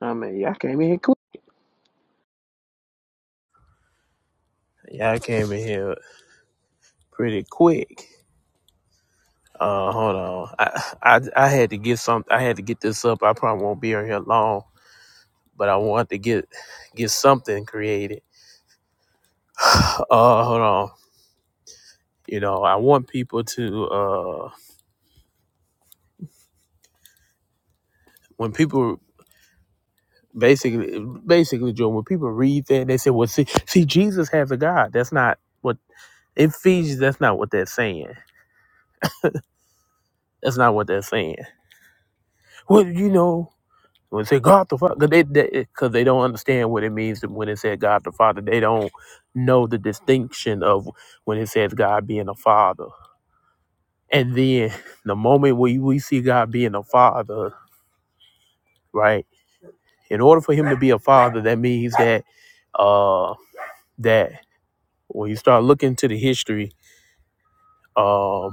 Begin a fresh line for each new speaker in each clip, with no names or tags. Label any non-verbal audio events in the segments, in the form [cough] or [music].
I mean, y'all came in here quick. Y'all came in here pretty quick. Uh, hold on. I, I I had to get some. I had to get this up. I probably won't be on here long, but I want to get get something created. Uh, hold on. You know, I want people to uh, when people basically basically Joe, when people read that, they say, "Well, see, see, Jesus has a God." That's not what in Ephesians. That's not what they're saying. That's not what they're saying. Well, you know. When they say God the Father, because they, they, 'cause they don't understand what it means when it said God the Father. They don't know the distinction of when it says God being a father. And then [laughs] the moment we, we see God being a father, right? In order for him to be a father, that means that uh that when you start looking to the history, um,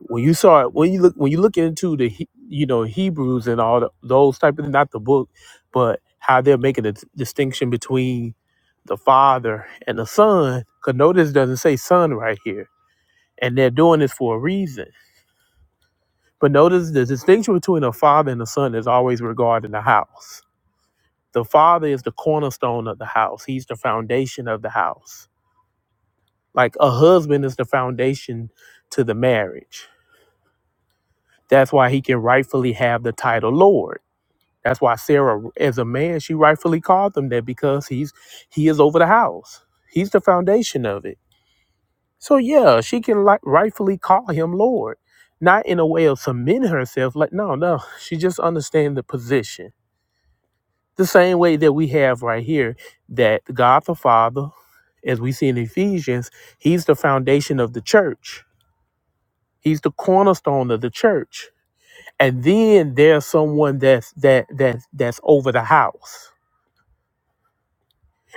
when you saw it when you look when you look into the He- you know hebrews and all the, those type of not the book but how they're making a distinction between the father and the son because notice it doesn't say son right here and they're doing this for a reason but notice the distinction between a father and a son is always regarding the house the father is the cornerstone of the house he's the foundation of the house like a husband is the foundation to the marriage that's why he can rightfully have the title lord That's why Sarah, as a man, she rightfully called him that because he's he is over the house. He's the foundation of it. So yeah, she can like rightfully call him Lord, not in a way of submitting herself. Like no, no, she just understands the position. The same way that we have right here that God the Father, as we see in Ephesians, He's the foundation of the church. He's the cornerstone of the church. And then there's someone that's that that that's over the house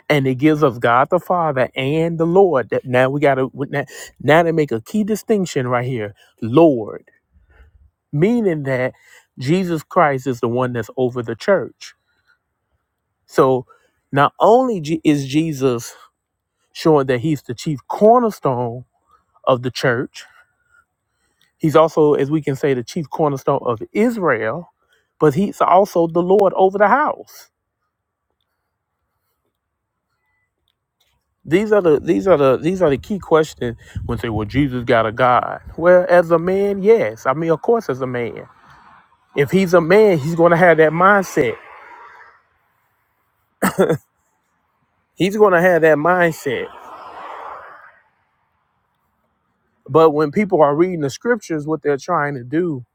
and it gives us God the Father and the Lord. That now we got to now, now they make a key distinction right here, Lord, meaning that Jesus Christ is the one that's over the church. So not only Je- is Jesus showing that he's the chief cornerstone of the church, he's also, as we can say, the chief cornerstone of Israel, but he's also the Lord over the house. These are the these are the these are the key questions when say, well, Jesus got a God. Well, as a man, yes. I mean, of course, as a man. If he's a man, he's gonna have that mindset. He's gonna have that mindset. But when people are reading the scriptures, what they're trying to do,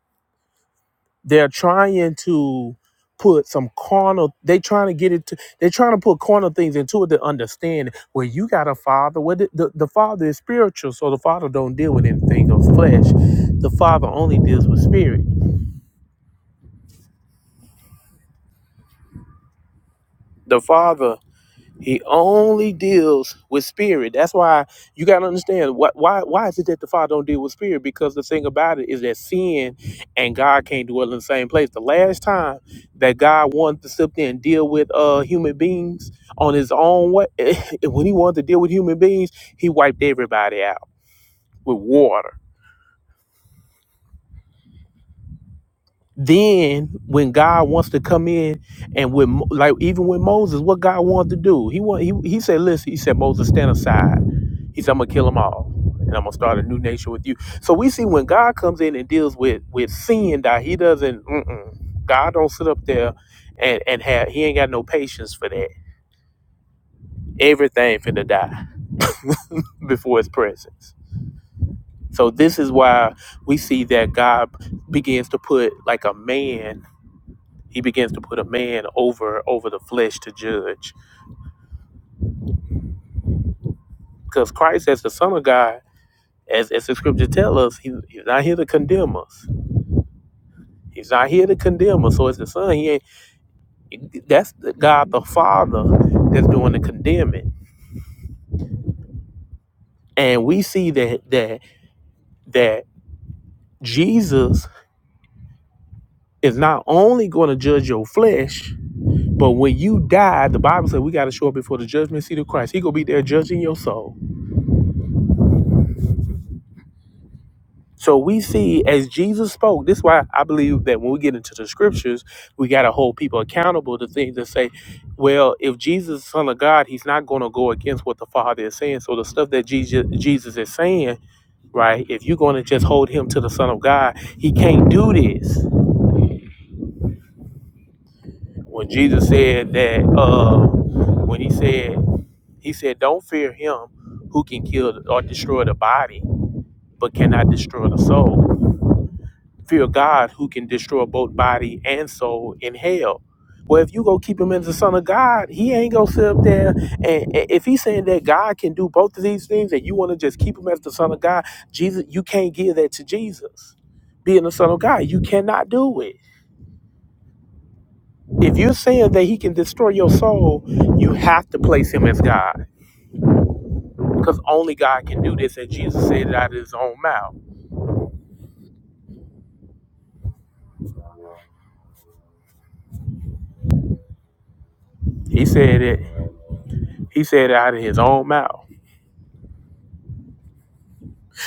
they're trying to put some carnal they trying to get it to they're trying to put carnal things into it to understand where you got a father where the, the, the father is spiritual so the father don't deal with anything of flesh the father only deals with spirit the father He only deals with spirit. That's why you gotta understand why why why is it that the Father don't deal with spirit? Because the thing about it is that sin and God can't dwell in the same place. The last time that God wanted to sit there and deal with uh human beings on his own way, [laughs] when he wanted to deal with human beings, he wiped everybody out with water. Then when God wants to come in and with Mo- like even with Moses, what God wanted to do, he want, he he said, listen, he said, Moses, stand aside. He said, I'm gonna kill them all, and I'm gonna start a new nation with you. So we see when God comes in and deals with with sin, that He doesn't. Mm-mm, God don't sit up there and and have He ain't got no patience for that. Everything finna die [laughs] before His presence. So this is why we see that God begins to put like a man he begins to put a man over over the flesh to judge because christ as the son of god as, as the scripture tell us he, he's not here to condemn us he's not here to condemn us so as the son he ain't that's the god the father that's doing the condemning and we see that that that jesus is not only going to judge your flesh but when you die the bible says we got to show up before the judgment seat of christ he gonna be there judging your soul So we see as Jesus spoke, this is why I believe that when we get into the scriptures, we got to hold people accountable to things that say, well, if Jesus is Son of God, he's not going to go against what the Father is saying. So the stuff that Jesus, Jesus is saying, right, if you're going to just hold him to the Son of God, he can't do this. When Jesus said that, uh, when he said, he said, don't fear him who can kill or destroy the body, but cannot destroy the soul Fear God who can destroy both body and soul in hell. Well, if you go keep him as the son of God, he ain't gonna sit up there. And, and if he's saying that God can do both of these things, and you want to just keep him as the son of God, Jesus, you can't give that to Jesus. Being the son of God, you cannot do it. If you're saying that he can destroy your soul, you have to place him as God, because only God can do this. And Jesus said it out of his own mouth. He said it. He said it out of his own mouth.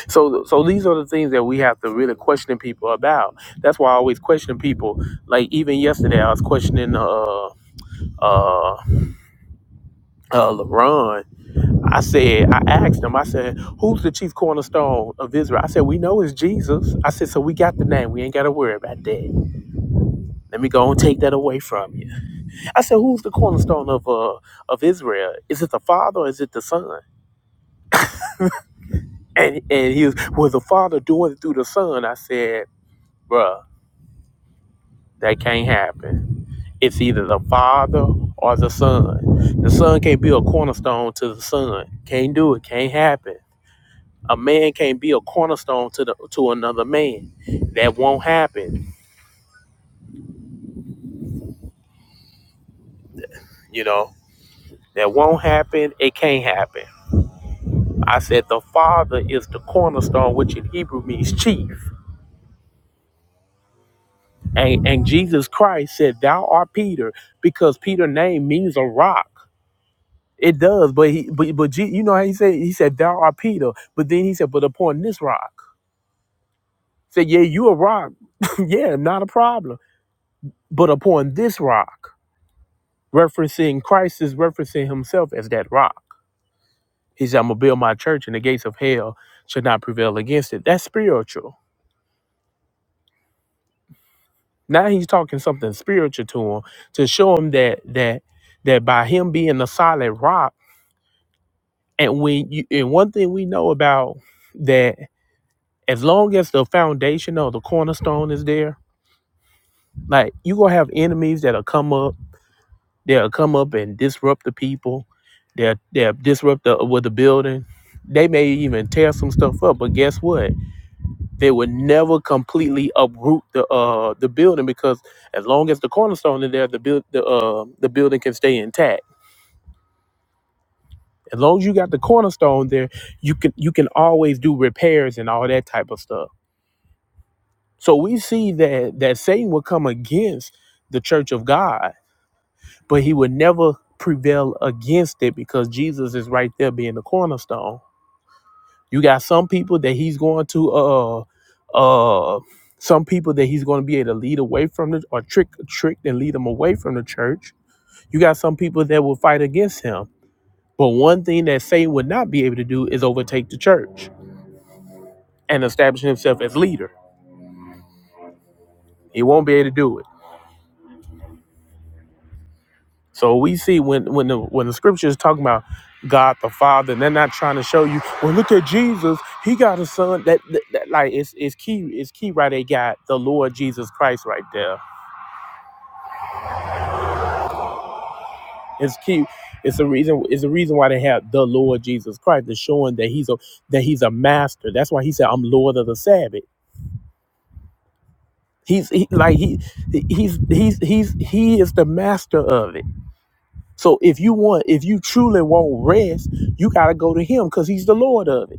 So, so these are the things that we have to really question people about. That's why I always question people. Like even yesterday, I was questioning uh uh uh LeBron. I said, I asked him. I said, "Who's the chief cornerstone of Israel?" I said, "We know it's Jesus." I said, "So we got the name. We ain't got to worry about that." Let me go and take that away from you. I said, "Who's the cornerstone of uh of Israel? Is it the Father? or Is it the Son?" And and he was, "Was the Father doing it through the Son?" I said, "Bruh, that can't happen." It's either the Father or the Son. The Son can't be a cornerstone to the Son. Can't do it. Can't happen. A man can't be a cornerstone to the to another man. That won't happen. You know that won't happen. It can't happen. I said the Father is the cornerstone, which in Hebrew means chief. And, and Jesus Christ said, "Thou art Peter," because Peter's name means a rock. It does, but he, but, but Je- you know how he said he said, "Thou art Peter," but then he said, "But upon this rock." Say, yeah, you a rock. [laughs] yeah, not a problem. But upon this rock, referencing Christ is referencing himself as that rock. He said, I'm gonna build my church and the gates of hell should not prevail against it. That's spiritual. Now he's talking something spiritual to him to show him that that that by him being a solid rock, and when you and one thing we know about that as long as the foundation or the cornerstone is there, like you gonna have enemies that'll come up They'll come up and disrupt the people. They'll, they'll disrupt the, with the building. They may even tear some stuff up, but guess what? They would never completely uproot the uh, the building because as long as the cornerstone is there, the build the uh, the building can stay intact. As long as you got the cornerstone there, you can you can always do repairs and all that type of stuff. So we see that that Satan will come against the church of God but he would never prevail against it because Jesus is right there being the cornerstone. You got some people that he's going to uh uh uh, some people that he's going to be able to lead away from the or trick trick and lead them away from the church. You got some people that will fight against him. But one thing that Satan would not be able to do is overtake the church and establish himself as leader. He won't be able to do it. So we see when when the when the scripture is talking about God the Father, and they're not trying to show you, well, look at Jesus, he got a son. That, that, that- like it's it's key, it's key right they got the Lord Jesus Christ right there. It's key. It's the reason. It's the reason why they have the Lord Jesus Christ. It's showing that he's a that he's a master. That's why he said, "I'm Lord of the Sabbath." He's he, like he he's he's he's he is the master of it. So if you want, if you truly want rest, you gotta go to him because he's the Lord of it.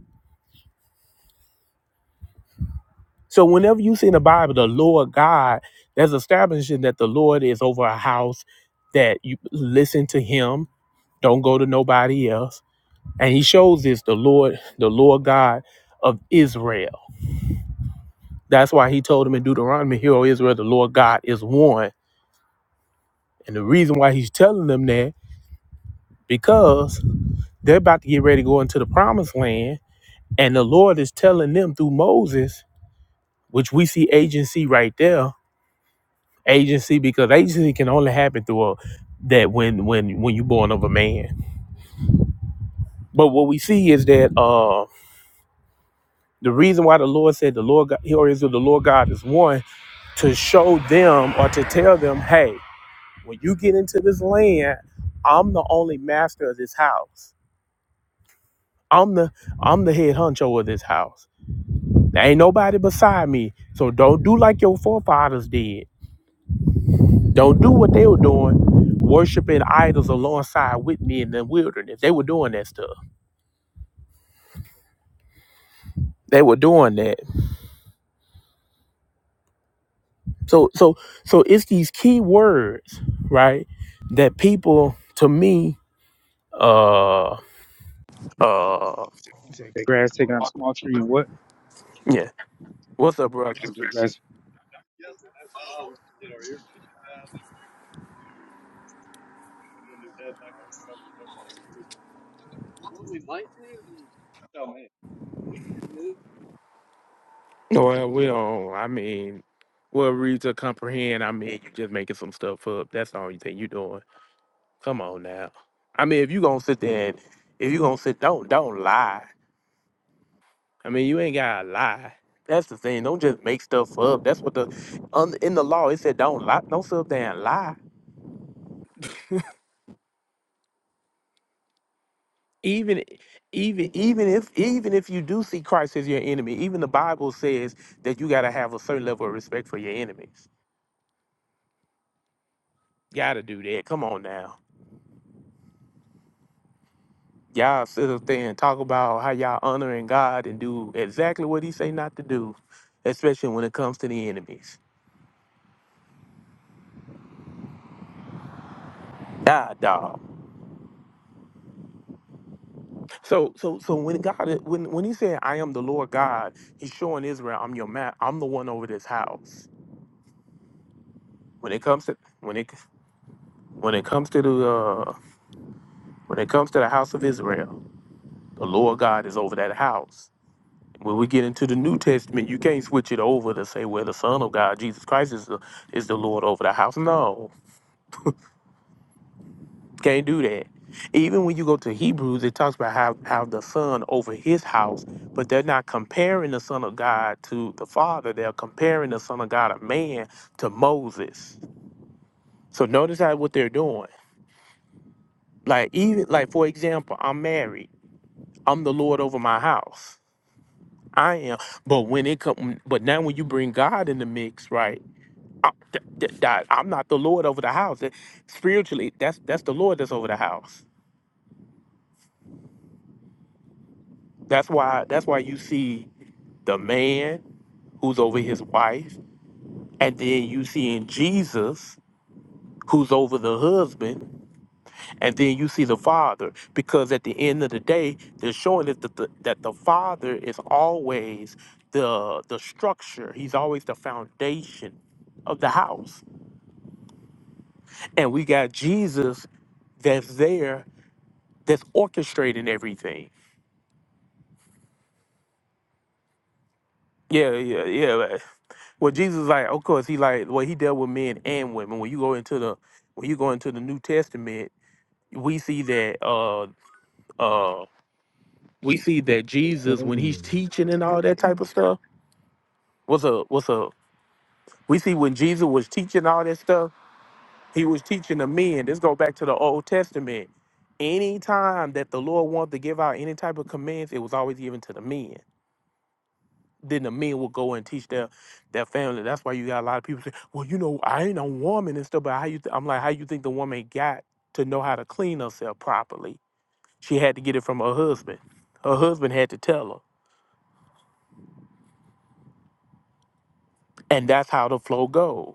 So whenever you see in the Bible the Lord God, there's establishing that the Lord is over a house that you listen to him, don't go to nobody else. And he shows this the Lord, the Lord God of Israel. That's why he told them in Deuteronomy, Hear, O Israel, the Lord God is one. And the reason why he's telling them that, because they're about to get ready to go into the promised land. And the Lord is telling them through Moses, which we see agency right there, agency because agency can only happen through a, that when when when you're born of a man. But what we see is that uh, the reason why the Lord said the Lord God, or is the Lord God is one to show them or to tell them, hey, when you get into this land, I'm the only master of this house. I'm the I'm the head honcho of this house. There ain't nobody beside me. So don't do like your forefathers did Don't do what they were doing, worshiping idols alongside with me in the wilderness. They were doing that stuff. They were doing that. So so so it's these key words, right? That people to me, uh uh
He "The grass taking out a small tree and what?
yeah. What's up, bro?
I was just grass.
Well, we don't I mean well read to comprehend, I mean you just making some stuff up. That's the only thing you doing. Come on now. I mean if you gonna sit there and if you gonna sit don't don't lie I mean, you ain't gotta lie. That's the thing. Don't just make stuff up. That's what the on, in the law it said. Don't lie. Don't sit up there and lie. Even, even, even if even if you do see Christ as your enemy, even the Bible says that you gotta have a certain level of respect for your enemies. Gotta do that. Come on now. Y'all sit up there and talk about how y'all honoring God and do exactly what He say not to do, especially when it comes to the enemies. God, dog. So so so when God when when he said I am the Lord God, he's showing Israel I'm your man. I'm the one over this house. When it comes to when it when it comes to the uh, when it comes to the house of Israel, the Lord God is over that house. When we get into the New Testament, you can't switch it over to say, well, the Son of God, Jesus Christ, is the, is the Lord over the house. No, Can't do that. Even when you go to Hebrews, it talks about how, how the son over his house, but they're not comparing the son of God to the father. They're comparing the son of God, a man, to Moses. So notice how what they're doing. Like even like for example, I'm married. I'm the Lord over my house. I am. But when it come, but now when you bring God in the mix, right? I, th- th- that- I'm not the Lord over the house. That- Spiritually, that's that's the Lord that's over the house. That's why that's why you see. the man who's over his wife, and then you see in Jesus who's over the husband, and then you see the father. Because at the end of the day, they're showing us that the, the, that the father is always the the structure. He's always the foundation of the house, and we got Jesus that's there that's orchestrating everything. Yeah, yeah, yeah. like- Well, Jesus, like, of course, he like, well, he dealt with men and women. When you go into the when you go into the New Testament we see that uh uh we see that Jesus
Hey.
when he's teaching and all that type of stuff what's a what's a we see when Jesus was teaching all that stuff he was teaching the men this go back to the Old Testament anytime that the Lord wanted to give out any type of commands it was always given to the men then the men would go and teach their their family that's why you got a lot of people say well you know I ain't a woman and stuff but how you th-? I'm like how you think the woman got to know how to clean herself properly She had to get it from her husband. Her husband had to tell her. And that's how the flow goes.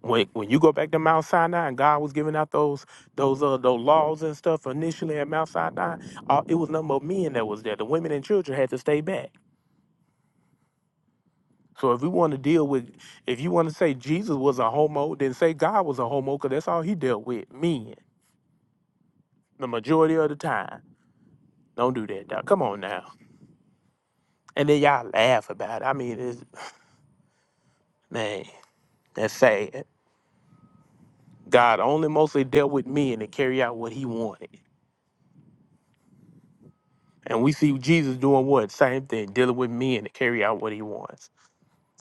When when you go back to Mount Sinai and God was giving out those those uh those laws and stuff initially at Mount Sinai, uh, it was none but men that was there. The women and children had to stay back. So if we want to deal with, if you want to say Jesus was a homo, then say God was a homo, because that's all he dealt with, men, the majority of the time. Don't do that, dog. Come on now. And then y'all laugh about it. I mean, it's, man, that's sad. God only mostly dealt with men to carry out what he wanted. And we see Jesus doing what? Same thing, dealing with men to carry out what he wants.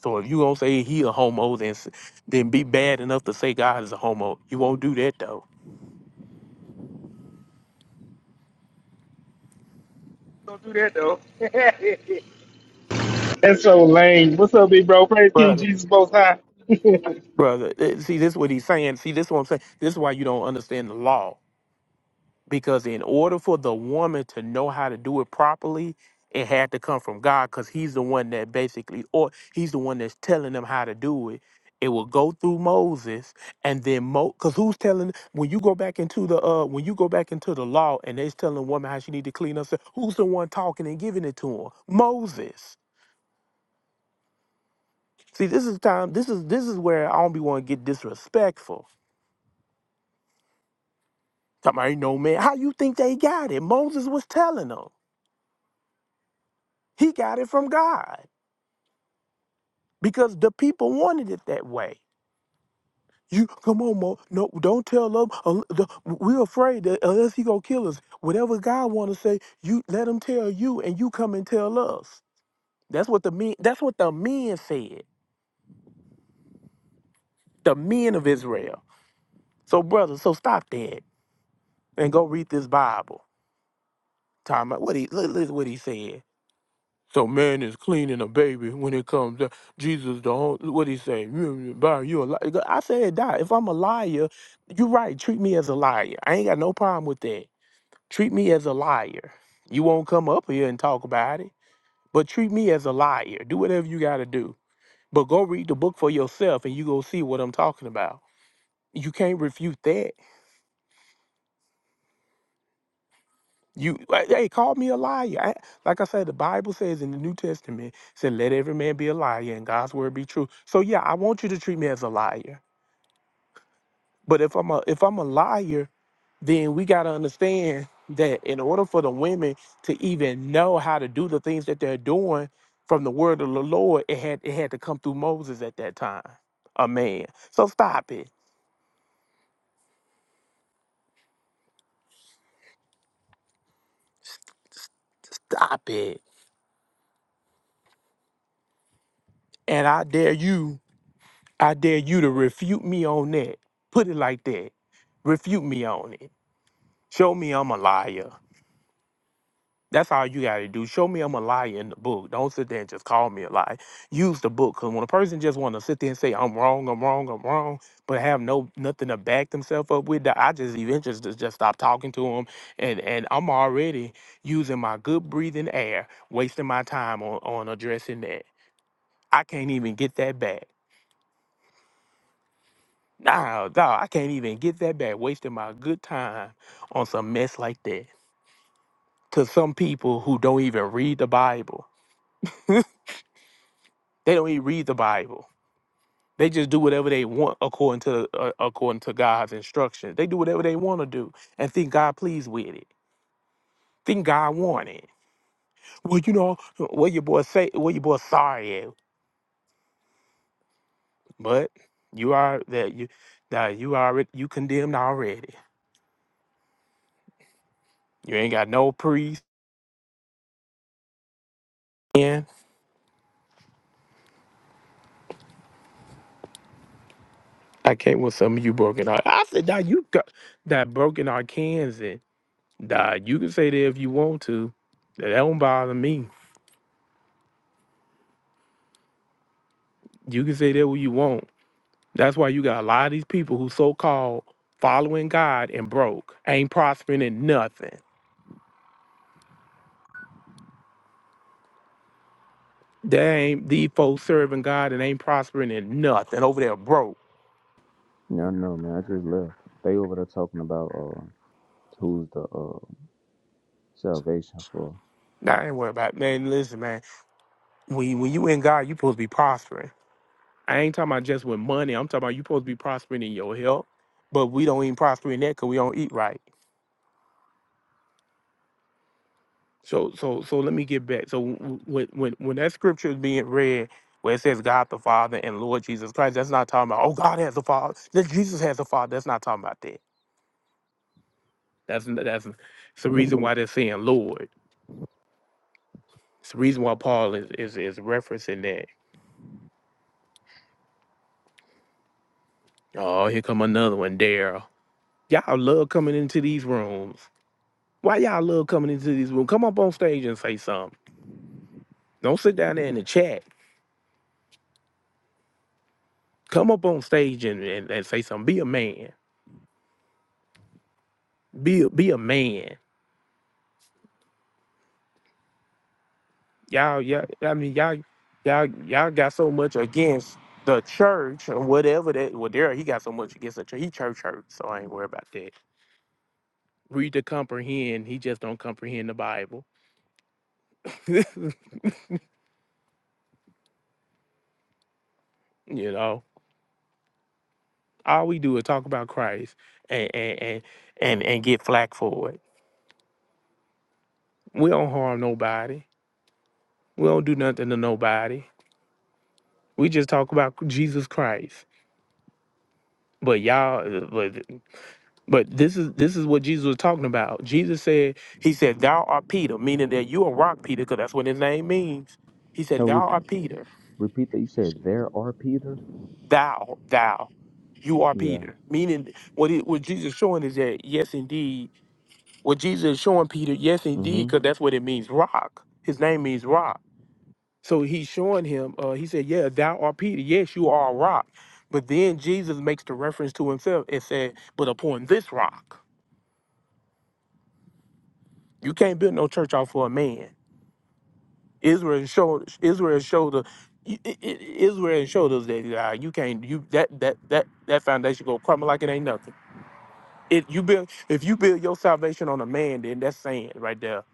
So if you gonna say he a homo, then s- then be bad enough to say God is a homo. You won't do that though,
That's so lame. What's up, big bro? Praise King
brother.
Jesus Most High.
Brother, eh, see this what he's saying. See this what I'm saying. This is why you don't understand the law. because in order for the woman to know how to do it properly it had to come from god because he's the one that basically or he's the one that's telling them how to do it it will go through moses and then mo because who's telling when you go back into the uh when you go back into the law and they're telling a woman how she need to clean herself who's the one talking and giving it to her moses see this is time this is this is where i don't be want to get disrespectful Talking about, you know, man, how you think they got it? Moses was telling them. He got it from God. because the people wanted it that way. You come on, Mo. No, don't tell them. un- the- We're afraid that unless he gonna kill us, whatever God want to say, you let him tell you, and you come and tell us. That's what the men. That's what the men said. The men of Israel. So, brother, so stop that and go read this Bible. Talking about what he li- listen what he said. So man is cleaning a baby when it comes to Jesus. The whole, what he say, You, Byron, you a liar. I said that. If I'm a liar, you're right. Treat me as a liar. I ain't got no problem with that. Treat me as a liar. You won't come up here and talk about it, but treat me as a liar. Do whatever you got to do. But go read the book for yourself, and you go see what I'm talking about. You can't refute that You like, hey, call me a liar. I, like I said, the Bible says in the New Testament, it said, "Let every man be a liar, and God's word be true." So yeah, I want you to treat me as a liar. But if I'm a if I'm a liar, then we gotta understand that in order for the women to even know how to do the things that they're doing from the word of the Lord, it had it had to come through Moses at that time, a man. So stop it, stop it, and I dare you I dare you to refute me on that. Put it like that. Refute me on it. Show me I'm a liar. That's all you got to do. Show me I'm a liar in the book. Don't sit there and just call me a liar. Use the book. Because when a person just want to sit there and say, I'm wrong, I'm wrong, I'm wrong, but have no nothing to back themselves up with, I just eventually just, just stop talking to them. And, and I'm already using my good breathing air, wasting my time on, on addressing that. I can't even get that back. Nah, dog, I can't even get that back. Wasting my good time on some mess like that. To some people who don't even read the Bible, they don't even read the Bible. They just do whatever they want according to uh, according to God's instructions. They do whatever they want to do and think God pleased with it. Think God want it. Well, you know what your boy say. What your boy sorry at, but you are that you that you already you condemned already. You ain't got no priest. I came with some of you broken heart. I said, nah, you got that broken heart cans in. Nah, you can say that if you want to. That don't bother me. You can say that what you want. That's why you got a lot of these people who so called following God and broke, ain't prospering in nothing. They ain't these folks serving God and ain't prospering in nothing over there broke.
Yeah, I know, man. I just left. They over there talking about uh, who's the uh, salvation for.
Nah, I ain't worried about man. Listen, man, when when you in God, you supposed to be prospering. I ain't talking about just with money. I'm talking about you supposed to be prospering in your health, but we don't even prosper in that because we don't eat right. So, so, so let me get back. So, w- when when when that scripture is being read, where it says God the Father and Lord Jesus Christ, that's not talking about oh God has a father, that Jesus has a father. That's not talking about that. That's n- that's it's the reason why they're saying Lord. It's the reason why Paul is is, is referencing that. Oh, here come another one, Daryl. Y'all love coming into these rooms. Why y'all love coming into these rooms? Come up on stage and say something. Don't sit down there in the chat. Come up on stage and, and, and say something. Be a man. Be a, be a man. Y'all, y'all, I mean, y'all, y'all, y'all got so much against the church or whatever that. Well, there he got so much against the church. He church hurt, so I ain't worried about that. Read to comprehend. He just don't comprehend the Bible. [laughs] you know, all we do is talk about Christ and and and and, and get flack for it. We don't harm nobody. We don't do nothing to nobody. We just talk about Jesus Christ. But y'all, uh, but but this is this is what Jesus was talking about. Jesus said, He said, "Thou art Peter," meaning that you are rock Peter, because that's what his name means. He
No,
said, "Thou
re-
art Peter,
repeat that. You said there are Peter.
thou, thou, you are
Yeah.
Peter." Meaning, what it, what Jesus showing is that yes, indeed, what Jesus is showing Peter, yes, indeed,
Mm-hmm.
because that's what it means, rock. His name means rock. So he's showing him. Uh, he said, "Yeah, thou art Peter. Yes, you are a rock." But then Jesus makes the reference to himself and said, "But upon this rock." You can't build no church off for a man. Israel showed Israel showed the I- I- I- Israel showed us that uh, you can't you that that that that foundation gonna crumble like it ain't nothing. If you build if you build your salvation on a man, then that's sand right there.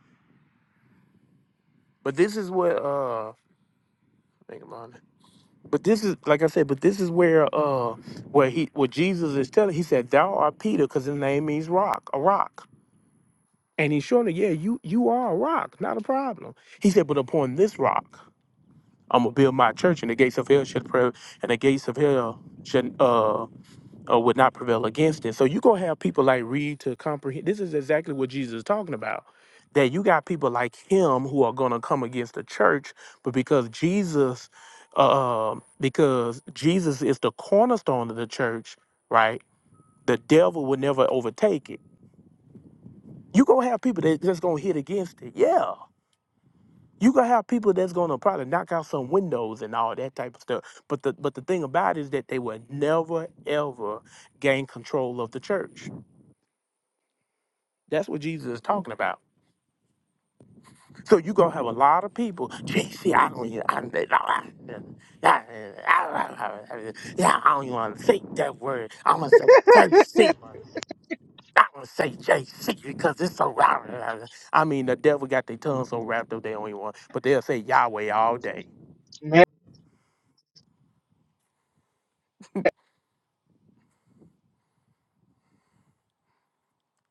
But this is what uh think about it. But this is like I said. But this is where uh where he where Jesus is telling. He said, "Thou art Peter," because his name means rock, a rock. And he's showing, it. yeah, you you are a rock, not a problem. He said, "But upon this rock." I'm gonna build my church, and the gates of hell should prevail, and the gates of hell should uh, uh would not prevail against it. So you gonna have people like Reed to comprehend. This is exactly what Jesus is talking about. That you got people like him who are gonna come against the church, but because Jesus, uh, because Jesus is the cornerstone of the church, right? The devil will never overtake it. You gonna have people that just gonna hit against it, yeah. You gonna have people that's gonna probably knock out some windows and all that type of stuff. But the but the thing about it is that they will never ever gain control of the church. That's what Jesus is talking about. So you gonna have a lot of people. [laughs] Gee, see, I don't even I, don't- I, yeah, I, yeah, I don't even wanna say that word. I'm gonna say JC. I'm gonna say JC because it's so I mean the devil got their tongue so wrapped up they don't even want but they'll say Yahweh all day.
Man,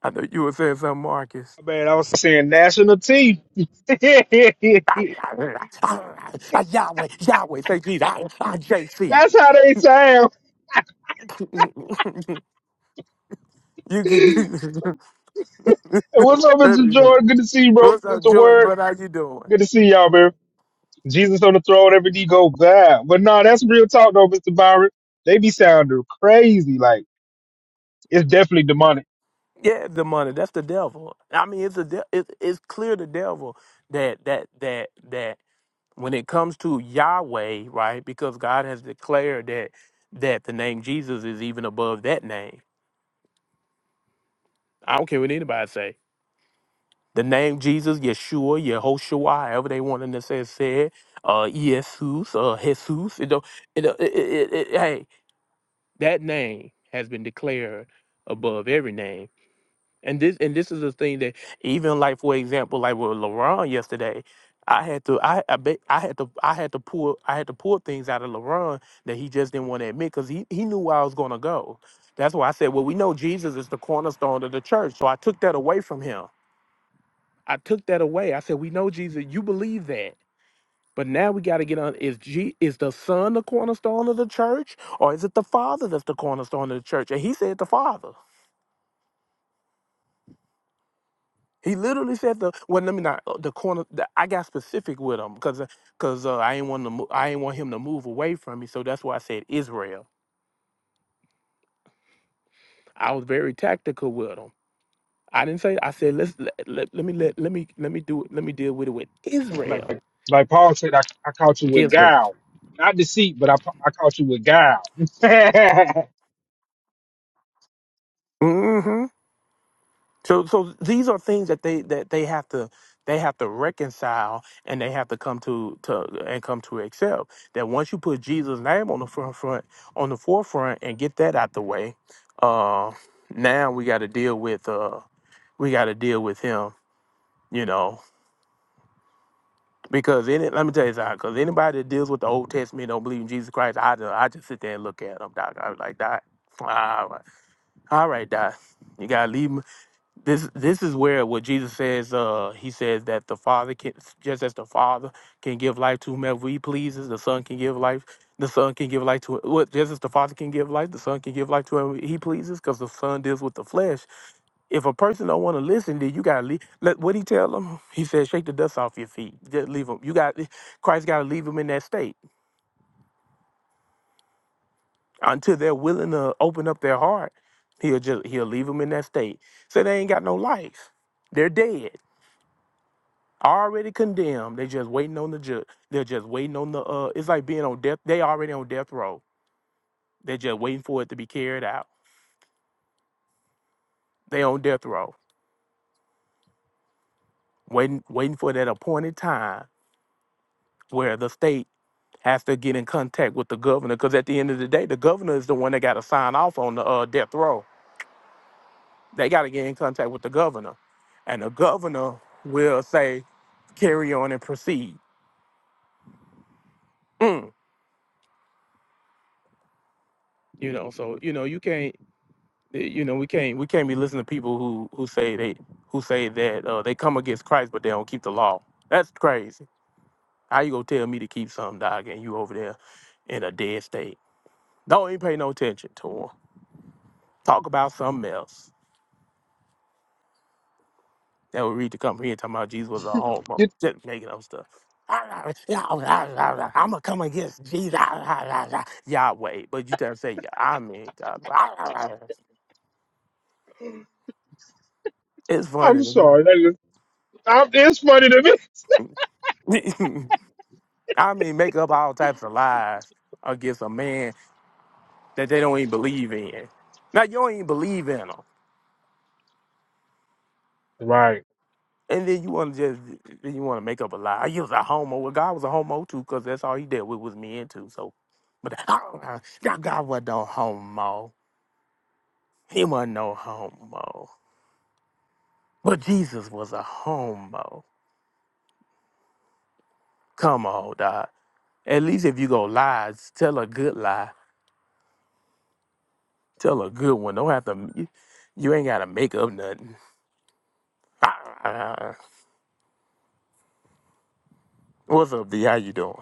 I know you were saying something, Marcus.
my bad. I was saying national team. [laughs] That's
Ah, Yahweh, Yahweh, say Jesus. Ah, ah, JC.
how they sound.
[laughs] you can [laughs]
And
do
what's up, Mr. Jordan? Good to see you, bro.
What's up,
Mr.
Jordan,
Word.
brother? How you doing?
Good to see y'all, man. Jesus on the throne, every knee go bow. But nah, that's real talk though, Mr. Byron. They be sounding crazy. Like it's definitely demonic.
Yeah, the money. That's the devil. I mean, it's a de- it, it's clear the devil that that that that when it comes to Yahweh, right? Because God has declared that that the name Jesus is even above that name. I don't care what anybody say The name Jesus, Yeshua, Yehoshua, however they want to say say it, uh, Jesus, uh, Jesus. It don't, it, don't- it, it, it, it- hey, that name has been declared above every name. And this and this is the thing that even like for example, like with LaRon yesterday, I had to I I, bet, I had to I had to pull I had to pull things out of LaRon that he just didn't want to admit because he, he knew where I was gonna go. That's why I said, well, we know Jesus is the cornerstone of the church. So I took that away from him. I took that away. I said, "We know Jesus. You believe that, but now we got to get on. Is G is the Son the cornerstone of the church, or is it the Father that's the cornerstone of the church?" And he said, "The Father." He literally said the well. Let me not uh, the corner. the- I got specific with him because because uh, I ain't want to mo- I ain't want him to move away from me. So that's why I said Israel. I was very tactical with him. I didn't say I said let's let, let, let me let, let me let me do it. Let me deal with it with
Like
Israel.
like, like Paul said, I, I caught you with
Is the
guile, not deceit, but I I caught you with guile. [laughs]
Mhm. So so these are things that they that they have to they have to reconcile and they have to come to to and come to accept that once you put Jesus' name on the front front on the forefront and get that out the way, uh, now we got to deal with uh we got to deal with him, you know. Because any, let me tell you something. Because anybody that deals with the Old Testament and don't believe in Jesus Christ, I just, I just sit there and look at them, doc. I was like, doc, all right, all right, doc. You gotta leave this this is where what Jesus says. Uh, he says that the Father can just as the Father can give life to whomever He pleases, the Son can give life. The Son can give life to what just as the Father can give life, the Son can give life to whoever He pleases, because the Son deals with the flesh. If a person don't want to listen, then you gotta leave. Let what He tell them. He says, shake the dust off your feet. Just leave them. You got Christ. Got to leave them in that state until they're willing to open up their heart. He'll just he'll leave them in that state. So they ain't got no life. They're dead already condemned. They just waiting on the judge. They're just waiting on the uh it's like being on death they already on death row. They're just waiting for it to be carried out. They on death row. Waiting waiting for that appointed time where the state has to get in contact with the governor because at the end of the day the governor is the one that got to sign off on the uh, death row. They got to get in contact with the governor. And the governor will say carry on and proceed. Mm, You know, so you know you can't eh, you know we can't we can't be listening to people who who say they who say that uh, they come against Christ but they don't keep the law. That's crazy. How you gonna tell me to keep something, dog, and you over there in a dead state? Don't even pay no attention to to 'em. Talk about something else. That would read to come here talking about Jesus was a homo,
You-
just making up stuff. [laughs] I'm gonna come against Jesus, [laughs] Yahweh, but you trying to say, yeah, I mean, [laughs] God. it's
I'm
funny to
sorry, that is, I'm, it's funny to me.
me. [laughs] I mean, make up all types of lies against a man that they don't even believe in. Now you don't even believe in him,
[laughs] Right.
and then you want to just then you want to make up a lie. He was a homo. Well, God was a homo too, because that's all he dealt with was men too. So, but [laughs] oh, God God wasn't no homo. He wasn't no homo. But Jesus was a homo. Come on, dog. At least if you go lies, tell a good lie. Tell a good one. Don't have to. You, you ain't gotta make up nothing. [laughs] What's up, D? How you doing?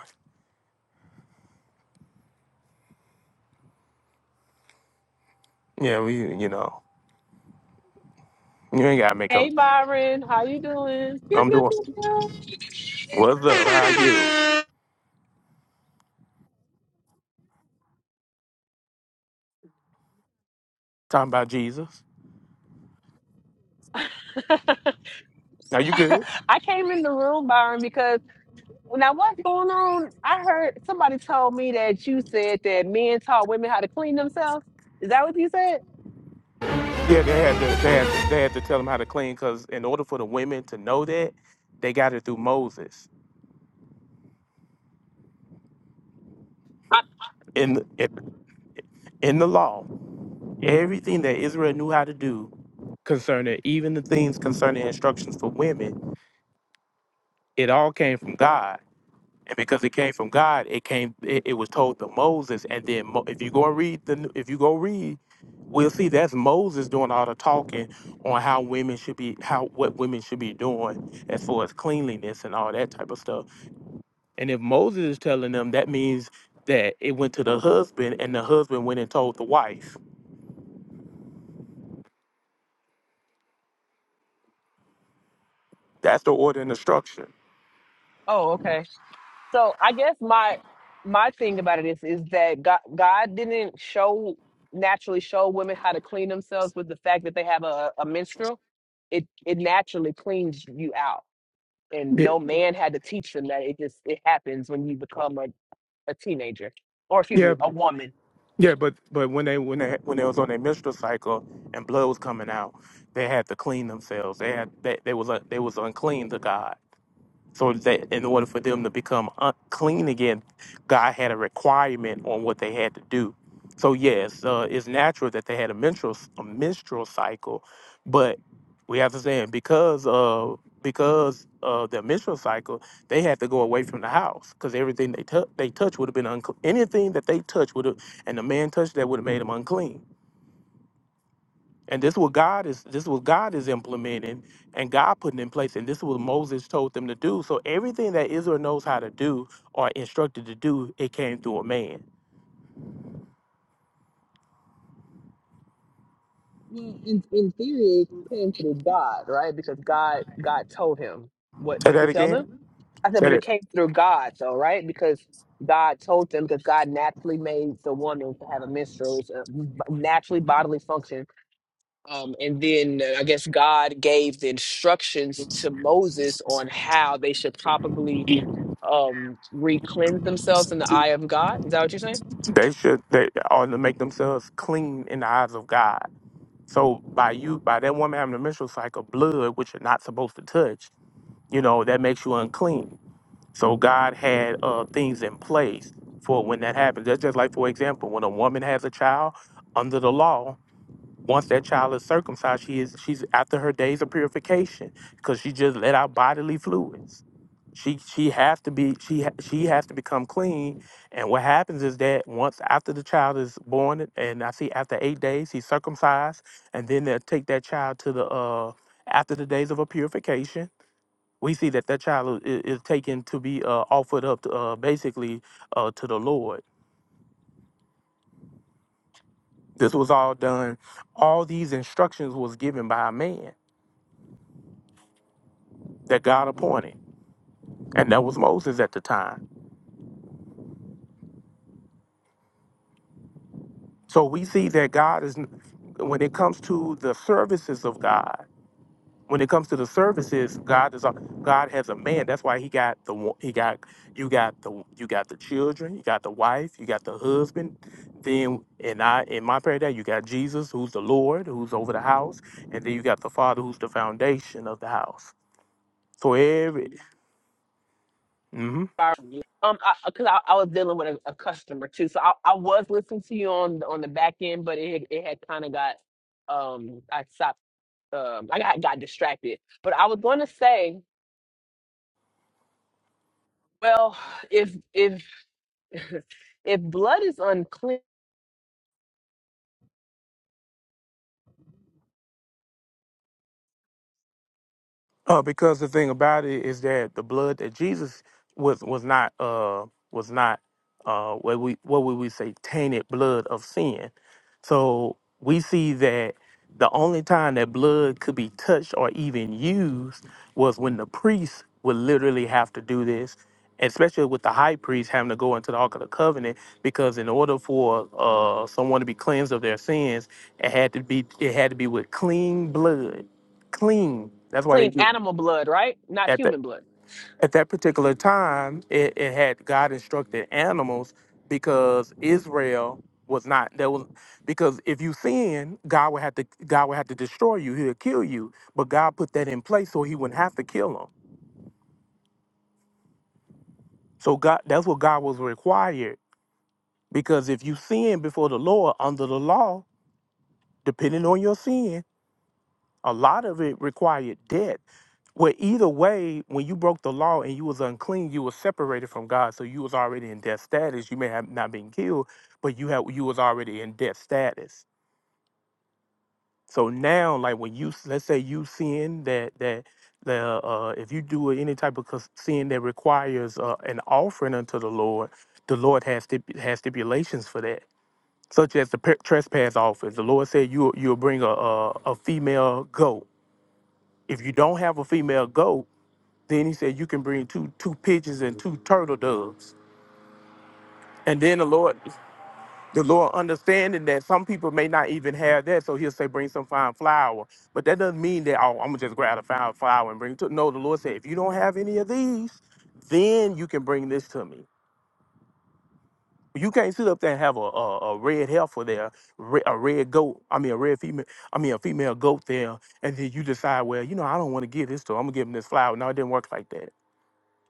Yeah, we, you know, you ain't gotta make up.
Hey Byron, how you doing? Pew,
I'm
pew,
doing.
pew, pew.
What's
[laughs]
up? How are you? Talking about Jesus. Are you good?
I came in the room, Byron, because when I was going on, I heard somebody told me that you said that men taught women how to clean themselves. Is that what you said?
Yeah, they had to, they had to, they had to tell them how to clean because in order for the women to know that, they got it through Moses.
I-
In, the, in, in the law, everything that Israel knew how to do concerning even the things concerning instructions for women, it all came from God. and because it came from God, it came. It, it was told to Moses, and then Mo, if you go and read the, if you go read, we'll see that's Moses doing all the talking on how women should be, how what women should be doing as far as cleanliness and all that type of stuff. And if Moses is telling them, that means that it went to the husband, and the husband went and told the wife. That's the order and the structure.
oh, okay. So I guess my my thing about it is is that God God didn't show naturally show women how to clean themselves with the fact that they have a, a menstrual. It it naturally cleans you out. and
Yeah,
no man had to teach them that it just it happens when you become a, a teenager or excuse
yeah.
me a woman
Yeah, but but when they when they when they was on their menstrual cycle and blood was coming out, they had to clean themselves. They had they, they was un- they was unclean to God. So that in order for them to become un- clean again, God had a requirement on what they had to do. So yes, uh, it's natural that they had a menstrual a menstrual cycle, but we have to say because uh because of their menstrual cycle, they had to go away from the house because everything they touch they touch would have been unclean. Anything that they touched would have, and the man touched that would have made them unclean. And this is what God is this is what God is implementing and God putting in place. And this is what Moses told them to do. So everything that Israel knows how to do or instructed to do, it came through a man.
well in, in theory it came through god right because god god told him what
Say
to
that
tell them
again.
i said
Say
but it
that
came through god though right because god told them because god naturally made the woman to have a menstrual it's a b- naturally bodily function um, and then uh, i guess god gave the instructions to moses on how they should probably um re-cleanse themselves in the eye of God. Is that what you're saying?
they should they ought to make themselves clean in the eyes of God. So by you by that woman having a menstrual cycle, blood, which you're not supposed to touch, you know, that makes you unclean. So God had uh, things in place for when that happens. That's just like for example, when a woman has a child under the law once that child is circumcised, she is she's after her days of purification because she just let out bodily fluids. She she has to be she ha- she has to become clean. And what happens is that once after the child is born, and I see after eight days he's circumcised, and then they'll take that child to the uh after the days of a purification. We see that that child is, is taken to be uh, offered up to, uh, basically uh, to the Lord. This was all done. All these instructions was given by a man that God appointed, and that was Moses at the time. So we see that God is, when it comes to the services of God, when it comes to the services, God is a, God has a man. That's why he got the wo- he got you got the you got the children, you got the wife, you got the husband. Then and I in my prayer that you got Jesus, who's the Lord, who's over the house, and then you got the Father, who's the foundation of the house. So every mhm.
Fire- Um, because I, uh, 'cause I, I was dealing with a, a customer too, so I, I was listening to you on on the back end, but it it had kind of got um I stopped um I got got distracted. But I was going to say, well, if if [laughs] if blood is unclean,
Uh, because the thing about it is that the blood that Jesus was was not uh was not uh what we what would we say tainted blood of sin. So we see that the only time that blood could be touched or even used was when the priest would literally have to do this, especially with the high priest having to go into the Ark of the Covenant, because in order for uh someone to be cleansed of their sins, it had to be it had to be with clean blood. Clean. That's why they
clean
do
animal blood, right? Not
at that
human blood.
at that particular time it, it had god instructed animals because israel was not there was because if you sin god would have to god would have to destroy you he'll kill you but god put that in place so he wouldn't have to kill them so god that's what god was required because if you sin before the lord under the law depending on your sin A lot of it required debt. Well, either way, when you broke the law and you was unclean, you was separated from God. So you was already in death status. You may have not been killed, but you had you was already in death status. So now, like when you let's say you sin that that the uh, if you do any type of cus- sin that requires uh, an offering unto the Lord, the Lord has stip- has stipulations for that, such as the per- trespass offering. The Lord said you you'll you'll bring a, a a female goat if you don't have a female goat, then he said you can bring two two pigeons and two turtle doves. And then the Lord, the Lord understanding that some people may not even have that, so He'll say, "Bring some fine flour." But that doesn't mean that oh, I'm gonna just grab a fine flour and bring it to. No, the Lord said, if you don't have any of these, then you can bring this to me. You can't sit up there and have a, a, a red heifer there, re- a red goat. I mean, a red female. I mean, a female goat there, and then you decide, well, you know, I don't want to give this to. Her. I'm gonna give him this flour. No, it didn't work like that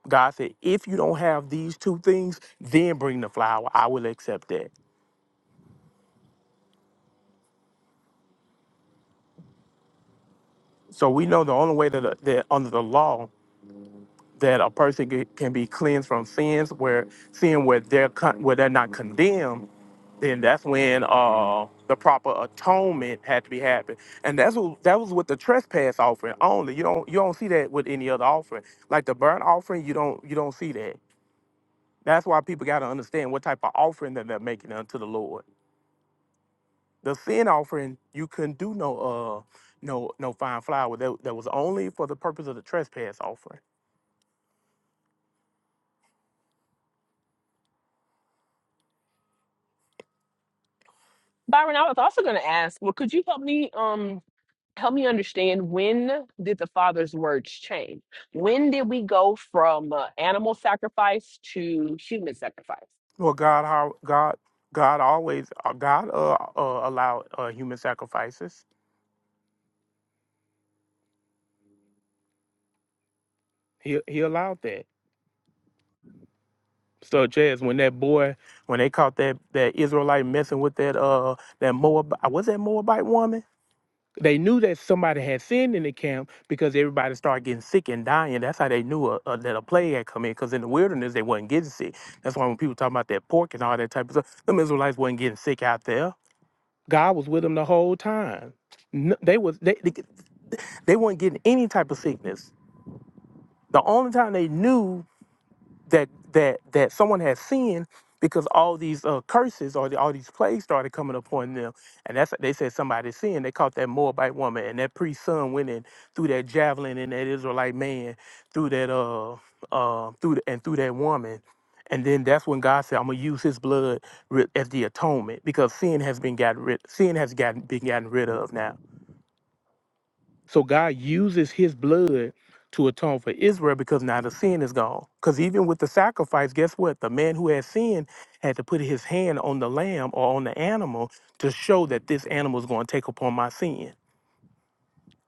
God said, if you don't have these two things, then bring the flour. I will accept that. So we know the only way that, uh, that under the law that a person get- can be cleansed from sins where sin where they're con- where they're not condemned, then that's when uh the proper atonement had to be happened. And that's what that was with the trespass offering only. You don't you don't see that with any other offering. Like the burnt offering, you don't you don't see that. That's why people gotta understand what type of offering that they're making unto the Lord. The sin offering, you couldn't do no uh no no fine flour. That that was only for the purpose of the trespass offering.
Byron, I was also going to ask, well, could you help me? Um, help me understand when did the father's words change when did we go from uh, animal sacrifice to human sacrifice
Well, God, how God God always uh, God uh, uh allowed uh, human sacrifices. He he allowed that. So Jazz, when that boy, when they caught that that Israelite messing with that uh that Moab, was that Moabite woman? They knew that somebody had sinned in the camp because everybody started getting sick and dying. That's how they knew a, a, that a plague had come in. Because in the wilderness, they wasn't getting sick. That's why when people talk about that pork and all that type of stuff, them Israelites wasn't getting sick out there. God was with them the whole time. No, they was they, they they weren't getting any type of sickness. The only time they knew that that that someone has sinned because all these uh, curses or the, all these plagues started coming upon them, and that's they said somebody sinned. They caught that Moabite woman, and that priest's son went in through that javelin and that Israelite man through that uh uh through the, and through that woman, and then that's when God said, "I'm gonna use His blood ri- as the atonement because sin has been gotten rid sin has gotten been gotten rid of now." So God uses his blood to atone for Israel because now the sin is gone. Because even with the sacrifice, guess what? The man who had sinned had to put his hand on the lamb or on the animal to show that this animal is going to take upon my sin.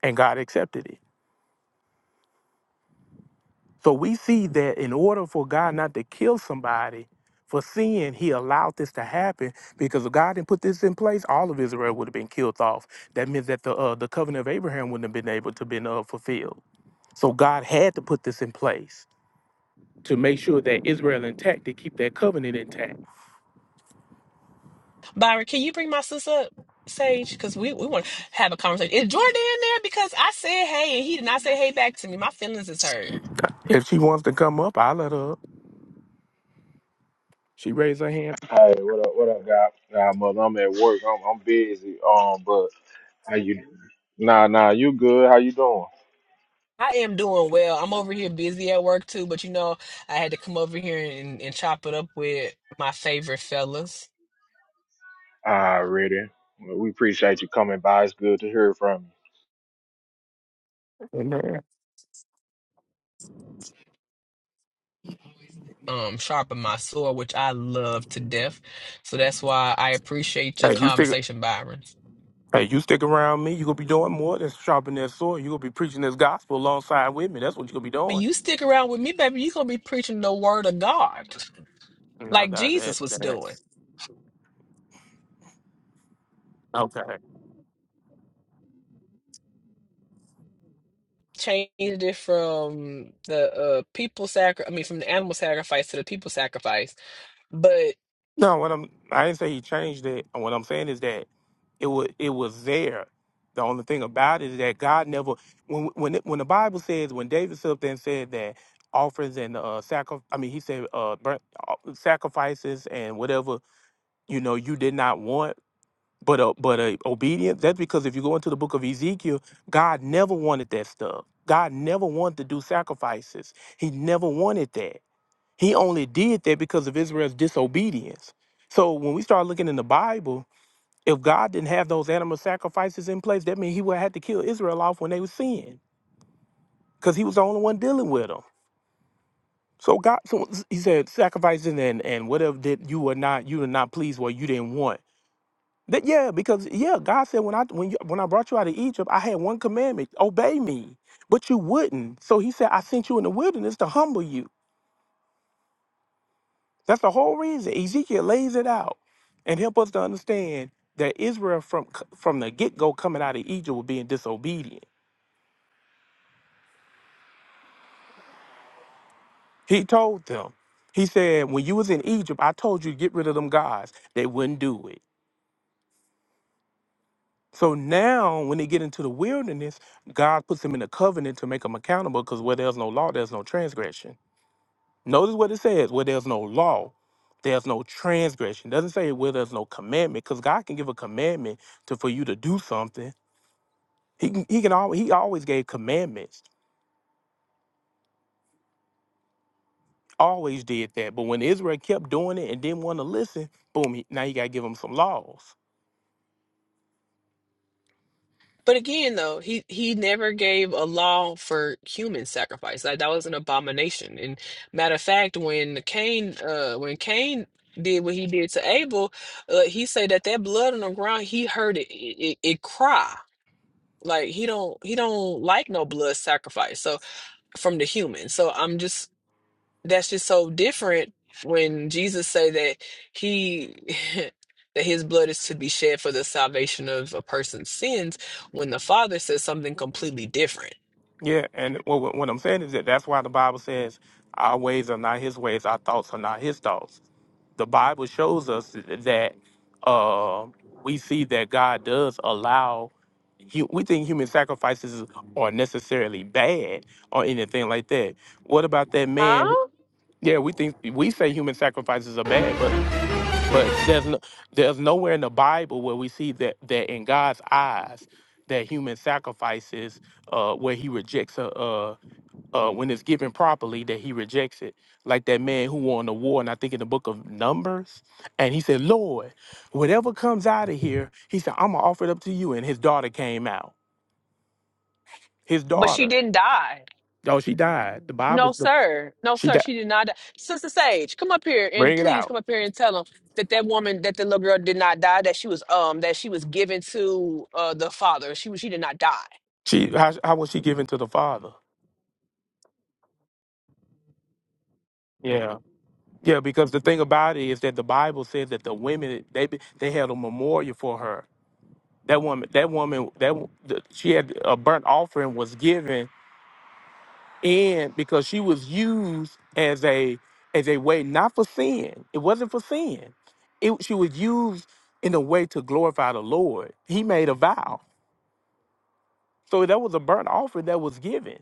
And God accepted it. So we see that in order for God not to kill somebody for sin, he allowed this to happen because if God didn't put this in place, all of Israel would have been killed off. That means that the uh, the covenant of Abraham wouldn't have been able to been uh, fulfilled. So God had to put this in place to make sure that Israel intact to keep that covenant intact.
Byron, can you bring my sis up, Sage? Because we, we want to have a conversation. Is Jordan in there? Because I said hey, and he did not say hey back to me. My feelings is hurt.
If she wants to come up, I let her up. She raised her hand.
Hey, what up? What up, God? Nah, mother, I'm at work. I'm I'm busy. Um, but how you? Nah, nah, you good? How you doing?
I am doing well. I'm over here busy at work too, but you know, I had to come over here and, and chop it up with my favorite fellas.
Already. Well, we appreciate you coming by. It's good to hear from you.
And, uh,
um sharpen my sword, which I love to death. So that's why I appreciate your
Hey, you stick.
conversation, Byron.
Hey, you stick around me. You gonna be doing more than sharpening that sword. You gonna be preaching this gospel alongside with me. That's what you gonna be
But
doing.
you stick around with me, baby, you're gonna be preaching the word of God,
No,
like
that that,
Jesus was
that
doing.
okay.
Changed it from the uh people sacrifice, I mean, from the animal sacrifice to the people sacrifice. but.
No, what I'm I didn't say he changed it. And What I'm saying is that it was it was there. The only thing about it is that God never when when it- when the Bible says when David stood up there and said that offerings and uh sacri- I mean he said uh burnt, uh, sacrifices and whatever you know you did not want but uh, but uh, obedience that's because if you go into the book of Ezekiel God never wanted that stuff. God never wanted to do sacrifices. He never wanted that. He only did that because of Israel's disobedience. So when we start looking in the Bible, if God didn't have those animal sacrifices in place, that means He would have had to kill Israel off when they were sinning, because He was the only one dealing with them. So God, so He said, sacrificing and and whatever that you were not you were not pleased with, you didn't want. That yeah, because yeah, God said when I when you, when I brought you out of Egypt, I had one commandment: obey me. But you wouldn't. So He said, I sent you in the wilderness to humble you. That's the whole reason. Ezekiel lays it out and help us to understand that Israel from from the get-go coming out of Egypt was being disobedient. He told them, he said, when you was in Egypt, I told you to get rid of them gods. They wouldn't do it. So now when they get into the wilderness, God puts them in a covenant to make them accountable because where there's no law, there's no transgression. Notice what it says, where there's no law, there's no transgression. It doesn't say where there's no commandment, because God can give a commandment to for you to do something He can- he can always he always gave commandments, always did that. But when Israel kept doing it and didn't want to listen, boom! He, now you got to give them some laws.
But again, though, he he never gave a law for human sacrifice. Like that was an abomination. And matter of fact, when Cain, uh, when Cain did what he did to Abel, uh, he said that that blood on the ground, he heard it, it, it cry. Like he don't he don't like no blood sacrifice. So from the human. So I'm just that's just so different when Jesus say that he [laughs] that his blood is to be shed for the salvation of a person's sins when the father says something completely different.
Yeah, and what, what what I'm saying is that that's why the Bible says our ways are not His ways, our thoughts are not His thoughts. The Bible shows us that uh, we see that God does allow. hu- We think human sacrifices are necessarily bad or anything like that. What about that man?
Huh?
Yeah, we think we say human sacrifices are bad, but But there's no, there's nowhere in the Bible where we see that that in God's eyes that human sacrifices uh, where He rejects a uh, uh, when it's given properly that He rejects it. Like that man who won the war, and I think in the book of Numbers, and he said, "Lord, whatever comes out of here," he said, "I'm gonna offer it up to you." And his daughter came out. His
But she
daughter.
didn't die.
Oh, she died. The
No,
Bible. The,
sir. No,
she
sir.
died.
She did not die. Sister Sage, come up here and
Bring it
please
out.
come up here and tell them that that woman, that the little girl did not die, that she was um that she was given to uh the father. She was she did not die.
She how, how was she given to the father? Yeah. Yeah, because the thing about it is that the Bible says that the women they they had a memorial for her. That woman, that woman, that wo- the- she had a burnt offering was given, and because she was used as a as a way not for sin, it wasn't for sin. It she was used in a way to glorify the Lord. He made a vow, so that was a burnt offering that was given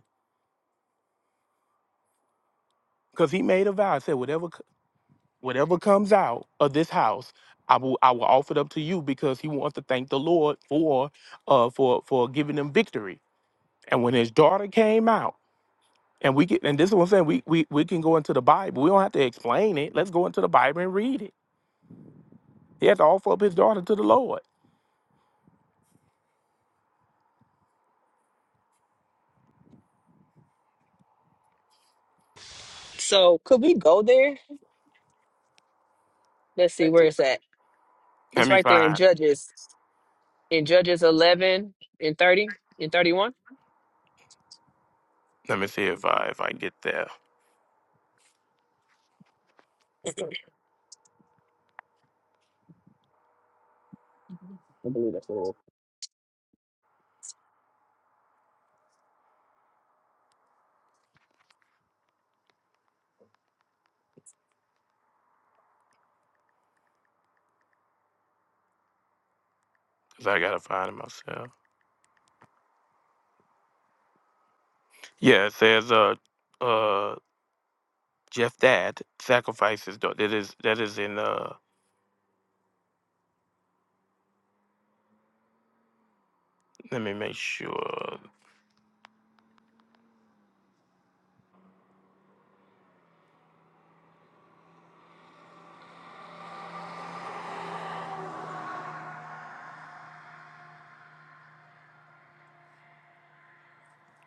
because he made a vow. It said, "Whatever whatever comes out of this house, I will I will offer it up to you because he wants to thank the Lord for uh for for giving him victory. And when his daughter came out, and we get and this is what I'm saying, we we, we can go into the Bible. We don't have to explain it. Let's go into the Bible and read it. He had to offer up his daughter to the Lord.
So could we go there? Let's see where it's at.
Let
It's
me
right there in
find.
Judges, in Judges 11 and 30 and 31.
Let me see if I if I get there.
I believe that's what
Cause I gotta find it myself. Yeah, it says uh uh Jeff Dad sacrifices daughter. That is that is in uh let me make sure.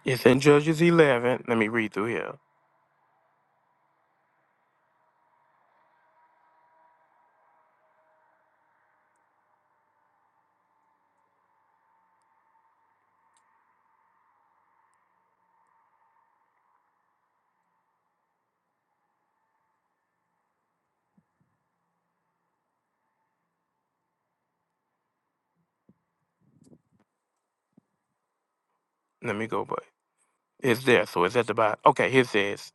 It's in Judges 11. Let me read through here. Let me go, but it's there. So it's at the bottom. Okay, here it says,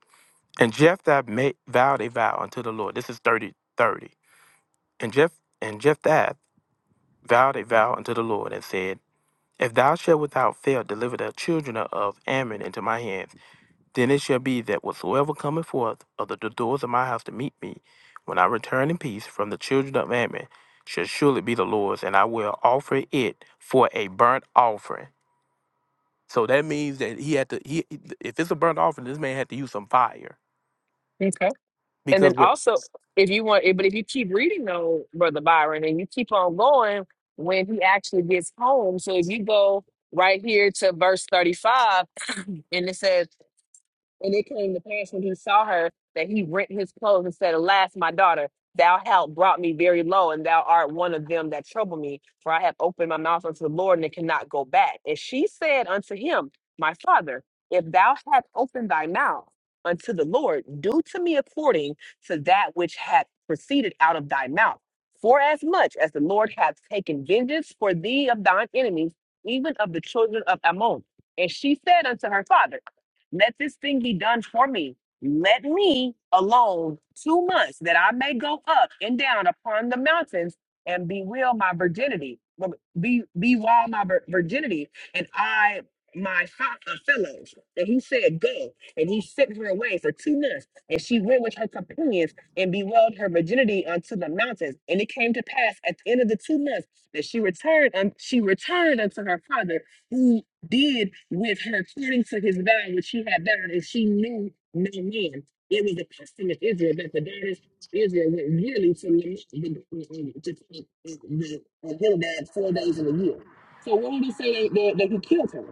And Jephthah made, vowed a vow unto the Lord. This is 30 30. And, Jeph, and Jephthah vowed a vow unto the Lord and said, If thou shalt without fail deliver the children of Ammon into my hands, then it shall be that whatsoever cometh forth of the, the doors of my house to meet me, when I return in peace from the children of Ammon, shall surely be the Lord's, and I will offer it for a burnt offering So that means that he had to. He if it's a burnt offering, this man had to use some fire
it is. Okay. And
because
then
what?
also, if you want, eh, but if you keep reading though, Brother Byron, and you keep on going when he actually gets home. So if you go right here to verse 35, and it says. And it came to pass when he saw her that he rent his clothes and said, Alas, my daughter, thou hast brought me very low, and thou art one of them that trouble me. For I have opened my mouth unto the Lord, and it cannot go back. And she said unto him, My father, if thou hast opened thy mouth unto the Lord, do to me according to that which hath proceeded out of thy mouth. For as much as the Lord hath taken vengeance for thee of thine enemies, even of the children of Ammon. And she said unto her father, let this thing be done for me. Let me alone two months that I may go up and down upon the mountains and bewail my virginity, well, be bewail my vir- virginity, and I my fo- uh, fellows. And he said, Go. And he sent her away for two months. And she went with her companions and bewailed her virginity unto the mountains. And it came to pass at the end of the two months that she returned and she returned unto her father did with her according to his vow, which she had vowed, and she knew no man. It was a custom of Israel that the daughters of Israel went yearly to lament the, to take the, the Gilead four days in a year. So what did he say that, that he killed her?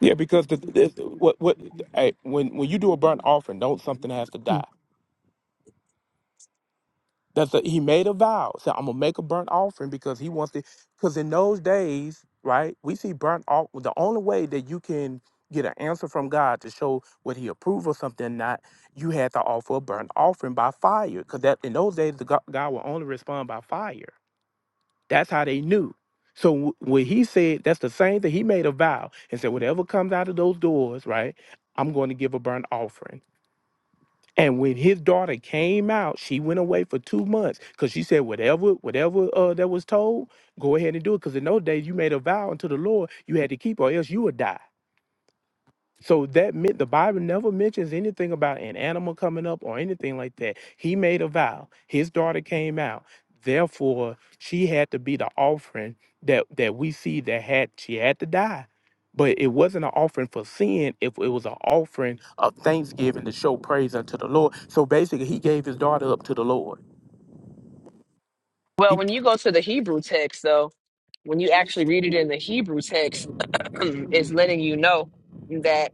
Yeah, because the, this, what what hey, when when you do a burnt offering, don't something has to die. That's a, he made a vow. So I'm gonna make a burnt offering because he wants to. Because in those days, right, we see burnt off. The only way that you can get an answer from God to show what He approved of something or not, you had to offer a burnt offering by fire. Because that in those days, the God, God will only respond by fire. That's how they knew. So wh- when he said, that's the same thing, he made a vow and said, whatever comes out of those doors, right, I'm going to give a burnt offering. And when his daughter came out, she went away for two months because she said, whatever, whatever uh, that was told, go ahead and do it. Because in those days, you made a vow unto the Lord, you had to keep, or else you would die. So that meant the Bible never mentions anything about an animal coming up or anything like that. He made a vow. His daughter came out. Therefore, she had to be the offering that that we see that had she had to die. But it wasn't an offering for sin, if it was an offering of thanksgiving to show praise unto the Lord. So basically he gave his daughter up to the Lord.
Well,
He
when you go to the Hebrew text, though, when you actually read it in the Hebrew text, [clears throat] it's letting you know that.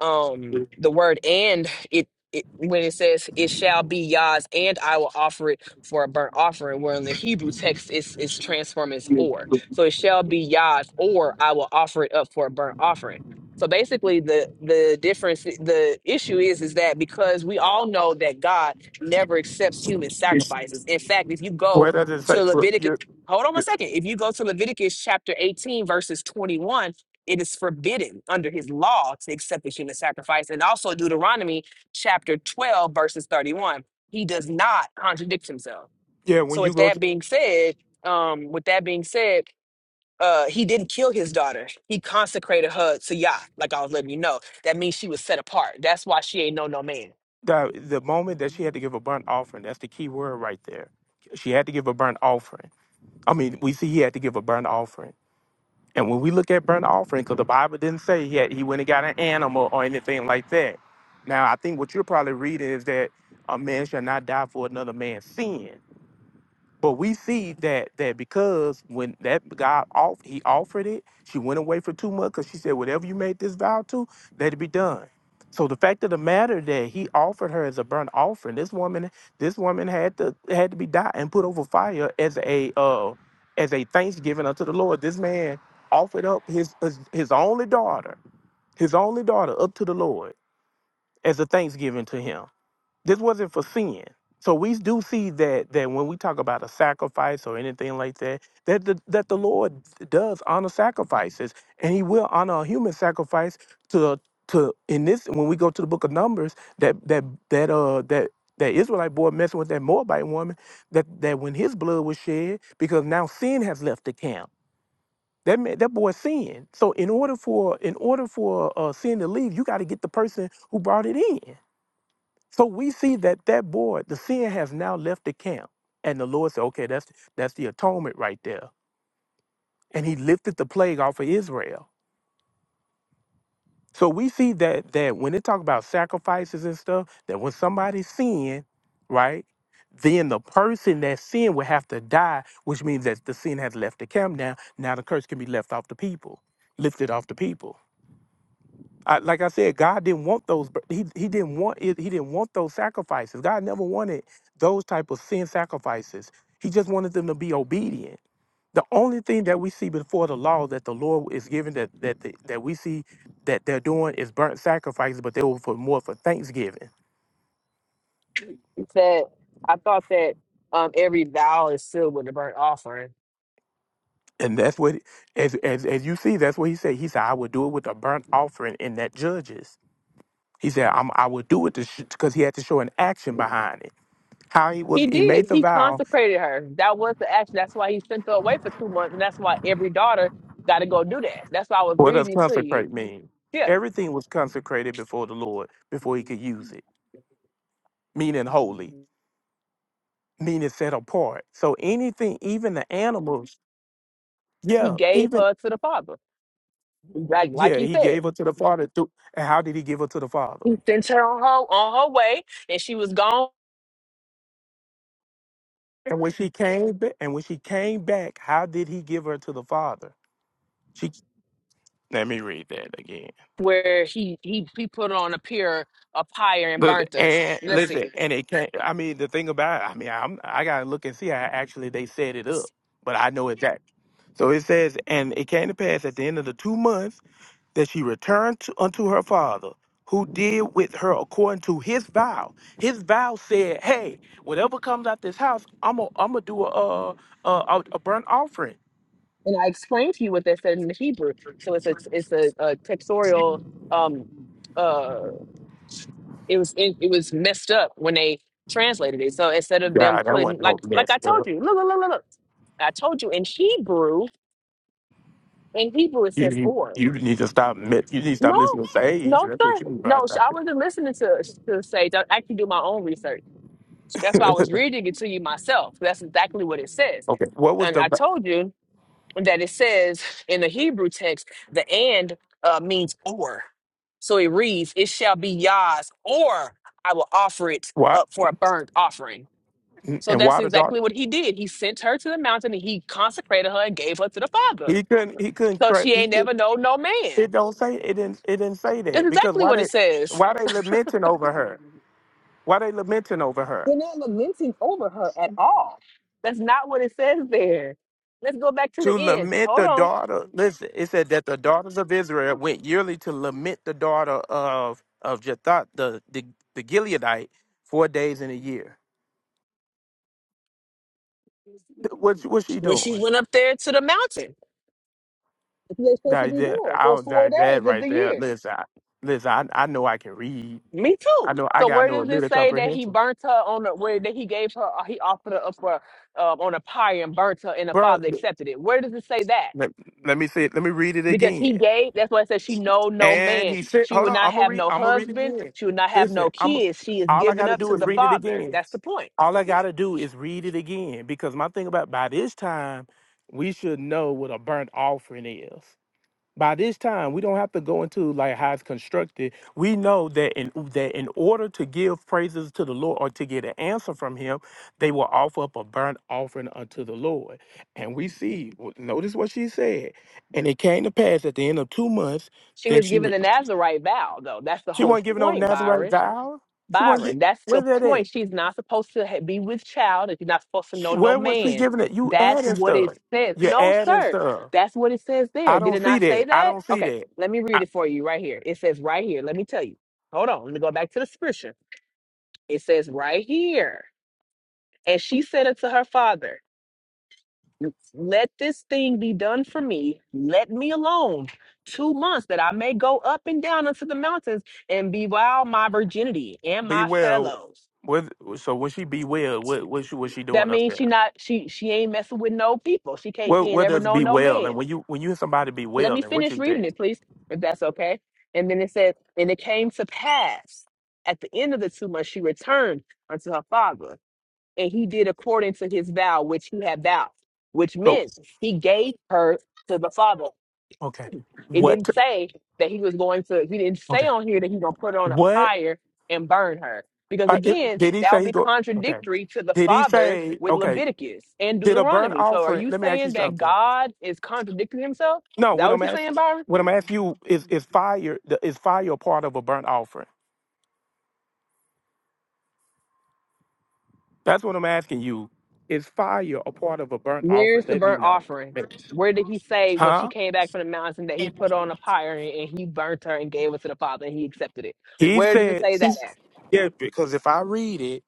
um the word and it, it when it says it shall be Yah's and I will offer it for a burnt offering where in the Hebrew text it's it's transformed as or so it shall be Yah's or I will offer it up for a burnt offering so basically the the difference the issue is is that because we all know that God never accepts human
it's-
sacrifices in fact if you go
what does it say?
to
For
Leviticus
you-
hold on a
you-
second if you go to Leviticus chapter 18 verses 21 it is forbidden under his law to accept the human sacrifice. And also Deuteronomy chapter 12, verses 31. He does not contradict himself.
Yeah, when
So
you
with
go
that
to
being said, um, with that being said, uh, he didn't kill his daughter. He consecrated her to Yah, like I was letting you know. That means she was set apart. That's why she ain't know no man.
the, the moment that she had to give a burnt offering, that's the key word right there. She had to give a burnt offering I mean, we see he had to give a burnt offering. And when we look at burnt offering, because the Bible didn't say he had, he went and got an animal or anything like that. Now, I think what you're probably reading is that a man shall not die for another man's sin. But we see that that because when that guy off he offered it, she went away for two months because she said, Whatever you made this vow to, let it be done. So the fact of the matter that he offered her as a burnt offering, this woman, this woman had to had to be died and put over fire as a uh as a thanksgiving unto the Lord. This man offered up his his, his only daughter, his only daughter up to the Lord as a thanksgiving to him. This wasn't for sin. So we do see that that when we talk about a sacrifice or anything like that, that the, that the Lord does honor sacrifices, and He will honor a human sacrifice to to in this when we go to the Book of Numbers that that that uh that that Israelite boy messing with that Moabite woman that that when his blood was shed because now sin has left the camp that man, that boy sinned. So in order for in order for uh, sin to leave, you got to get the person who brought it in. So we see that that boy, the sin has now left the camp. And the Lord said, okay, that's that's the atonement right there. And he lifted the plague off of Israel. So we see that that when they talk about sacrifices and stuff, that when somebody sin, right, then the person that sinned will have to die, which means that the sin has left the camp now. Now the curse can be left off the people, lifted off the people. I, like I said, God didn't want those. bur- He he didn't want it. He didn't want those sacrifices. God never wanted those type of sin sacrifices. He just wanted them to be obedient. The only thing that we see before the law that the Lord is giving that that the, that we see that they're doing is burnt sacrifices, but they were for more for thanksgiving.
That I thought that um, every vow is sealed with a burnt offering
And that's what as as as you see, that's what he said. He said, "I will do it with a burnt offering." In that judges, he said, I'm, "I will do it because he had to show an action behind it. How he was,
He
he
did.
made the
He
vow,
consecrated her. That was the action. That's why he sent her away for two months, and that's why every daughter got to go do that. That's why I was
What does
reading to you.
consecrate mean?
Yeah,
Everything was consecrated before the Lord before he could use it, meaning holy, meaning set apart. So anything, even the animals,
he
yeah,
gave
even,
her to the father, like like
yeah,
he
he
said.
gave her to the Father. Through, and how did he give her to the Father?
He sent her on her on her way, and she was gone.
And when she came back, and when she came back, how did he give her to the Father? She, let me read that again.
Where he he he put her on a pier of fire and
But-
burnt her.
And
Let's see.
listen, and it can't. I mean, the thing about it, I mean, I'm I gotta look and see how actually they set it up, but I know exactly. So it says, and it came to pass at the end of the two months that she returned to, unto her father, who did with her according to his vow. His vow said, "Hey, whatever comes out this house, I'm gonna I'm gonna do a uh a, a, a burnt offering."
And I explained to you what that said in the Hebrew. So it's a it's a, a textorial um uh. it was in, it was messed up when they translated it. So instead of them
God, that
putting
wasn't no
like like
mess
I told
up.
you, look look look look, look. I told you in Hebrew in Hebrew it
You,
says
you
or.
you need to stop. mi- You need to stop
No,
listening to Sage.
no
That's what
sir,
you need to
no. So I
stop.
wasn't listening to to say don't actually do my own research. That's why I
[laughs]
was reading it to you myself. That's exactly what it says.
Okay. What was
And I
the?
told you that it says in the Hebrew text, the and uh, means or. So it reads, It shall be Yah's, or I will offer it
Why
up for a burnt offering. So
and
that's
why the
exactly
doctor?
what he did. He sent her to the mountain and he consecrated her and gave her to the Father.
He couldn't. He couldn't
So she
correct. He
ain't
could,
never known no
it
man.
don't say it didn't. It didn't say
That's
that because
exactly
why
what
they
it says.
why they lamenting over her?
They're
Why they lamenting over her?
not lamenting over her at all. That's not what it says there. Let's go back to the
To
end.
lament
Hold
the
on.
daughter. Listen, it said that the daughters of Israel went yearly to lament the daughter of of Jethat the the, the Gileadite four days in a year. Th- What what's she
when she
doing?
went up there to the mountain. That's what they're supposed to
That
be
that
doing
I
for
was
four
like that
days of
right
the
there.
year.
Listen, I, listen. I I know I can read.
Me too.
I know I
So
got
where
no
does it
little
say that he
comprehension,
burnt her on the where that he gave her uh, he offered her up for um, on a pyre and burnt her and the
bro.
father accepted it? Where does it say that?
Let, let me say it. Let me read it
Because
again.
he gave, that's why it says she know no
And
man.
he said,
She
"Hold
will
on,
not
I'm gonna
have
read.
no
I'm gonna read it
husband.
again.
She will not have no
Listen, I'm.
kids. She is
All I
given
gotta
up
do
to
is
the
read it
father.
again.
That's the point.
All I gotta do is read it again because my thing about by this time, we should know what a burnt offering is by this time we don't have to go into like how it's constructed we know that in that in order to give praises to the lord or to get an answer from him they will offer up a burnt offering unto the lord and we see w- notice what she said and it came to pass at the end of two months
She
that
was
she
given
re-
the Nazarite vow, though. That's the
she
whole
wasn't giving no
point,
nazarite
Byron.
vow she wasn't
Byron.
get,
That's the
where that
point.
at
She's not supposed to ha- be with child, and she's not supposed to know no
where was she
man.
giving it you
That's
adding
what it
stuff
says.
you're
No,
adding
sir.
stuff
That's what it says
i
there. Did
don't
it
see
not say
that i
that?
don't see
Okay,
that
let me read it for you right here. It says right here. Let me tell you. Hold on. Let me go back to the scripture. It says right here. And she said unto her father, Let this thing be done for me. Let me alone two months that I may go up and down unto the mountains and bewail my virginity and
Be
my
well.
fellows.
What? So when she be well, what what she was she
That
doing up
means she
there?
not she she ain't messing with no people. She can't she
What
ain't
what
ever
does
known
be
no
well? And
man.
when you when you hear somebody be
Let me
well, and what you
finish reading
think?
it, please, if that's okay. And then it says, and it came to pass at the end of the two months she returned unto her father, and he did according to his vow which he had vowed, which
So
meant he gave her to the father.
okay,
It
what?
didn't say that he was going to, he didn't say
Okay,
on here that he's going to put her on a
what?
pyre and burn her. Because
Uh, it,
again,
did he
that would
say? he's
be
go- Okay,
contradictory to the
did he
father
say?
with
Okay,
Leviticus and
did a burnt
Deuteronomy. So are
offering?
you
Let me ask you
saying that
something.
God is contradicting himself?
No,
Is that
what I'm
what you're
asking,
saying, Byron?
what I'm asking you is is fire the- is fire a part of a burnt offering? That's what I'm asking you. Is fire a part of a burnt
Where's
offering?
the
Let me
burnt
know.
offering? Where did he say when she
Huh?
came back from the mountain that he put on a pyre and, and he burnt her and gave it to the father and he accepted it?
He
Where does it
said,
say that
she,
at?
yeah, because if I read it,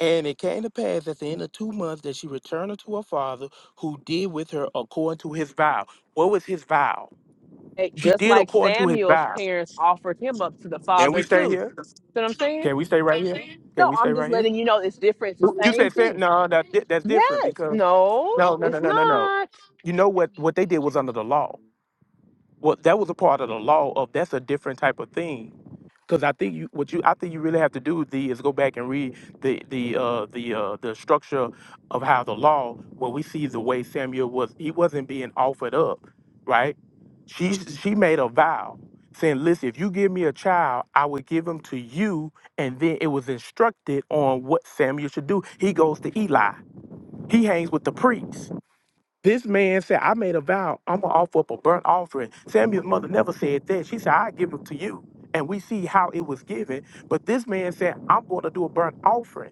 and it came to pass at the end of two months that she returned unto her father, who did with her according to his vow. What was his vow?
Hey,
She
Just
did
like
according to his
Samuel's
vow.
parents offered him up to the
Can
father
we stay
too.
here?
what I'm saying?
Can we stay right here?
No,
Can we stay
I'm just
right here?
letting you know it's different. It's the
You
same
said, Sam,
thing.
no, that, di- that's different
Yes.
because,
No,
no, no, no,
it's
no, no, no.
not.
You know what, what they did was under the law. Well, that was a part of the law of that's a different type of thing. Because I think you, what you, I think you really have to do the is go back and read the the uh, the uh, the structure of how the law, where we see the way Samuel was, he wasn't being offered up, right? She she made a vow saying, "Listen, if you give me a child, I will give him to you." And then it was instructed on what Samuel should do. He goes to Eli. He hangs with the priest. This man said, I made a vow, I'm gonna offer up a burnt offering. Samuel's mother never said that. She said, I give it to you. And we see how it was given. But this man said, I'm gonna do a burnt offering.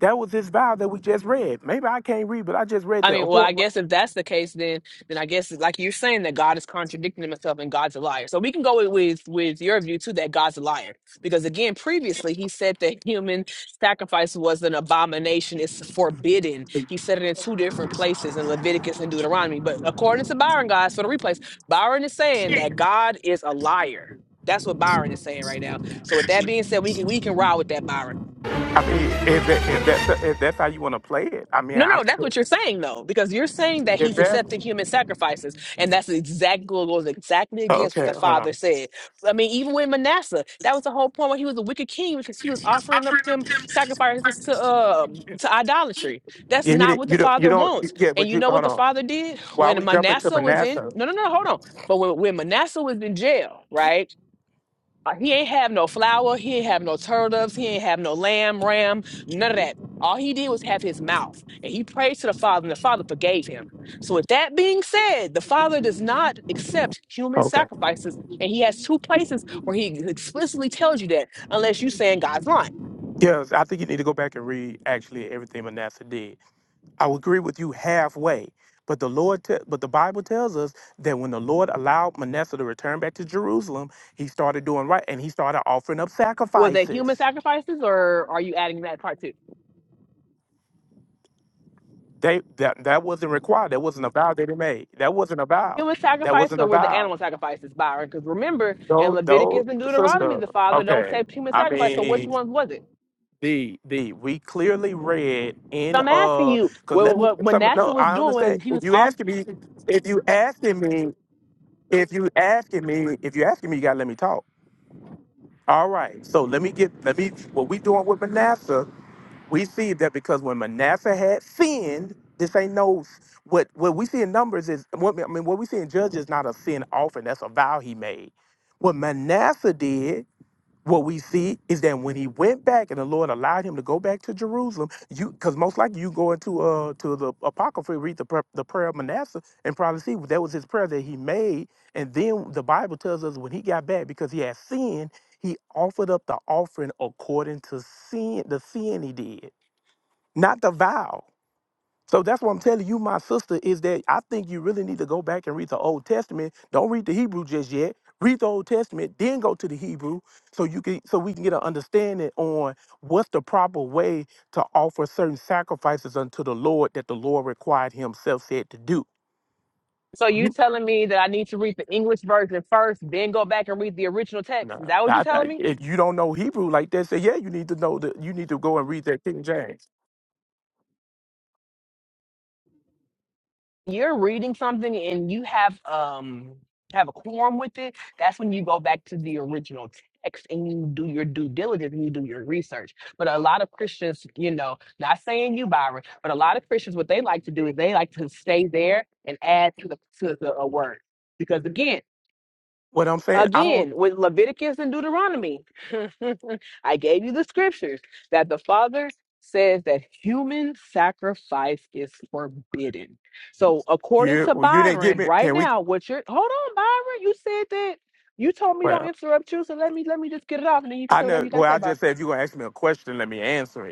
That was his vow that we just read. Maybe I can't read, but I just read
I
that.
mean,
Of
well,
course,
I guess if that's the case, then then I guess like you're saying that God is contradicting himself and God's a liar. So we can go with with, with your view too that God's a liar because again, previously he said that human sacrifice was an abomination; it's forbidden. He said it in two different places in Leviticus and Deuteronomy. But according to Byron, guys, for the replays, Byron is saying that God is a liar. That's what Byron is saying right now. So with that being said, we can we can ride with that, Byron.
I mean, if that if that's the, if that's how you want to play it, I mean,
No,
I
no, that's
don't.
what you're saying though, because you're saying that
If
he's
that's
accepting human sacrifices, and that's exactly what goes exactly against what
okay,
the
hold
father
on.
said. I mean, even with Manasseh, that was the whole point when he was a wicked king because he was offering up them sacrifices to um to idolatry. That's
Yeah, you,
not what
didn't-
the
you don't you
father
don't
wants.
yeah,
And
but
you
you
know what
hold
the
on.
father did
While
when
we jumping to
Manasseh was in?
Manasseh,
No, no, no, hold on. But when, when Manasseh was in jail, right? Uh, He ain't have no flour. He ain't have no turtles. He ain't have no lamb, ram, none of that. All he did was have his mouth. And he prayed to the Father, and the Father forgave him. So, with that being said, the Father does not accept human
okay.
sacrifices. And he has two places where he explicitly tells you that, unless you're saying God's lying.
Yes, I think you need to go back and read actually everything Manasseh did I would agree with you halfway. But the Lord, te- but the Bible tells us that when the Lord allowed Manasseh to return back to Jerusalem, he started doing right and he started offering up
Were they human
sacrifices.
sacrifices, or are you adding that part too?
They that that wasn't required. That wasn't a vow that he made. That wasn't a vow.
Human
That
sacrifices,
wasn't
or
a
were the
vow.
animal sacrifices, Byron? Because remember, in
Though, though,
Leviticus and Deuteronomy,
sister.
the Father don't
Okay,
accept human
I
sacrifice. So, which
mean,
ones was it?
the the we clearly read
So
in
I'm asking
uh,
you
cause let
what,
me
what, what
some
NASA
no.
was
I
doing.
understand
He
if
was
you
off.
asking me, if you asking me If you asking me, if you asking me, you gotta let me talk. All right. So let me get let me what we doing with Manasseh, we see that because when Manasseh had sinned, this ain't no what what we see in numbers is what I mean what we see in judges is not a sin offering, that's a vow he made. What Manasseh did what we see is that when he went back and the Lord allowed him to go back to Jerusalem, you because most likely you go into uh to the Apocrypha, read the pra- the prayer of Manasseh, and probably see that was his prayer that he made. And then the Bible tells us when he got back because he had sinned, he offered up the offering according to sin, the sin he did, not the vow. So that's what I'm telling you, my sister, is that I think you really need to go back and read the Old Testament. Don't read the Hebrew just yet. Read the Old Testament, then go to the Hebrew, so you can so we can get an understanding on what's the proper way to offer certain sacrifices unto the Lord that the Lord required Himself said to do.
So you
You-
telling me that I need to read the English version first, then go back and read the original text? Is
Nah,
that what you're
I-
telling
I-
me?
if you don't know Hebrew like that, say yeah, you need to know that you need to go and read that King James.
You're reading something and you have um have a quorum with it. That's when you go back to the original text and you do your due diligence and you do your research. But a lot of Christians, you know, not saying you, Byron, but a lot of Christians, what they like to do is they like to stay there and add to the to the a word because again.
What I'm saying, I don't.
Again, with Leviticus and Deuteronomy, [laughs] I gave you the scriptures that the Father says that human sacrifice is forbidden. So, according
Yeah,
to
well, you didn't get
Byron,
me.
right
Can we?
now, what you're hold on, Byron, you said that you told me don't
Well,
interrupt you, so let me let me just get it off, and then you can
I
say whatever
know.
you got to
Well, I
say,
just said if you're gonna ask me a question, let me answer it.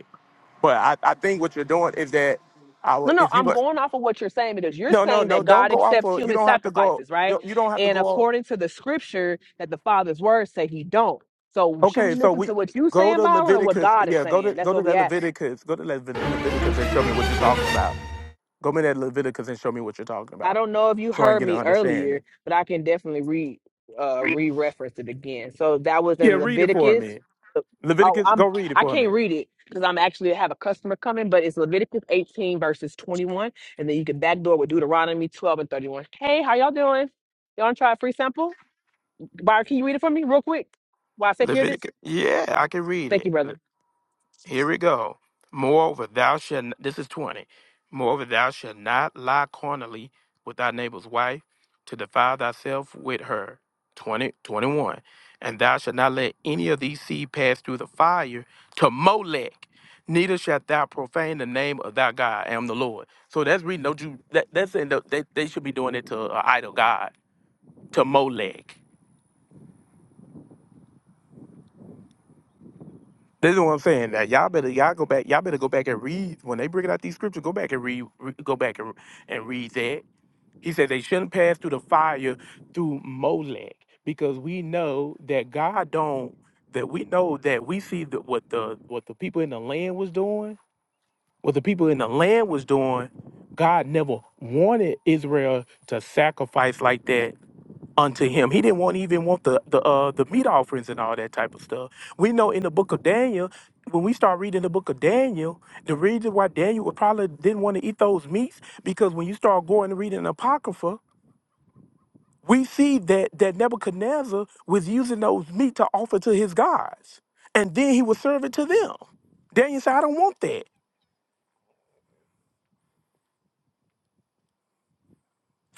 But I, I think what you're doing is that I
No,
will,
no,
if you
I'm
go,
going off of what you're saying because you're
no, no,
saying
no,
that
don't
God
go off
accepts
of, you
human
don't have to go,
sacrifices,
you
right?
don't, you don't have to
And
go off.
according to the scripture that the Father's words say he don't. So should we
Okay, so
listen
we
to what you
go
saying,
to
Byron, or what
Leviticus.
God is
Yeah, go to
saying? That's
go
what
to
we
that
asking.
Leviticus. Go to Lev- Leviticus and show me what you're talking about. Go to that Leviticus and show me what you're talking
I
about,
don't know if you
so I can
heard
get an
me earlier,
understanding.
but I can definitely re uh re-reference it again. So that was
Yeah,
in
read it for
Leviticus.
me.
Uh, Oh,
Leviticus, go
I'm
read it
I
for
can't
me.
read it because I'm actually have a customer coming, but it's Leviticus 18 verses 21, and then you can backdoor with Deuteronomy 12 and 31. Hey, how y'all doing? Y'all want to try a free sample? Byron, can you read it for me real quick? While I secure this,
Leviticus. Yeah, I can read
thank you, brother.
it. Here we go. Moreover, thou shalt, this is 20. Moreover, thou shalt not lie carnally with thy neighbor's wife to defile thyself with her. 20, 21, And thou shalt not let any of these seed pass through the fire to Molech. Neither shalt thou profane the name of thy God. I am the Lord. So that's reading. Don't you? That, that's saying that they, they should be doing it to an idol god, to Molech. This is what I'm saying. That y'all better y'all go back. Y'all better go back and read when they bring out these scriptures. Go back and read. re- go back and, and read that. He said they shouldn't pass through the fire through Molech because we know that God don't. That we know that we see that what the what the people in the land was doing. What the people in the land was doing. God never wanted Israel to sacrifice like that unto him. He didn't want even want the the uh, the meat offerings and all that type of stuff. We know in the book of Daniel, when we start reading the book of Daniel, the reason why Daniel would probably didn't want to eat those meats because when you start going and reading the apocrypha, we see that that Nebuchadnezzar was using those meat to offer to his gods, and then he was serving to them. Daniel said, "I don't want that."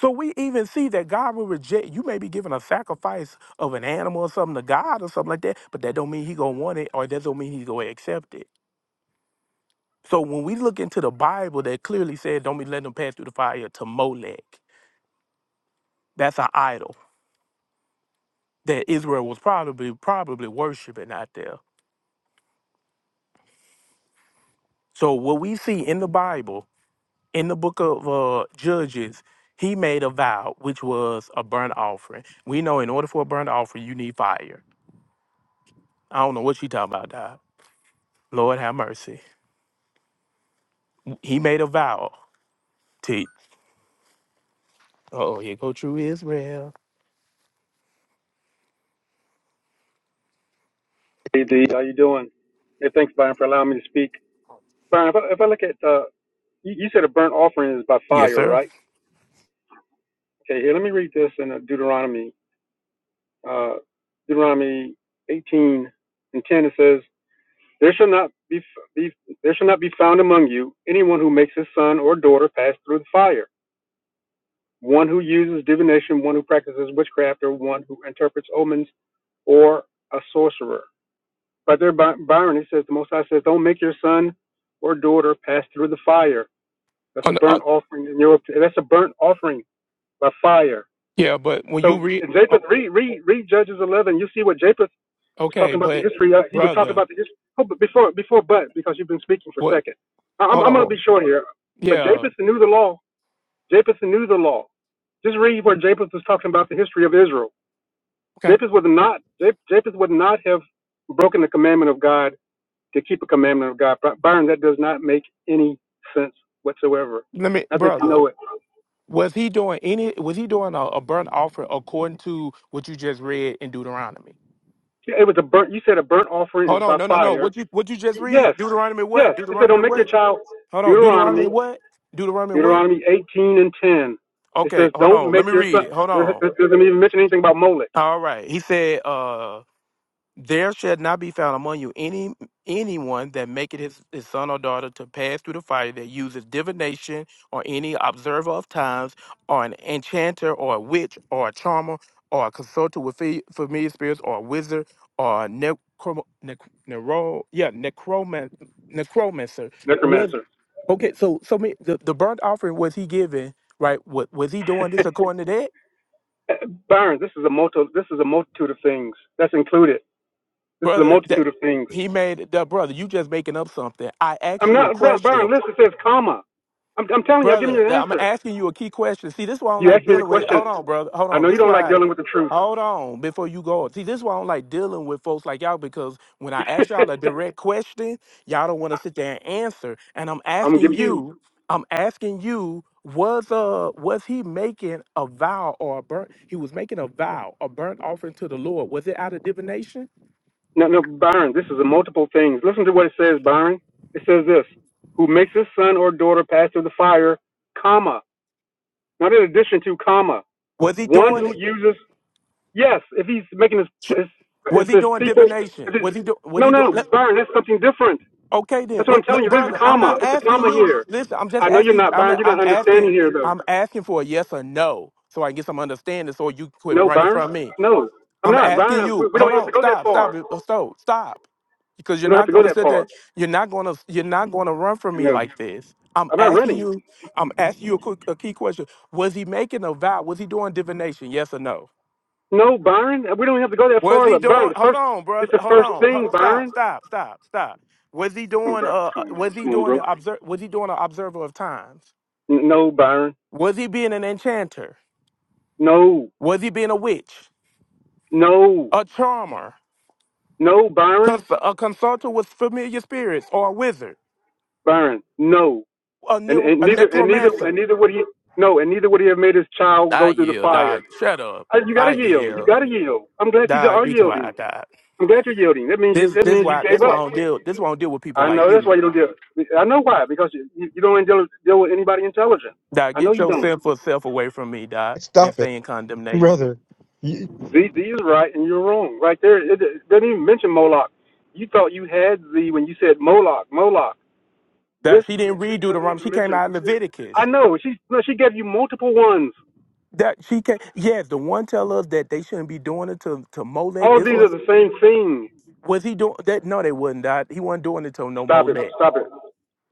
So we even see that God will reject. You may be giving a sacrifice of an animal or something to God or something like that, but that don't mean He gonna want it, or that don't mean He's gonna accept it. So when we look into the Bible, that clearly said, "Don't be letting them pass through the fire to Molech." That's an idol that Israel was probably probably worshiping out there. So what we see in the Bible, in the book of uh, Judges, he made a vow, which was a burnt offering. We know in order for a burnt offering, you need fire. I don't know what you talking about, Dad. Lord have mercy. He made a vow to. Oh, here go true Israel.
Hey, D, how you doing? Hey, thanks, Byron, for allowing me to speak. Byron, if I, if I look at, uh, you, you said a burnt offering is by
Yes,
fire,
sir.
right? Okay, here, let me read this in uh, Deuteronomy, uh, Deuteronomy 18 and 10. It says, "There shall not be, f- be there shall not be found among you anyone who makes his son or daughter pass through the fire, one who uses divination, one who practices witchcraft, or one who interprets omens, or a sorcerer." But there, Byron, he says, the Most High says, don't make your son or daughter pass through the fire. That's a
On the- uh,
burnt offering in your, that's a burnt offering by fire.
yeah, but when you
So
read,
in
oh,
Japheth, read, read, read Judges 11. You see what Japheth was
okay,
talking about the
but
history of. He was talking
brother,
about the history. Oh, but before, before, but, because you've been speaking for a
what?
second. I- I'm,
Hold
I'm going
on.
to be short here. But
Yeah,
Japheth knew the law. Japheth knew the law. Just read where Japheth was talking about the history of Israel.
okay.
Japheth would not, Jap- Japheth would not have broken the commandment of God to keep a commandment of God. Byron, that does not make any sense whatsoever.
Let me,
I think you
brother.
know it.
Was he doing any? Was he doing a, a burnt offering according to what you just read in Deuteronomy?
It was a burnt. You said a burnt offering is
Hold on,
by
no, no, no.
fire.
What you what you just
Y- yes,
read? Deuteronomy
yes.
what?
It said, "Don't
Deuteronomy
make your
what?
child."
Hold on.
Deuteronomy,
Deuteronomy what? Deuteronomy what?
Deuteronomy 18 and 10. It
Okay,
says,
hold
"Don't
on. Let
make
me
your
read
son."
it. Hold
It
on.
doesn't even mention anything about Molech,
All right. He said, uh, There shall not be found among you any anyone that maketh his, his son or daughter to pass through the fire that uses divination or any observer of times or an enchanter or a witch or a charmer or a consulter with fe- familiar spirits or a wizard or a necrom- nec- nero- yeah, necroman- necromancer. Was
necromancer.
okay, so so me, the, the burnt offering was he giving, right? Was, was he doing this
[laughs]
according to that?
Uh, Byron, this is a multi, This is a multitude of things that's included. This is a
brother. That
multitude of things.
he made the brother. You just making up something. I asked
I'm
you a
not Byron.
question,
Listen, it says comma. I'm, I'm telling you, I'm giving
brother.
you an
th- I'm
answer.
asking you a key question. See, this is why I don't
You
like
asked me the
dealing with.
question.
Hold on, brother. Hold
I
on.
know you
This
don't like
why.
dealing with the truth.
Hold on before you go. See, this is why I don't like dealing with folks like y'all because when I
[laughs]
ask y'all a direct question, y'all don't want to sit there and answer. And I'm
I'm gonna give
asking
you
you. I'm asking you. Was uh was he making a vow or a burnt? He was making a vow, a burnt offering to the Lord. Was it out of divination?
no, no, Byron. This is a multiple things. Listen to what it says, Byron. It says this: Who makes his son or daughter pass through the fire, comma, not in addition to comma,
Was he
one
doing
who
it?
uses yes. If he's making his his, it
Was he
says
doing
people.
divination?
If it,
Was he do, was
no,
he doing?
no,
let-
Byron. That's something different.
okay then,
That's what
what,
I'm
no,
telling you. There's a
brother? I'm
comma.
not
It's a
asking
comma
you.
here.
Listen, I'm just
I know you're
asking.
not
I'm
Byron. You're
I'm
not
asking.
understanding here, though.
I'm asking for a yes or no, so I can get some understanding. So you quit
No,
running
Byron.
from me.
No, I'm
I'm
not
asking
Byron. We,
you.
we don't
Hold
have to
on.
go that
Stop. Stop.
far.
it, uh, Stop. Stop. Because you're
We don't have
not
to go
going to
that
sit
far.
there. You're not going to. You're not going to run from me
No,
like this. I'm
I'm not
asking
running.
you. I'm asking you a, quick, a key question. Was he making a vow? Was he doing divination? Yes or no?
No, Byron, we don't have to go that
Was
far.
he
Look, Byron,
doing?
the
Hold
first,
on,
it's
brother.
the
Hold
first
on. Hold
thing,
on. Stop.
Byron.
Stop. Stop. Stop. Was he
Come on,
doing? Uh, uh,
Come on,
was he doing
bro.
the observe? Was he doing an observer of times?
No, Byron.
Was he being an enchanter?
No,
Was he being a witch,
no,
a charmer,
no, Byron,
cons- a consulter with familiar spirits, or a wizard,
Byron, no.
a,
And
ne-
and
a
neither and neither and
necromancer?
neither would he. No, and neither would he have made his child
I
go through the
yield.
fire.
Die. Shut up.
Uh, you gotta
I
yield. You
yield.
gotta yield. I'm glad you
Die.
are
Be
yielding.
quiet. Die.
I'm glad you're yielding. That means you.
This.
That
This
means you
why.
gave
This why
up.
I don't deal. This why I don't deal with people
I
like
know. That's
you.
why you don't deal. I know why. Because you you don't deal, deal with anybody intelligent.
Die.
I know
Get
you
your
don't.
sinful self away from me. Die. And
Stop it.
stay in condemnation.
brother. You, Z, Z is right and you're wrong. Right there, it, it doesn't even mention Moloch. You thought you had Z when you said Moloch, Moloch. This
That she didn't
this
read
doesn't
Deuteronomy. She
even
came
mention.
out in
I
Leviticus.
know she no, she gave you multiple ones.
That she came. Yes, the one tell us that they shouldn't be doing it to, to Molech.
All of
This
these are
one
the same thing.
was he doing that? No, they wasn't. That he wasn't doing it to no
Stop it,
Molech.
stop it.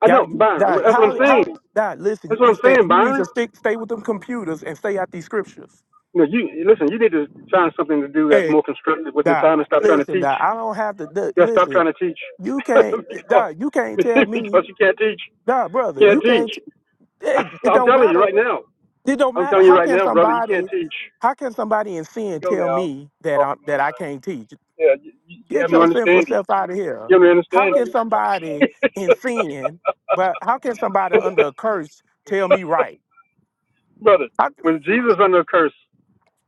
I
Yeah,
know,
you
Byron.
that
That's what I'm
how how
saying.
that listen. You
That's what
need to
I'm
stay.
saying,
You need
Byron.
to stick stay with them computers and stay out these scriptures.
No, you listen. You need to find something to do that's
Hey,
more constructive with your
that
time and stop trying to
listen.
teach.
That I don't have to that,
Yeah, stop
listen.
trying to teach
You
[laughs]
can't.
because
That you can't
[laughs]
tell me.
because you can't teach.
Nah, brother, you
Can't teach.
can't. It,
[laughs]
it
I'm
don't
telling you
matter.
right now.
It don't
I'm
matter.
telling you
How
right
can
now, brother, you can't
somebody,
teach. Here
how can somebody in
we
sin
go
tell
now.
me that I
Talking like-
that I can't teach?
Yeah, you, you you
Get
have no
your sinful
understanding.
self out of here.
You have no
How can
understanding.
somebody in sin, but how can somebody
[laughs]
under a curse tell me right?
brother,
I,
was Jesus under a curse?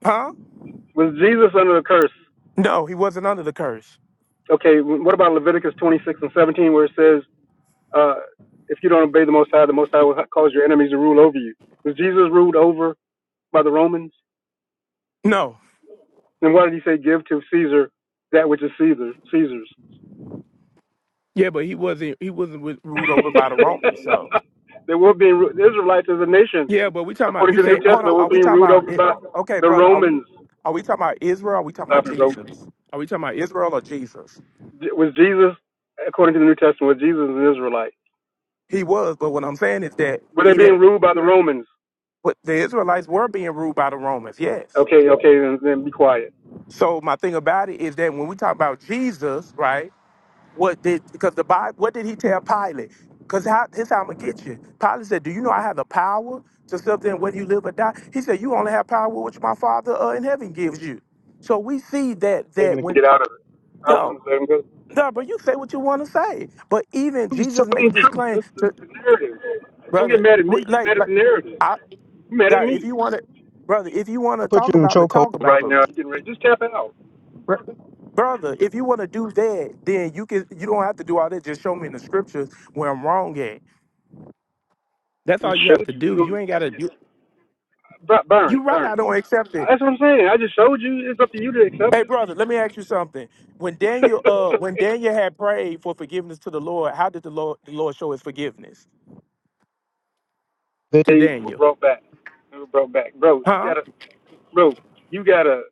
huh?
Was Jesus under a curse?
No, he wasn't under the curse.
Okay, wh- what about Leviticus 26 and 17 where it says, uh, if you don't obey the Most High, the Most High will ha- cause your enemies to rule over you? Was Jesus ruled over by the Romans?
No.
Then why did he say, give to Caesar that which is Caesar, Caesar's?
Yeah, but he wasn't. He wasn't with, ruled over by the Roman.
[laughs]
So
they were being, ru- the Israelites as a nation
yeah, but we talking about.
according
You
to the New
say, hold on.
Testament, we're
Are we
being
talking
ruled
about?
over
It?
by
Okay,
the
brother. Are we?
Romans.
Are we talking about Israel? Or Are we talking about
Stop it, bro.
Jesus? Are we talking about Israel or Jesus?
Was Jesus, according to the New Testament, was Jesus an Israelite?
He was, but what I'm saying is that
Were they
he
being
didn't.
ruled by the Romans?
But the Israelites were being ruled by the Romans, yes.
Okay, okay, then, then be quiet.
So my thing about it is that when we talk about Jesus, right? What did because the Bible? What did he tell Pilate? Because how, here's how I'm gonna get you. Pilate said, "Do you know I have the power to something whether you live or die?" He said, "You only have power which my Father uh, in heaven gives you." So we see that that
Taking
when
Get out of it. I won't
no,
let go.
no, but you say what you want to say. But even
I'm just
Jesus makes
telling
this
the truth.
claim
That's, that's
to
the narrative. Don't get
brother,
mad at
we-
me. Get
like
mad at
like.
the narrative. Get mad at
That if
me.
you want to, brother, if you want
I will
to
put you
talk
in
about me,
chokehold.
talk about
Right
it,
now, you're getting ready. Just tap out.
Br- brother. If you want to do that, then you can. You don't have to do all that. Just show me in the scriptures where I'm wrong at. That's
I
all
just
you have
showed
to
you. You
do.
don't
You ain't gotta.
accept it.
You,
burn,
you right.
burn.
I don't accept it.
That's what I'm saying. I just showed you. It's up to you to accept
Hey, brother, let me ask you something. When Daniel, uh,
it. [laughs]
when Daniel had prayed for forgiveness to the Lord, how did the Lord, the Lord show His forgiveness
They
to
were
Daniel?
brought back. They were brought back, bro. You
Huh?
gotta, bro. You gotta,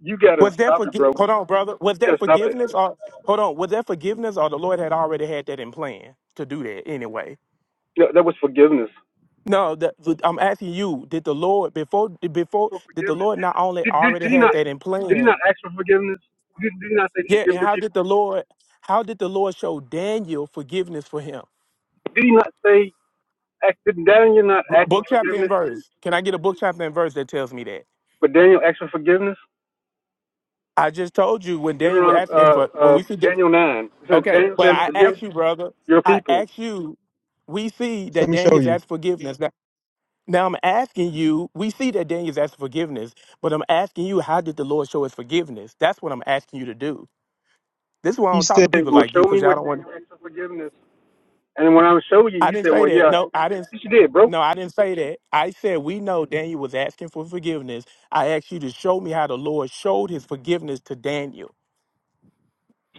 you gotta
Was that
stop
for?
it, bro.
Hold on, brother. Was
You
that
gotta stop it.
forgiveness or hold on? Was that forgiveness or the Lord had already had that in plan to do that anyway?
No, that was forgiveness.
No, the, the- I'm asking you, did the Lord before before
For
did the
forgiveness.
Lord not only
Did, did,
already
did he
had
not?
that in
Did he
plan?
not ask for forgiveness? Did, did he not say
Yeah,
forgive
and
your
how
people?
did the Lord how did the Lord show Daniel forgiveness for him?
Did he not say? Ask, did Daniel not
B-
ask for
Book chapter and
forgiveness?
verse. Can I get a book chapter and verse that tells me that?
But Daniel asked for forgiveness.
I just told you when Daniel was
Deuteronomy,
asking
uh,
for when
uh,
we see Da-
Daniel nine. It says
Okay,
Daniel
but
says,
I
"Forgive
asked you, brother.
your
I
people."
asked you. We see that
Let me show
Daniel's
you.
asked forgiveness. Now, now I'm asking you. We see that Daniel's asked forgiveness, but I'm asking you, how did the Lord show His forgiveness? That's what I'm asking you to do. This is why I
He
don't talk
said,
to people
"Well,
like you
show me
because y'all
what
don't want.
Daniel asked for forgiveness." And when I would show you,
I
you
didn't
said,
say
"Well,
that.
yeah,
No, I didn't.
yes, you did, bro."
No, I didn't say that. I said we know Daniel was asking for forgiveness. I asked you to show me how the Lord showed His forgiveness to Daniel.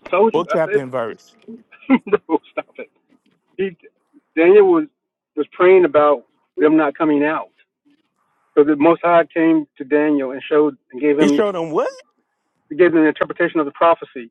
I told you.
Book
I said
chapter and verse.
it. [laughs] Bro, stop it. He, Daniel was was praying about them not coming out. So the Most High came to Daniel and showed and gave
He
him
showed him what?
gave him an interpretation of the prophecy.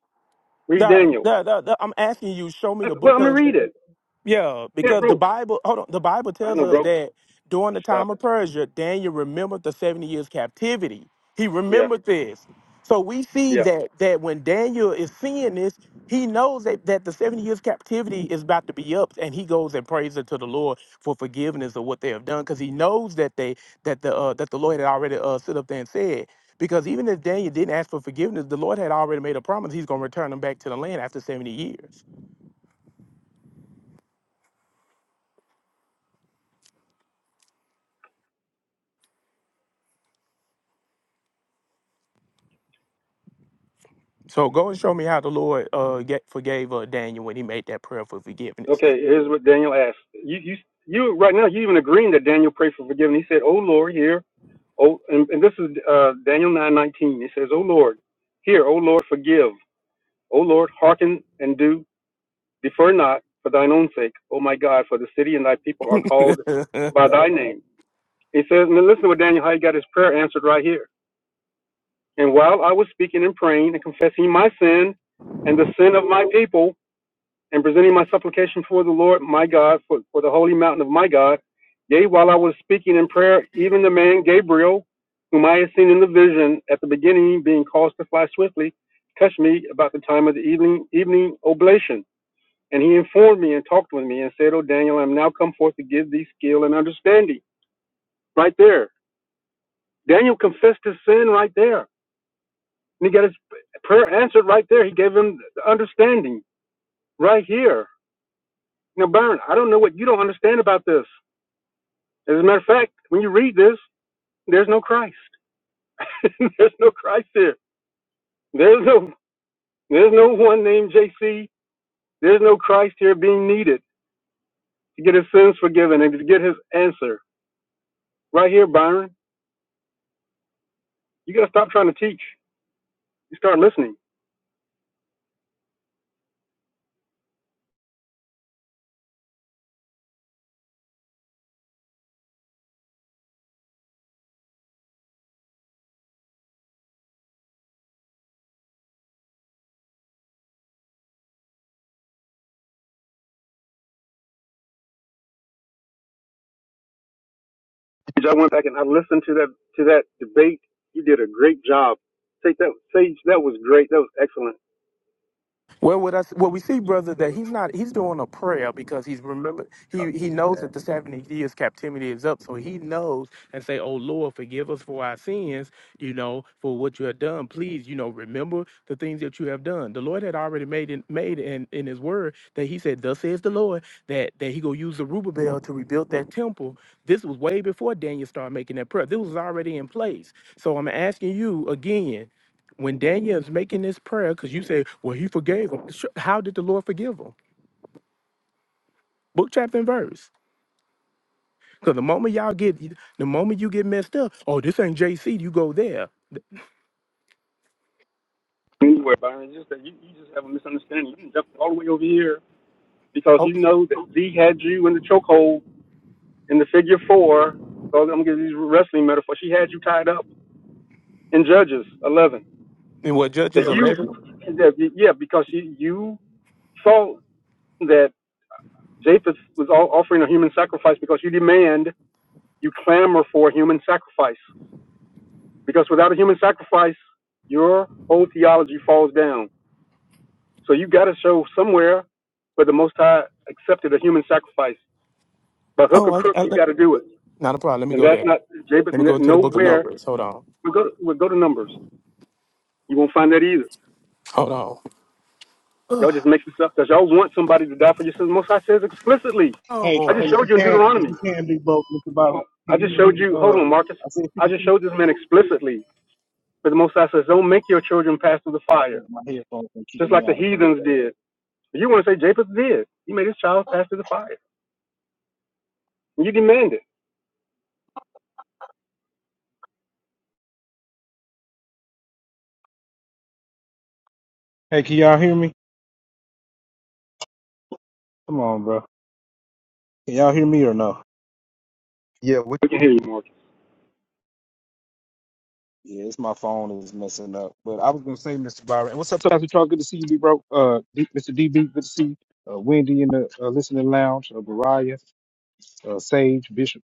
Read
Nah,
Daniel.
nah, nah, nah. I'm asking you. Show me
I-
the
Well,
book
I'm gonna
'cause
read it.
Yeah,
Yeah,
because the
bro.
Bible, hold on, the Bible
I
tells
know,
us
bro.
that during the
Stop
time
it.
of Persia, Daniel remembered the 70 years captivity. He
Yeah,
remembered this. So we see
yeah.
that that when Daniel is seeing this, he knows that, that the 70 years captivity is about to be up and he goes and prays unto the Lord for forgiveness of what they have done because he knows that they that the uh, that the Lord had already uh, stood up there and said because even if Daniel didn't ask for forgiveness, the Lord had already made a promise he's going to return them back to the land after 70 years. So go and show me how the Lord uh get, forgave uh, Daniel when he made that prayer for forgiveness.
Okay, here's what Daniel asked. You you you right now you even agreeing that Daniel prayed for forgiveness. He said, "Oh Lord, here." Oh, and, and this is uh, Daniel nine nineteen. He says, "Oh Lord, here, oh Lord, forgive. Oh Lord, hearken and do Defer not for thine own sake, O my God, for the city and thy people are called
[laughs]
by thy name. He says, and listen to what Daniel, how he got his prayer answered right here. And while I was speaking and praying and confessing my sin and the sin of my people and presenting my supplication for the Lord my God, for, for the holy mountain of my God, yea, while I was speaking in prayer, even the man Gabriel, whom I had seen in the vision at the beginning, being caused to fly swiftly, touched me about the time of the evening, evening oblation and he informed me and talked with me and said, Oh, Daniel, I'm now come forth to give thee skill and understanding. Right there. Daniel confessed his sin right there. And he got his prayer answered right there. He gave him the understanding right here. Now, Byron, I don't know what you don't understand about this. As a matter of fact, when you read this, there's no Christ. [laughs] there's no Christ here. There's no there's no one named JC. There's no Christ here being needed to get his sins forgiven and to get his answer. Right here, Byron. You gotta stop trying to teach. you start listening. I went back and I listened to that to that debate. You did a great job. Take that, Sage. That was great. That was excellent.
Well, what I, what we see, brother,
That
that
was
he's not he's doing a prayer because he's remember he he knows that the seventy years captivity is up, so he knows and say, "Oh Lord, forgive us for our sins, you know, for what you have done. Please, you know, remember the things that you have done." The Lord had already made in, made in, in His Word that He said, "Thus says the Lord," that that He go use the Rubabel to rebuild that temple. This was way before Daniel started making that prayer. This was already in place. So I'm asking you again when Daniel is making this prayer, because you say, well, he forgave him. Sure, How did the Lord forgive him? Book, chapter, and verse. Because the moment y'all get, the moment you get messed up, oh, this ain't JC, you go there.
anywhere, Byron. Just that you, you just have a misunderstanding. You jumped all the way over here because
Oh,
you know that Z had you in the chokehold in the figure four. So I'm gonna give you these wrestling metaphors. She had you tied up in Judges 11.
and what
That
Judges
you,
11?
that, yeah, because you, you thought that Japheth was offering a human sacrifice because you demand, you clamor for a human sacrifice Because without a human sacrifice, your whole theology falls down. So you got to show somewhere where the Most High accepted a human sacrifice. By hook or
Oh, I,
crook,
I,
you got to do it.
not a problem. Let me
And
go
that's
there.
not, Jabez,
Let me go into the book of
nowhere.
Numbers. Hold on.
We'll go, we'll go to Numbers. You won't find that either.
Hold on.
Y'all
Ugh.
just make this up because y'all want somebody to die for your sins. Most High says explicitly.
Oh,
Hey,
I
boy.
just
hey, if you
showed you in
can't, if
Deuteronomy.
you can't do both, Mr. Byron,
I
can you
just showed
read?
you, hold
Uh,
on, Marcus.
I said
I just
fifty-two.
showed this man explicitly. But the Most High says, don't make your children pass through the
I
fire,
think my headphones gonna keep
just like
me
the
out again.
heathens did. You want to say Japheth did. He made his child pass through the fire. And you demand it.
Hey, can y'all hear me? Come on, bro. Can y'all hear me or no?
Yeah, what We can hear you, Mark.
Yeah, it's my phone is messing up. But I was gonna say, Mr. Byron, what's up, Pastor Charles? Good to see you, B bro. Uh, D, Mr. DB, good to see you. Uh, Wendy in the uh, listening lounge. Uh, Mariah, uh, Sage, Bishop.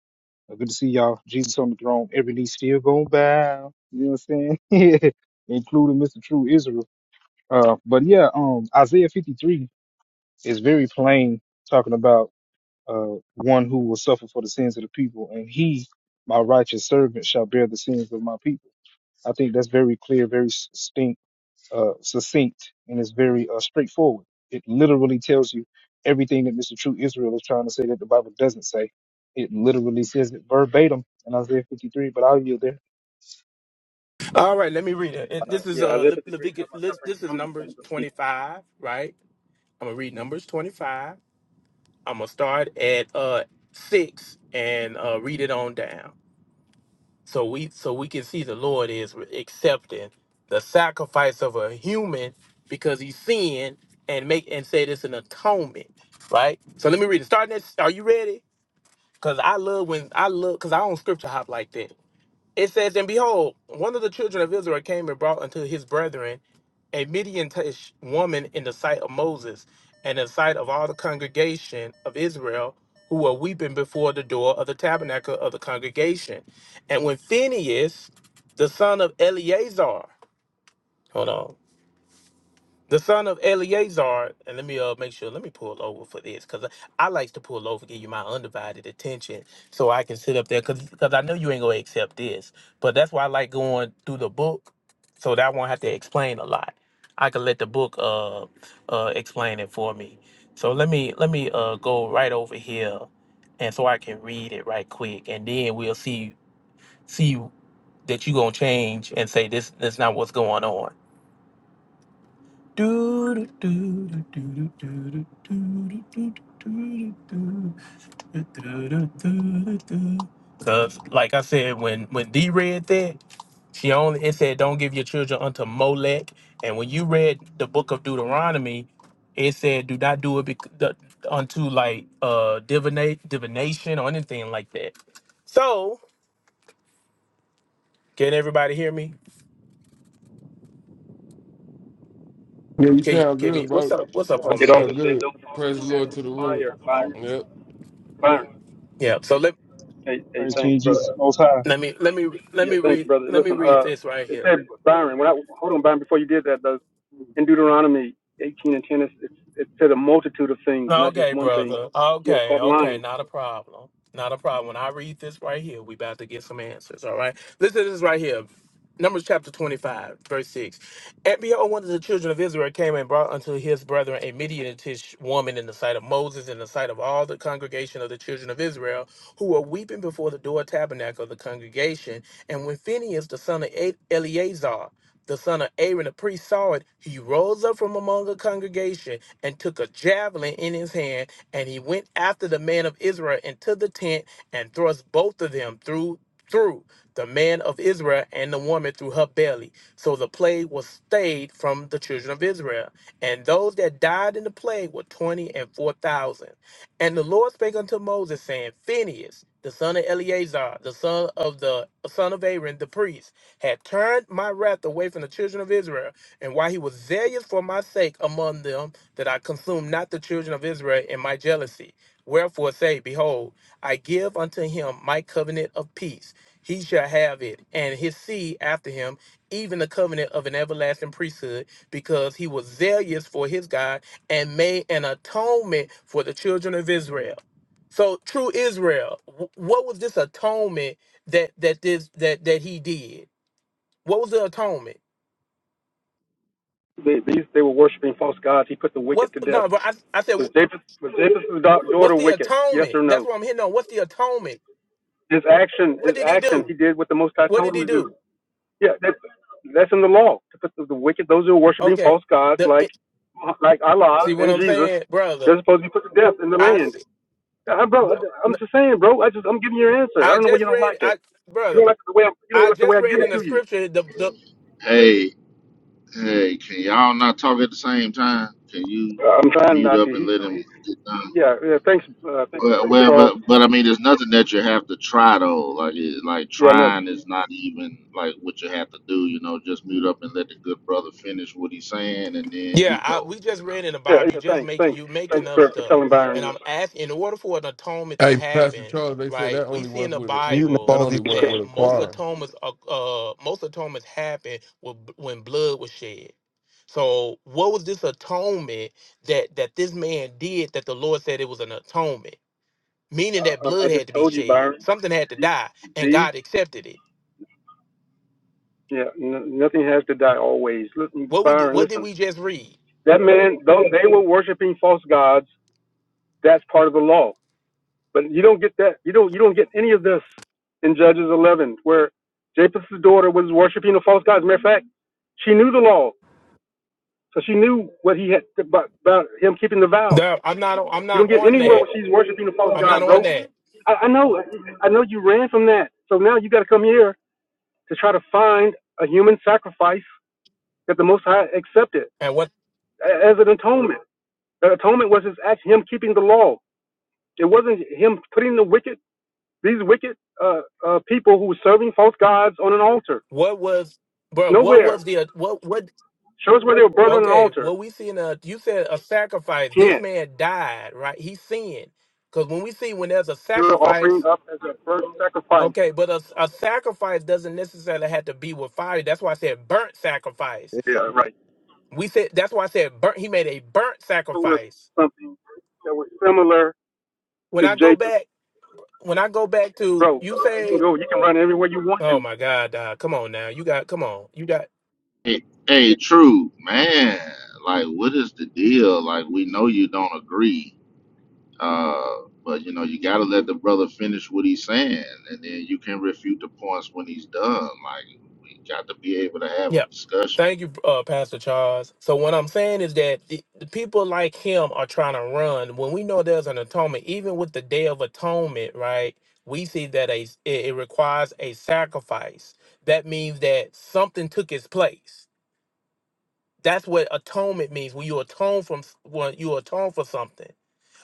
Uh, good to see y'all. Jesus on the throne. Every knee still gonna bow. You know what I'm saying? [laughs] Including Mr. True Israel. Uh, but yeah, um, Isaiah 53 is very plain talking about uh one who will suffer for the sins of the people, and he, my righteous servant, shall bear the sins of my people. I think that's very clear, very succinct, uh, succinct, and it's very uh, straightforward. It literally tells you everything that Mr. True Israel is trying to say that the Bible doesn't say. It literally says it verbatim in Isaiah 53. But I'll yield there.
All right, let me read it. And
Uh,
This is
yeah,
uh,
Isaiah
Le-
53 talking
Leviticus,
about
Le-
suffering
this is
from the sins
Numbers
of the people.
25, right? I'm going to read Numbers 25. I'm going to start at uh, 6 and uh, read it on down. So we so we can see the Lord is accepting the sacrifice of a human because he's sin and make and say this an atonement, right? So let me read it. Starting at, are you ready? Cause I love when I love cause I don't scripture hop like that. It says, And behold, one of the children of Israel came and brought unto his brethren a Midianitish woman in the sight of Moses, and in the sight of all the congregation of Israel, who were weeping before the door of the tabernacle of the congregation. And when Phinehas, the son of Eleazar, hold on, the son of Eleazar, and let me uh make sure. Let me pull over for this because I, I like to pull over, give you my undivided attention, so I can sit up there because I know you ain't gonna accept this. But that's why I like going through the book, so that I won't have to explain a lot. I can let the book uh uh explain it for me. So let me let me uh go right over here, and so I can read it right quick, and then we'll see see that you gonna change and say this that's not what's going on. Do do do do do do do do do do do do do. Cause like I said, when when D read that, she only it said, "Don't give your children unto Molech." And when you read the book of Deuteronomy, it said, "Do not do it bec- the- unto like uh divinate divination or anything like that." So can everybody hear me?
Yeah, you
Can you,
sound
can me?
good,
What's
bro.
up? What's up,
You
home
Yes,
It
sir.
also
sound
man?
said,
good.
don't fall
Praise
into
the
the hands
Lord
of
to the
the
room.
fire, Byron.
Yep.
Byron.
Yeah. So let.
Hey, hey,
Praise
thanks,
King
brother.
Jesus Most High,
Let me let me let
Yeah,
me
thanks,
read
brother.
let me
Listen,
read
uh,
this right
it
here.
said, Byron, when I, hold on, Byron, before you did that, though, in Deuteronomy 18 and 10, it's, it's, it said a multitude of things, not just
Okay,
one thing.
brother.
Yeah,
Okay,
stop
okay,
lying.
not a problem. Not a problem. When I read this right here, we about to get some answers. All right. Listen to this right here. Numbers chapter 25, verse 6. And behold, one of the children of Israel came and brought unto his brethren a Midianitish woman in the sight of Moses, in the sight of all the congregation of the children of Israel, who were weeping before the door tabernacle of the congregation. And when Phinehas, the son of E- Eleazar, the son of Aaron, the priest, saw it, he rose up from among the congregation and took a javelin in his hand, and he went after the man of Israel into the tent and thrust both of them through through the man of Israel and the woman through her belly. So the plague was stayed from the children of Israel. And those that died in the plague were twenty and four thousand. And the Lord spake unto Moses, saying, Phinehas, the son of Eleazar, the son of the son of Aaron, the priest, had turned my wrath away from the children of Israel, and while he was zealous for my sake among them, that I consume not the children of Israel in my jealousy. Wherefore say, Behold, I give unto him my covenant of peace. He shall have it, and his seed after him, even the covenant of an everlasting priesthood, because he was zealous for his God and made an atonement for the children of Israel. So true Israel, wh- what was this atonement that that this that that he did? What was the atonement?
They, these, they were worshiping false gods. He put the
What
wicked to death.
no, but I, I said
Was Japheth, was Japheth's daughter
What's the
wicked? Yes
atonement?
or
That's
no?
what I'm hitting on. What's the atonement?
His action,
What
his
did he
action, he
do?
did what the Most High
What
told
did
him
he
to do.
do?
Yeah, that's that's in the law. To put the, the wicked, those who are worshiping
Okay.
false gods
The
like
it,
like
see
Allah
what
and
I'm
Jesus,
saying, brother.
they're supposed to be put to death in the
I
land.
see,
Yeah, bro, I- I'm
br-
just saying, bro. I just I'm giving you your answer. I
I
don't know why
just
you don't
read
like it.
I
You
brother.
don't like the way I, you don't
I
like the way
just
I give
read
it
in the
to you.
scripture the, the
Hey, hey, can y'all not talk at the same time? Can you
I'm trying
mute
not to.
up and
He,
let him
he
get done?
yeah, yeah. Thanks, uh, thanks,
But,
thanks,
well,
Charles.
but, but I mean, there's nothing that you have to try though. Like, it, like
Yeah, no,
trying is not even like what you have to do. You know, just mute up and let the good brother finish what he's saying, and then
Yeah,
you
I,
go.
we just
You know.
read in the
yeah,
Bible. You
yeah.
just
Thanks,
make
thanks,
you
thanks
making up
for, for
stuff,
telling
and
Byron this.
I'm asking. In order for an atonement to
Hey, Pastor
happen,
Charles, they said
right?
that
We
only
see in
work
the
with a
Muting up
Bible
that
all these.
only work
that
with
Christians.
a
Come
most
on.
choir.
atonements, are- uh, most atonements happen with, when blood was shed. So, what was this atonement that that this man did that the Lord said it was an atonement, meaning that
Uh, I, I
blood
just
had to be
told you,
shed,
Byron.
something had to
These,
die, and
these.
God accepted it.
Yeah, n- nothing has to die always. Listen,
What we
Byron,
what did
listen.
we just read?
That man, though they were worshiping false gods, that's part of the law. But you don't get that. You don't. You don't get any of this in Judges 11, where Japheth's daughter was worshiping a false god. As a matter of fact, she knew the law, so she knew what he had about, about him keeping the vow.
No, I'm not. I'm
You
not
don't get
on
anywhere where
that.
she's worshiping a false
I'm not
god,
on
bro.
that.
I, I know. I know you ran from that. So now you got to come here to try to find a human sacrifice that the Most High accepted.
And what?
as an atonement. The atonement was his act, him keeping the law. It wasn't him putting the wicked, these wicked uh, uh, people who were serving false gods on an altar.
What was, bro? What
Nowhere.
was the uh, what? What?
Show us where they were burned on an
Okay,
altar.
what we see in a you said a sacrifice. This
Can't.
man died, right? He sinned because when we see when there's a
They were offering
sacrifice,
up as a burnt sacrifice.
okay, but a, a sacrifice doesn't necessarily have to be with fire. That's why I said burnt sacrifice.
Yeah, right.
We said that's why I said burnt. He made a burnt
It was
sacrifice.
something that was similar
When
to
I go
Japheth.
back, when I go back to
Bro,
you
you can
say,
go, you can run everywhere you want
oh
to.
my God, uh, come on now, you got come on, you got
Hey, hey, true man. Like, what is the deal? Like, we know you don't agree. Uh, but you know, you got to let the brother finish what he's saying, and then you can refute the points when he's done. Like we got to be able to have
Yeah.
a discussion.
Thank you, uh, Pastor Charles. So what I'm saying is that the, the people like him are trying to run. When we know there's an atonement, even with the Day of Atonement, right? We see that a it, it requires a sacrifice. That means that something took its place. That's what atonement means. When you atone from when you atone for something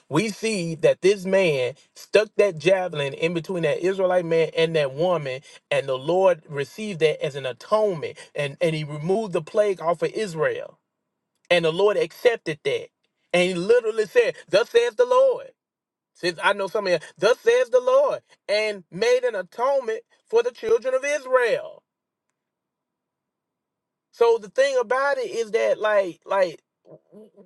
we see that this man stuck that javelin in between that Israelite man and that woman, and the Lord received that as an atonement, and, and he removed the plague off of Israel. And the Lord accepted that. And he literally said, Thus says the Lord. Since I know some of you, thus says the Lord, and made an atonement for the children of Israel. So the thing about it is that like like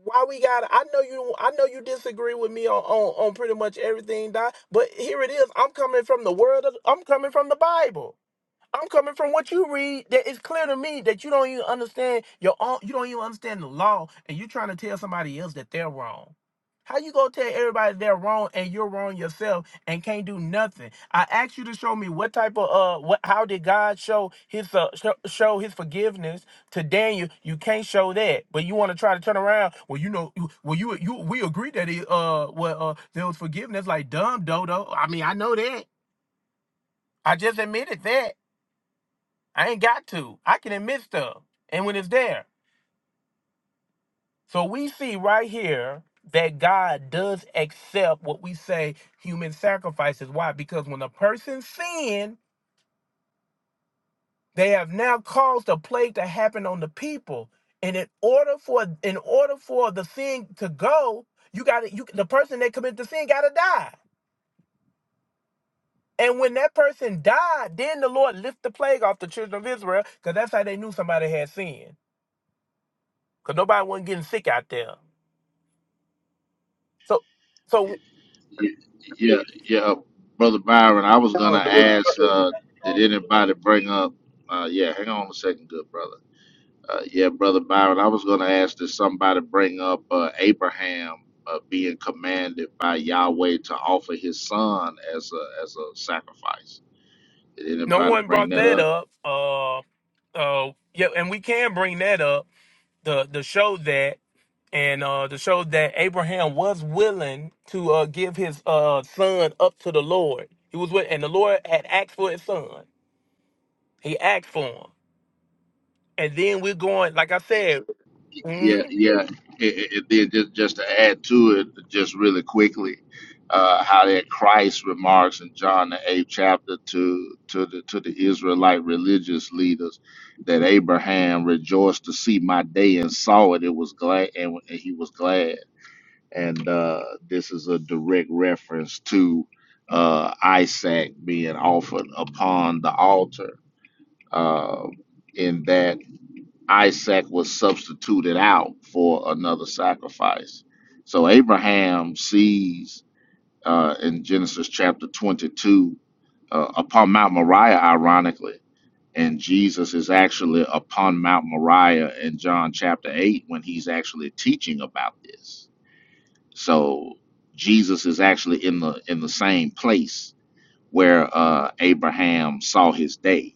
why we got I know you I know you disagree with me on on, on pretty much everything Doc, but here it is. I'm coming from the word of, I'm coming from the Bible. I'm coming from what you read. That it's clear to me that you don't even understand your own. You don't even understand the law, and you're trying to tell somebody else that they're wrong. How you gonna tell everybody they're wrong and you're wrong yourself and can't do nothing? I asked you to show me what type of uh, what? How did God show his uh, show, show his forgiveness to Daniel? You can't show that, but you want to try to turn around. Well, you know, you- well you you we agree that he uh, well uh, there was forgiveness, like dumb dodo. I mean, I know that. I just admitted that. I ain't got to. I can admit stuff. And when it's there. So we see right here that God does accept what we say human sacrifices. Why? Because when a person sin, they have now caused a plague to happen on the people. And in order for in order for the sin to go, you gotta you the person that committed the sin gotta die. And when that person died, then the Lord lift the plague off the children of Israel, because that's how they knew somebody had sinned. Because nobody wasn't getting sick out there. So, so
Yeah, yeah, yeah. brother Byron. I was gonna ask, uh, did anybody bring up? Uh, yeah, hang on a second, good brother. Uh, yeah, brother Byron. I was gonna ask, did somebody bring up uh, Abraham uh, being commanded by Yahweh to offer his son as a as a sacrifice? Did
no
anybody
one
bring
brought
that
that
up?
up. Uh, uh, yeah, and we can bring that up. The the show that and uh the show that Abraham was willing to uh give his uh son up to the Lord. He was with, and the Lord had asked for his son. He asked for him, and then we're going. Like I said,
Yeah, yeah. It, it, it, just, just to add to it, just really quickly, uh, how that Christ remarks in John the eighth chapter to to the to the Israelite religious leaders that Abraham rejoiced to see my day and saw it. It was glad, and, and he was glad. And uh, this is a direct reference to uh, Isaac being offered upon the altar. Uh, in that. Isaac was substituted out for another sacrifice. So Abraham sees uh, in Genesis chapter 22 uh, upon Mount Moriah, ironically, and Jesus is actually upon Mount Moriah in John chapter 8 when he's actually teaching about this. So Jesus is actually in the in the same place where uh, Abraham saw his day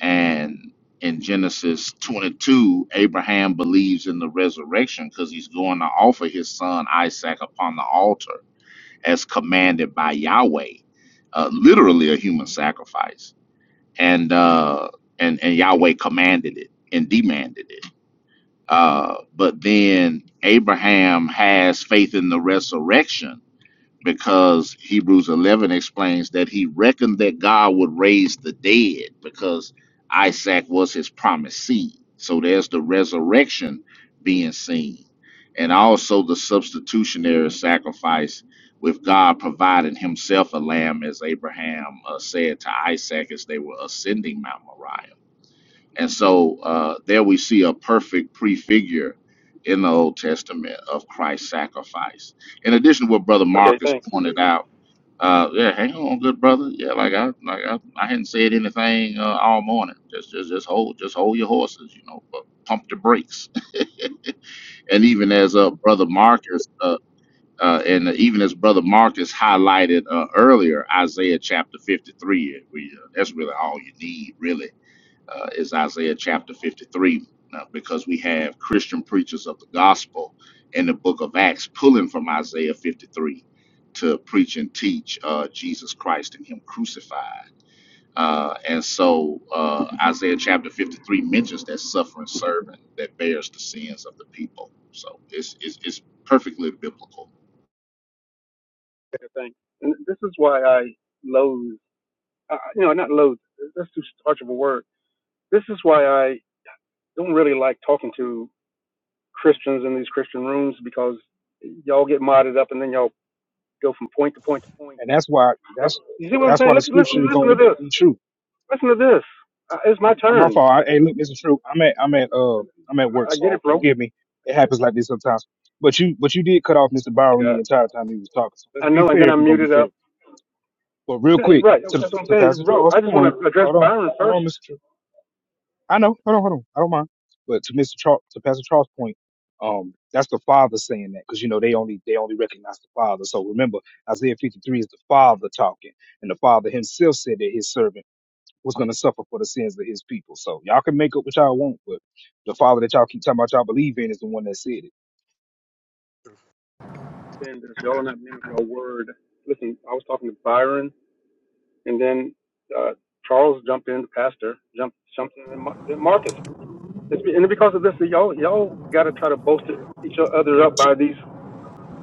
and in Genesis 22, Abraham believes in the resurrection because he's going to offer his son Isaac upon the altar as commanded by Yahweh, uh, literally a human sacrifice. And, uh, and, and Yahweh commanded it and demanded it. Uh, but then Abraham has faith in the resurrection because Hebrews 11 explains that he reckoned that God would raise the dead because Isaac was his promised seed. So there's the resurrection being seen, and also the substitutionary sacrifice with God providing himself a lamb, as Abraham uh, said to Isaac as they were ascending Mount Moriah. And so uh, there we see a perfect prefigure in the Old Testament of Christ's sacrifice. In addition to what Brother
Okay,
Marcus
thanks.
pointed out, uh, yeah, hang on, good brother. Yeah, like I like I, I hadn't said anything uh, all morning. Just just just hold just hold your horses, you know, but pump the brakes. [laughs] And even as uh, Brother Marcus uh, uh, and even as Brother Marcus highlighted uh, earlier, Isaiah chapter 53, we, uh, that's really all you need, really uh, is Isaiah chapter 53, uh, because we have Christian preachers of the gospel in the book of Acts pulling from Isaiah 53 to preach and teach uh, Jesus Christ and Him crucified. Uh, and so uh, Isaiah chapter 53 mentions that suffering servant that bears the sins of the people. So it's, it's, it's perfectly biblical.
Okay, thanks. And this is why I loathe. uh, you know, not loathe. That's too harsh of a word. This is why I don't really like talking to Christians in these Christian rooms because y'all get modded up and then y'all go from point to point to point.
and that's why
you
that's
see what I'm
that's why
saying?
the
Listen,
scripture
listen,
is
listen to
going to
this.
be true.
Listen to this. Uh, it's my
I'm, I'm my
turn.
fault. I, hey, look, Mr. True, I'm at I'm at uh I'm at work,
I I get
so
it, bro.
forgive me. It happens like this sometimes. But you but you did cut off Mr.
You
Byron
got
the
it.
entire time he was talking. So let's
I
be
know, and
fair
then
if we're
I'm
gonna be
muted
fair.
up.
But real
Yeah,
quick,
Right,
to,
that's what I'm
to
saying,
Pastor
bro.
Charles'
I just want
point,
to address
hold on,
Byron
hold
first.
on, Mr. I know, hold on, hold on, I don't mind. But to Mr. Charles, to Pastor Charles' point, um, that's the Father saying that because you know they only they only recognize the Father. So remember, Isaiah 53 is the Father talking, and the Father Himself said that His servant was going to suffer for the sins of His people. So y'all can make up what y'all want, but the Father that y'all keep talking about y'all believe in is the one that said it.
Saying this, y'all are not men of your word. Listen, I was talking to Byron and then uh, Charles jumped in, the pastor jumped jumped in, and Marcus. It's and because of this, y'all y'all got to try to bolster each other up by these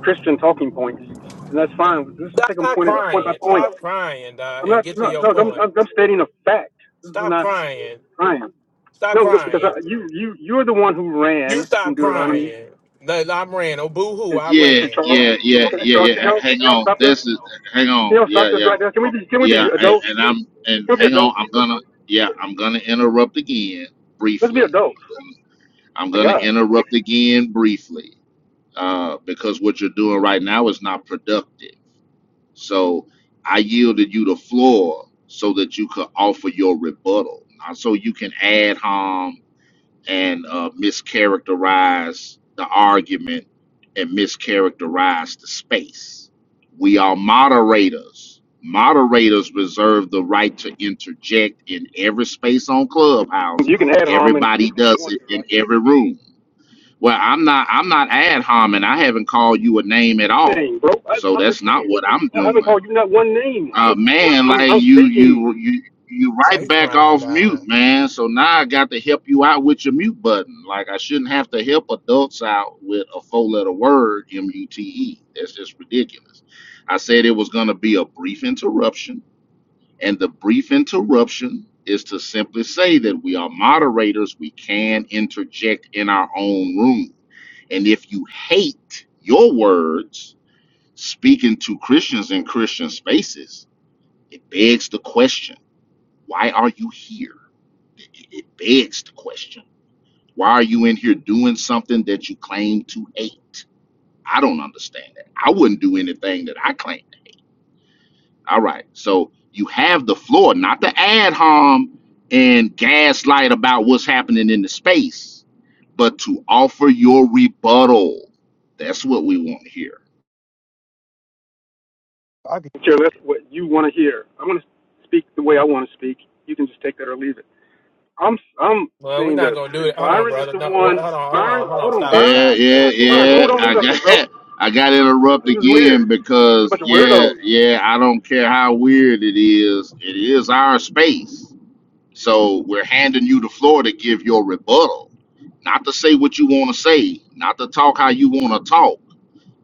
Christian talking points, and that's fine. This is
stop,
taking
stop
point at point by
crying,
point.
stop crying, dog,
I'm
and
not
get to
no
your
no. I'm,
point.
I'm stating a fact. This is
Stop
not
crying,
Ryan.
stop
No, no, because
crying.
I, you you you're the one who
You
ran from
stop
Deuteronomy.
crying. No, I ran. Oh, boo hoo,
Can,
I
Yeah,
can
ran.
Charles
yeah, yeah,
can,
yeah,
Charles can
yeah.
y'all
Hang
can y'all
on.
stop this?
This is hang
Can
on.
y'all stop
Yeah,
this
yeah.
right now? Can we be can we be
Yeah, and,
adults?
and I'm and
Can we be
hang on,
adults?
I'm gonna yeah, I'm gonna interrupt again
Let's be
briefly.
adults.
I'm
My
gonna
God.
interrupt again briefly uh, because what you're doing right now is not productive. So I yielded you the floor so that you could offer your rebuttal, not so you can add harm and uh, mischaracterize the argument and mischaracterize the space. We are moderators. Moderators reserve the right to interject in every space on Clubhouse.
You can add Harmon
Everybody
if you
does
want
it
to,
in
right?
every room. Well, I'm not I'm not ad hominem. I haven't called you a name at all.
Name, bro. I,
So
I'm just
that's not
saying.
what I'm
I haven't
doing
called you not one name.
uh, man,
I'm
like
I'm
you,
speaking.
you, you, you
Nah,
right
he's
back
crying,
off mute,
dog.
man. So now I got to help you out with your mute button. Like I shouldn't have to help adults out with a four-letter word, M-U-T-E. That's just ridiculous. I said it was going to be a brief interruption, and the brief interruption is to simply say that we are moderators. We can interject in our own room, and if you hate your words speaking to Christians in Christian spaces it begs the question, why are you here? It it begs the question, why are you in here doing something that you claim to hate? I don't understand that. I wouldn't do anything that I claim. All right. So you have the floor, not to add harm and gaslight about what's happening in the space, but to offer your rebuttal. That's what we want here.
I could, Care less what you want to hear. I'm gonna speak the way I want to speak. You can just take that or leave it. I'm I'm
Well, we're
saying
not
this.
gonna do
And
it. Hold on,
Byron is
brother.
the
No,
one.
wha- hold on, hold on,
Byron,
hold on.
hold on,
Stop,
Byron.
Yeah,
stop,
yeah,
stop,
Byron,
stop.
yeah.
hold on a
I got
second, bro.
[laughs] I got
This
interrupted
is weird.
again
You're a
because
bunch of
yeah,
weirdos.
yeah, I don't care how weird it is, it is our space. So we're handing you the floor to give your rebuttal. Not to say what you want to say, not to talk how you want to talk,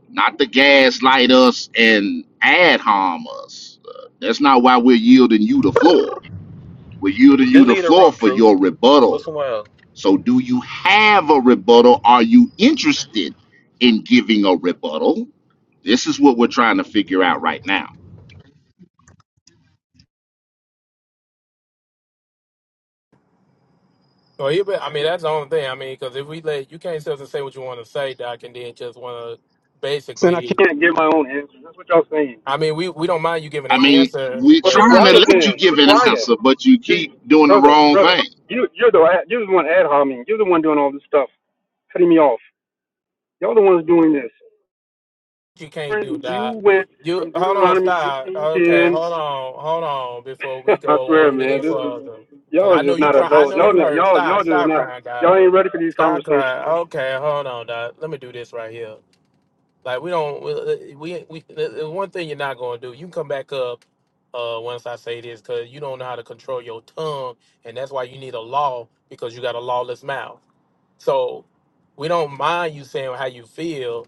not to gaslight us and ad harm us. Uh, that's not why we're yielding you the floor. We're yielding you
Just
the
leave the
floor
room,
for
True.
your
Go
rebuttal
somewhere else.
so, do you have a rebuttal? Are you interested in giving a rebuttal? This is what we're trying to figure out right now.
Well, you I mean, that's the only thing. I mean, because if we let you can't just say what you want to say, doc, and then just want to
saying I can't.
basically.
can't get my own answer. That's what y'all saying.
I mean, we we don't mind you giving
I
an
mean,
answer,
we're
Well, be
but
trying to
quiet
let you
then.
give
Be
an
quiet.
answer, but you
Hey,
keep doing the
brother,
wrong
brother,
thing.
you you're the you're the one ad homing. You're the one doing all this stuff. cutting me off. Y'all the ones doing this.
you can't do
Aaron, You
that.
went
You
from
hold on,
Deuteronomy
stop. Okay,
18:10.
hold on, hold on before
[laughs]
we
I
go on
swear,
any
man, this is
further. Cause
y'all are
I know
just
you
not
cry. I
adults.
know
Y'all
you
not,
hurt.
y'all
Stop,
y'all just
stop
not.
crying, doc.
Y'all ain't ready for these
Stop
conversations.
crying. Okay, hold on, doc. Let me do this right here. Like we don't we uh, we, the one thing you're not gonna do. You can come back up uh once I say this because you don't know how to control your tongue, and that's why you need a law because you got a lawless mouth. So we don't mind you saying how you feel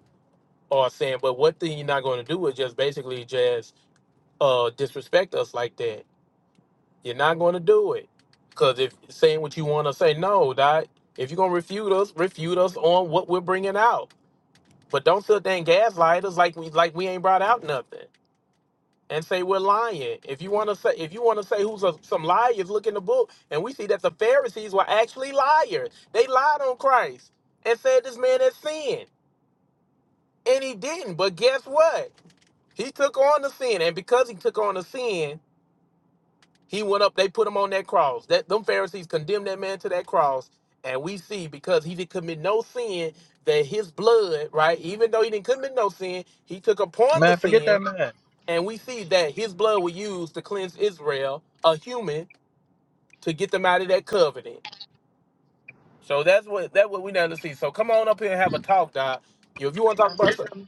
or saying, but one thing you're not going to do is just basically just uh, disrespect us like that. You're not going to do it because if saying what you want to say, no, that if you're going to refute us, refute us on what we're bringing out but don't sit there and gaslight us like we like we ain't brought out nothing and say we're lying. If you want to say if you want to say who's a, some liars, look in the book and we see that the Pharisees were actually liars. They lied on Christ and said this man had sinned, and he didn't. But guess what? He took on the sin, and because he took on the sin, he went up. They put him on that cross. That them Pharisees condemned that man to that cross, and we see because he didn't commit no sin that his blood, right? Even though he didn't commit no sin, he took upon the
Man, forget
sin
that man.
And we see that his blood was used to cleanse Israel, a human, to get them out of that covenant. So that's what that's what we down to see. So come on up here and have a talk, Doc. You- If you want to talk about something,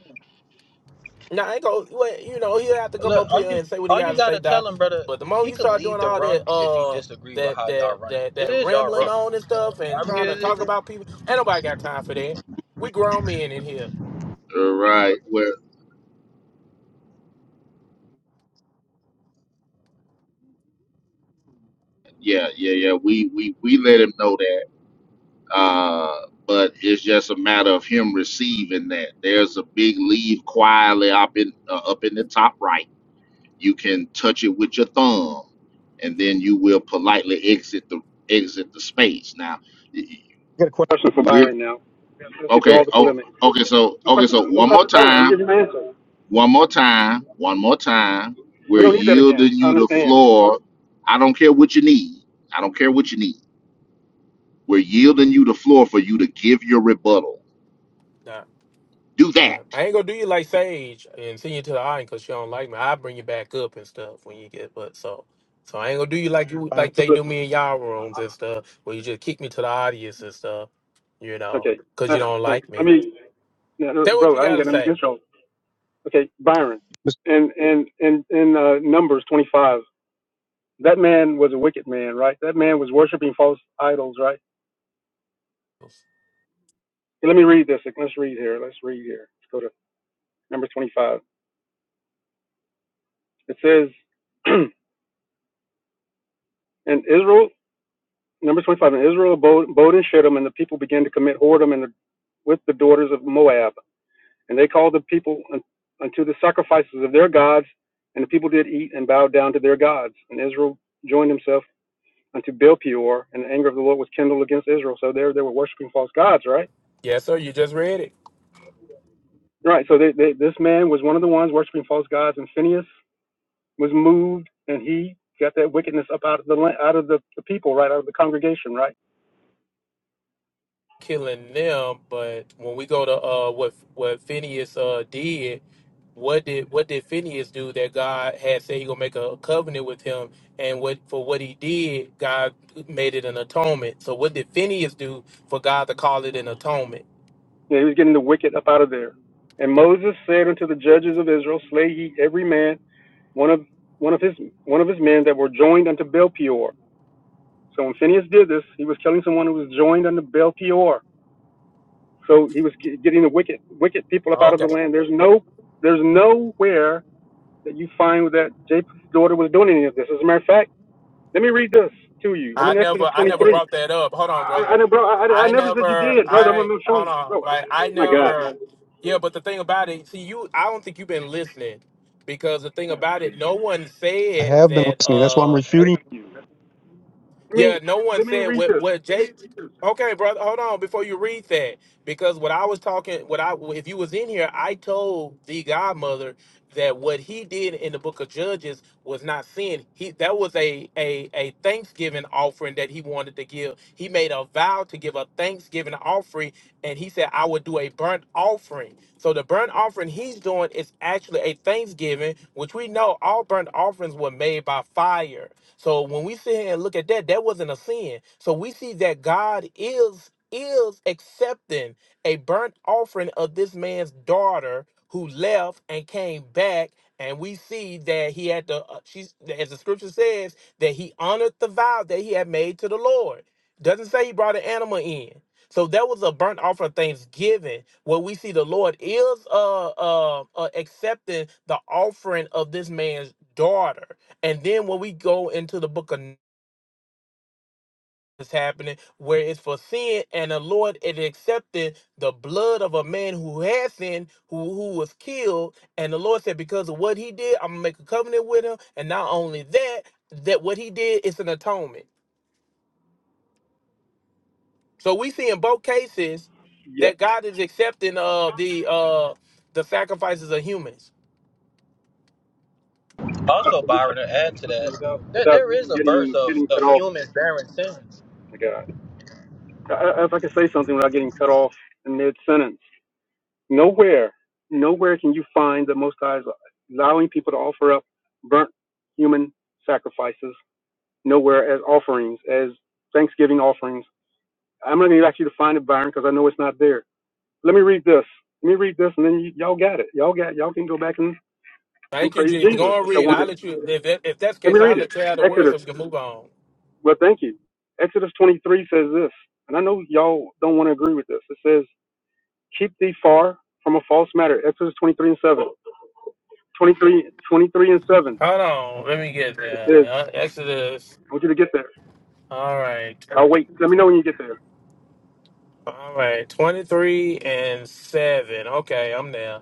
now I ain't go. Well, you know he'll have to come
Look,
up
all
here
you
and say what he
all you
got to say,
gotta
Doc.
tell him, brother,
But the moment
he
you
could
start
leave
doing
the
all
room
that,
if he
uh,
disagree with
that
how
that
y'all run it.
that
It
that
is y'all
rambling
room.
on and stuff, and
I mean,
trying to
it
talk
is.
about people, ain't nobody got time for that. We grown men in here.
All Right. Well, yeah, yeah, yeah. We we we let him know that. Uh, but it's just a matter of him receiving that. There's a big leave quietly up in uh, up in the top right You can touch it with your thumb, and then you will politely exit the exit the space. Now, y-
I got a question.
y-
Question for
we're
Byron now. Let's let's get through
okay.
all the
Oh,
polemic.
okay. So
My
okay.
question,
So
I'm
one more
talking to Byron. I'm
time.
giving you my answer.
One more time. One more time. We're
We don't need that again.
yielding
I
you the
understand.
floor. I don't care what you need. I don't care what you need. We're yielding you the floor for you to give your rebuttal.
Doc.
Do that.
Yeah, I ain't gonna do you like Sage and send you to the island because she don't like me. I bring you back up and stuff when you get, but so, so I ain't gonna do you like you
Byron.
like they do
Listen,
me in y'all rooms and stuff, where you just kick me to the audience and stuff, you know,
okay.
because
Uh,
you don't
thanks.
like
I
me.
mean, no, no,
Say what
bro,
you
I ain't
gotta
got nothing
say.
against y'all. Okay, Byron,
Mis-
and and and and uh, Numbers 25. That man was a wicked man, right? That man was worshiping false idols, right? And Let me read this. Let's read here. Let's read here. Let's go to number 25. It says, [clears throat] and Israel, number 25, and Israel abode, abode in Shittim, and the people began to commit whoredom in the, with the daughters of Moab. And they called the people unto the sacrifices of their gods, and the people did eat and bowed down to their gods. And Israel joined himself unto Baal Peor, and the anger of the Lord was kindled against Israel. So there they were worshiping false gods, right?
Yes, sir. You just read it.
Right. So they, they, this man was one of the ones worshiping false gods, and Phineas was moved, and he got that wickedness up out of the la- out of the, the people, right out of the congregation, right.
killing them. But when we go to uh, what what Phineas uh, did, what did what did Phineas do that God had said he gonna make a covenant with him, and what for what he did, God made it an atonement. So what did Phineas do for God to call it an atonement?
Yeah, he was getting the wicked up out of there. And Moses said unto the judges of Israel, Slay ye every man one of one of his one of his men that were joined unto Baal Peor. So when Phineas did this, he was killing someone who was joined unto Baal Peor. So he was ki- getting the wicked wicked people up out of the
Okay,
land. There's no there's nowhere that you find that Jacob's daughter was doing any of this. As a matter of fact, let me read this to you. I'm
I
in
never
Exodus
I never
23.
brought that up. Hold on, brother.
I, I, I- bro, I, I
I
never said you
never
did, brother. I'm,
I
I'm showing
hold
you,
on
bro.
like I
My God,
never. Yeah, but the thing about it, see you, I don't think you've been listening because the thing
Oh,
about it,
please.
no one
I
said
have been
that.
listening. That's why I'm
uh
refuting. you. Let me
Yeah, no one
let me
said
read
what
this.
what Jay. Okay, brother, hold on before you read that because what I was talking, what I if you was in here, I told the godmother that what he did in the book of Judges was not sin. He that was a a a thanksgiving offering that he wanted to give. He made a vow to give a thanksgiving offering, and he said, "I would do a burnt offering." So the burnt offering he's doing is actually a thanksgiving, which we know all burnt offerings were made by fire. So when we sit here and look at that, that wasn't a sin. So we see that God is is accepting a burnt offering of this man's daughter who left and came back. And we see that he had to, uh, she's, as the scripture says, that he honored the vow that he had made to the Lord. Doesn't say he brought an animal in. So that was a burnt offering of thanksgiving, where we see the Lord is uh, uh, uh accepting the offering of this man's daughter. And then when we go into the book of is happening where it's for sin and the Lord is accepting the blood of a man who had sinned, who, who was killed, and the Lord said, Because of what he did, I'm gonna make a covenant with him. And not only that, that what he did is an atonement. So we see in both cases
Yeah,
that God is accepting uh the uh the sacrifices of humans.
I
Also,
wish I
Byron,
could
to add
say
to
something
that,
without
there,
without
there is
even
a verse
getting
of,
getting
of
cut off.
humans bearing sins.
My God, I, I- if I could say something without getting cut off in mid sentence. Nowhere, nowhere can you find the Most High allowing people to offer up burnt human sacrifices. Nowhere as offerings, as Thanksgiving offerings. I'm not going to ask you to find it, Byron, because I know it's not there. Let me read this. Let me read this, and then y- y'all got it. Y'all got. Y'all can go back and, and
Thank you,
praise
Jesus.
Jesus
Go and
if y'all
read.
want
I'll
it.
let you if that, if that's the
Let me
case, I'll
read it.
let you have the words
Exodus.
so we can move on.
Well, thank you. Exodus 23 says this, and I know y'all don't want to agree with this. It says, "Keep thee far from a false matter." Exodus 23 and 7. 23, and 7.
Hold on, let me get
It says,
there. Uh, Exodus.
I want you to get there.
All right,
I'll wait. Let me know when you get there.
all right. Twenty-three and seven. Okay, I'm there.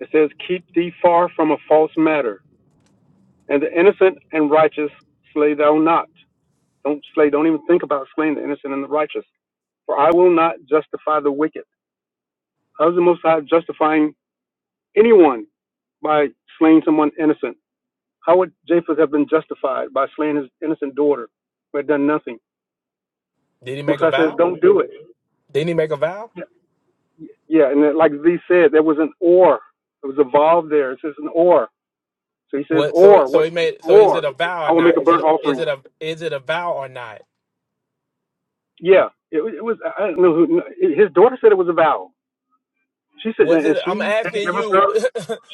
It says, Keep thee far from a false matter, and the innocent and righteous slay thou not. Don't slay, don't even think about slaying the innocent and the righteous. For I will not justify the wicked. How is the Most High justifying anyone by slaying someone innocent? How would Japheth have been justified by slaying his innocent daughter who had done nothing?
Did he
Most
make a
High says,
vow?
Don't do it.
Didn't he make a vow?
Yeah, and then, like Z said, there was an or. It was a valve there. It says an or. So he says,
What? So,
or
so
what?
he made. So, is it
Or
a vow or
I will make
not?
a
Is it?
burnt
A, is
offering.
it a? Is it a vow or not?
Yeah, it, was- it was. I don't know who. His daughter said it was a vow. She said,
Was
and and
it? I'm
she had to
asking
give up her.
you,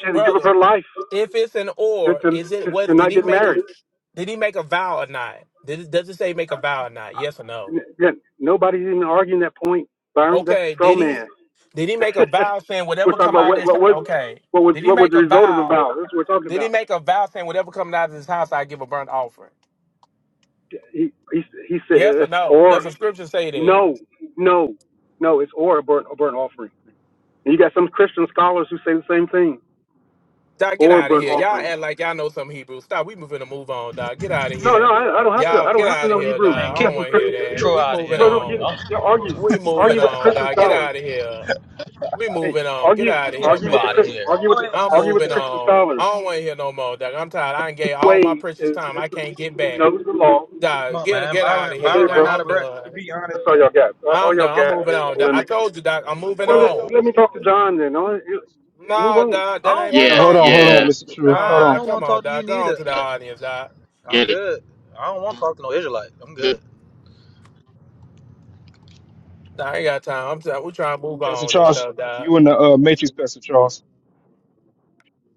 She had to give up
brother.
her life
If it's an
to
or,
to,
is it?
to,
Was
to
did
not
he
get
make a?
married.
Did he make a vow or not? Did it, does it say make a vow or not? Yes or no?
N- yeah, Nobody's even arguing that point, Byron. That's a
Okay,
straw
did he?
man.
Did he make
[laughs]
a vow saying
we're
whatever
talking
come
about
out
what
of
what
this?
was
Okay,
what was
did he
what was
make
the
a
result of the
vow?
vow. That's what we're talking
Did he
about.
make a vow saying whatever coming out of this house, I give a burnt offering?
He he he said
Yes or
it's
no?
or
Does the scripture say that?
No, no, no. It's or a burnt a burnt offering. And you got some Christian scholars who say the same thing.
Dog, get
Or
out of
burnt
here. Y'all
offering.
act like y'all know some Hebrew. Stop. We moving to move on, dog. Get out of
No, no.
here.
I, I don't have to.
Y'all
I don't
get
have to
out of
know
here,
Hebrew.
Man,
dog.
You
I
kick
got
don't
some
want to hear
Christian
that.
scholars.
True
We
out of
moving
Bro,
here.
no,
I'm
you,
on.
gonna
you argue
We moving
argue with the
on,
Christian
dog. Get
scholars.
out of here. We
Hey,
moving on. Get
argue
out of
kick
here,
argue
you
with the
out of
Chris-
man.
here.
argue
Go
with the
ahead
I'm
out
argue
of
with the
moving
here.
Christian
on.
scholars.
I don't want to hear no more, dog. I'm tired. I ain't gave all my
Wade
precious
is
time.
just
I can't get
who
back.
knows the law.
Come
Dog,
on,
get
man.
get out
Byron,
of
I get
here,
Byron
it,
ran
bro.
out
dog. I'm
of
But
breath.
to
done.
be honest,
That's all y'all got. All all
I'm
y'all
done. I'm
got
moving
is
on. Dog. I
polemics.
told you, dog. I'm moving
Well, let,
on.
let me talk to John then. All right, you- Move
No,
on.
dog,
I
that
don't
ain't finna
want
Yeah.
no,
to
hold
talk to
on,
happen.
hold
you.
on,
Yeah.
Mr. True, hold
No,
Nah, I
on,
dog,
don't
come
want to
on,
talk to you
dog. Go on
neither.
to the audience, dog.
Yeah.
I'm good. I don't want to talk to no Israelite. I'm good.
Good
Nah, I ain't got time. I'm trying. We trying to move
Pastor
on and
Charles,
stuff, dog.
you in the uh, Matrix, Pastor Charles.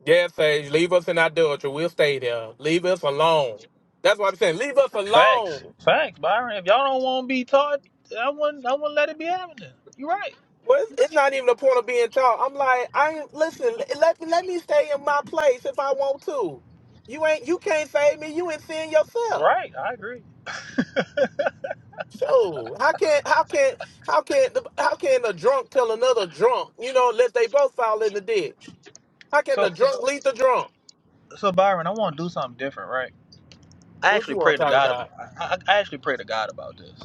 Yes, Sage. Leave us in adultery. We'll stay there. Leave us alone. That's what I'm saying. Leave us
Facts,
alone.
facts, Byron. If y'all don't want to be taught, I wouldn't. I wouldn't let it be happening. You're right.
Well, it's, it's not even the point of being taught. I'm like, I ain't listen. Let let me stay in my place if I want to. You ain't. You can't save me. You ain't seeing yourself.
Right, I agree.
Sure. How can how can how can the how can a drunk kill another drunk? You know, let they both fall in the ditch. How can the
So, so,
drunk lead the drunk?
so Byron, I want to do something different, right? I
What
actually
you want
pray
to
to
talk
God. ab-
about?
I, I I actually pray to God about this.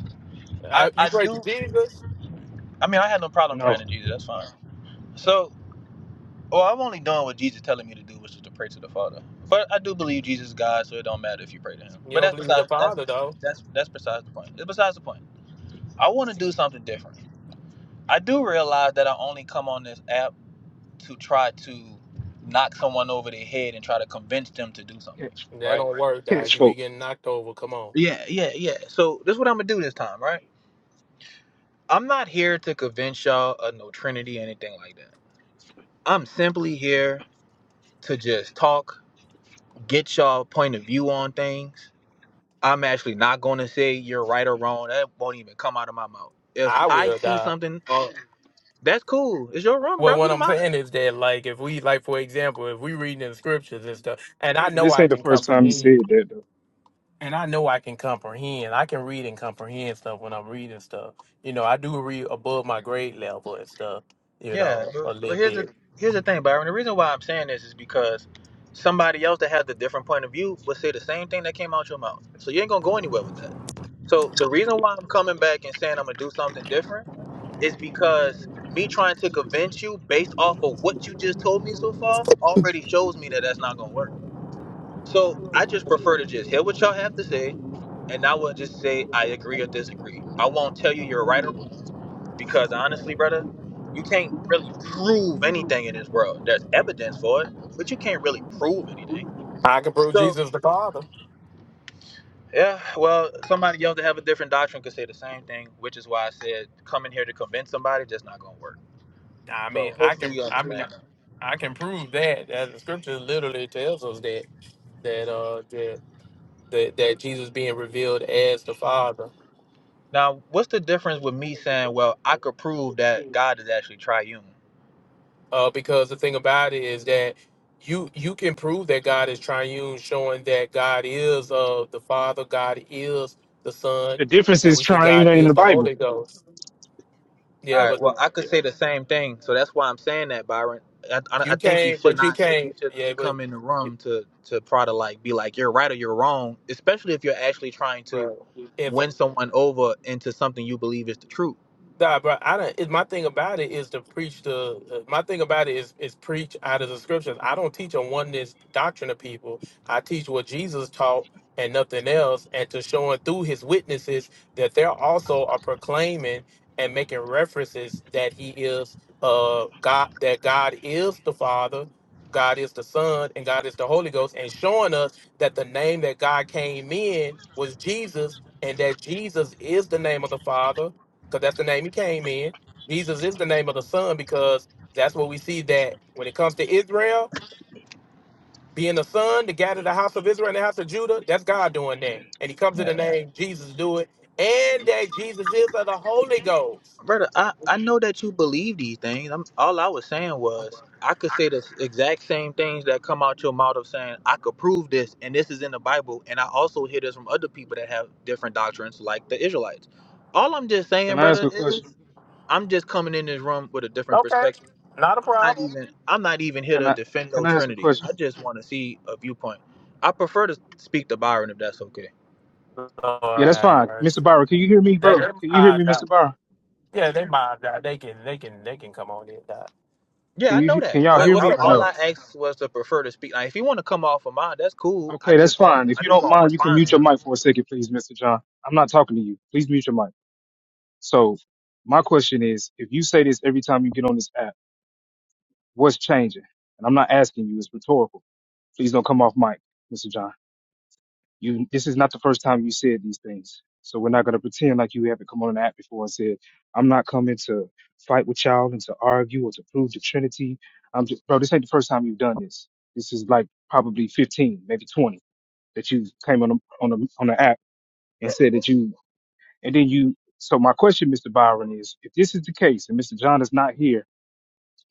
I,
I, you
I
pray to
do.
Jesus.
I mean, I had no problem
No.
praying to Jesus. That's fine. So, well, I'm only doing what Jesus telling me to do, which is to pray to the Father. But I do believe Jesus is God, so it don't matter if you pray to Him.
You
But
don't
that's
believe the
besides that's
Father though.
that's that's besides the point. It's besides the point. I want to do something different. I do realize that I only come on this app to try to knock someone over their head and try to convince them to do something,
catch,
That
right?
don't work, dog.
catch
You be
folk.
getting knocked over. Come on.
Yeah, yeah, yeah. So this is what I'm gonna do this time, right? I'm not here to convince y'all of no Trinity or anything like that. I'm simply here to just talk, get y'all point of view on things. I'm actually not gonna say you're right or wrong. That won't even come out of my mouth. If
I
I
will,
see
dog.
something, oh, that's cool. It's your room,
Well,
bro. You
what
the
I'm
mod.
saying is that, like, if we, like, for example, if we reading in scriptures and stuff, and I
But
know
this
I
ain't the
can
first time he
comprehend.
said that though.
and I know I can comprehend. I can read and comprehend stuff when I'm reading stuff. You know, I do read above my grade level and stuff. You
Yeah,
know,
but,
a
but
little
here's the
bit.
here's the thing, Byron. The reason why I'm saying this is because somebody else that has a different point of view would say the same thing that came out your mouth. So you ain't gonna go anywhere with that. So the reason why I'm coming back and saying I'm gonna do something different is because me trying to convince you based off of what you just told me so far already shows me that that's not gonna work. So I just prefer to just hear what y'all have to say, and I will just say I agree or disagree. I won't tell you you're right or wrong, because honestly, brother, you can't really prove anything in this world. There's evidence for it, but you can't really prove anything.
I can prove
So
Jesus the Father.
yeah, well, somebody else that have a different doctrine could say the same thing, which is why I said coming here to convince somebody just not gonna work.
I
So
mean, I
hopefully
can.
you
I mean,
understand that.
I can prove that. That the Scripture literally tells us that that uh that that, that Jesus being revealed as the Father.
Now, what's the difference with me saying, well, I could prove that God is actually triune?
uh, because the thing about it is that you you can prove that God is triune, showing that God is uh, the Father, God is the
The
Son,
difference
and
is
we see
triune
God
ain't in
is
the
the
Bible.
Holy Ghost.
All
Yeah,
right.
but
Well, I could
yeah,
say the same thing, so that's why I'm saying that, Byron. I, I, I
you
think we
can't,
should
but you
not we
can't.
should
Yeah,
not
but
come in the room to to try to like be like you're right or you're wrong, especially if you're actually trying to
bro, if.
win someone over into something you believe is the truth.
Nah, bro. I don't. It, my thing about it is to preach the. uh, My thing about it is is preach out of the scriptures. I don't teach a oneness doctrine to people. I teach what Jesus taught and nothing else, and to showing through his witnesses that they're also are proclaiming and making references that he is uh God, that God is the Father, God is the Son, and God is the Holy Ghost, and showing us that the name that God came in was Jesus, and that Jesus is the name of the Father because that's the name he came in. Jesus is the name of the son because that's what we see that when it comes to Israel being the son to gather the house of Israel and the house of Judah, that's God doing that. And he comes in the name Jesus to do it, and that Jesus is of the Holy Ghost.
Brother, I, I know that you believe these things. I'm, all I was saying was I could say the s- exact same things that come out your mouth of saying I could prove this, and this is in the Bible, and I also hear this from other people that have different doctrines, like the Israelites. All I'm just saying,
Can I ask
brother,
a
is
question?
I'm just coming in this room with a different
Okay,
perspective.
not a
I'm not
problem.
even I'm not even here
Can
to
I
defend
can
no
I ask a
Trinity. I
question?
just want to see a viewpoint. I prefer to speak to Byron if that's okay.
Lord
Yeah, that's
have
fine. Mr.
mercy.
Byron, can you hear me,
That,
bro? Can you hear me,
that-
Mr. Byron?
yeah.
Yeah, I
Can
know
you
that.
can y'all
I,
Wait,
hear
what's
I,
me
up,
or
all I
no?
Marcus?
asked was to prefer to speak. Like, if you want to come off of mine, that's cool. I
Okay, that's
just want,
fine. If
I
you
just
don't
want to
mind, you can
respond to
mute your
him.
mic for a second, please, Mr. John. I'm not talking to you. Please mute your mic. So my question is, if you say this every time you get on this app, what's changing? And I'm not asking you, it's rhetorical. Please don't come off mic, Mr. John. You, this is not the first time you said these things. So we're not going to pretend like you haven't come on an app before and said, I'm not coming to fight with y'all and to argue or to prove the Trinity. I'm just, bro, this ain't the first time you've done this. This is like probably 15, maybe 20 that you came on a, on a, on the app and said that you, and then you, so my question, Mr. Byron, is if this is the case and Mr. John is not here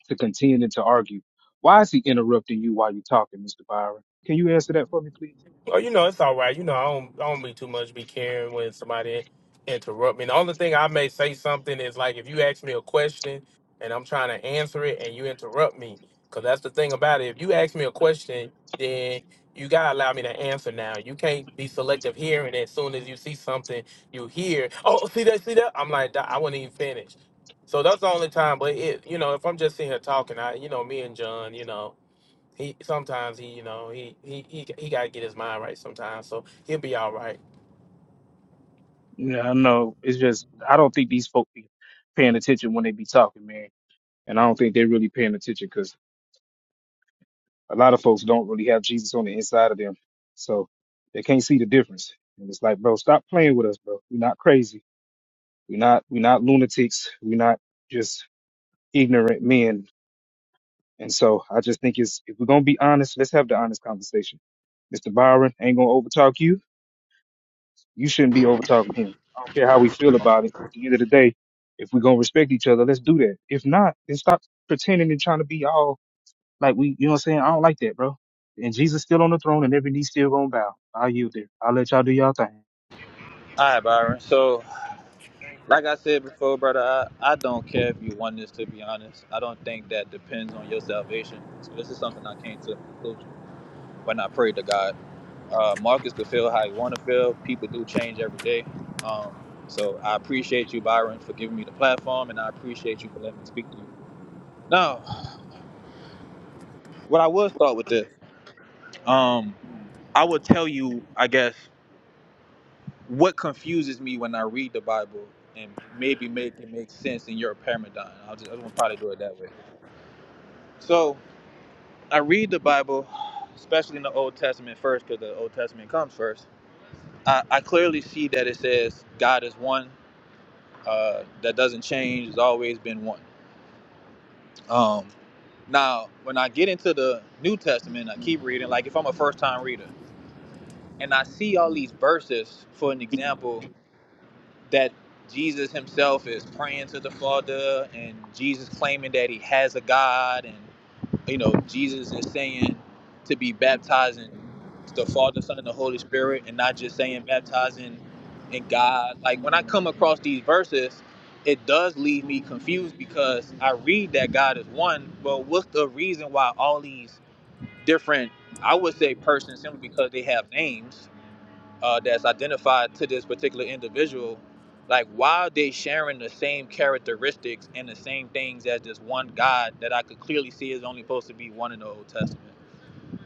to contend and to argue, why is he interrupting you while you're talking, Mr. Byron? Can you answer that for me, please?
Oh, you know, it's all right. You know, I don't, I don't be too much be caring when somebody interrupt me. The only thing I may say something is like if you ask me a question and I'm trying to answer it and you interrupt me, because that's the thing about it. If you ask me a question, then you gotta allow me to answer now. You can't be selective hearing. As soon as you see something, you hear, oh, see that, see that. I'm like, "Duh, I wouldn't even finish. So that's the only time. But it, you know, if I'm just sitting here talking, I, you know, me and John, you know. He sometimes he, you know, he he he he gotta get his mind right sometimes, so he'll be all right.
Yeah, I know. It's just I don't think these folks be paying attention when they be talking, man. And I don't think they're really paying attention because a lot of folks don't really have Jesus on the inside of them, so they can't see the difference. And it's like, bro, stop playing with us, bro. We're not crazy. We're not. We're not lunatics. We're not just ignorant men. And so I just think it's if we're gonna be honest, let's have the honest conversation. Mr. Byron ain't gonna overtalk you. You shouldn't be over talking him. I don't care how we feel about it. At the end of the day, if we're gonna respect each other, let's do that. If not, then stop pretending and trying to be all like we. You know what I'm saying? I don't like that, bro. And Jesus still on the throne, and every knee still gonna bow. I yield there. I'll let y'all do y'all thing.
All right, Byron. So, like I said before, brother, I, I don't care if you won this. To be honest, I don't think that depends on your salvation. So this is something I came to a conclusion when I prayed to God. Uh, Marcus could feel how he want to feel. People do change every day. Um, so I appreciate you, Byron, for giving me the platform, and I appreciate you for letting me speak to you. Now, what I will start with this. um. I will tell you, I guess, what confuses me when I read the Bible and maybe make it make sense in your paradigm. I'll just, I just want to probably do it that way. So I read the Bible, especially in the Old Testament first, because the Old Testament comes first. I, I clearly see that it says God is one, uh, that doesn't change, has always been one. Um, now, when I get into the New Testament, I keep reading, like if I'm a first time reader, and I see all these verses, for an example, that Jesus himself is praying to the Father and Jesus claiming that he has a God and you know Jesus is saying to be baptized in the Father, Son, and the Holy Spirit and not just saying baptizing in God. Like when I come across these verses, it does leave me confused because I read that God is one, but what's the reason why all these different I would say persons simply because they have names uh, that's identified to this particular individual, like why are they sharing the same characteristics and the same things as this one God that I could clearly see is only supposed to be one in the Old Testament?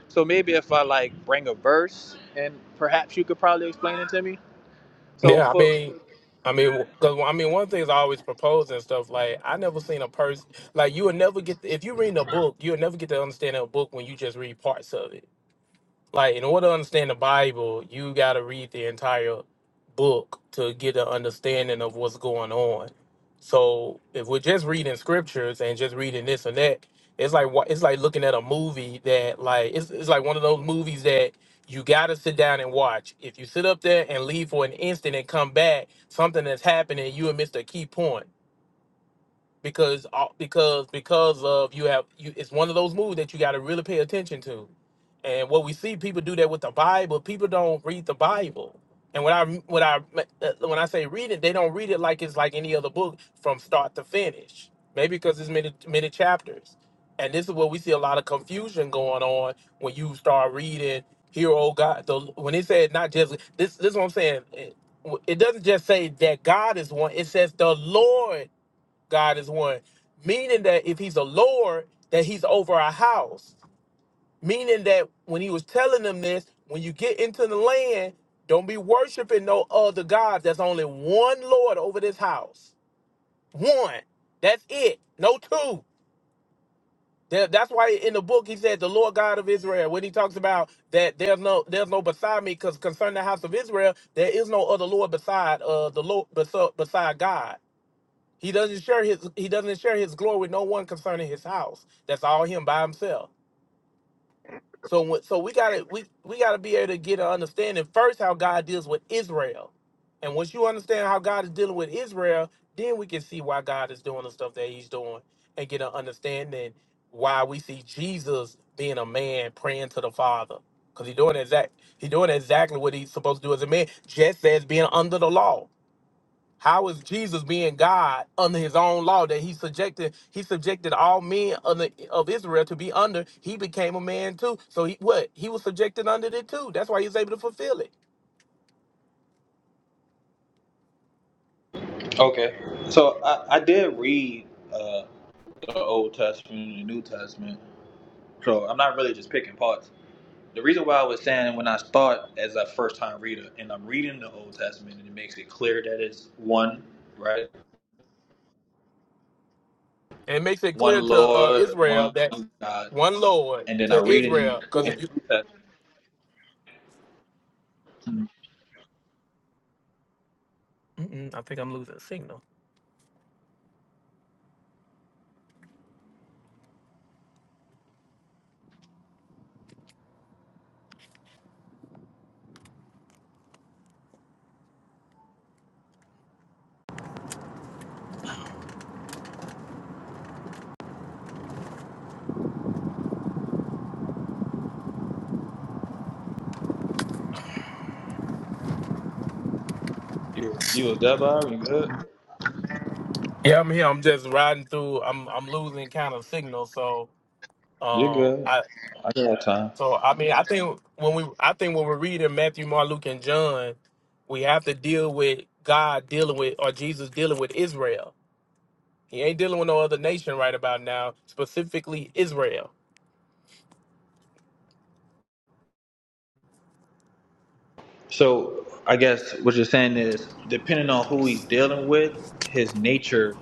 So maybe if I like bring a verse, and perhaps you could probably explain it to me. So
Yeah, I
for
mean, I mean, because I mean, one of the thing's I always propose and stuff. Like, I never seen a person like you would never get if you read a book, you'll never get to understand a book when you just read parts of it. Like in order to understand the Bible, you got to read the entire book to get an understanding of what's going on. So if we're just reading scriptures and just reading this and that, it's like wa- it's like looking at a movie that like it's it's like one of those movies that you got to sit down and watch. If you sit up there and leave for an instant and come back, something that's happening, you will miss the key point because all- because because of you have you it's one of those moves that you got to really pay attention to and what we see people do that with the bible people don't read the bible and when i when i uh, when i say read it they don't read it like it's like any other book from start to finish maybe because there's many many chapters and this is where we see a lot of confusion going on when you start reading here oh god the, when it said not just this this is what i'm saying it, it doesn't just say that god is one it says the lord God is one. Meaning that if he's a Lord, that he's over our house. Meaning that when he was telling them this, when you get into the land, don't be worshiping no other gods. There's only one Lord over this house. One. That's it. No two. That- That's why in the book he said the Lord God of Israel. When he talks about that there's no there's no beside me, because concerning the house of Israel, there is no other Lord beside uh the Lord beside, beside God. He doesn't share his he doesn't share his glory with no one concerning his house. That's all him by himself. So wh- so we gotta we, we gotta be able to get an understanding first how God deals with Israel. And once you understand how God is dealing with Israel, then we can see why God is doing the stuff that he's doing and get an understanding why we see Jesus being a man praying to the Father. Because he doing exact he doing exactly what he's supposed to do as a man, just as being under the law. How is Jesus being God under his own law that he subjected he subjected all men of, the, of Israel to be under? He became a man too. So he what? He was subjected under it too. That's why he was able to fulfill it.
Okay. So I, I did read uh, the Old Testament the New Testament. So I'm not really just picking parts. The reason why I was saying when I start as a first time reader and I'm reading the Old Testament and it makes it clear that it's one, right?
And it makes it
One
clear to uh,
Lord,
Israel
one
that
God.
one Lord
And then I
to
read it in
Israel.
the
Because if you
New Testament.
Mm-mm, I think I'm losing signal.
You, you was dub You good?
Yeah, I'm here. I'm just riding through. I'm I'm losing kind of signal. So
You're
um,
good.
I,
I got time.
So I mean, I think when we, I think when we're reading Matthew, Mark, Luke, and John, we have to deal with God dealing with or Jesus dealing with Israel. He ain't dealing with no other nation right about now, specifically Israel.
So I guess what you're saying is depending on who he's dealing with, his nature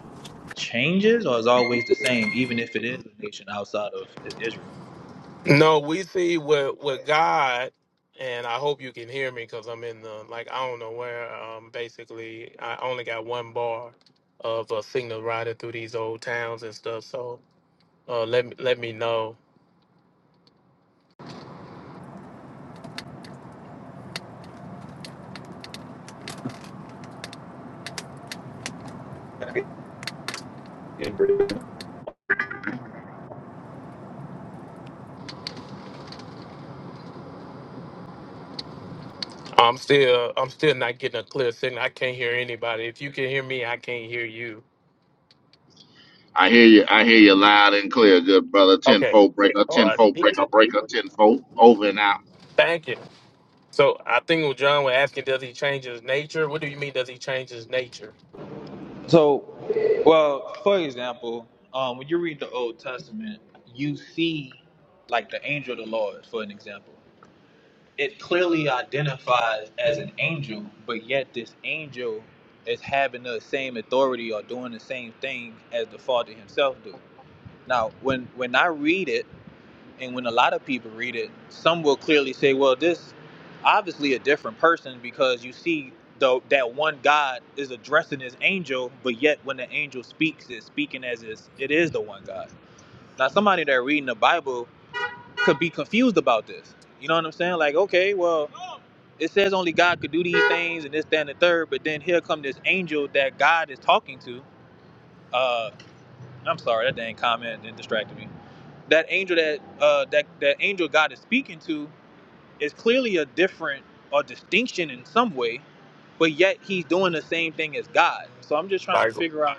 changes or is always the same, even if it is a nation outside of Israel.
No, we see with with God, and I hope you can hear me because I'm in the like I don't know where. Um, basically, I only got one bar of a signal riding through these old towns and stuff. So uh, let me let me know I'm still I'm still not getting a clear signal. I can't hear anybody. If you can hear me, I can't hear you.
I hear you. I hear you loud and clear, good brother.
Okay,
Tenfold breaker, tenfold breaker, breaker, tenfold over and out.
thank you. So I think what John was asking, does he change his nature? What do you mean does he change his nature?
So, well, for example, um, when you read the Old Testament, you see like the angel of the Lord, for an example. It clearly identifies as an angel, but yet this angel is having the same authority or doing the same thing as the Father Himself do. Now, when when I read it. And when a lot of people read it, some will clearly say, well, this obviously a different person because you see though that one God is addressing his angel, but yet when the angel speaks, it's speaking as is it is the one God. Now somebody that reading the Bible could be confused about this. You know what I'm saying? Like, okay, well, it says only God could do these things and this, that, and the third, but then here come this angel that God is talking to. Uh I'm sorry, that dang comment that distracted me. That angel that uh that, that angel God is speaking to it's clearly a different or distinction in some way, but yet he's doing the same thing as God. So I'm just trying to
Like
figure out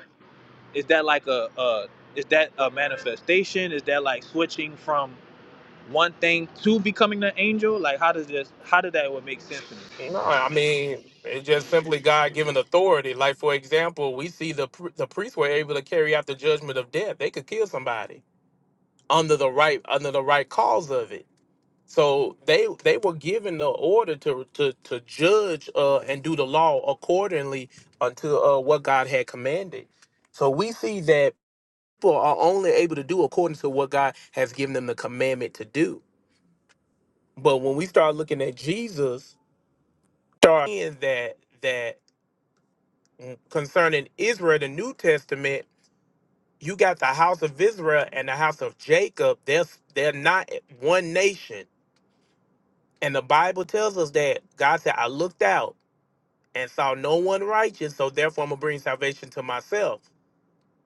is that like a, a is that a manifestation? Is that like switching from one thing to becoming an angel? Like how does this how did that would make sense to me?
no, I mean it's just simply God given authority. Like for example, we see the pr- the priests were able to carry out the judgment of death. They could kill somebody under the right under the right cause of it. So they they were given the order to to to judge uh, and do the law accordingly unto uh, what God had commanded. So we see that people are only able to do according to what God has given them the commandment to do. But when we start looking at Jesus, start seeing that that concerning Israel, the New Testament, you got the house of Israel and the house of Jacob. They're they're not one nation, and the Bible tells us that God said, "I looked out." and saw no one righteous, so therefore I'm gonna bring salvation to myself.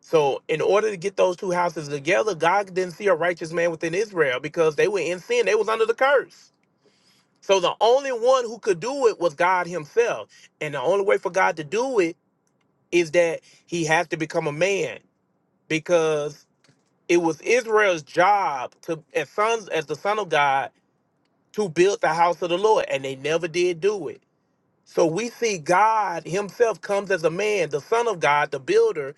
So in order to get those two houses together, God didn't see a righteous man within Israel because they were in sin, they was under the curse. So the only one who could do it was God Himself. And the only way for God to do it is that He has to become a man because it was Israel's job to as sons as the Son of God to build the house of the Lord. And they never did do it. So we see God Himself comes as a man, the Son of God, the builder.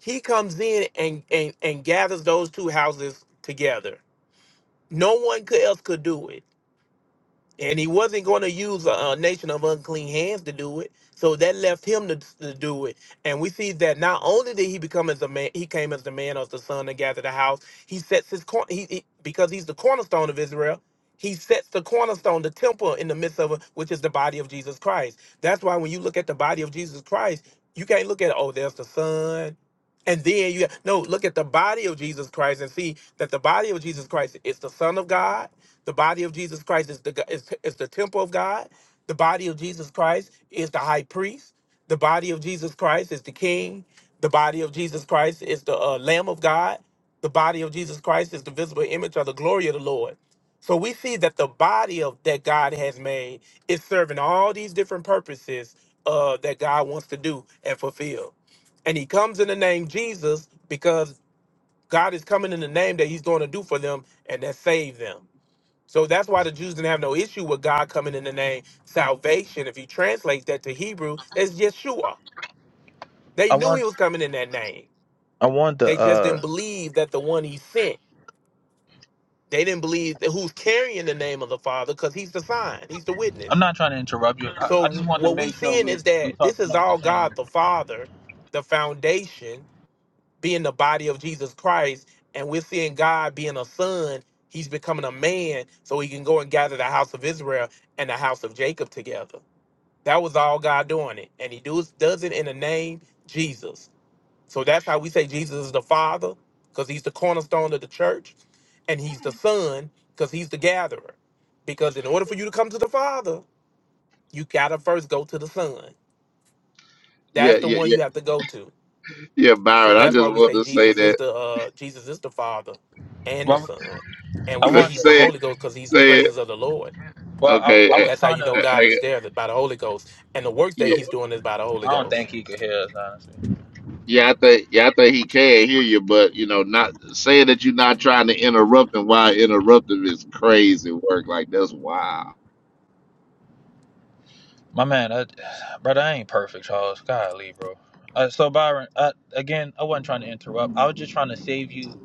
He comes in and and, and gathers those two houses together. No one could- else could do it and he wasn't going to use a, a nation of unclean hands to do it. So that left him to, to do it. And we see that not only did he become as a man, he came as the man of the son and gathered the house. He sets his corner he, he- because he's the cornerstone of Israel. He sets the cornerstone, the temple in the midst of it, which is the body of Jesus Christ. That's why when you look at the body of Jesus Christ, you can't look at oh, there's the son, and then you no look at the body of Jesus Christ and see that the body of Jesus Christ is the Son of God the body of Jesus Christ is the is, is the temple of God. The body of Jesus Christ is the high priest. The body of Jesus Christ is the king. The body of Jesus Christ is the uh, Lamb of God. The body of Jesus Christ is the visible image of the glory of the Lord. So we see that the body of that God has made is serving all these different purposes uh, that God wants to do and fulfill. And He comes in the name Jesus because God is coming in the name that He's going to do for them and that save them. So that's why the Jews didn't have no issue with God coming in the name salvation. If you translate that to Hebrew, that's Yeshua. They
I
knew he
want
was coming in that name.
I want
They
the
just didn't
uh
believe that the one he sent. They didn't believe that who's carrying the name of the Father because he's the sign, he's the
I'm
witness.
not trying to interrupt you. I, I just
So
wanted to
what we
make sure
seeing
we
is
we
that this
talking
is
about the
all
same.
God the Father, the foundation, being the body of Jesus Christ, and we're seeing God being a son. He's becoming a man so he can go and gather the house of Israel and the house of Jacob together. That was all God doing it. And he does does it in the name Jesus. So that's how we say Jesus is the Father, because he's the cornerstone of the church, and he's the Son, because he's the gatherer. Because in order for you to come to the Father, you gotta first go to the Son.
Yeah,
That's the
yeah,
one you
yeah,
have to go to.
yeah,
So
Byron. I
that's why
just
we
wanted
say
to say
Jesus is
that.
the uh Jesus is the Father and the
Well,
Son. And
I
we say
[laughs]
want.
he's the
say it,
Holy Ghost because he's the
say it.
presence of the Lord.
Well,
Okay.
I, I
eh,
was
That's how
trying
you
to.
know
eh,
God
eh,
is there by the Holy Ghost. And the works that
Yeah,
he's doing is by the Holy
I don't
Ghost.
think he could hear us. honestly.
yeah, I think, yeah, I think he can hear you, but you know, not saying that you're not trying to interrupt and why interruptive is crazy work. Like that's wild.
My man, I, brother, I ain't perfect, Charles. Golly, bro. Uh, so Byron, uh, again, I wasn't trying to interrupt. I was just trying to save you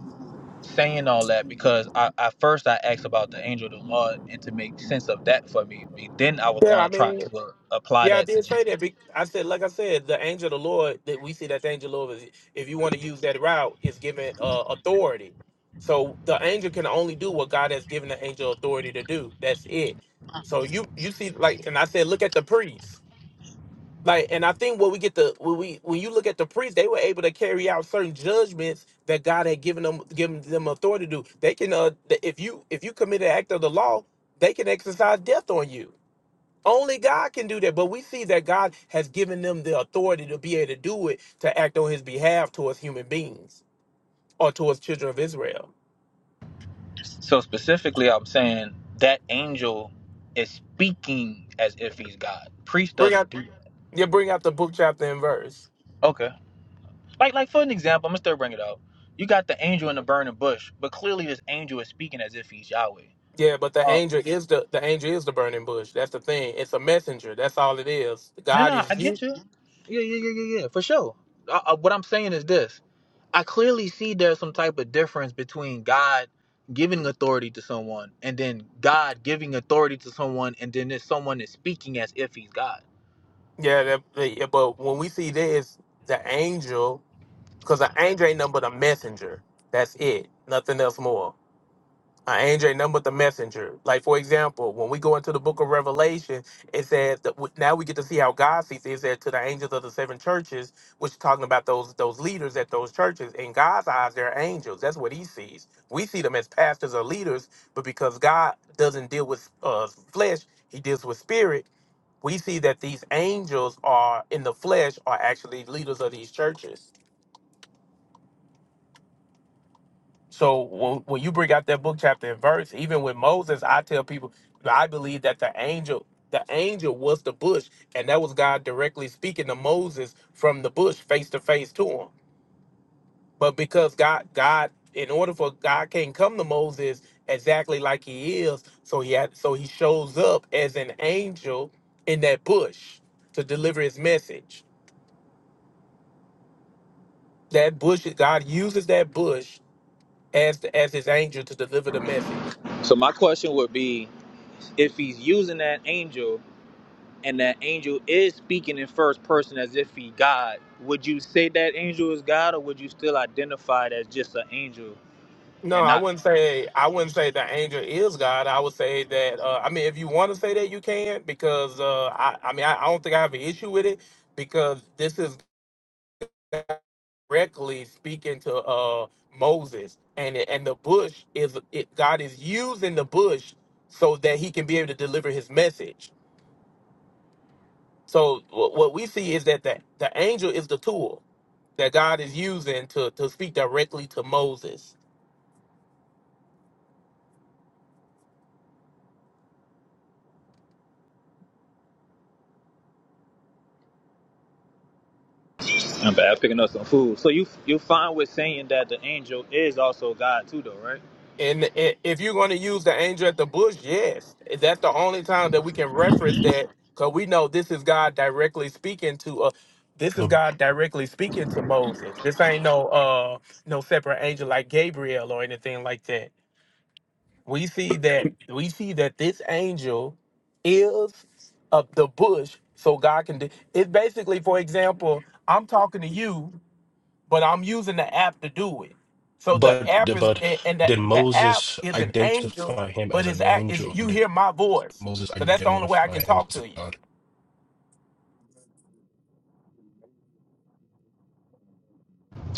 saying all that because I, I first I asked about the angel of the Lord and to make sense of that for me. be- Then I was
Yeah, I
gonna try
mean,
to uh, apply
Yeah, I
that to
did say
Jesus.
that. be- I said, like I said, the angel of the Lord that we see that the angel of the Lord is, if you want to use that route, is given uh, authority. So the angel can only do what God has given the angel authority to do. That's it. So you you see, like, and I said, look at the priests. Like, and I think what we get the when we when you look at the priests, they were able to carry out certain judgments that God had given them given them authority to do. They can uh, th- if you if you commit an act of the law, they can exercise death on you only God can do that. But we see that God has given them the authority to be able to do it, to act on his behalf towards human beings or towards children of Israel.
So specifically, I'm saying that angel is speaking as if he's God. Priest
Bring out
doesn't do that.
yeah, bring out the book chapter and verse.
Okay. Like like for an example, I'm gonna still bring it up. You got the angel in the burning bush, but clearly this angel is speaking as if he's Yahweh.
Yeah, but the
Uh,
angel is the the angel is the burning bush. That's the thing. It's a messenger. That's all it is.
No,
God
no,
is
I
you.
get you. Yeah, yeah, yeah, yeah, yeah, for sure. I, I, what I'm saying is this: I clearly see there's some type of difference between God giving authority to someone and then God giving authority to someone, and then there's someone is speaking as if he's God.
Yeah, that, yeah, but when we see this, the angel, because the angel ain't nothing but a messenger. That's it. Nothing else more. I angel ain't nothing but the messenger. Like for example, when we go into the book of Revelation, it says that w- now we get to see how God sees it. It said to the angels of the seven churches, which talking about those those leaders at those churches. In God's eyes, they're angels. That's what He sees. We see them as pastors or leaders, but because God doesn't deal with uh, flesh, He deals with spirit. We see that these angels are in the flesh are actually leaders of these churches. So when, when you bring out that book chapter and verse, even with Moses, I tell people I believe that the angel the angel was the bush, and that was God directly speaking to Moses from the bush, face to face to him. But because God God in order for God can't come to Moses exactly like he is, so he had so he shows up as an angel in that bush to deliver his message. That bush God uses that bush as as his angel to deliver the message.
So my question would be: if he's using that angel and that angel is speaking in first person as if he God, would you say that angel is God, or would you still identify it as just an angel?
No,
and
I
not?
wouldn't say I wouldn't say the angel is God. I would say that uh, I mean, if you want to say that, you can because uh, I I mean I, I don't think I have an issue with it because this is directly speaking to uh, Moses and it- and the bush is it, God is using the bush so that he can be able to deliver his message. So what what we see is that the, the angel is the tool that God is using to to speak directly to Moses.
I'm bad picking up some food. So you you fine with saying that the angel is also God too, though, right?
And i- if you're going to use the angel at the bush, yes, that's the only time that we can reference that, because we know this is God directly speaking to uh, this is
But
God directly speaking to Moses. This ain't no uh no separate angel like Gabriel or anything like that. We see that we see that this angel is of the bush, so God can. Do, it's basically, for example, I'm talking to you but I'm using the app to do it. So the app
but
is,
but
and the,
did
the app
Moses
is an angel,
identify him as
but
an
it's act is
angel, or
you hear
did
my voice,
Moses
because that's the only way I
identify
can
him
talk
as a
to you.
God?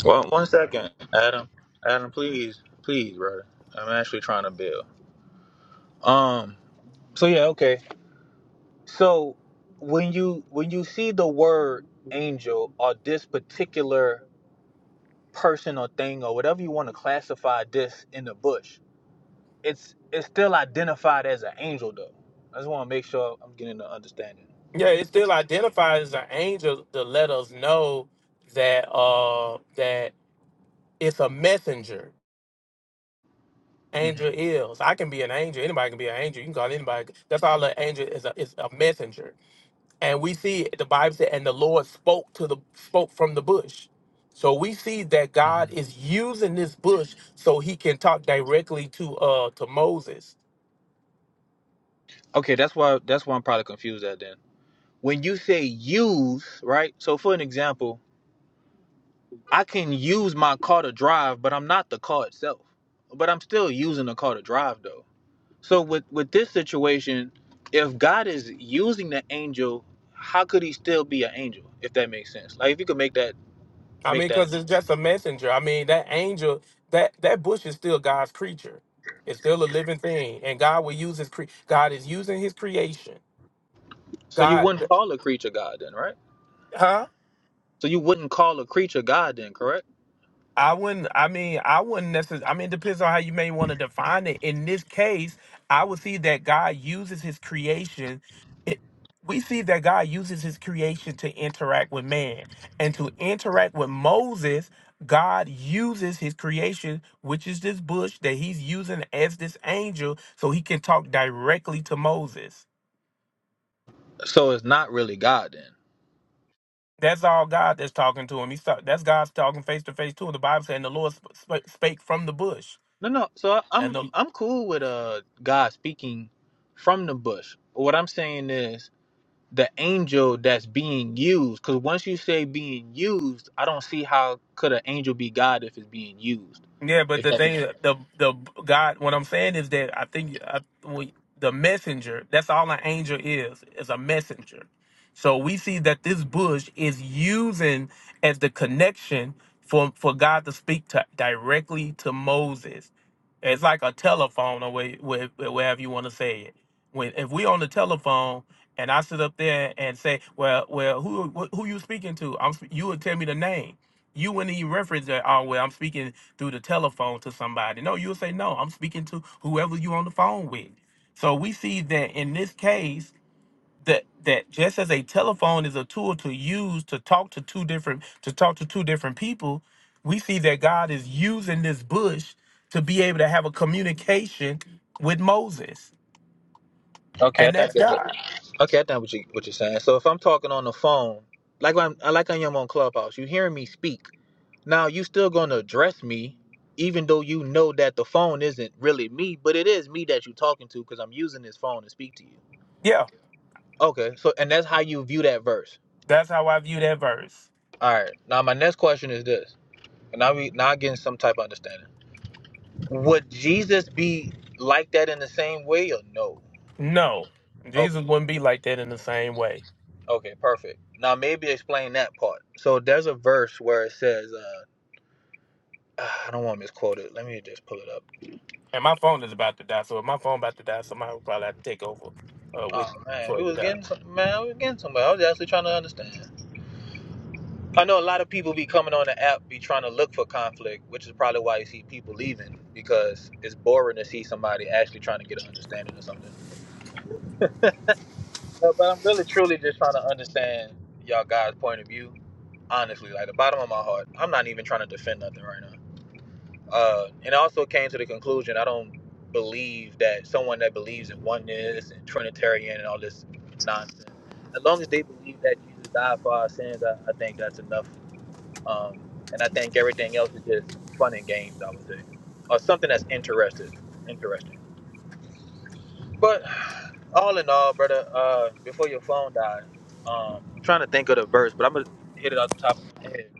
Well, one second, Adam. Adam, please, please, brother. I'm actually trying to build. Um. So yeah, okay. So when you when you see the word angel or this particular person or thing or whatever you want to classify this in the bush, it's it's still identified as an angel though. I just want to make sure I'm getting the understanding.
Yeah, it still identifies as an angel to let us know that uh that it's a messenger.
hmm
Angel is. I can be an angel. Anybody can be an angel. You can call anybody. That's all an angel is. A, is a messenger. and we see the bible said and the lord spoke to the spoke from the bush so we see that
hmm
god is using this bush so he can talk directly to uh to moses
Okay, that's why that's why I'm probably confused at then. when you say use, right? So for an example, I can use my car to drive, but I'm not the car itself. But I'm still using the car to drive though. So with with this situation, if God is using the angel, how could he still be an angel if that makes sense? Like if you could make that
i
make
mean
that
because it's just a messenger i mean that angel that that bush is still god's creature it's still a living thing and god will use his cre- god is using his creation
so you
god
wouldn't call a creature God then, right?
huh
So you wouldn't call a creature God then, correct?
I wouldn't. I mean, I wouldn't necessarily. I mean, it depends on how you may want to define it. In this case, I would see that God uses His creation. it- We see that God uses His creation to interact with man, and to interact with Moses, God uses His creation, which is this bush that He's using as this angel, so He can talk directly to Moses.
So it's not really God then.
That's all God that's talking to him. He's talk, that's God's talking face to face to him. The Bible saying the Lord sp- sp- spake from the bush.
No, no. So I,
and
I'm
the.
I'm cool with uh God speaking from the bush. What I'm saying is the angel that's being used because once you say being used i don't see how could an angel be god if it's being used
Yeah, but
if
the
that makes
thing,
sense
the the God, what I'm saying is that I think I, we, the messenger. That's all an angel is, is a messenger. So we see that this bush is using as the connection for for God to speak to, directly to Moses. It's like a telephone, or way, where, wherever you want to say it. When if we on the telephone and I sit up there and say, well, well, who who you speaking to? I'm sp- you would tell me the name. You wouldn't even reference that, oh, well, I'm speaking through the telephone to somebody. No, you'll say, no, I'm speaking to whoever you on the phone with. So we see that in this case, that that just as a telephone is a tool to use to talk to two different to talk to two different people, we see that God is using this bush to be able to have a communication with Moses.
okay i
And
think I
that's
get it.
God.
okay i think what, you, what you're saying so if i'm talking on the phone like when i'm like i am on clubhouse you hearing me speak now you still gonna address me even though you know that the phone isn't really me but it is me that you're talking to because i'm using this phone to speak to you
Yeah.
okay so and that's how you view that verse
That's how I view that verse.
all right now my next question is this and now we now I getting some type of understanding Would Jesus be like that in the same way or no?
No.
Okay,
Jesus wouldn't be like that in the same way.
okay, perfect. Now maybe explain that part. So there's a verse where it says, uh, ah, I don't want to misquote it. Let me just pull it up.
And my phone is about to die, so if my phone about to die, somebody will probably have to take over uh, with
Oh man,
for
we
it. to
was
die.
getting some man, we was getting somewhere. I was actually trying to understand. I know a lot of people be coming on the app, be trying to look for conflict, which is probably why you see people leaving because it's boring to see somebody actually trying to get an understanding of something. No, but I'm really truly just trying to understand y'all guys' point of view. Honestly, like the bottom of my heart, I'm not even trying to defend nothing right now. Uh, and I also came to the conclusion I don't believe that someone that believes in oneness and Trinitarian and all this nonsense, as long as they believe that Jesus died for our sins, I, I think that's enough. Um, and I think everything else is just fun and games, I would say, or something that's interested, interesting. But all in all, brother, uh, before your phone died, um, I'm trying to think of the verse, but I'm gonna hit it off the top of my head.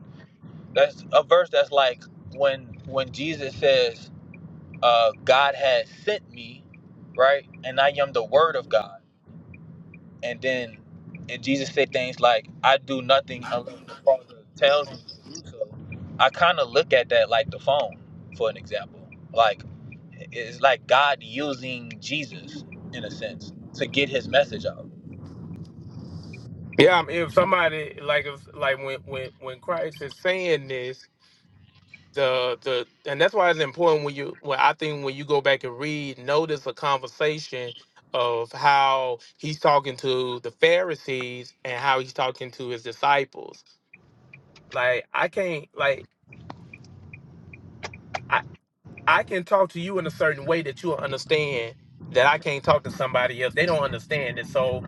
That's a verse that's like when when Jesus says, uh, "God has sent me," right, and I am the Word of God. And then and Jesus said things like, "I do nothing unless the Father tells me to do so." I kind of look at that like the phone, for an example. Like it's like God using Jesus in a sense to get His message out
Yeah, I mean, if somebody like if like when when when Christ is saying this, the the and that's why it's important when you when I think when you go back and read, notice a conversation of how he's talking to the Pharisees and how he's talking to his disciples. Like I can't like I I can talk to you in a certain way that you'll understand that I can't talk to somebody else. They don't understand it. So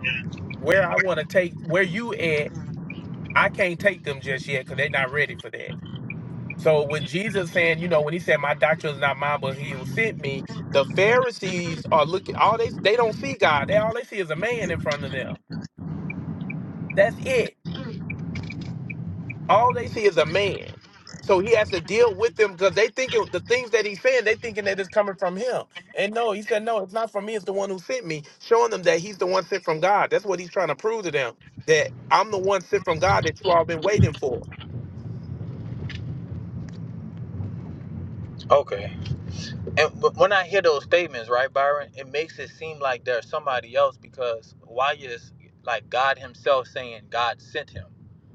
where I want to take where you at, I can't take them just yet because they're not ready for that. So when Jesus saying, you know, when he said, "My doctrine is not mine, but he who sent me," the Pharisees are looking. All they they don't see God. They all they see is a man in front of them. That's it. All they see is a man. So he has to deal with them because they thinking the things that he's saying, they thinking that it's coming from him. And no, he said, no, it's not from me. It's the one who sent me, showing them that he's the one sent from God. That's what he's trying to prove to them that I'm the one sent from God that you all been waiting for.
Okay. And but when I hear those statements, right, Byron, it makes it seem like there's somebody else because why is like God Himself saying God sent him?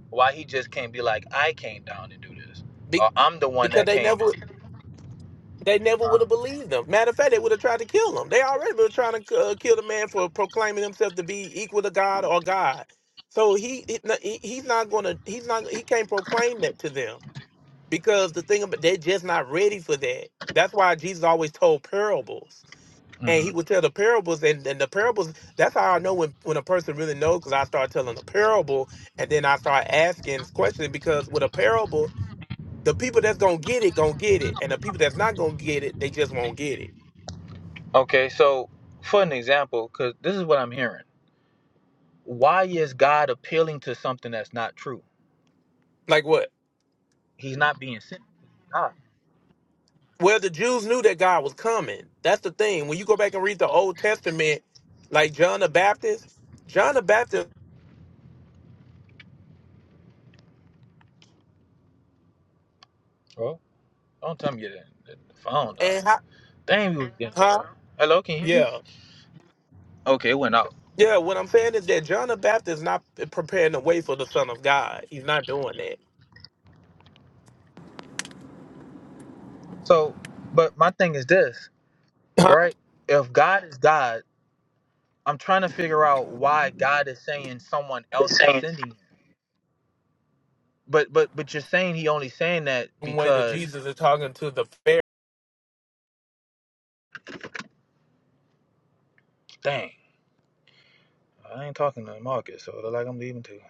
Why He just can't be like I came down and do this,
Be-
or I'm the one
because
that
they
came
never
in.
they never would
Uh,
have believed them. Matter of fact, they would have tried to kill him. They already were trying to uh, kill the man for proclaiming himself to be equal to God or God. So he, he no, he- he's not gonna he's not he can't proclaim that to them because the thing about they're just not ready for that. That's why Jesus always told parables. And
mhm.
he would tell the parables, and, and the parables. That's how I know when, when a person really knows, because I start telling a parable, and then I start asking questions. Because with a parable, the people that's gonna get it, gonna get it. And the people that's not gonna get it, they just won't get it.
Okay, so for an example, because this is what I'm hearing. Why is God appealing to something that's not true?
Like what?
He's not being sent. by God.
Well, the Jews knew that God was coming. That's the thing. When you go back and read the Old Testament, like John the Baptist, John the Baptist
Well, don't tell me you didn't. The phone
and
died.
how,
Dang, we was getting
huh?
somewhere. Hello, can you hear me?
Yeah.
Okay, it went out.
Yeah, what I'm saying is that John the Baptist is not preparing the way for the Son of God. He's not doing that.
So, but my thing is this,
Huh?
right? If God is God, I'm trying to figure out why God is saying someone else is sending him. But but but you're saying he only saying that
The way that
because
Jesus is talking to the Pharisees.
dang, I ain't talking to Marcus, so it look like I'm leaving too.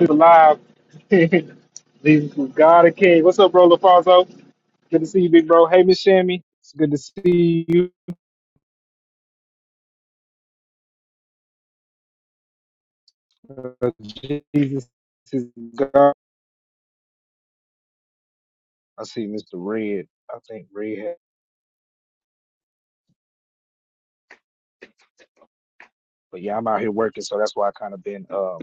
We're live. [laughs] Jesus is God and King. What's up, bro, LaFonso? Good to see you, big bro. Hey, Miss Shammy. It's good to see you. Uh, Jesus is God. I see Mr. Red. I think Red. But yeah, I'm out here working, so that's why I kind of been um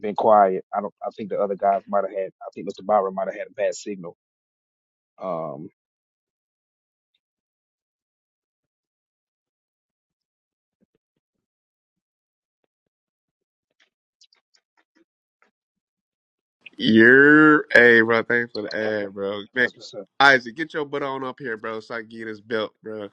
been quiet. I don't. I think the other guys might have had. I think Mr. Byron might have had a bad signal. Um.
You're, hey, bro, thanks for the
Okay.
ad, bro. Man,
That's what's up.
Isaac, get your butt on up here, bro, so I can get his belt, bro.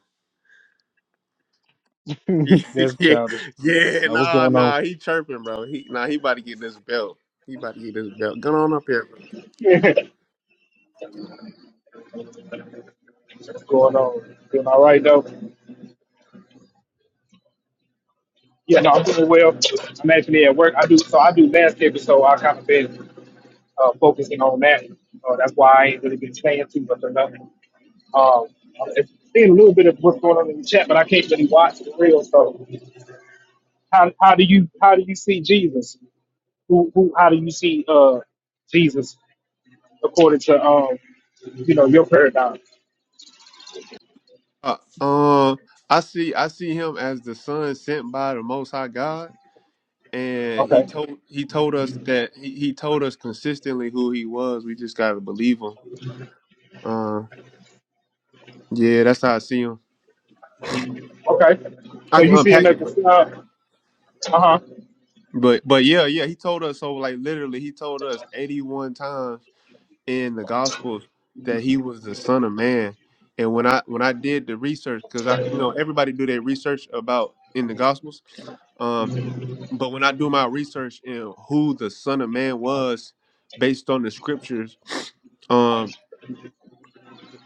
[laughs]
[laughs] that's
yeah,
childish.
yeah,
Now what's
nah,
going on?
nah, he chirping, bro. He, nah, he about to get this belt. He about to get this belt. Get on up here, bro.
[laughs] What's going on? Doing all right though. Yeah, no, I'm doing well. I'm actually at work. I do so I do landscaping, so I kind of been uh, focusing on that. Uh, that's why I ain't really been staying too much or nothing. Um, I've seen a little bit of what's going on in the chat, but I can't really watch the real. So How how do you how do you see Jesus? Who who how do you see uh Jesus according to um you know your paradigm?
Uh, um, I see, I see him as the son sent by the Most High God, and he
Okay,
told he told us that he, he told us consistently who he was. We just gotta believe him. Uh, yeah, that's how I see him.
okay.
I
So
can
you see him
unpack
as
it, but.
the uh huh
But but yeah, yeah, he told us so like literally he told us 81 times in the gospels that he was the son of man. And when I when I did the research cuz I you know everybody do their research about in the gospels. Um but when I do my research in who the son of man was based on the scriptures, um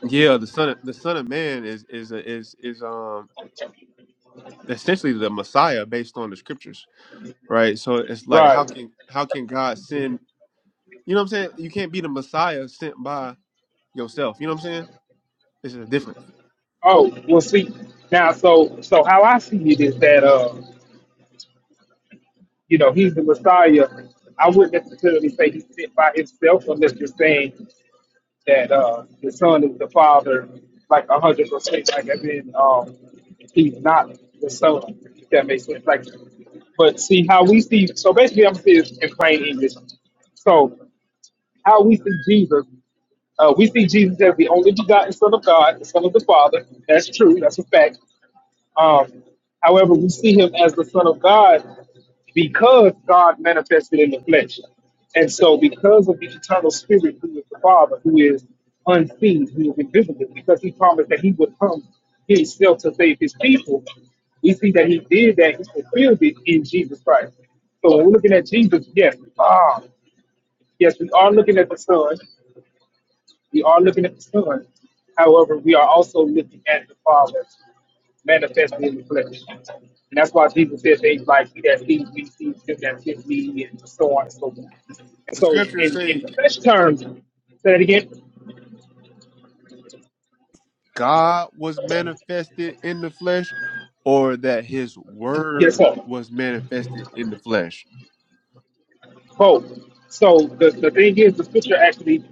yeah, the son of, the son of man is is a, is is um essentially the messiah based on the scriptures, right? So it's like how
right.
can how can God send You know what I'm saying? You can't be the Messiah sent by yourself. You know what I'm saying? It's a difference.
Oh well, see now. So so how I see it is that uh you know he's the Messiah. I wouldn't necessarily say he's sent by himself unless you're saying that uh, the son is the father, like a hundred percent. Like I mean, um, he's not the son. If that makes sense. Like, but see how we see. So basically, I'm saying this in plain English. So how we see Jesus, uh, we see Jesus as the only begotten Son of God, the Son of the Father. That's true. That's a fact. Um, however, we see him as the Son of God because God manifested in the flesh. And so, because of the eternal spirit who is the Father, who is unseen, who is invisible, because he promised that he would come himself to save his people, we see that he did that, he fulfilled it in Jesus Christ. So, when we're looking at Jesus, yes, ah, yes, we are looking at the Son. We are looking at the Son. However, we are also looking at the Father manifested in the flesh. And that's why Jesus said things like, He that sees me sees him that sees me, and so on and so forth. And
The
so,
scriptures
in, in
say
flesh terms, say that again,
God was manifested in the flesh, or that His
yes,
Word
sir,
was manifested in the flesh.
both. So, the, the thing is, the scripture actually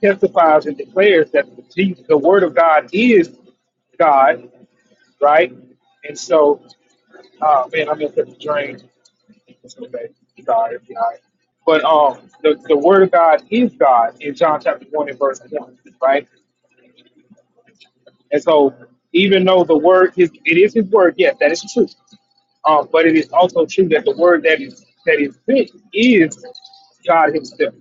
testifies and declares that the, Jesus, the Word of God is God, right? And so Oh man, I'm in for the drain. It's okay. God is God. But um, the, the word of God is God in John chapter one and verse one, right? And so, even though the word is, it is His word. Yes, that is true. Um, but it is also true that the word that is that is sent is God Himself.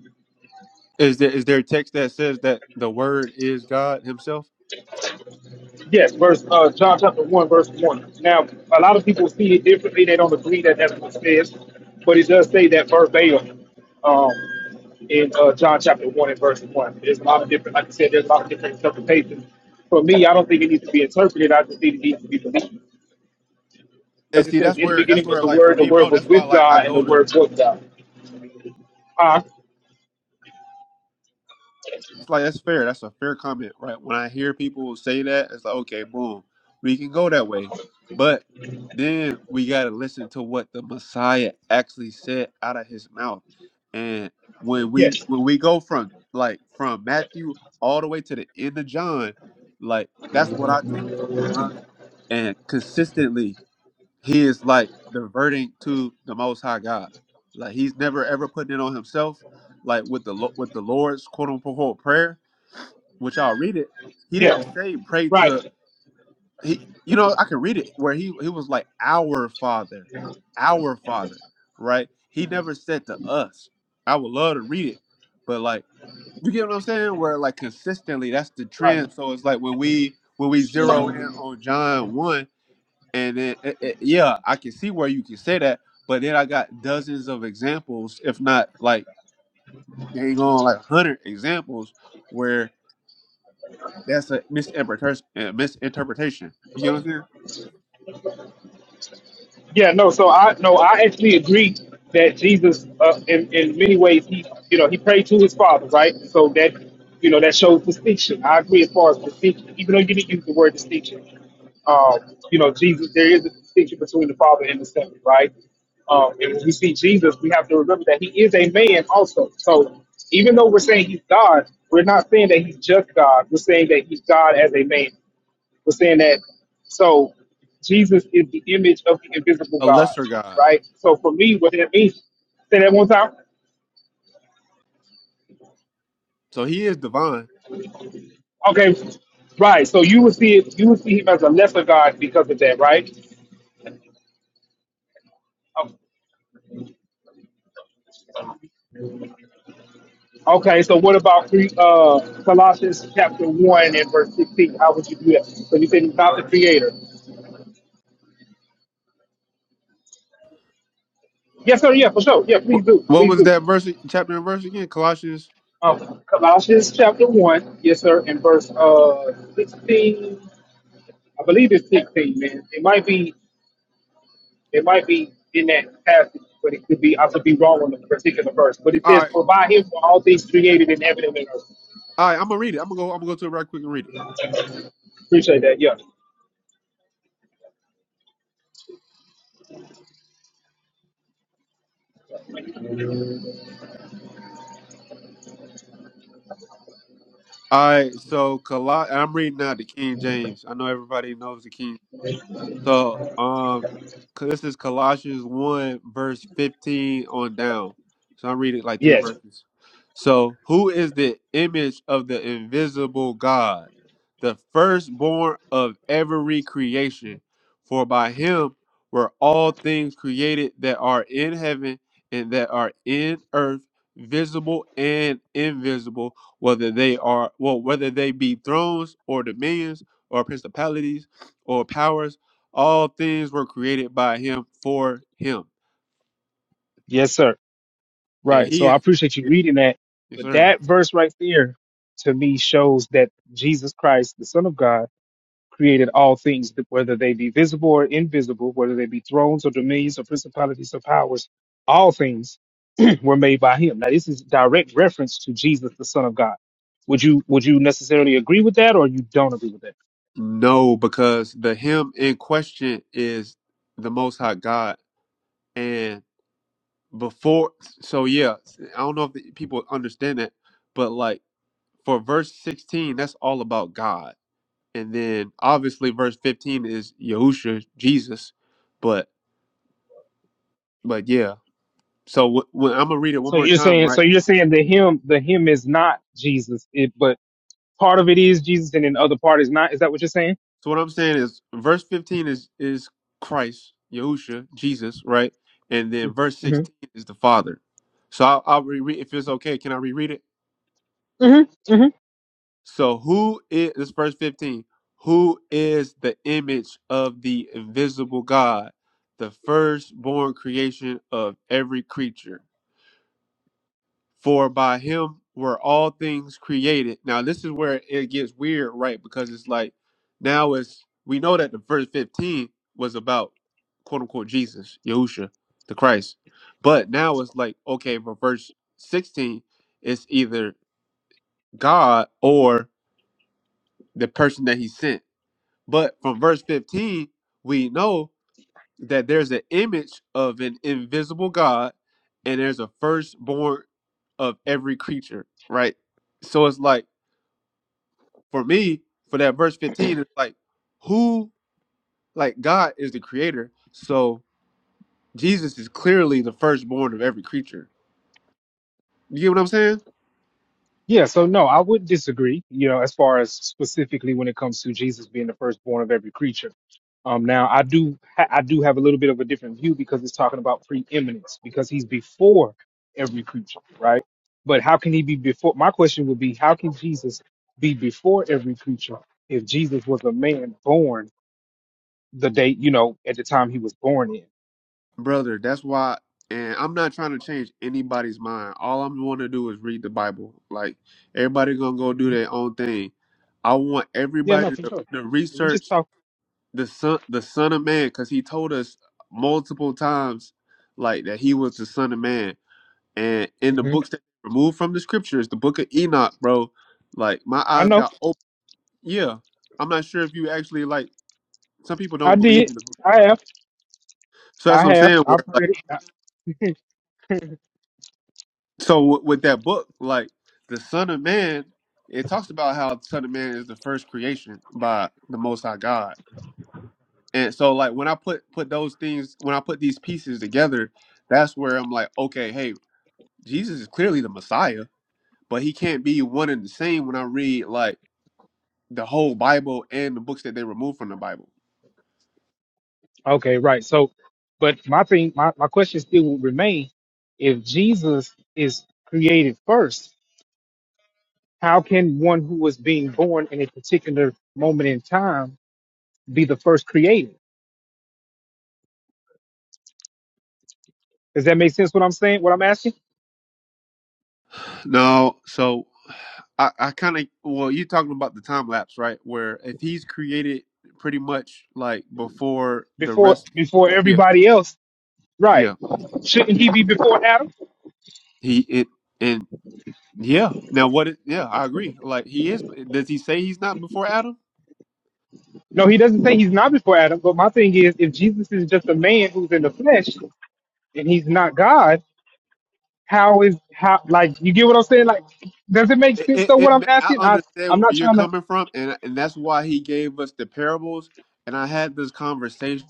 Is there is there a text that says that the Word is God Himself?
Yes, verse uh, John chapter one, verse one. Now, a lot of people see it differently. They don't agree that that's what it says, but it does say that verbatim um, in uh, John chapter one and verse one. There's a lot of different, like I said, there's a lot of different interpretations. For me, I don't think it needs to be interpreted. I just think it needs to be believed
And
because it
see,
says,
that's
"In the
where that's
beginning was
where
the
like for
Word. The
me, bro.
Word was
That's why
with
like I
God, and the
go to
Word was God." Ah,
It's like that's fair. That's a fair comment, right? When I hear people say that, it's like, okay, boom, we can go that way. But then we gotta listen to what the Messiah actually said out of his mouth. And when we
yes,
when we go from like from Matthew all the way to the end of John, like that's what I take in my mind. And consistently he is like diverting to the most high God. Like he's never ever putting it on himself, like with the Lo- with the Lord's quote unquote prayer which I'll read it. He didn't
yeah,
say pray to
right,
he. You know, I could read it where he he was like our Father, our Father, right? He never said to us. I would love to read it, but like you get what I'm saying. Where like consistently, that's the
right.
trend. So it's like when we when we zero in on John one, and then it, it- yeah, I can see where you can say that. But then I got dozens of examples, if not like dang on like hundred examples, where. That's a misinterpretation. uh, Misinterpretation. You get what I'm saying?
Yeah, no. So I no, I actually agree that Jesus, uh, in in many ways, he you know he prayed to his father, right? So that you know that shows distinction. I agree as far as distinction, even though you didn't use the word distinction. Um, you know, Jesus, there is a distinction between the father and the son, right? Um, and when we see Jesus, we have to remember that he is a man also. So even though we're saying he's God, we're not saying that he's just God. We're saying that he's God as a man was saying that so Jesus is the image of the invisible
A
God,
lesser God.
right? So for me, what that means, say that one time.
So he is divine.
Okay, right. So you would see it, you would see him as a lesser God because of that, right? Um, Okay, so what about three, uh, Colossians chapter one and verse sixteen? How would you do that? So you said he's not the creator. Yes, sir. Yeah, for sure. Yeah, please
Wh-
do.
What
Please
was
do.
that verse? Chapter and verse again? Colossians.
Um, Colossians chapter one, yes, sir, and verse uh sixteen. I believe it's sixteen, man. It might be. It might be in that passage, but it could be I could be wrong on the particular verse. But it
All
says,
right.
"For by him were all things created in heaven and in earth."
All right. I'm gonna read it. I'm gonna go. I'm gonna go to it right quick and read it.
Appreciate that. Yeah.
All right. So Col. I'm reading now the King James. I know everybody knows the King So, um, this is Colossians 1, verse 15 on down. So I'm reading like three
Yes.
verses. So, who is the image of the invisible God, the firstborn of every creation? For by him were all things created that are in heaven and that are in earth, visible and invisible, whether they are, well, whether they be thrones or dominions or principalities or powers all things were created by him for him.
Yes, sir.
And
Right. So
he
I
is
appreciate you
Yeah.
reading that.
Yes,
But
sir.
that verse right there to me shows that Jesus Christ, the Son of God, created all things, whether they be visible or invisible, whether they be thrones or dominions or principalities or powers, all things. were made by him. Now this is direct reference to Jesus, the Son of God. Would you would you necessarily agree with that, or you don't agree with that?
No, because the him in question is the most high God. And before so yeah, I don't know if the people understand that, but like for verse 16, that's all about God. And then obviously verse 15 is Yahusha, Jesus. But but yeah. So wh- when I'm gonna read it one
So
more
you're
time,
saying so
right?
you're saying the him the him is not Jesus, it, but part of it is Jesus, and then the other part is not. Is that what you're saying?
So what I'm saying is verse 15 is is Christ, Yahusha, Jesus, right? And then verse 16 is the Father. So I'll, I'll reread if it's okay. Can I reread it? So who is this is verse 15? Who is the image of the invisible God, the firstborn creation of every creature? For by him were all things created. Now this is where it gets weird, right? Because it's like now it's we know that the verse 15 was about quote unquote Jesus, Yahusha, the Christ. But now it's like, okay, but verse 16 is either God or the person that he sent. But from verse 15, we know that there's an image of an invisible God and there's a firstborn of every creature, right? So it's like for me, for that verse 15, it's like who like God is the creator. So Jesus is clearly the firstborn of every creature. You get what I'm saying?
Yeah, so no, I would disagree, you know, as far as specifically when it comes to Jesus being the firstborn of every creature. Um, now I do ha- I do have a little bit of a different view because it's talking about preeminence because he's before every creature, right? But how can he be before? My question would be, how can Jesus be before every creature if Jesus was a man born the day, you know, at the time he was born in?
Brother, that's why and I'm not trying to change anybody's mind. All I'm want to do is read the Bible. Like everybody gonna go do their own thing. I want
Yeah, no,
everybody
for
to,
sure.
to
We just
research
talk.
the son the son of man because he told us multiple times like that he was the son of man and in the
hmm
books that removed from the scriptures the book of enoch bro like my
I
eyes
know.
got open yeah i'm not sure if you actually like some people
I
don't believe
did.
in the book of
I
Enoch.
have.
so that's
I
what i'm
have.
saying
I've
where
read
like
it.
so with with that book like the son of man it talks about how the son of man is the first creation by the most high god And so like when I put put those things when I put these pieces together, that's where I'm like, okay, hey, Jesus is clearly the Messiah, but he can't be one and the same when I read like the whole Bible and the books that they removed from the Bible.
Okay, right. So, but my thing, my, my question still will remain if Jesus is created first, how can one who was being born in a particular moment in time be the first created? Does that make sense what I'm saying, what I'm asking?
No, so I, I kind of well, you're talking about the time lapse, right? Where if he's created pretty much like before the
Before
rest,
before
yeah,
everybody else, right.
yeah,
Shouldn't he be before Adam?
he it and yeah. Now what? It, yeah, I agree. Like he is. Does he say he's not before Adam?
No, he doesn't say he's not before Adam, but my thing is if Jesus is just a man who's in the flesh and he's not God, how is how like you get what I'm saying? Like, does it make
It,
sense
it,
though?
it,
What I'm
ma- I
asking, I
understand
I'm
where
not
you're
trying to.
coming from, and and that's why he gave us the parables. And I had this conversation.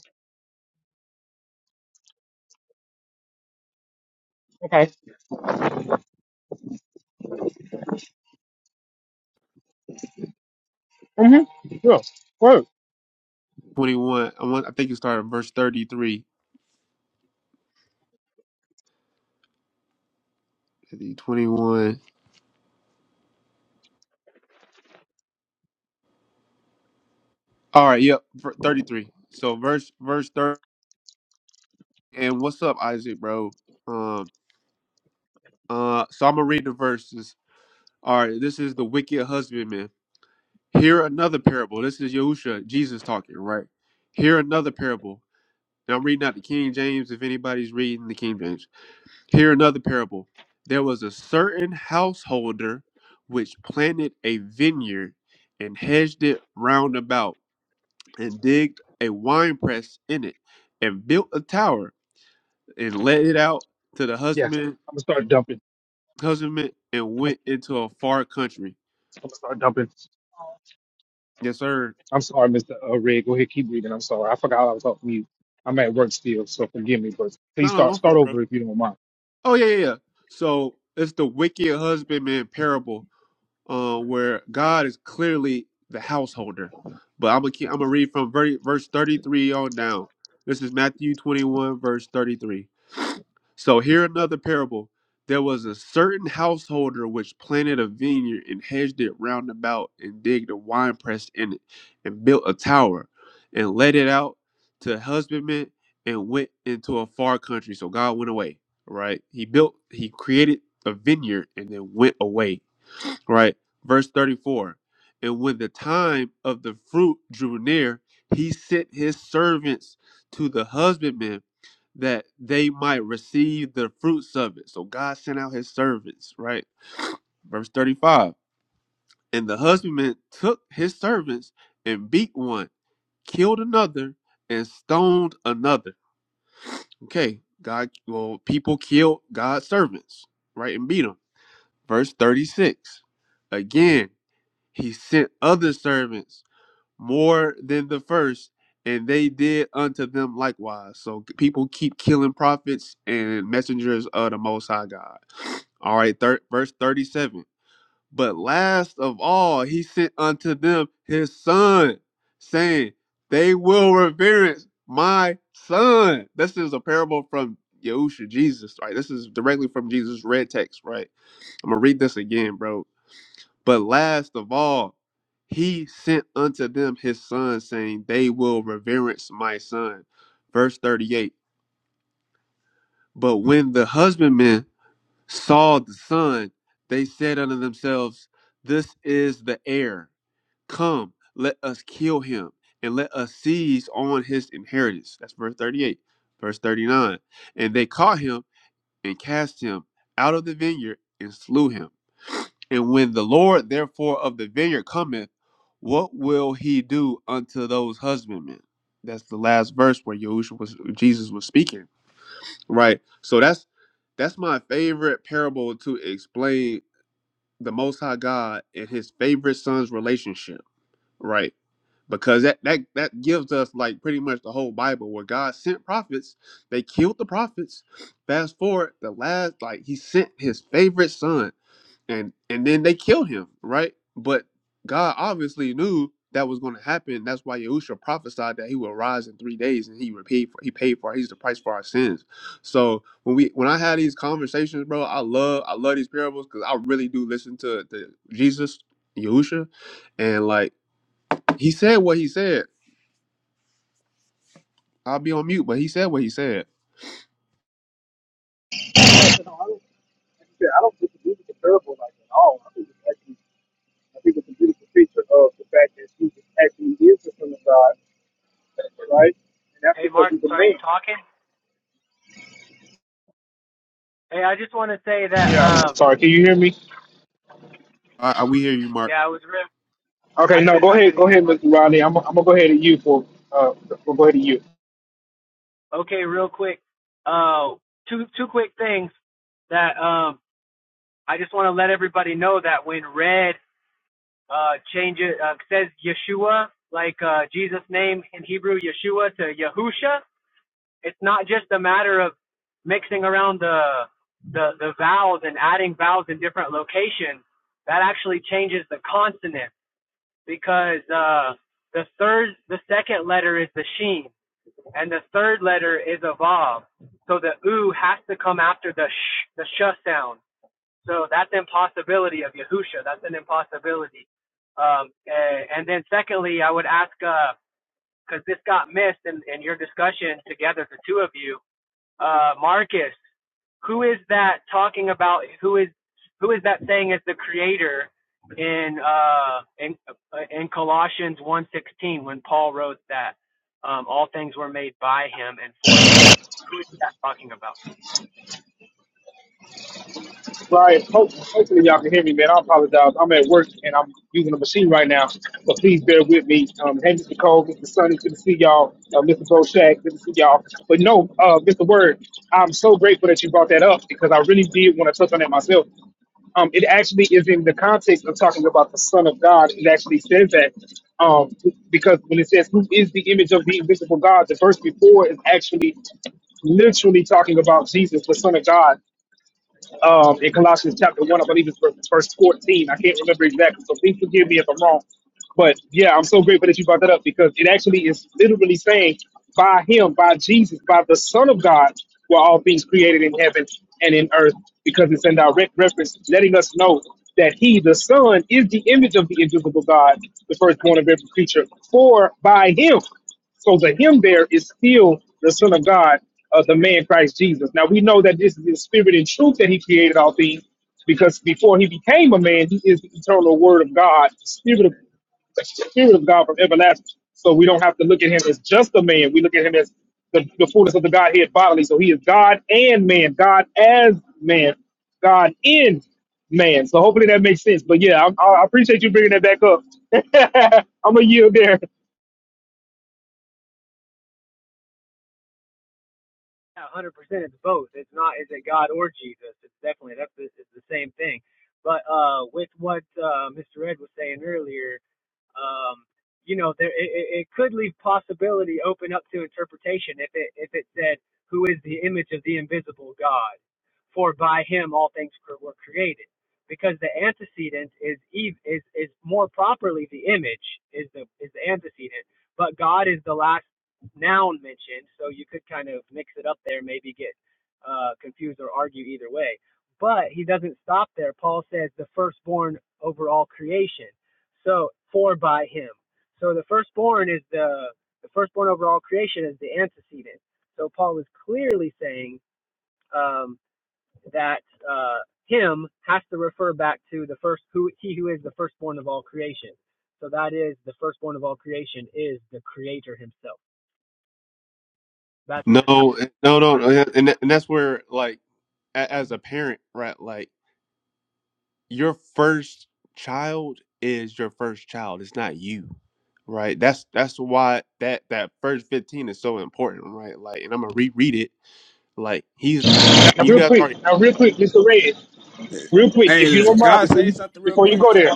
Mm-hmm. Sure. Word.
Twenty one. I want. I think it started verse thirty three. Twenty one. All right. Yep. Thirty three. So verse verse thirty. And what's up, Isaac, bro? Um. Uh. So I'm gonna read the verses. All right. This is the wicked husbandman. Here another parable. This is Yahusha, Jesus talking, right? Here another parable. Now I'm reading out the King James. If anybody's reading the King James. Here another parable. There was a certain householder which planted a vineyard and hedged it round about, and digged a winepress in it, and built a tower, and let it out to the
Yes. I'm
husband
gonna start dumping.
husbandman, and
I'm gonna,
went into a far country.
I'm gonna start dumping.
Yes, sir.
I'm sorry, Mr. Uh, Red. Go ahead, keep reading. I'm sorry. I forgot I was talking to you. I'm at work still, so forgive me. But please
No, no,
start
my
start
fault, bro.
over if you don't mind.
Oh yeah, yeah, yeah. So it's the wicked husbandman parable uh, where God is clearly the householder. But I'm gonna keep, I'm gonna read from ver- verse 33 on down. This is Matthew 21 verse 33. So here another parable. There was a certain householder which planted a vineyard and hedged it round about and digged a winepress in it and built a tower and let it out to husbandmen and went into a far country. So God went away, right? He built, he created a vineyard and then went away right? Verse 34 And when the time of the fruit drew near, he sent his servants to the husbandmen that they might receive the fruits of it. So God sent out his servants, right? Verse 35 And the husbandman took his servants and beat one, killed another, and stoned another. Okay, God, well, people killed God's servants, right? And beat them. Verse 36 Again, he sent other servants more than the first, and they did unto them likewise. So people keep killing prophets and messengers of the Most High God. All right, thir- verse 37. But last of all, he sent unto them his son, saying, They will reverence my son. This is a parable from Yahusha, Jesus, right? This is directly from Jesus' red text, right? I'm going to read this again, bro but last of all, he sent unto them his son, saying, They will reverence my son. Verse 38. But when the husbandmen saw the son, they said unto themselves, This is the heir. Come, let us kill him, and let us seize on his inheritance. That's verse 38. Verse 39. And they caught him and cast him out of the vineyard and slew him. And when the Lord therefore of the vineyard cometh, what will he do unto those husbandmen? That's the last verse where Yahushua was Jesus was speaking. Right. So that's that's my favorite parable to explain the most high God and his favorite son's relationship. Right because that that that gives us like pretty much the whole Bible where God sent prophets, they killed the prophets. Fast forward, the last like he sent his favorite son, and and then they killed him, right? But God obviously knew that was going to happen. That's why Yahusha prophesied that he will rise in three days, and he repaid for he paid for he's the price for our sins. So when we when I had these conversations, bro, I love I love these parables because I really do listen to the Jesus Yahusha, and like he said what he said I'll be on mute, but he said what he said.
Yeah, no, I don't, like I said, I don't think the music is terrible like at all. I think it's actually, I think it's a beautiful picture of the fact that Jesus actually is the son of God, right? And that's
Hey,
because
Mark,
he's a
so are you
man.
talking? Hey, I just want to say that
Yeah, I'm so
um,
sorry. Can you hear me?
I, I, we hear you, Mark.
yeah, I was real. I
Okay, no,
could
go
I
ahead,
couldn't
go
hear
ahead,
much.
Mr. Rodney. I'm, I'm gonna go ahead at you for uh, we'll go ahead at you.
Okay, real quick. Uh, two two quick things that um I just want to let everybody know that when Red uh changes uh, says Yeshua like uh Jesus' name in Hebrew Yeshua to Yahusha, it's not just a matter of mixing around the the the vowels and adding vowels in different locations. That actually changes the consonant. because uh, the third, the second letter is the sheen, and the third letter is a vav. So the oo has to come after the sh, the sh sound. So that's an impossibility of Yahusha. That's an impossibility. Um, and, and then secondly, I would ask because uh, this got missed in, in your discussion together, the two of you, uh, Marcus, who is that talking about? Who is who is that saying is the creator in uh, in uh, in Colossians one sixteen when Paul wrote that um, all things were made by him and for him? Who is that talking about?
Brian, hope, hopefully y'all can hear me, man. I apologize. I'm at work and I'm using a machine right now, but please bear with me. Um, hey, Mr. Cole, Mr. Sonny, good to see y'all. Uh, Mr. Boshak, good to see y'all. But no, uh, Mr. Word, I'm so grateful that you brought that up because I really did want to touch on that myself. Um, it actually is in the context of talking about the Son of God. It actually says that um, because when it says who is the image of the invisible God, the verse before is actually literally talking about Jesus, the Son of God um, in Colossians chapter 1, I believe it's verse verse 14. I can't remember exactly, so please forgive me if I'm wrong. But yeah, I'm so grateful that you brought that up because it actually is literally saying, by him, by Jesus, by the Son of God, were all things created in heaven and in earth, because it's in direct reference, letting us know that he, the Son, is the image of the invisible God, the firstborn of every creature. For by him, so the him there is still the Son of God, uh, the man Christ Jesus. Now we know that this is the spirit and truth that he created all things, because before he became a man, he is the eternal word of God, the spirit of the spirit of God from everlasting. So we don't have to look at him as just a man. We look at him as the, the fullness of the Godhead bodily. So he is God and man, God as man, God in man. So hopefully that makes sense. But yeah, I, I appreciate you bringing that back up. [laughs] I'm a yield there.
Yeah, 100%. It's both. It's not is it God or Jesus? It's definitely that's the, it's the same thing. But uh, with what uh, Mr. Ed was saying earlier, um, you know, there, it, it could leave possibility open up to interpretation if it if it said, "Who is the image of the invisible God? For by Him all things cre- were created." Because the antecedent is ev- is is more properly the image is the is the antecedent, but God is the last noun mentioned, so you could kind of mix it up there, maybe get uh, confused or argue either way. But he doesn't stop there. Paul says the firstborn over all creation so for by him. So the firstborn is the the firstborn over all creation is the antecedent. So Paul is clearly saying um, that uh, him has to refer back to the first who he who is the firstborn of all creation. So that is the firstborn of all creation is the Creator Himself. That's
No,
just how.
no, no, no, yeah, and that- and that's where like a- as a parent, right? Like your first child is your first child. It's not you, right? That's that's why that that first fifteen is so important, right? Like, and I'm gonna reread it. Like he's
Now,
you
real
guys
quick,
already.
now, real quick, Mr. Red real quick,
Hey,
if you don't
look, can
mind,
I
before
say
you
something real
before you
quick?
go there.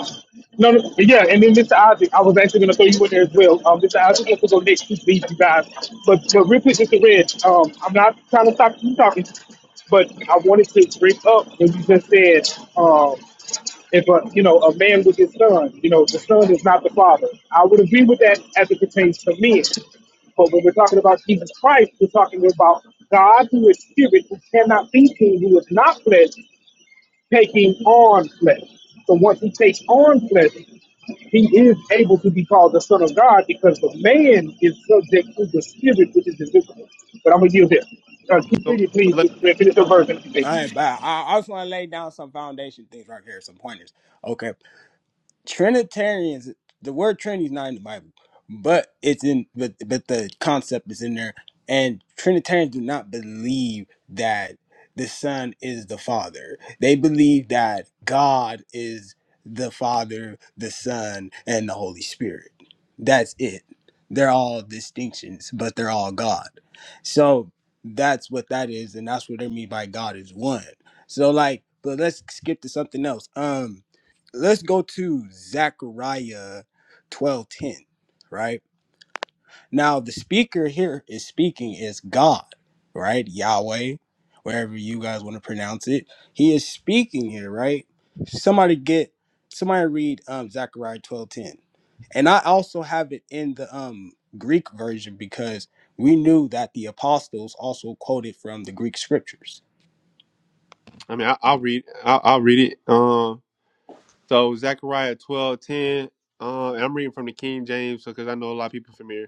No, no, yeah, and then Mr. Isaac, I was actually going to throw you in there as well. Um, Mr. Isaac has to go next to leave you guys. But, but real quick, Mr. Red, um, I'm not trying to stop you talking, but I wanted to bring up what you just said, um, if a you know a man with his son, you know the son is not the father. I would agree with that as it pertains to men. But when we're talking about Jesus Christ, we're talking about God who is spirit, who cannot be seen, who is not flesh, taking on flesh. So once he takes on flesh, he is able to be called the Son of God because the man is subject to the spirit, which is invisible. But I'm going to yield here. Uh, keep
So,
reading,
so
please.
let
Finish your verse. and
All
everything.
right, bye. I, I just want to lay down some foundation things right here, some pointers. Okay. Trinitarians, the word Trinity is not in the Bible, but it's in, but, but the concept is in there. And Trinitarians do not believe that the Son is the Father. They believe that God is the Father, the Son, and the Holy Spirit. That's it. They're all distinctions, but they're all God. So that's what that is, and that's what they mean by God is one. So like, but let's skip to something else. Um, let's go to Zechariah 12:10, right? Now the speaker here is speaking is God, right? Yahweh, wherever you guys want to pronounce it. He is speaking here, right? Somebody get somebody read um Zechariah 12:10. And I also have it in the um Greek version because we knew that the apostles also quoted from the Greek scriptures.
I mean I, I'll read I'll, I'll read it. Um, so Zechariah twelve ten. Uh, and I'm reading from the King James because I know a lot of people familiar.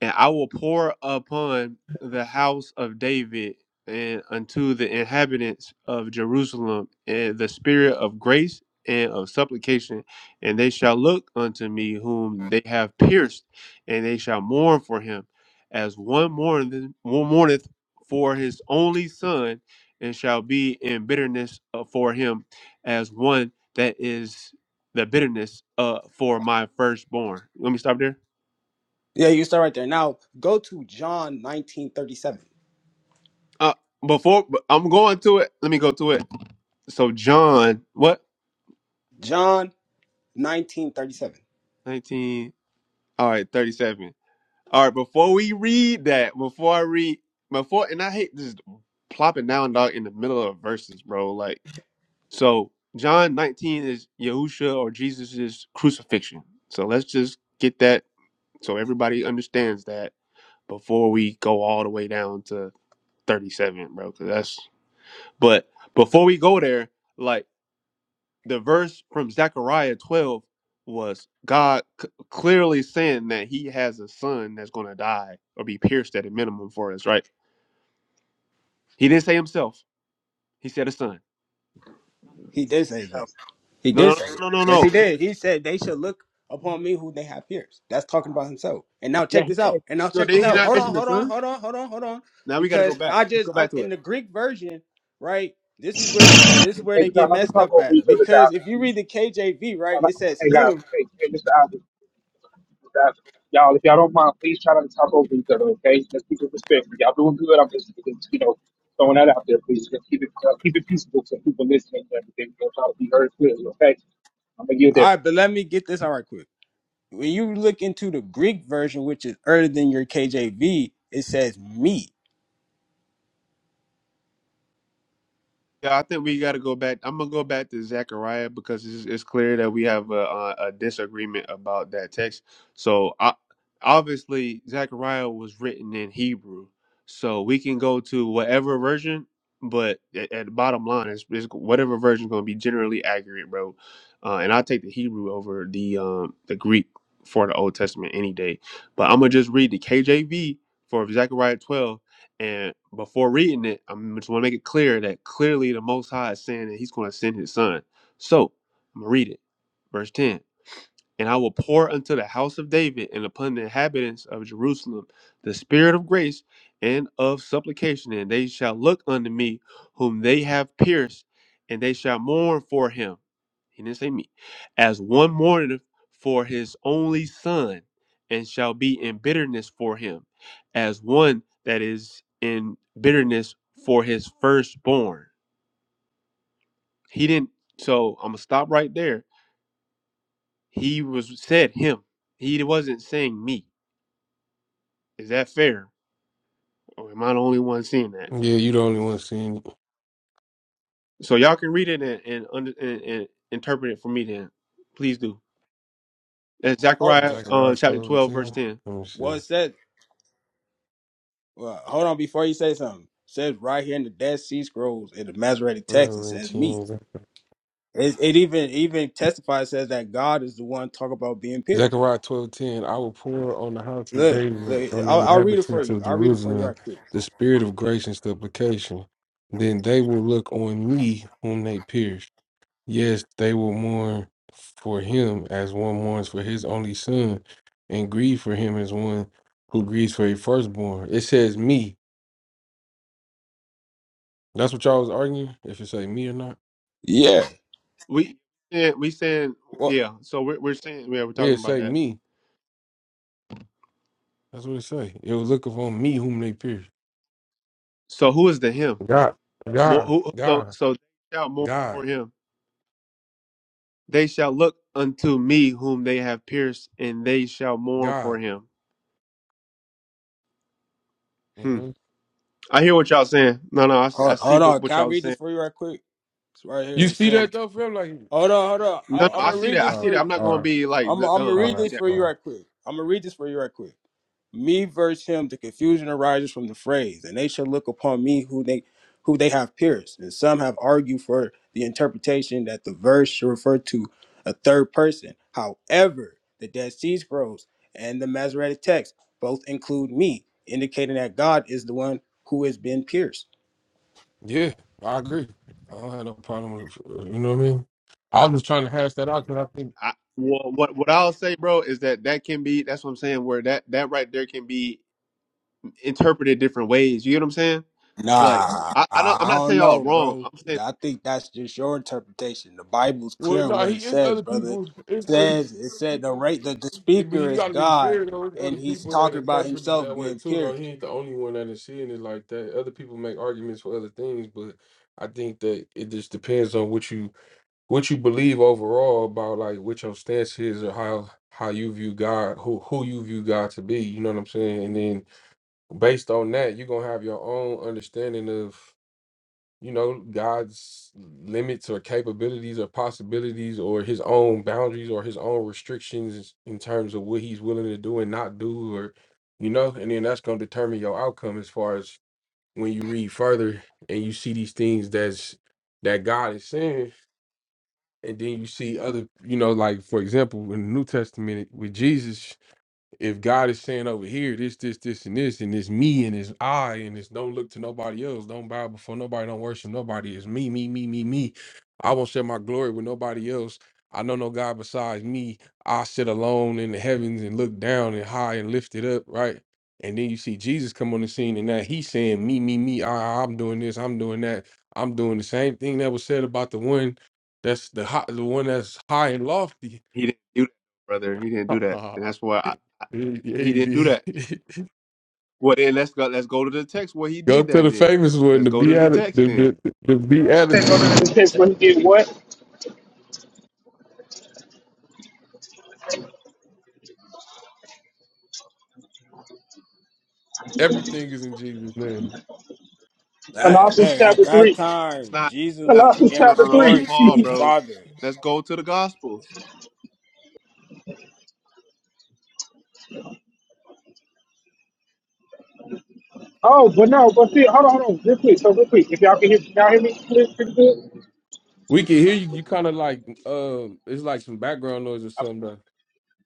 and I will pour upon the house of David and unto the inhabitants of Jerusalem and the spirit of grace and of supplication, and they shall look unto me whom they have pierced, and they shall mourn for him, as one mourneth, one mourneth for his only son, and shall be in bitterness uh, for him, as one that is the bitterness uh, for my firstborn. Let me stop there.
Yeah, you start right there. Now go to John 1937.
Uh, before I'm going to it, let me go to it. So John, what?
John 1937.
19. All right, 37. All right, before we read that, before I read, before, and I hate just plopping down, dog, in the middle of verses, bro. Like, so John 19 is Yahusha or Jesus's crucifixion. So let's just get that so everybody understands that before we go all the way down to 37, bro. Cause that's, but before we go there, like, the verse from Zechariah 12 was God c- clearly saying that he has a son that's going to die or be pierced at a minimum for us, right? He didn't say himself. He said a son.
No, he
He
did say
did say something.
himself.
He
No,
did
no,
say it.
no, no, no.
Yes, he
no. He,
did. He said they should look upon me who they have pierced. That's talking about himself. And now
Yeah,
check
he
this out.
said.
And now
so
check
did
this
he
um,
out.
not
Hold
mention
on,
the
hold on,
son?
hold on, hold on, hold on.
Now we got to go
Because
back.
I
Let's
just
go
I,
back to
in
it.
the Greek version, right? This is where this is where they
And try
get
not to
messed
talk
up
over each
at.
other, guys.
Because if you
please.
read the KJV, right,
Um,
it says
Hey guys,
him.
hey, hey, Mr. Albert, Mr. Albert, y'all, if y'all don't mind, please try not to talk over each other, okay? Let's keep it respectful. Y'all doing good. I'm just, just, you know, throwing that out there, please. Let's keep it, uh, keep it peaceful so people listening and everything. We'll try to be heard clearly, okay? I'm gonna get there.
All right, but let me get this all right quick. When you look into the Greek version, which is earlier than your KJV, it says me.
Yeah, I think we got to go back. I'm gonna go back to Zechariah because it's, it's clear that we have a, a, a disagreement about that text. So I, obviously, Zechariah was written in Hebrew, so we can go to whatever version. But at, at the bottom line, is it's whatever version is gonna be generally accurate, bro. Uh, and I take the Hebrew over the um, the Greek for the Old Testament any day. But I'm gonna just read the KJV for Zechariah 12 and before reading it, I am just want to make it clear that clearly the Most High is saying that He's going to send His Son. So I'm gonna read it, verse ten. And I will pour unto the house of David and upon the inhabitants of Jerusalem the spirit of grace and of supplication, and they shall look unto me whom they have pierced, and they shall mourn for him. He didn't say me, as one mourneth for his only son, and shall be in bitterness for him, as one that is in bitterness for his firstborn. He didn't, so I'm gonna stop right there. He was said him. He wasn't saying me. Is that fair, or am I the only one seeing that?
Yeah, you the only one seeing it.
So y'all can read it and and, under, and, and interpret it for me. Then, please do. That's
Oh,
Zechariah uh,
Zechariah
chapter
12:10.
twelve, verse ten.
Let me see.
well, it says Well, hold on before you say something. says right here in the Dead Sea Scrolls in the Masoretic text, it
12 and
says meat.
10.
It, it even even testifies says that God is the one talk about being pierced.
Zechariah 12:10. I will pour on the house of
Look,
David,
look
on the
I'll, I'll read it for
inhabitants
you.
of
I'll read it for you
Jerusalem,
right quick.
the spirit of grace and supplication. Then they will look on me whom they pierced. Yes, they will mourn for him as one mourns for his only son, and grieve for him as one who grieves for a firstborn. It says me. That's what y'all was arguing, if it say me or not.
Yeah.
We yeah, we saying
Well,
yeah. So we're we're saying yeah, we're
Yeah,
talking
it
about
say
that.
me. That's what it say. It was looking for me whom they pierced.
So who is the him?
God,
More,
God,
who, so
God,
so they shall mourn
God,
for him. They shall look unto me whom they have pierced, and they shall mourn for
God.
him. Hmm.
hmm
I hear what y'all saying. No, no, I, see- I
Hold,
see
hold
what,
on.
what
Can I
y'all are
read
saying.
this for you right quick? It's right
You
here. It
see
says,
that though, Phil? Like,
hold on, hold on.
No, no,
I, I'm
I
okay.
gonna
see
read
that. I
this
Uh,
see
for
that.
you.
I'm not
all
going to
right,
be like
I'm,
d-
I'm gonna
dumb. I
all
read
right,
see that.
this for
all
you
right.
right quick. I'm gonna read this for you right quick. Me versus him, the confusion arises from the phrase, and they shall look upon me who they who they have pierced. And some have argued for the interpretation that the verse should refer to a third person. However, the Dead Sea Scrolls and the Masoretic text both include me, indicating that God is the one who has been pierced.
Yeah, I agree. I don't have no problem with, you know what I mean? I was just trying to hash that out because I think
I, well, what what I'll say, bro, is that that can be. That's what I'm saying. Where that that right there can be interpreted different ways. You get what I'm saying?
Nah,
Like
I
I, I
I
don't. I'm not
don't
saying y'all
know,
wrong.
bro.
I'm saying
I think that's just your interpretation. The Bible's
Well,
clear on
no,
what it
he is
says,
other
brother. It
people. It's other,
says it said the right the, the
yeah, but
speaker
you
is
got to be
God
fair though. It's other
and he's
people that
talking about
interpret it
himself
that way
being
too. Though he
pierced.
ain't the only one that is seeing it like that. Other people make arguments for other things, but I think that it just depends on what you what you believe overall about like what your stance is or how how you view God, who who you view God to be. You know what I'm saying? And then based on that, you're gonna have your own understanding of you know, God's limits or capabilities or possibilities or his own boundaries or his own restrictions in terms of what he's willing to do and not do or you know, and then that's gonna determine your outcome as far as when you read further and you see these things that's that God is saying, and then you see other, you know, like for example, in the New Testament with Jesus, if God is saying over here, this, this, this, and this, and it's me and it's I, and it's don't look to nobody else, don't bow before nobody, don't worship nobody, it's me, me, me, me, me. I won't share my glory with nobody else. I know no God besides me. I sit alone in the heavens and look down and high and lifted up, right? And then you see Jesus come on the scene and now he's saying, Me, me, me, I, I, I'm doing this, I'm doing that, I'm doing the same thing that was said about the one that's the high, the one that's high and lofty
he didn't do that, brother. He didn't
[laughs]
do that, and that's why I,
he,
I,
yeah,
he
he
didn't do
did.
that.
[laughs]
Well, then let's go. Let's go to the text where he
Go
did
to
that.
the
Then
famous one.
let's
The
go to the
beati-
text.
the,
Then
the, the
Take over the
beatitudes.
text when he did what?
Everything is in Jesus' name.
That,
Colossians
hey, at
chapter
that
three.
that's
time,
not.
Jesus
not
was
Colossians
no,
giving
chapter
no, no. That's
glory to
Paul,
his
three.
bro.
father.
Let's go to the Gospels.
[laughs] oh, but no, but see, hold on, hold on, real quick. So real quick, if y'all can hear, can y'all hear me pretty, pretty good.
We can hear you. You kind of like um, it's like some background noise or something. though.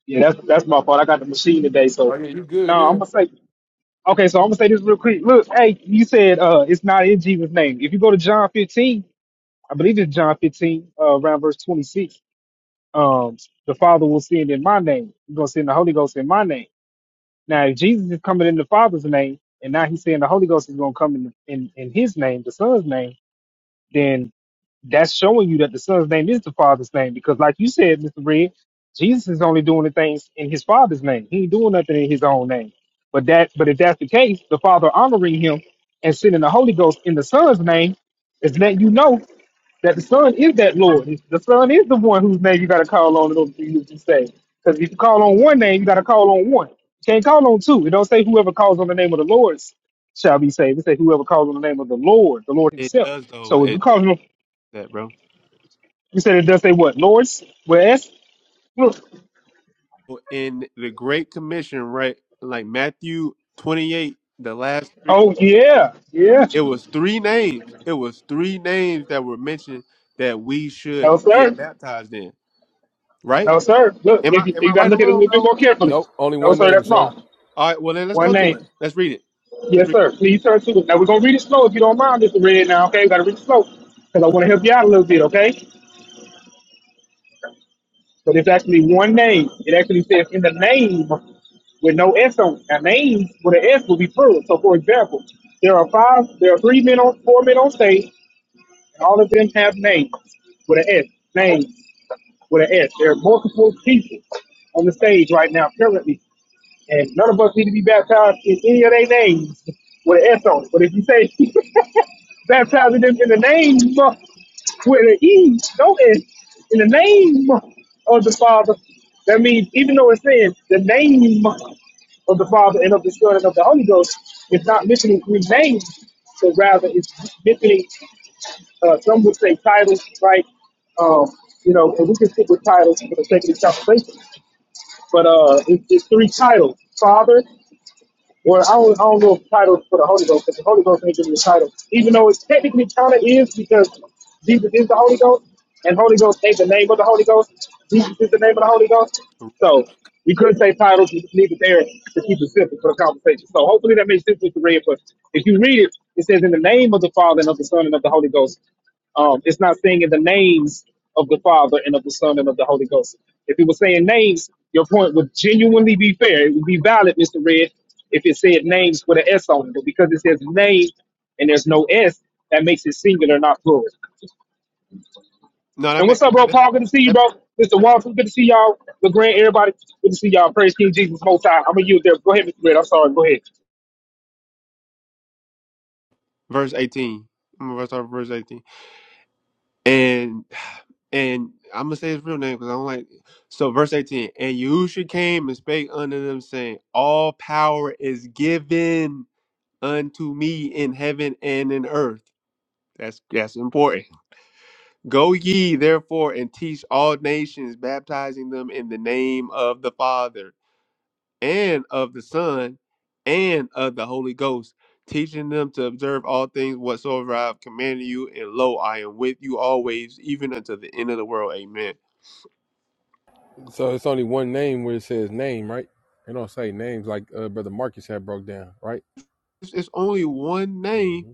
Yeah, that's that's my fault. I got the machine today,
Oh
so
yeah, you good
no, I'm
now?
gonna say Okay, so I'm gonna say this real quick. Look, hey, you said uh it's not in Jesus' name. If you go to John 15, I believe it's John 15, uh, around verse 26. Um, the Father will send in my name. He's gonna send the Holy Ghost in my name. Now, if Jesus is coming in the Father's name, and now he's saying the Holy Ghost is gonna come in in, in His name, the Son's name, Then that's showing you that the son's name is the father's name because like you said mr red jesus is only doing the things in his father's name he ain't doing nothing in his own name but that but if that's the case the father honoring him and sending the holy ghost in the son's name is letting you know that the son is that lord the son is the one whose name you got to call on in order for you to be saved because if you call on one name you got to call on one you can't call on two it don't say whoever calls on the name of the Lord shall be saved it say whoever calls on the name of the lord the lord
It
himself
does though.
so if we
It
call him
that, bro.
you said it does say what? Lords? West? Look.
So, in the Great Commission, right? Like Matthew 28, the last three,
Oh, yeah. Yeah.
it was three names. It was three names that were mentioned that we should
No,
get
sir.
baptized in, right?
No, sir. Look,
Am I
if you,
am I
you got to
right or
look at it a
wrong,
little bit
bro?
more carefully.
Nope, only
No,
one
sir,
name,
that's
sir.
wrong.
All right, well then let's
One
go to
name.
it. Let's read it. Let's
Yes,
read
sir. Please turn to it. Now, we're going to read it slow if you don't mind, Mr. Red, now, okay? we got to read it slow because I want to help you out a little bit, okay? But it's actually one name. It actually says in the name with no S on it. Now, names with an S will be plural. So, for example, there are five, there are three men on, four men on stage. and all of them have names with an S. Names with an S. There are multiple people on the stage right now currently, and none of us need to be baptized in any of their names with an S on it. But if you say [laughs] baptizing them in the name with an E, no S, in the name of the Father, that means even though it's saying the name of the Father and of the Son and of the Holy Ghost, it's not mentioning three names, but rather it's mentioning uh, some would say titles, right? Um, you know, and we can stick with titles for the sake of this conversation. But uh, it, it's three titles: Father. Well, I don't, I don't know if title for the Holy Ghost, because the Holy Ghost ain't giving the title. Even though it technically kind of is, because Jesus is the Holy Ghost, and Holy Ghost ain't the name of the Holy Ghost. Jesus is the name of the Holy Ghost.
it.
So we could say titles, we just leave it there to keep it simple for the conversation. So hopefully that makes sense with the read. But if you read it, it says in the name of the Father and of the Son and of the Holy Ghost. Um, it's not saying in the names of the Father and of the Son and of the Holy Ghost. If it was saying names, your point would genuinely be fair. It would be valid, Mr. Red. If it said names with an S on it, but because it says name and there's no S, that makes it singular, not plural.
No, that
And
meant
what's up, bro?
that,
Paul, good to see you,
that,
bro. Mr.
that-
Walton, good to see y'all. LeGrand, everybody, good to see y'all. Praise King Jesus Most High. I'm gonna use there. Go ahead, Mr. Red. I'm sorry. Go ahead.
verse 18. I'm gonna start with verse 18. And. And I'm gonna say his real name because I don't like. So verse 18, and Yahusha came and spake unto them, saying, All power is given unto me in heaven and in earth. That's that's important. Go ye therefore and teach all nations, baptizing them in the name of the Father and of the Son and of the Holy Ghost, teaching them to observe all things whatsoever I have commanded you. And lo, I am with you always, even unto the end of the world. Amen.
So it's only one name where it says name, right? They don't say names like uh, brother Marcus had broke down, right?
it's only one name.
hmm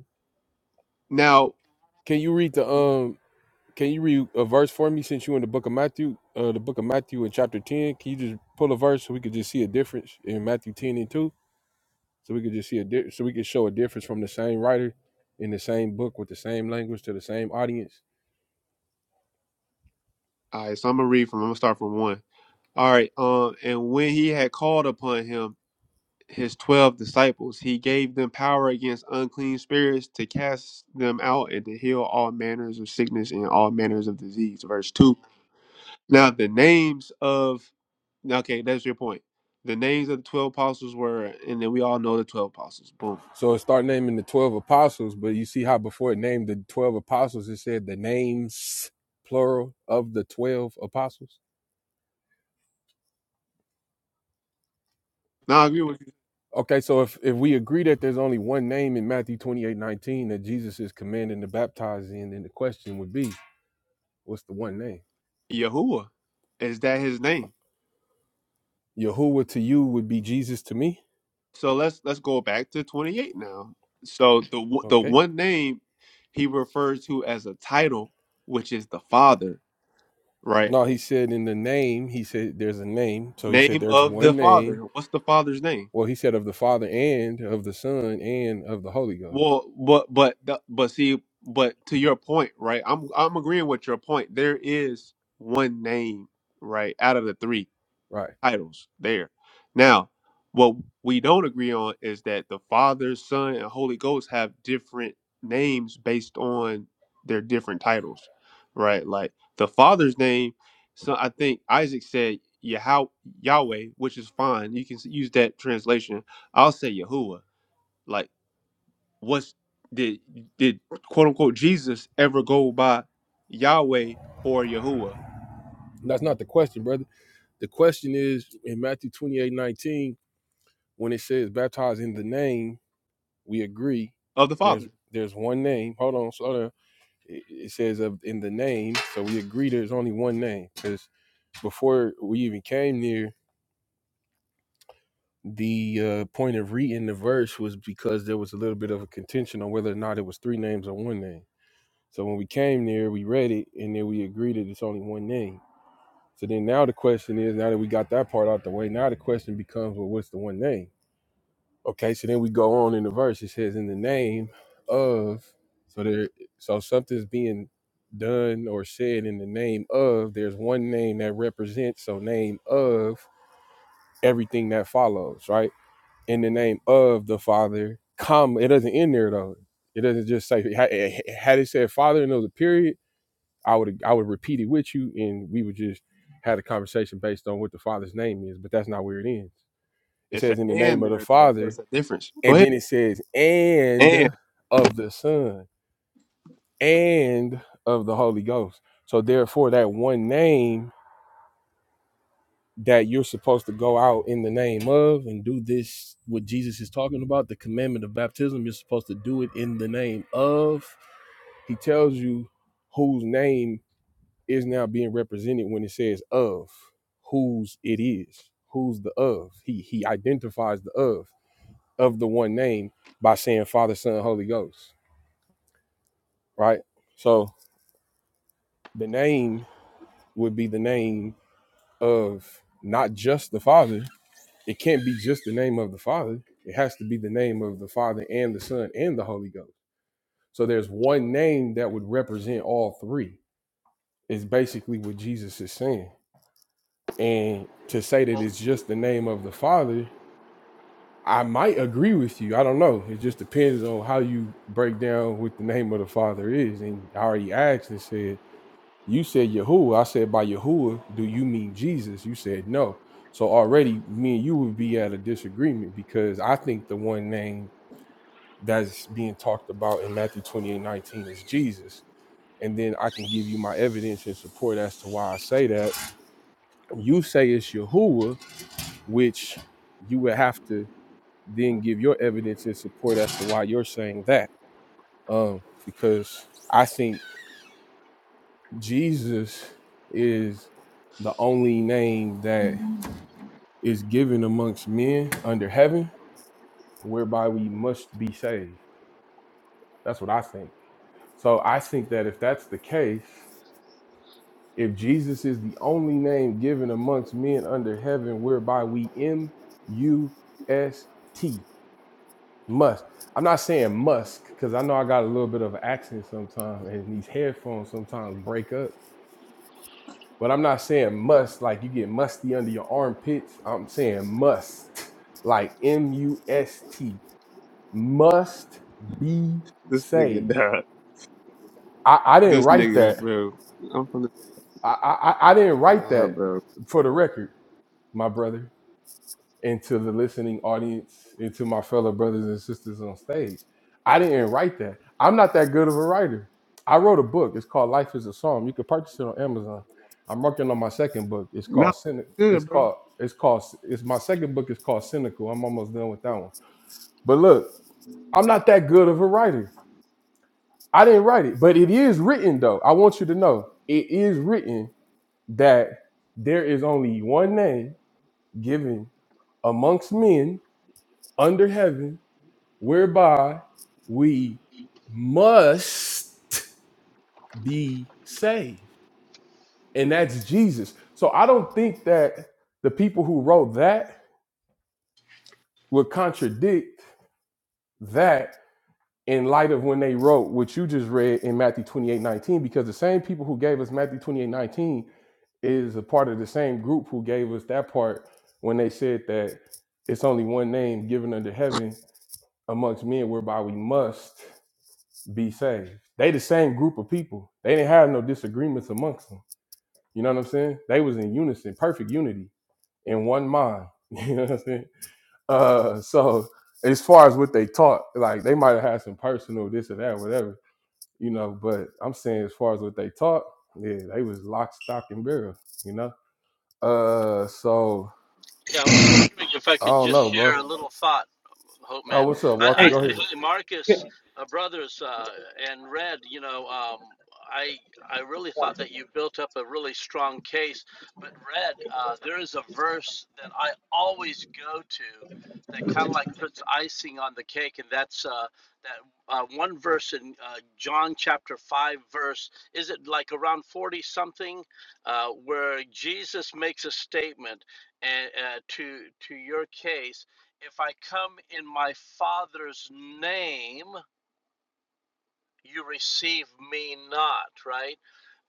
Now,
Can you read the
all
um? Can you read a verse for me since you in the book of Matthew, uh, the book of Matthew in chapter 10? Can you just pull a verse so we could just see a difference in Matthew 10 and 2? So we could just see a di- so we could show a difference from the same writer in the same book with the same language to the same audience.
right, so I'm gonna read from. I'm gonna start from one. All right. Um, and when he had called upon him his twelve disciples, he gave them power against unclean spirits to cast them out and to heal all manners of sickness and all manners of disease. Verse two. Now the names of now, okay, that's your point. The names of the twelve apostles were, and then we all know the twelve apostles. Boom.
So it start naming the 12 apostles, but you see how before it named the 12 apostles, it said the names plural of the 12 apostles.
Now I agree with
Okay, so if, if we agree that there's only one name in Matthew 28 19 that Jesus is commanding to baptize in, then the question would be, what's the one name?
you. Yahuwah is that his name?
Yahuwah to you would be Jesus to me.
So let's let's go back to 28 now. So the one- the
Okay.
one name he refers to as a title, which is the Father, right?
No, he said in the name, he said there's a name. So he said
Name
there's
of the
one
Father.
name.
What's the Father's name?
Well, he said of the Father and of the Son and of the Holy Ghost.
Well, but but the- but see, but to your point, right? I'm I'm agreeing with your point. There is one name, right, out of the three.
Right.
titles there. Now, what we don't agree on is that the Father, Son, and Holy Ghost have different names based on their different titles, right? Like the Father's name, so I think Isaac said Yahweh, Yahweh, which is fine. You can s- use that translation. I'll say Yahuwah. Like, what's did did quote unquote Jesus ever go by Yahweh or Yahuwah
That's not the question, brother. The question is in Matthew 28 19 when it says baptize in the name, we agree
of the Father?
there's there's one name. Hold on, slow down. It, it says of in the name, so we agree there's only one name because before we even came near the uh, point of reading the verse was because there was a little bit of a contention on whether or not it was three names or one name. So when we came there, we read it and then we agreed that it's only one name. So then now the question is, now that we got that part out the way, now the question becomes, well, what's the one name? Okay, so then we go on in the verse. It says, "In the name of," so there, so something's being done or said in the name of. There's one name that represents. So name of everything that follows, right? In the name of the Father, comma. It doesn't end there though. It doesn't just say. Had had it said Father and there was a period, I would I would repeat it with you, and we would just had a conversation based on what the Father's name is. But that's not where it ends. It
It's an
says, "In the name
and
of the
there though, so
Father."
it's a difference. Go
And then it says, and
ahead.
of the Son and of the Holy Ghost. So therefore, that one name that you're supposed to go out in the name of and do this, what Jesus is talking about, the commandment of baptism, you're supposed to do it in the name of. He tells you whose name is now being represented when it says of, whose it is, who's the of. He he identifies the of of the one name by saying Father, Son, Holy Ghost. right? So the name would be the name of not just the Father. It can't be just the name of the Father. It has to be the name of the Father and the Son and the Holy Ghost. So there's one name that would represent all three, is basically what Jesus is saying. And to say that it's just the name of the Father, I might agree with you. I don't know. It just depends on how you break down what the name of the Father is. And I already asked and said, You said Yahuwah. I said by Yahuwah, do you mean Jesus? You said no. So already me and you would be at a disagreement because I think the one name that's being talked about in Matthew 28 19 is Jesus. And then I can give you my evidence and support as to why I say that. You say it's Yahuwah, which you would have to then give your evidence and support as to why you're saying that. Um, because I think Jesus is the only name that is given amongst men under heaven, whereby we must be saved. That's what I think. So I think that if that's the case, if Jesus is the only name given amongst men under heaven, whereby we M U S T must. I'm not saying musk because I know I got a little bit of an accent sometimes, and these headphones sometimes break up. But I'm not saying must like you get musty under your armpits. I'm saying must like M U S T must be
This nigga
saved.
died.
I, I didn't
This
write
nigga,
that.
bro. I'm from the
I, I, I didn't write
nah,
that
bro.
for the record, my brother, and to the listening audience, and to my fellow brothers and sisters on stage. I didn't write that. I'm not that good of a writer. I wrote a book. It's called Life is a Psalm. You can purchase it on Amazon. I'm working on my second book. It's
No,
called Cynic. It's
good, bro.
called it's called it's my second book is called Cynical. I'm almost done with that one. But look, I'm not that good of a writer. I didn't write it, but it is written though. I want you to know it is written that there is only one name given amongst men under heaven whereby we must be saved, and that's Jesus. So I don't think that the people who wrote that would contradict that in light of when they wrote what you just read in Matthew 28 19, because the same people who gave us Matthew 28 19. is a part of the same group who gave us that part when they said that it's only one name given under heaven amongst men whereby we must be saved. They the same group of people. They didn't have no disagreements amongst them. You know what I'm saying? They was in unison, perfect unity, in one mind. [laughs] You know what I'm saying? Uh, so as far as what they taught, like they might have had some personal this or that, whatever, you know. But I'm saying as far as what they taught, yeah, they was lock, stock, and barrel. You know. Uh, so
Yeah, I was wondering if I
I
could
don't
just
know,
share
bro.
a little thought, Hope
Oh,
Man.
what's up, Walter?
Hey,
I, I
Go ahead.
hey, Marcus uh, Brothers uh, and Red, you know, um, I I really thought that you built up a really strong case, but Red, uh, there is a verse that I always go to that kind of like puts icing on the cake, and that's uh, that uh, one verse in uh, John chapter five, verse is it like around forty something, uh, where Jesus makes a statement and uh, to to your case if i come in my father's name you receive me not right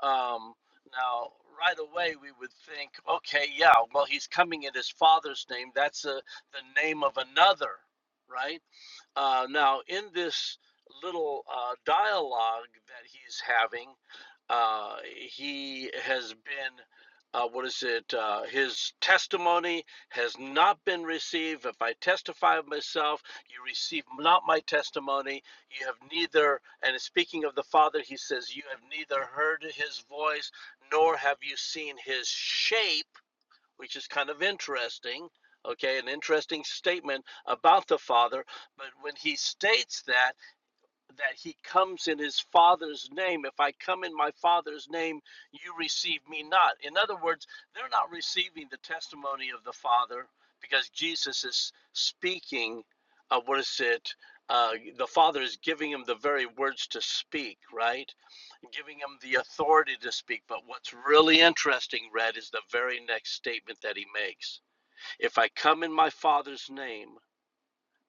um, now right away we would think okay yeah well he's coming in his father's name that's uh the name of another right uh, now, in this little uh, dialogue that he's having, uh, he has been, uh, what is it? Uh, his testimony has not been received. If I testify of myself, you receive not my testimony. You have neither, and speaking of the Father, he says, You have neither heard his voice nor have you seen his shape which is kind of interesting. Okay, an interesting statement about the Father. But when he states that, that he comes in his Father's name, if I come in my Father's name, you receive me not. In other words, they're not receiving the testimony of the Father because Jesus is speaking, uh, what is it? Uh, the Father is giving him the very words to speak, right? giving him the authority to speak. But what's really interesting, Red, is the very next statement that he makes If I come in my Father's name,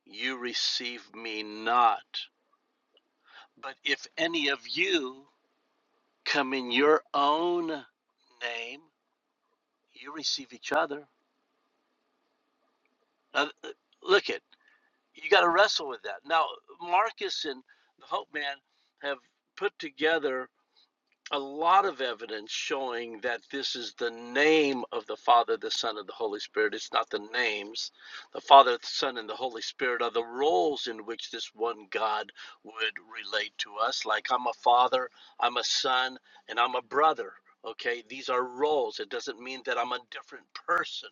you receive me not. But if any of you come in your own name, you receive each other. Now, uh, look at you got to wrestle with that. Now, Marcus and the Hope Man have put together a lot of evidence showing that this is the name of the Father, the Son, and the Holy Spirit. It's not the names. The Father, the Son, and the Holy Spirit are the roles in which this one God would relate to us. Like I'm a father, I'm a son, and I'm a brother. Okay, these are roles. It doesn't mean that I'm a different person.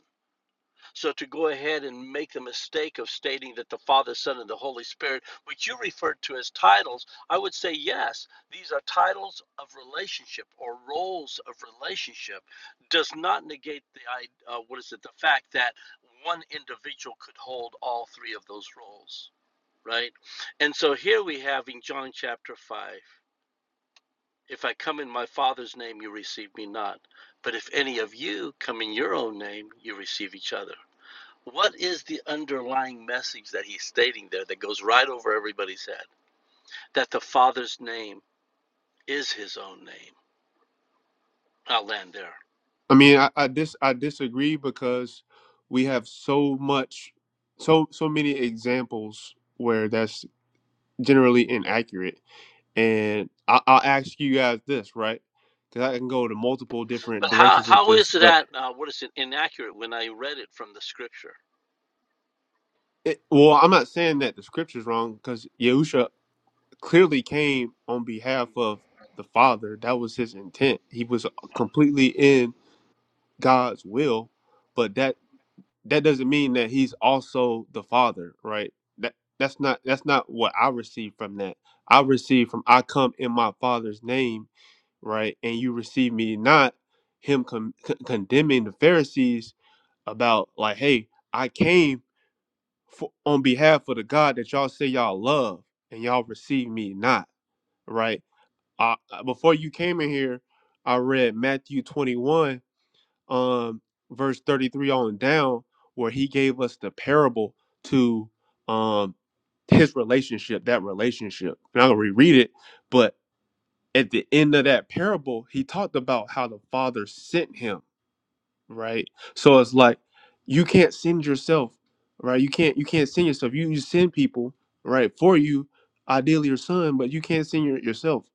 So to go ahead and make the mistake of stating that the Father, Son, and the Holy Spirit, which you referred to as titles, I would say yes, these are titles of relationship or roles of relationship. Does not negate the uh, what is it? The fact that one individual could hold all three of those roles, right? And so here we have in John chapter five. If I come in my Father's name, you receive me not. But if any of you come in your own name, you receive each other what is the underlying message that he's stating there that goes right over everybody's head? That the Father's name is his own name. I'll land there.
I mean, I, I dis I disagree because we have so much, so so many examples where that's generally inaccurate. And I, I'll ask you guys this, right? Because I can go to multiple different
But how,
directions with
how
this,
is
but
that, uh, what is it, inaccurate when I read it from the scripture?
it, well, I'm not saying that the scripture's wrong because Yahusha clearly came on behalf of the Father. That was his intent. He was completely in God's will, but that that doesn't mean that he's also the father, right? That that's not that's not what I receive from that. I receive from I come in my father's name, right? And you receive me not him con- con- condemning the Pharisees about like, hey, I came for, on behalf of the God that y'all say y'all love and y'all receive me not, right? Uh, before you came in here, I read Matthew 21 um, verse 33 on down, where he gave us the parable to um, his relationship, that relationship. And I'll reread it, but at the end of that parable, he talked about how the father sent him right? So it's like you can't send yourself, right? You can't you can't send yourself. You, you send people, right, for you, ideally your son, but you can't send your, yourself.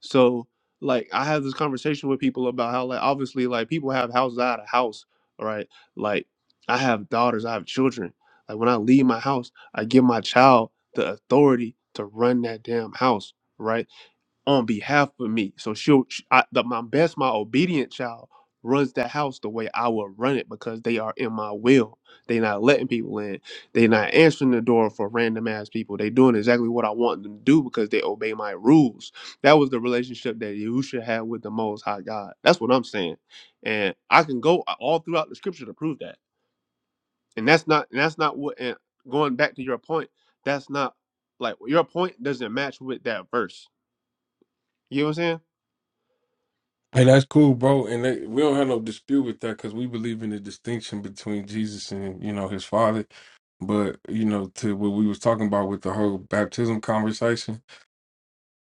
So like I have this conversation with people about how like obviously like people have houses out of house, right? Like I have daughters, I have children. Like when I leave my house, I give my child the authority to run that damn house, right? on behalf of me. So she'll, she, I, the, my best, my obedient child runs the house the way I would run it because they are in my will. They not letting people in. They not answering the door for random ass people. They doing exactly what I want them to do because they obey my rules. That was the relationship that Yahusha had with the Most High God. That's what I'm saying, and I can go uh, all throughout the Scripture to prove that. And that's not, and that's not what. And going back to your point, that's not like your point doesn't match with that verse. You know what I'm saying?
Hey, that's cool, bro. And that, we don't have no dispute with that because we believe in the distinction between Jesus and you know his father. But you know, to what we was talking about with the whole baptism conversation.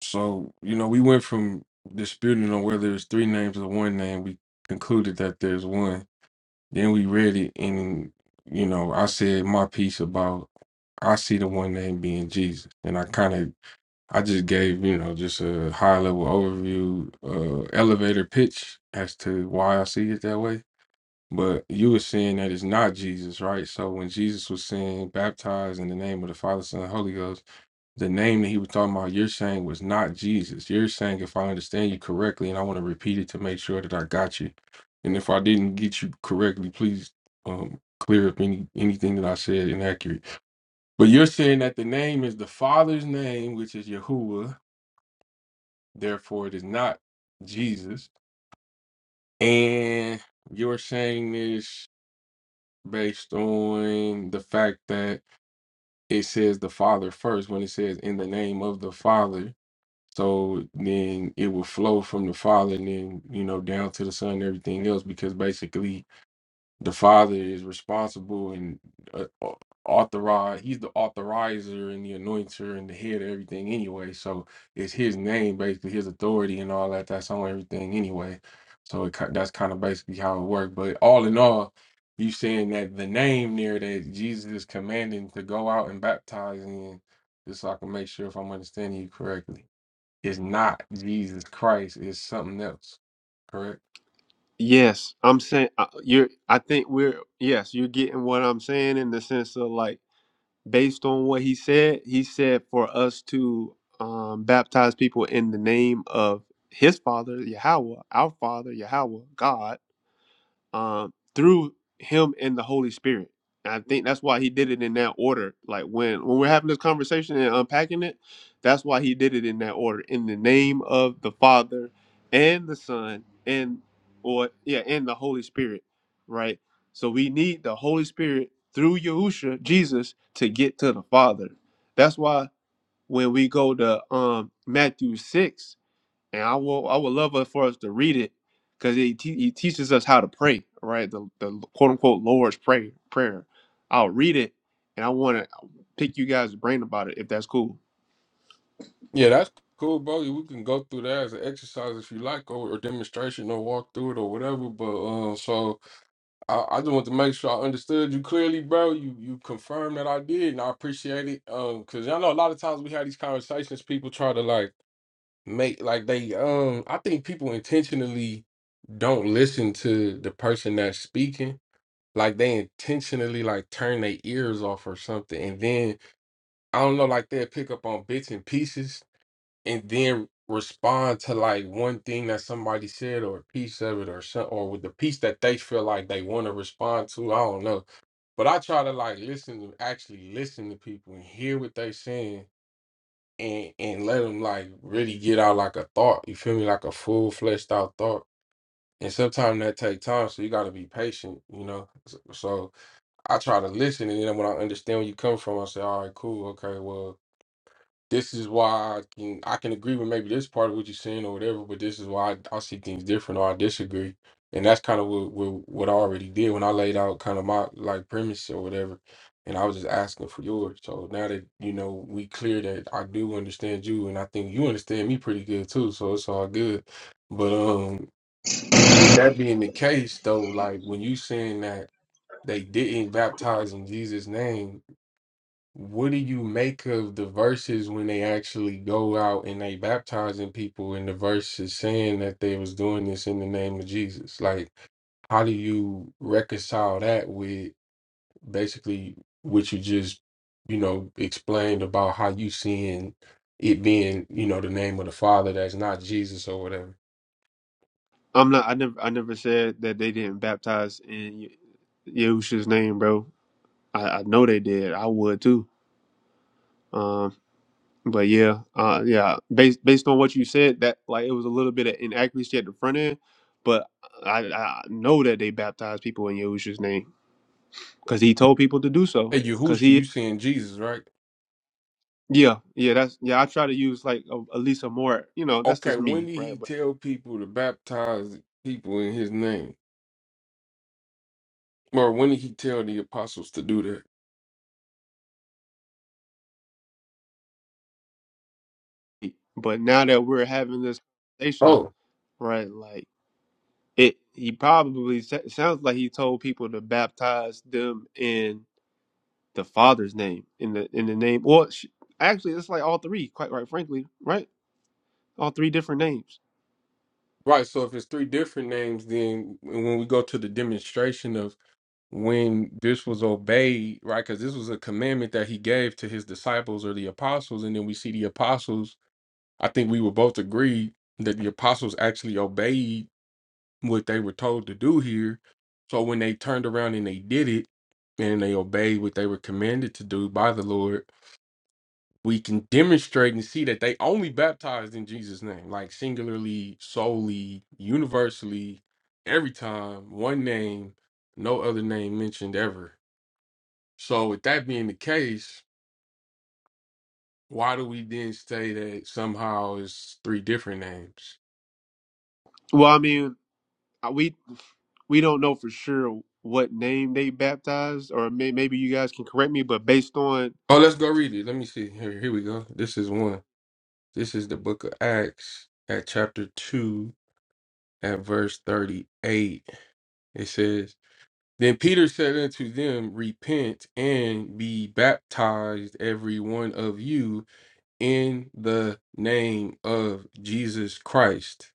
So you know, we went from disputing on whether it's three names or one name. We concluded that there's one. Then we read it, and you know, I said my piece about I see the one name being Jesus, and I kind of I just gave, you know, just a high level overview, uh, elevator pitch as to why I see it that way. But you were saying that it's not Jesus, right? So when Jesus was saying baptize in the name of the Father, Son, and Holy Ghost, the name that he was talking about, you're saying was not Jesus. You're saying, if I understand you correctly, and I want to repeat it to make sure that I got you. And if I didn't get you correctly, please um, clear up any anything that I said inaccurate. But you're saying that the name is the Father's name, which is Yahuwah Therefore, it is not Jesus. And you're saying this based on the fact that it says the Father first when it says in the name of the Father. So then it will flow from the Father and then, you know, down to the Son and everything else because basically The Father is responsible and uh, au- authorize. He's the authorizer and the anointer and the head of everything anyway. So it's his name, basically his authority and all that. That's on everything anyway. So it, ki- that's kind of basically how it works. But all in all, you saying that the name there that Jesus is commanding to go out and baptize in, just so I can make sure if I'm understanding you correctly, is not Jesus Christ. It's something else. Correct.
Yes, I'm saying uh, you're. I think we're. Yes, you're getting what I'm saying in the sense of like, based on what he said, he said for us to um, baptize people in the name of his father Yahweh, our father Yahweh, God um, through him and the Holy Spirit. And I think that's why he did it in that order. Like when when we're having this conversation and unpacking it, that's why he did it in that order. In the name of the Father and the Son and or yeah, and the Holy Spirit, right? So we need the Holy Spirit through Yahusha, Jesus, to get to the Father. That's why when we go to um Matthew 6 and I will I would love it for us to read it because it, te- it teaches us how to pray, right? The, the quote unquote Lord's pray Prayer. I'll read it, and I want to pick you guys' brain about it if that's cool.
Yeah, that's cool, bro. We can go through that as an exercise if you like, or a demonstration, or walk through it, or whatever. But um, so I, I just want to make sure I understood you clearly, bro. You you confirmed that I did, and I appreciate it. Um, because I know a lot of times we have these conversations, people try to like make like they um, I think people intentionally don't listen to the person that's speaking. Like they intentionally like turn their ears off or something, and then I don't know, like they'll pick up on bits and pieces and then respond to like one thing that somebody said or a piece of it or some, or with the piece that they feel like they want to respond to. I don't know. But I try to like listen to actually listen to people and hear what they saying and and let them like really get out like a thought. You feel me? Like a full fleshed out thought. And sometimes that take time, so you got to be patient, you know. So, so I try to listen, and then when I understand where you come from, I say, "All right, cool, okay, well, this is why I can I can agree with maybe this part of what you're saying or whatever, but this is why I, I see things different or I disagree. And that's kind of what, what what I already did when I laid out kind of my like premise or whatever, and I was just asking for yours. So now that you know we clear that I do understand you, and I think you understand me pretty good too. So it's all good. But um, with that being the case, though, like when you saying that they didn't baptize in Jesus' name, what do you make of the verses when they actually go out and they baptizing people and the verses saying that they was doing this in the name of Jesus? Like, how do you reconcile that with basically what you just, you know, explained about how you seeing it being, you know, the name of the Father that's not Jesus or whatever?
I'm not. I never. I never said that they didn't baptize in Ye- Yahusha's name, bro. I, I know they did. I would too. Um, but yeah, uh, yeah. Based based on what you said, that like it was a little bit of inaccuracy at the front end, but I, I know that they baptized people in Yahushua's name because he told people to do so.
Hey,
Because
Yahushua, you
he,
seeing Jesus, right?
yeah, yeah, that's yeah. I try to use like a, at least a more, you know, that's
Okay,
just
when
me,
did
right?
he
But
tell people to baptize people in his name? Or when did he tell the apostles to do that?
but now that we're having this conversation,
Oh,
right? Like it, he probably sa- sounds like he told people to baptize them in the Father's name, in the in the name, Well, sh- actually, it's like all three, quite right, frankly, right? All three different names.
right. So if it's three different names, then when we go to the demonstration of when this was obeyed, right? Because this was a commandment that he gave to his disciples or the apostles, and then we see the apostles. I think we would both agree that the apostles actually obeyed what they were told to do here. So when they turned around and they did it, and they obeyed what they were commanded to do by the Lord, we can demonstrate and see that they only baptized in Jesus' name, like singularly, solely, universally, every time, one name, no other name mentioned ever. So, with that being the case, why do we then say that somehow it's three different names?
Well, I mean, uh, we we don't know for sure what name they baptized, or may, maybe you guys can correct me, but based on
Oh, let's go read it. Let me see. Here, here we go. This is one. This is the book of Acts at chapter 2 at verse 38. It says, Then Peter said unto them, Repent and be baptized, every one of you, in the name of Jesus Christ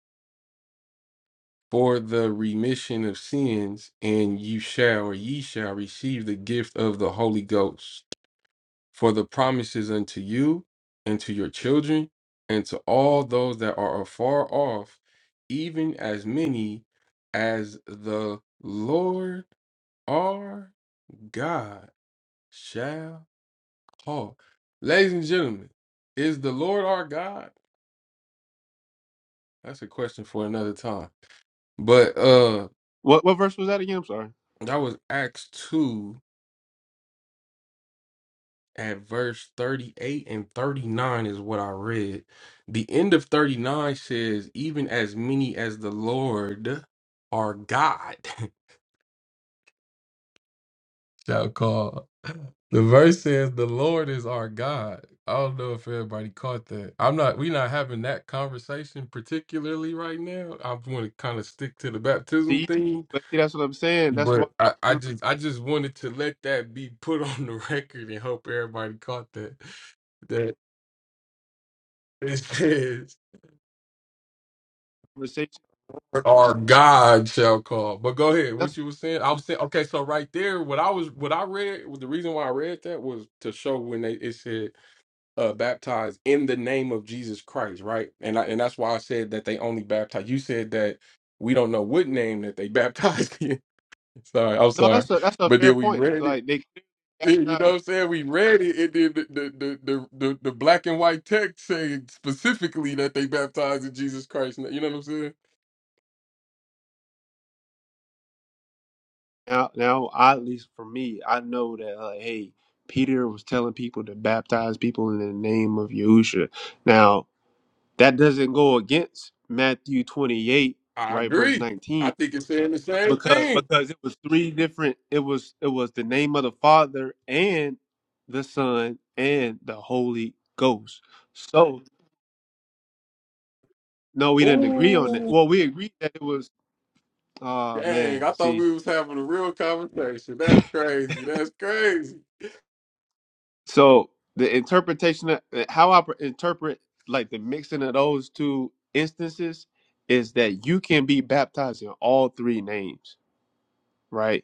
for the remission of sins, and you shall or ye shall receive the gift of the Holy Ghost. For the promises unto you, and to your children, and to all those that are afar off, even as many as the Lord our God shall call. Ladies and gentlemen, is the Lord our God? That's a question for another time. But uh
What what verse was that again? I'm sorry.
that was Acts 2 at verse 38 and 39 is what I read. The end of 39 says, even as many as the Lord our God. [laughs] Shall call. The verse says, "The Lord is our God." I don't know if everybody caught that. I'm not. We're not having that conversation particularly right now. I want to kind of stick to the baptism
See,
thing,
but see, that's what I'm saying. That's why
but I, I
mm,
just, I just wanted to let that be put [laughs] on the record and hope everybody caught that. That it says,
conversation.
"Our God shall call." But go ahead. What
That's
you were saying? I was saying. Okay, so right there, what I was, what I read, the reason why I read that was to show when they it said uh, baptized in the name of Jesus Christ, right? And I, and that's why I said that they only baptize. You said that we don't know what name that they baptized. [laughs] in. sorry, I'm
no,
sorry,
that's a that's a
but
fair
then we
point.
read it.
Like they
eh,
that's
You
not-
know what I'm saying? We read it, and then the the the the, the, the black and white text saying specifically that they baptized in Jesus Christ. You know what I'm saying?
now now I, at least for me, I know that like hey, Peter was telling people to baptize people in the name of Yahusha. Now that doesn't go against Matthew 28,
I
right, verse
agree.
19.
I think it's saying the same
because
thing.
because it was three different it was it was the name of the father and the son and the holy ghost so no we didn't agree on that
Ooh,
well we agreed that it was oh
dang!
man
I thought
see
we was having a real conversation.
[laughs]
That's crazy. That's crazy.
so the interpretation of how i per- interpret like the mixing of those two instances is that you can be baptized in all three names right?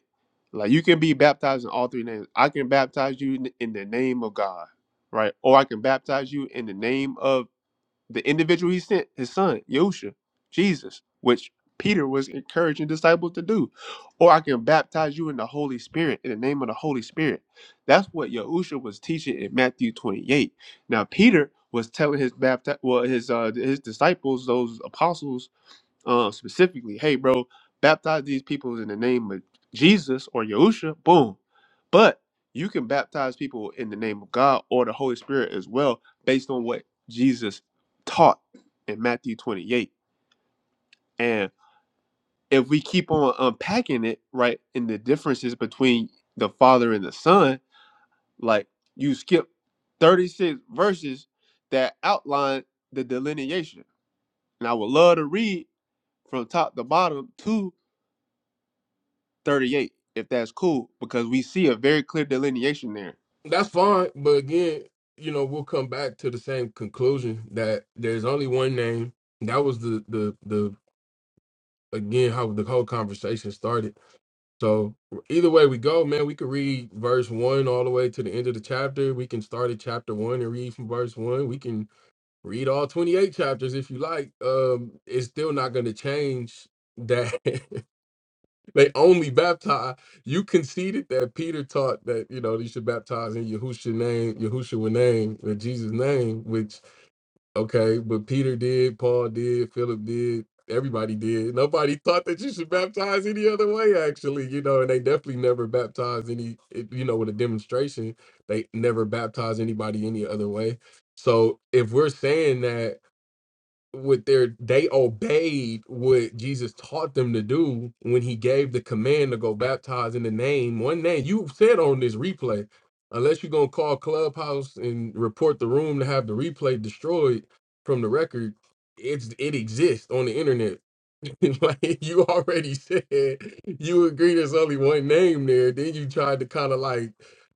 Like you can be baptized in all three names. I can baptize you in in the name of God, right? Or I can baptize you in the name of the individual he sent, his son, Yosha, Jesus, which Peter was encouraging disciples to do. Or I can baptize you in the Holy Spirit, in the name of the Holy Spirit. That's what Yahusha was teaching in Matthew 28. Now Peter was telling his bapti- well, his uh, his disciples, those apostles, uh, specifically, hey, bro, baptize these people in the name of Jesus or Yahusha, boom. But you can baptize people in the name of God or the Holy Spirit as well, based on what Jesus taught in Matthew 28. And if we keep on unpacking it, right, in the differences between the Father and the Son, like you skip 36 verses that outline the delineation. And I would love to read from top to bottom too 38, if that's cool, because we see a very clear delineation there.
That's fine, but again, you know, we'll come back to the same conclusion that there's only one name. That was the the the again how the whole conversation started. So either way we go, man, we could read verse one all the way to the end of the chapter. We can start at chapter one and read from verse one. We can read all twenty eight chapters if you like. Um, it's still not going to change that [laughs] they only baptize. You conceded that Peter taught that you know they should baptize in Yahushua name, Yahushua name, in Jesus name. Which okay, but Peter did, Paul did, Philip did, everybody did. Nobody thought that you should baptize any other way. Actually, you know, and they definitely never baptized any. it- You know, with a demonstration, they never baptized anybody any other way. So if we're saying that what their they obeyed what Jesus taught them to do when he gave the command to go baptize in the name one name you said on this replay unless you're going to call clubhouse and report the room to have the replay destroyed from the record it's it exists on the internet [laughs] like you already said you agree there's only one name there. Then you tried to kind of like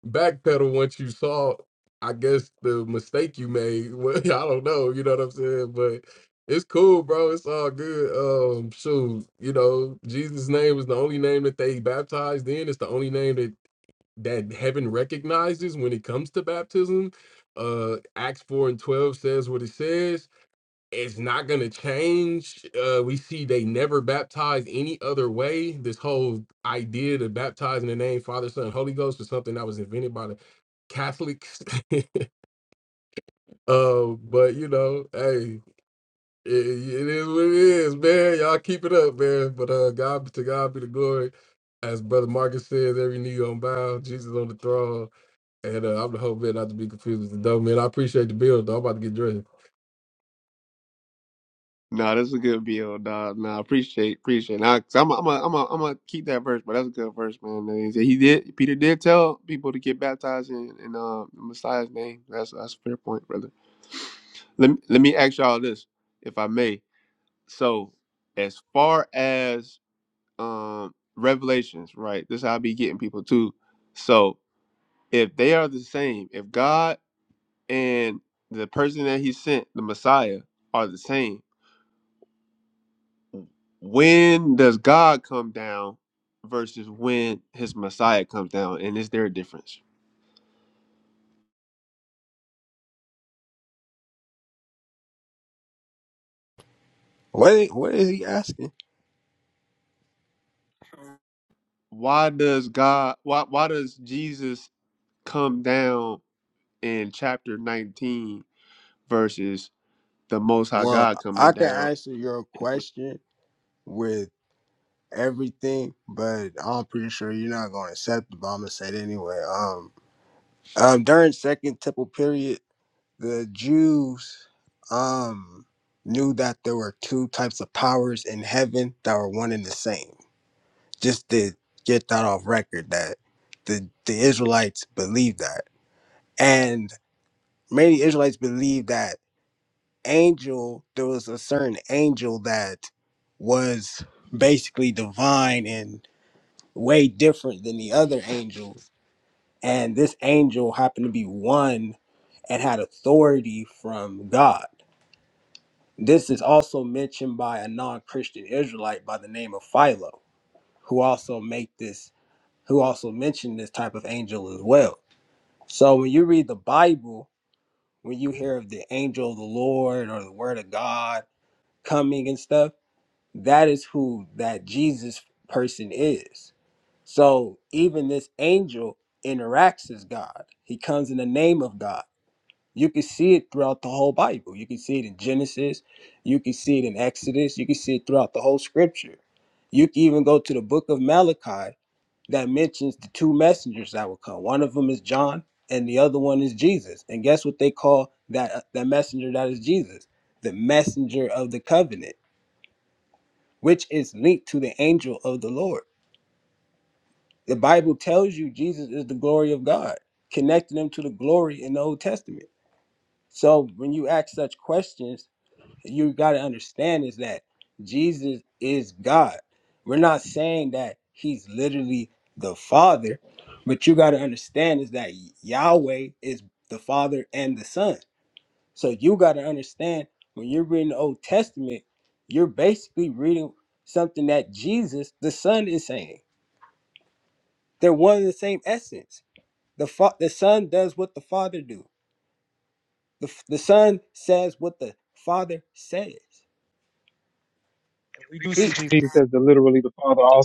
backpedal once you saw, I guess, the mistake you made. [laughs] Well, I don't know, you know what I'm saying? But it's cool, bro. It's all good. Um, shoot, you know, Jesus' name was the only name that they baptized in. It's the only name that that heaven recognizes when it comes to baptism. Uh, Acts 4 and 12 says what it says it's not going to change. Uh, we see they never baptized any other way. This whole idea to baptize in the name Father, Son, Holy Ghost was something that was invented by the Catholics. [laughs] uh, but you know, hey, it, it is what it is, man. Y'all keep it up, man. But uh, God to God be the glory. As Brother Marcus says, every knee gonna bow, Jesus on the throne. And uh, I'm the whole man not to be confused with the dumb man. I appreciate the build. though. I'm about to get dressed.
Nah, that's a good build, dog. Nah, appreciate, appreciate. Nah, i I'm, I'm, I'm, I'm gonna keep that verse, but that's a good verse, man. And He said he did. Peter did tell people to get baptized in in uh, the Messiah's name. That's that's a fair point, brother. Let me, let me ask y'all this, if I may. So, as far as um revelations, right? This is how I be getting people too. So, if they are the same, if God and the person that he sent, the Messiah, are the same. When does God come down versus when his Messiah comes down? And is there a difference?
Wait, what is he asking?
Why does God why why does Jesus come down in chapter 19 versus the most high
Well,
God coming
I can
down?
answer your
in 20?
question with everything, but I'm pretty sure you're not gonna accept it, but I'm gonna say it anyway. Um, Um, during Second Temple period, the Jews um knew that there were two types of powers in heaven that were one and the same. Just to get that off record, that the the Israelites believed that, and many Israelites believed that angel. There was a certain angel that was basically divine and way different than the other angels and this angel happened to be one and had authority from God. This is also mentioned by a non-Christian Israelite by the name of Philo, who also make this who also mentioned this type of angel as well. So when you read the Bible, when you hear of the angel of the Lord or the word of God coming and stuff, that is who that Jesus person is. So even this angel interacts as God. He comes in the name of God. You can see it throughout the whole Bible. You can see it in Genesis. You can see it in Exodus. You can see it throughout the whole scripture. You can even go to the book of Malachi that mentions the two messengers that will come. One of them is John and the other one is Jesus. And guess what they call that uh, that messenger that is Jesus? The messenger of the covenant, which is linked to the angel of the Lord. The Bible tells you Jesus is the glory of God, connecting them to the glory in the Old Testament. So when you ask such questions, you got to understand is that Jesus is God. We're not saying that he's literally the Father, but you got to understand is that Yahweh is the Father and the Son. So you got to understand when you're reading the Old Testament, you're basically reading something that Jesus, the Son, is saying. They're one and the same essence. The fa- the Son does what the Father do. The, f- the Son says what the Father says. He,
Jesus,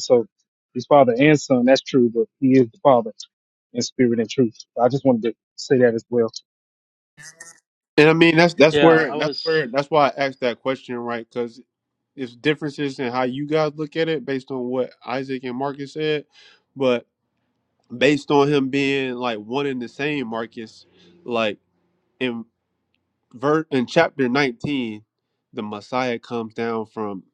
so His Father and the- in spirit and truth. I just wanted to say that as well.
And I mean that's that's
Yeah,
where
I
that's
was.
where that's why I asked that question, right? Because it's differences in how you guys look at it based on what Isaac and Marcus said. But based on him being like one and the same, Marcus, like in ver- in chapter 19, the Messiah comes down from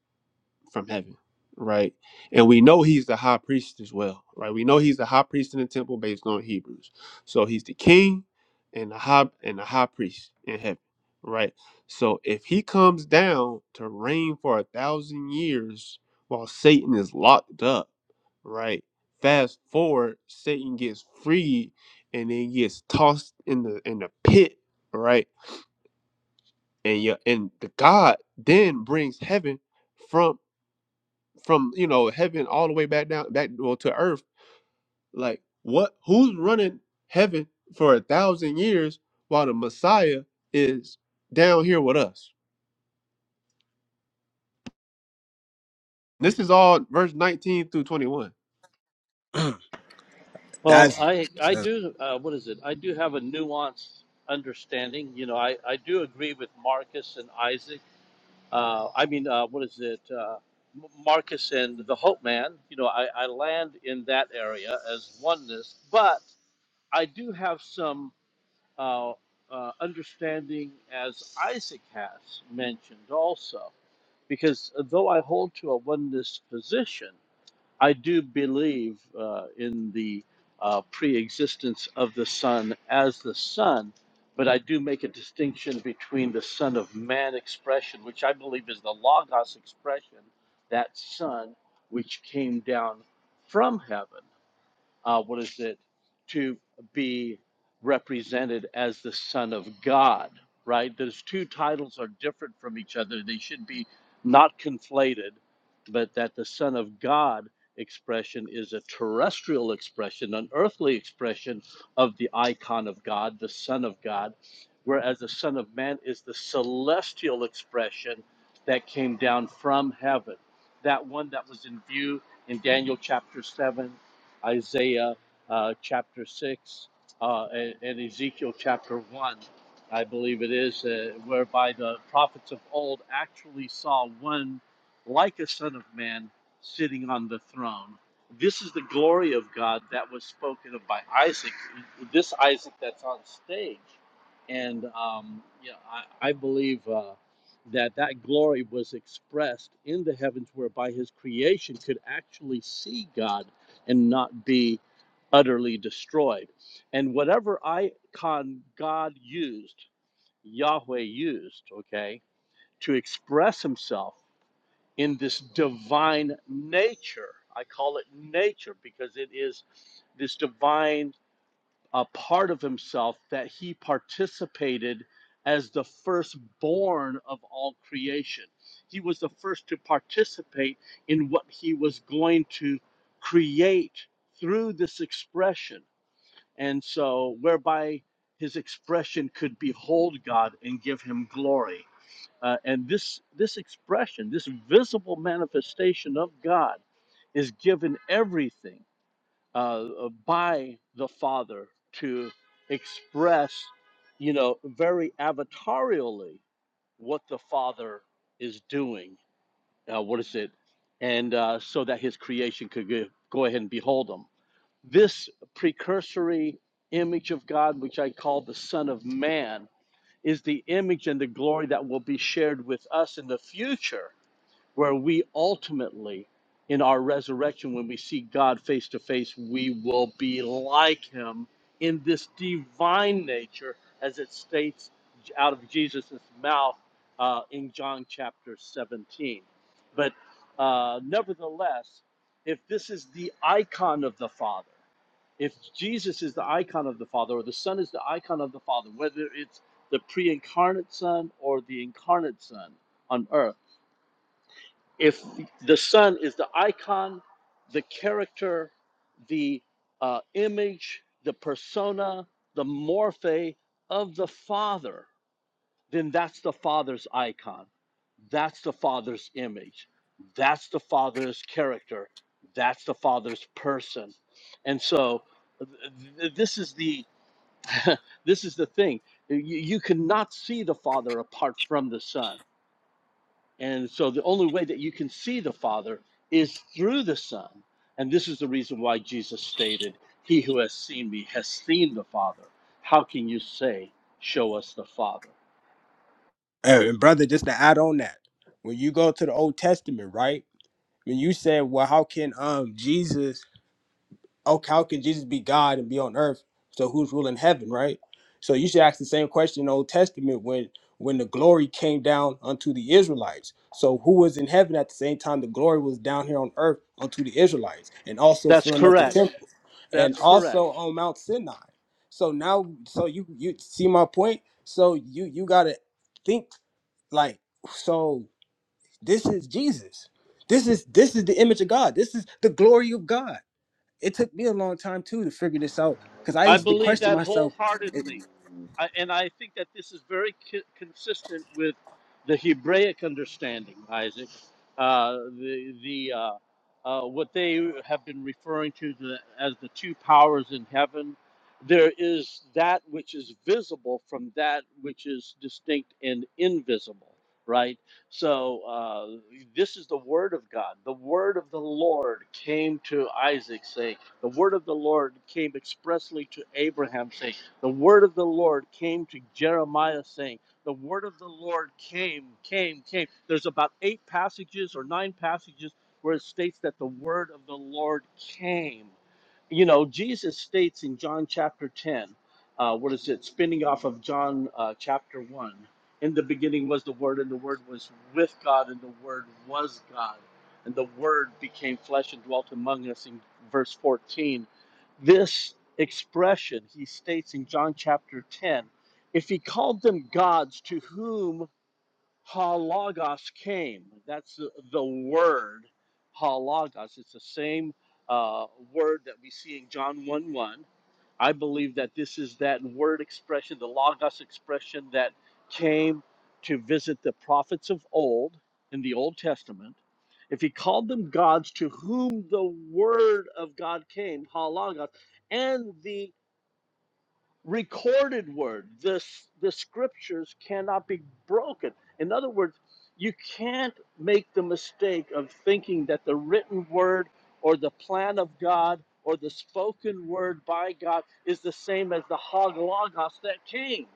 from heaven, right? And we know he's the high priest as well, right? We know he's the high priest in the temple based on Hebrews. So he's the king and the high and the high priest in heaven, right? So if he comes down to reign for a thousand years while Satan is locked up right? Fast forward, Satan gets freed and then gets tossed in the in the pit, right? And yeah, and the God then brings heaven from from you know heaven all the way back down back well to earth. Like what? Who's running heaven for a thousand years while the Messiah is down here with us? This is all verse nineteen through twenty one.
[clears throat]
Well,
that's
I I do. Uh, what is it? I do have a nuanced understanding. You know, I I do agree with Marcus and Isaac. Uh, I mean, uh, what is it? Uh, M- Marcus and the Hope Man. You know, I I land in that area as oneness, but. I do have some uh, uh, understanding, as Isaac has mentioned also, because though I hold to a oneness position, I do believe uh, in the uh, pre existence of the Son as the Son, but I do make a distinction between the Son of Man expression, which I believe is the Logos expression, that Son which came down from heaven uh, what is it, to be represented as the Son of God, right? Those two titles are different from each other. They should be not conflated, but that the Son of God expression is a terrestrial expression, an earthly expression of the icon of God, the Son of God, whereas the Son of Man is the celestial expression that came down from heaven. That one that was in view in Daniel chapter 7 Isaiah uh, chapter 6 uh, and, and Ezekiel chapter 1, I believe it is, uh, whereby the prophets of old actually saw one like a son of man sitting on the throne. This is the glory of God that was spoken of by Isaac, this Isaac that's on stage. And um, yeah, I, I believe uh, that that glory was expressed in the heavens, whereby his creation could actually see God and not be utterly destroyed. And whatever icon God used, Yahweh used, okay, to express himself in this divine nature, I call it nature because it is this divine a part of himself that he participated as the firstborn of all creation. He was the first to participate in what he was going to create through this expression. And so, whereby his expression could behold God and give him glory. Uh, and this, this expression, this visible manifestation of God, is given everything uh, by the Father to express, you know, very avatarially what the Father is doing. Uh, what is it? And uh, so that his creation could go, go ahead and behold him. This precursory image of God, which I call the Son of Man, is the image and the glory that will be shared with us in the future where we ultimately, in our resurrection, when we see God face to face, we will be like him in this divine nature, as it states out of Jesus' mouth uh, in John chapter 17. But uh, nevertheless, if this is the icon of the Father, if Jesus is the icon of the Father, or the Son is the icon of the Father, whether it's the pre incarnate Son or the incarnate Son on earth, if the sun is the icon, the character, the uh, image, the persona, the morphe of the Father, then that's the Father's icon. That's the Father's image. That's the Father's character. That's the Father's person. And so th- th- this is the [laughs] this is the thing. You, you cannot see the Father apart from the Son and so the only way that you can see the Father is through the Son. And this is the reason why Jesus stated, He who has seen me has seen the Father. How can you say, Show us the Father?
And and brother, just to add on that, when you go to the Old Testament, right? When you said, "Well, how can um Jesus? Oh, how can Jesus be God and be on earth? So who's ruling heaven, right?" So you should ask the same question in the Old Testament when when the glory came down unto the Israelites. So who was in heaven at the same time the glory was down here on earth unto the Israelites, and also
That's
filling up the
correct.
temple, and
That's correct.
also on Mount Sinai. So now, so you you see my point. So you you gotta think. Like, so this is Jesus. This is this is the image of God. This is the glory of God. It took me a long time too to figure this out because I
I
used to
believe
question
that
myself. It-
wholeheartedly. I, and I think that this is very co- consistent with the Hebraic understanding, Isaac. Uh, the the uh, uh, what they have been referring to the, as the two powers in heaven. There is that which is visible from that which is distinct and invisible, right? So uh, this is the word of God. The word of the Lord came to Isaac, saying. The word of the Lord came expressly to Abraham, saying, The word of the Lord came to Jeremiah, saying, The word of the Lord came, came, came. There's about eight passages or nine passages where it states that the word of the Lord came you know, Jesus states in John chapter 10, uh, what is it, spinning off of John uh, chapter 1, in the beginning was the Word, and the Word was with God, and the Word was God, and the Word became flesh and dwelt among us in verse 14. This expression he states in John chapter 10 if he called them gods to whom halagos came. That's the, the word halagos. It's the same uh, word that we see in John 1 1. I believe that this is that word expression, the logos expression that came to visit the prophets of old in the Old Testament. If he called them gods to whom the word of God came, halagos, and the recorded word. This the scriptures cannot be broken. In other words, you can't make the mistake of thinking that the written word or the plan of God or the spoken word by God is the same as the Logos that came.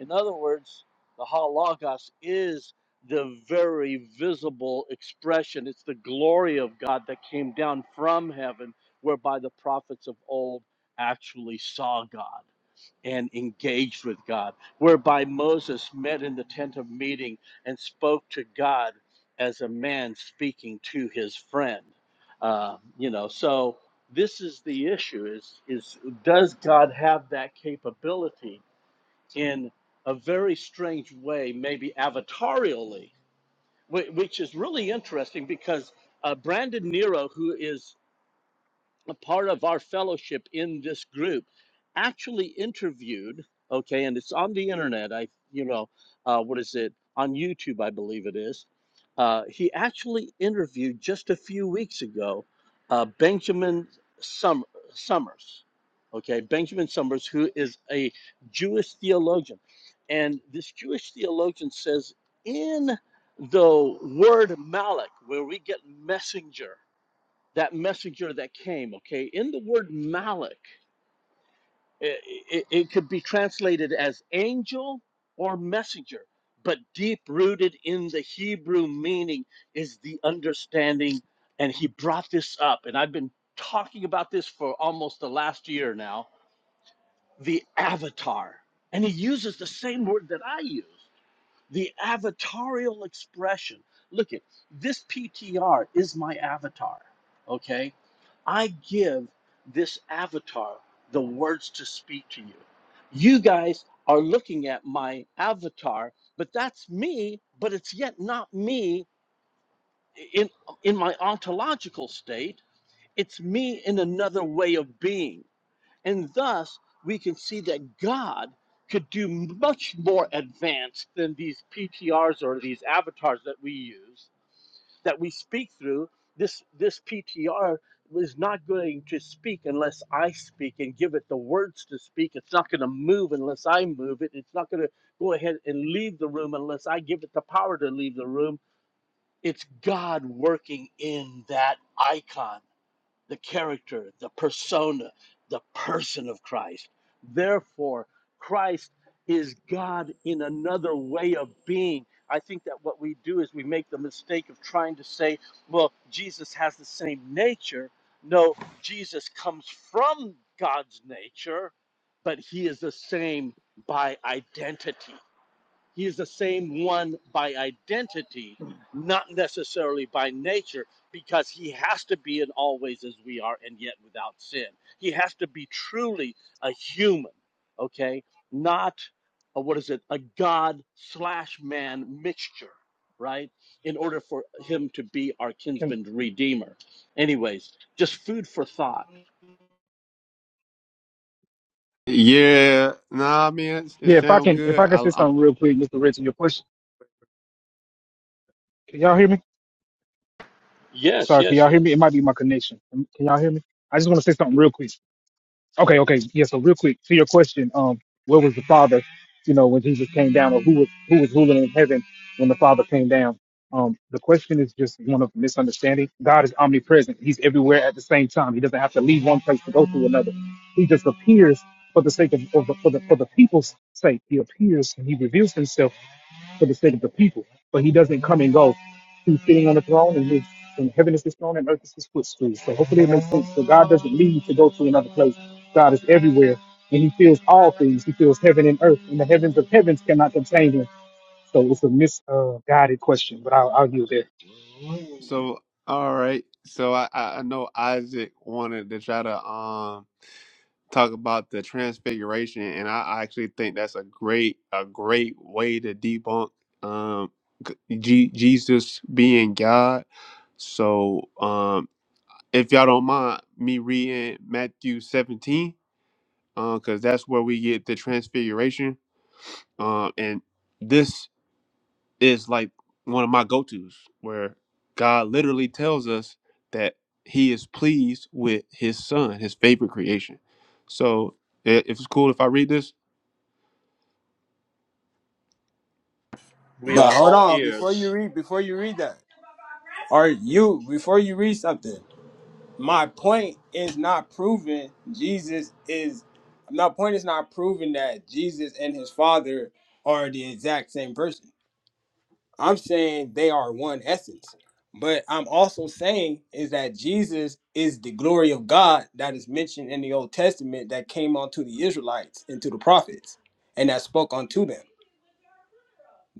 In other words, the Logos is the very visible expression. It's the glory of God that came down from heaven, whereby the prophets of old actually saw God and engaged with God, whereby Moses met in the tent of meeting and spoke to God as a man speaking to his friend. Uh, you know, so this is the issue: is is does God have that capability in a very strange way, maybe avatarially, whi- which is really interesting because uh, Brandon Nero, who is a part of our fellowship in this group actually interviewed okay and it's on the internet i you know uh, what is it on youtube i believe it is uh, he actually interviewed just a few weeks ago uh, benjamin Sum- summers okay benjamin summers who is a jewish theologian and this jewish theologian says in the word Malach, where we get messenger that messenger that came, okay? In the word Malach, it, it, it could be translated as angel or messenger, but deep rooted in the Hebrew meaning is the understanding. And he brought this up, and I've been talking about this for almost the last year now the avatar. And he uses the same word that I use the avatarial expression. Look at this PTR is my avatar. Okay. I give this avatar the words to speak to you. You guys are looking at my avatar, but that's me, but it's yet not me in, in my ontological state. It's me in another way of being. And thus, we can see that God could do much more advanced than these PTRs or these avatars that we use, that we speak through. This, this PTR is not going to speak unless I speak and give it the words to speak. It's not going to move unless I move it. It's not going to go ahead and leave the room unless I give it the power to leave the room. It's God working in that icon the character, the persona, the person of Christ. Therefore, Christ is God in another way of being. I think that what we do is we make the mistake of trying to say, well, Jesus has the same nature. No, Jesus comes from God's nature, but he is the same by identity. He is the same one by identity, not necessarily by nature, because he has to be and always as we are, and yet without sin. He has to be truly a human, okay? Not a, what is it, a God slash man mixture, right? In order for him to be our
Can
kinsman redeemer. Anyways, just food for thought.
Yeah, nah, man, it's- it
yeah, if I
sounds
can, if
good.
I can
I,
say
I'm.
something real quick, Mr. Rich, in your push. Can y'all hear me?
Yes,
Sorry, can
yes,
y'all hear me?
yes.
It might be my connection. Can y'all hear me? I just want to say something real quick. Okay, okay. Yeah, so real quick to your question, um, where was the father, you know, when Jesus came down, or who was who was ruling in heaven when the father came down? Um, the question is just one of misunderstanding. God is omnipresent. He's everywhere at the same time. He doesn't have to leave one place to go to another. He just appears for the sake of, of the, for the for the people's sake. He appears and he reveals himself for the sake of the people. But he doesn't come and go. He's sitting on the throne, and his and heaven is his throne, and earth is his footstool. So hopefully it makes sense. So God doesn't leave to go to another place. God is everywhere, and He feels all things. He feels heaven and earth, and the heavens of heavens cannot contain Him. So it's a misguided question, but I'll, I'll yield there.
So all right. So I, I I know Isaac wanted to try to um talk about the transfiguration, and I I actually think that's a great a great way to debunk um G- Jesus being God. So um if y'all don't mind me reading Matthew 17, um because that's where we get the transfiguration. Um and this is like one of my go-tos where God literally tells us that he is pleased with his son, his favorite creation. So i- if it's cool if I read this,
We are
But hold
all
on, before you
ears.
read, before you read that, or you before you read something, my point is not proving Jesus is. My point is not proving that Jesus and his Father are the exact same person. I'm saying they are one essence. But I'm also saying is that Jesus is the glory of God that is mentioned in the Old Testament that came onto the Israelites and to the prophets and that spoke unto them.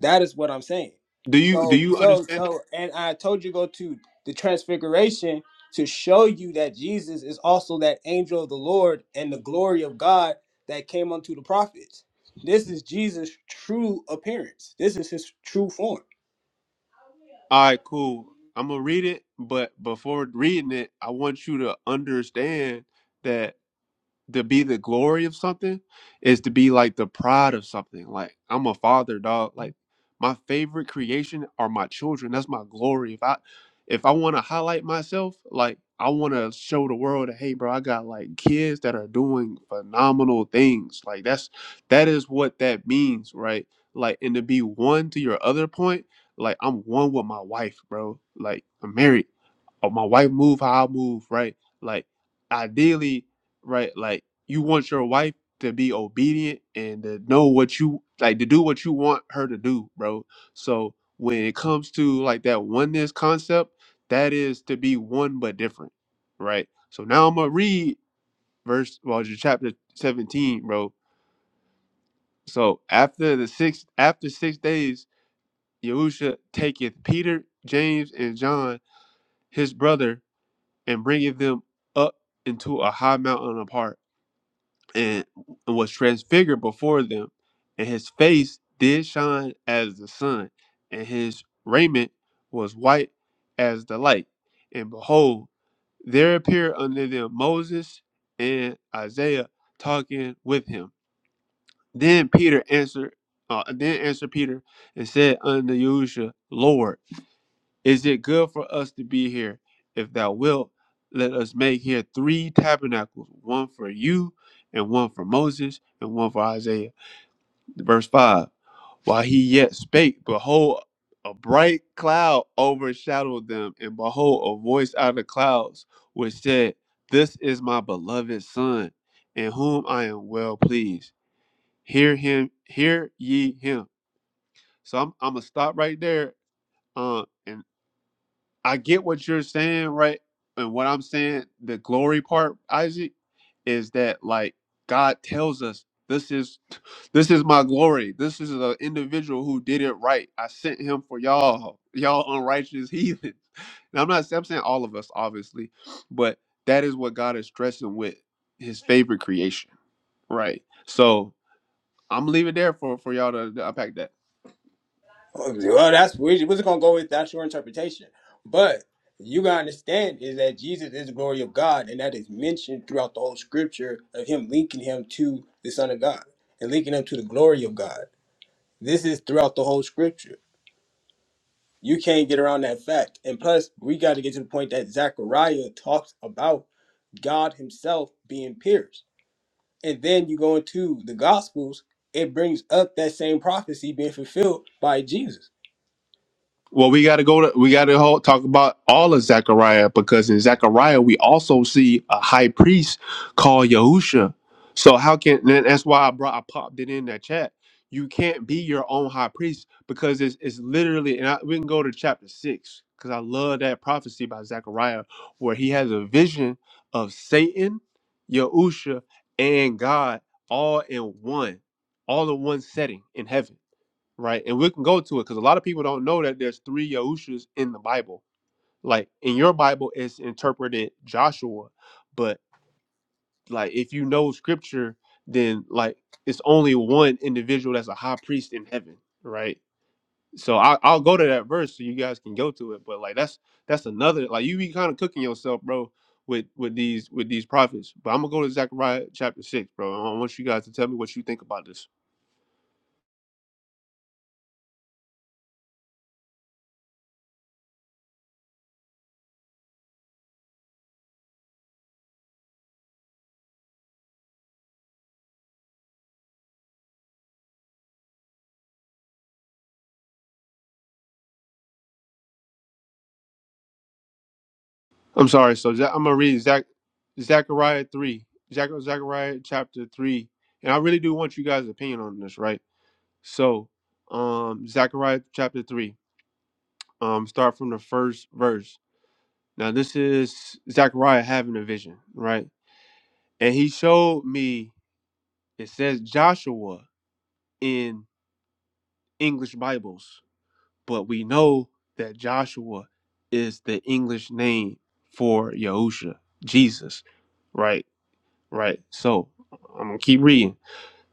That is what I'm saying.
do you do
So,
you
so,
understand that?
so, and I told you go to the transfiguration to show you that Jesus is also that angel of the Lord and the glory of God that came unto the prophets. This is Jesus' true appearance. This is his true form.
All right, cool. I'm gonna read it, but before reading it, I want you to understand that. to be the glory of something is to be like the pride of something. Like I'm a father, dog. Like my favorite creation are my children. That's my glory. If I if I want to highlight myself, like I want to show the world that hey, bro, I got like kids that are doing phenomenal things. Like that's that is what that means, right? Like and to be one to your other point, like I'm one with my wife, bro. Like I'm married or my wife move how I move, right? Like ideally, right? Like you want your wife to be obedient and to know what you like to do what you want her to do, bro. So when it comes to like that oneness concept, that is to be one but different, right? So now I'm gonna read verse well it's chapter 17, bro. So after the six after six days, Yahusha taketh Peter, James, and John, his brother, and bringing them up into a high mountain apart, and was transfigured before them, and his face did shine as the sun, and his raiment was white as the light. And behold, there appeared unto them Moses and Isaiah talking with him. Then Peter answered, uh, then answered Peter and said unto Yahushua, Lord. Is it good for us to be here? If thou wilt, let us make here three tabernacles one for you, and one for Moses, and one for Isaiah. Verse 5 While he yet spake, behold, a bright cloud overshadowed them, and behold, a voice out of the clouds which said, This is my beloved Son, in whom I am well pleased. Hear him, hear ye him. So I'm, I'm gonna stop right there. Uh, And. I get what you're saying, right? And what I'm saying, the glory part, Isaac, is that like God tells us this is this is my glory. This is an individual who did it right. I sent him for y'all, y'all unrighteous [laughs] heathens. And I'm not I'm saying all of us, obviously, but that is what God is stressing with his favorite creation, right? So I'm leaving there for for y'all to to unpack that.
Well, that's we're just gonna go with that's your interpretation. But you gotta understand is that Jesus is the glory of God, and that is mentioned throughout the whole scripture of him linking him to the Son of God and linking him to the glory of God. This is throughout the whole scripture. You can't get around that fact. And plus, we got to get to the point that Zechariah talks about God Himself being pierced. And then you go into the Gospels, it brings up that same prophecy being fulfilled by Jesus.
Well, we got to go to we got to ho talk about all of Zechariah because in Zechariah we also see a high priest called Yahusha. So how can and that's why I brought I popped it in that chat. You can't be your own high priest because it's it's literally and I, we can go to chapter six because I love that prophecy by Zechariah where he has a vision of Satan, Yahusha, and God all in one, all in one setting in heaven right? And we can go to it because a lot of people don't know that there's three Yahushas in the Bible. Like in your Bible, it's interpreted Joshua, but like if you know Scripture, then like it's only one individual that's a high priest in heaven, right? So I, I'll go to that verse so you guys can go to it. But like that's that's another like you be kind of cooking yourself, bro, with with these with these prophets. But I'm gonna go to Zechariah chapter six, bro. I want you guys to tell me what you think about this. I'm sorry. So Za- I'm gonna read Zach, Zechariah three, Zach, Zechariah chapter three, and I really do want you guys' opinion on this, right? So, um, Zechariah chapter three, um, start from the first verse. Now this is Zechariah having a vision, right? And he showed me. It says Joshua in English Bibles, but we know that Joshua is the English name for Yahusha, Jesus, right? Right. So I'm gonna keep reading,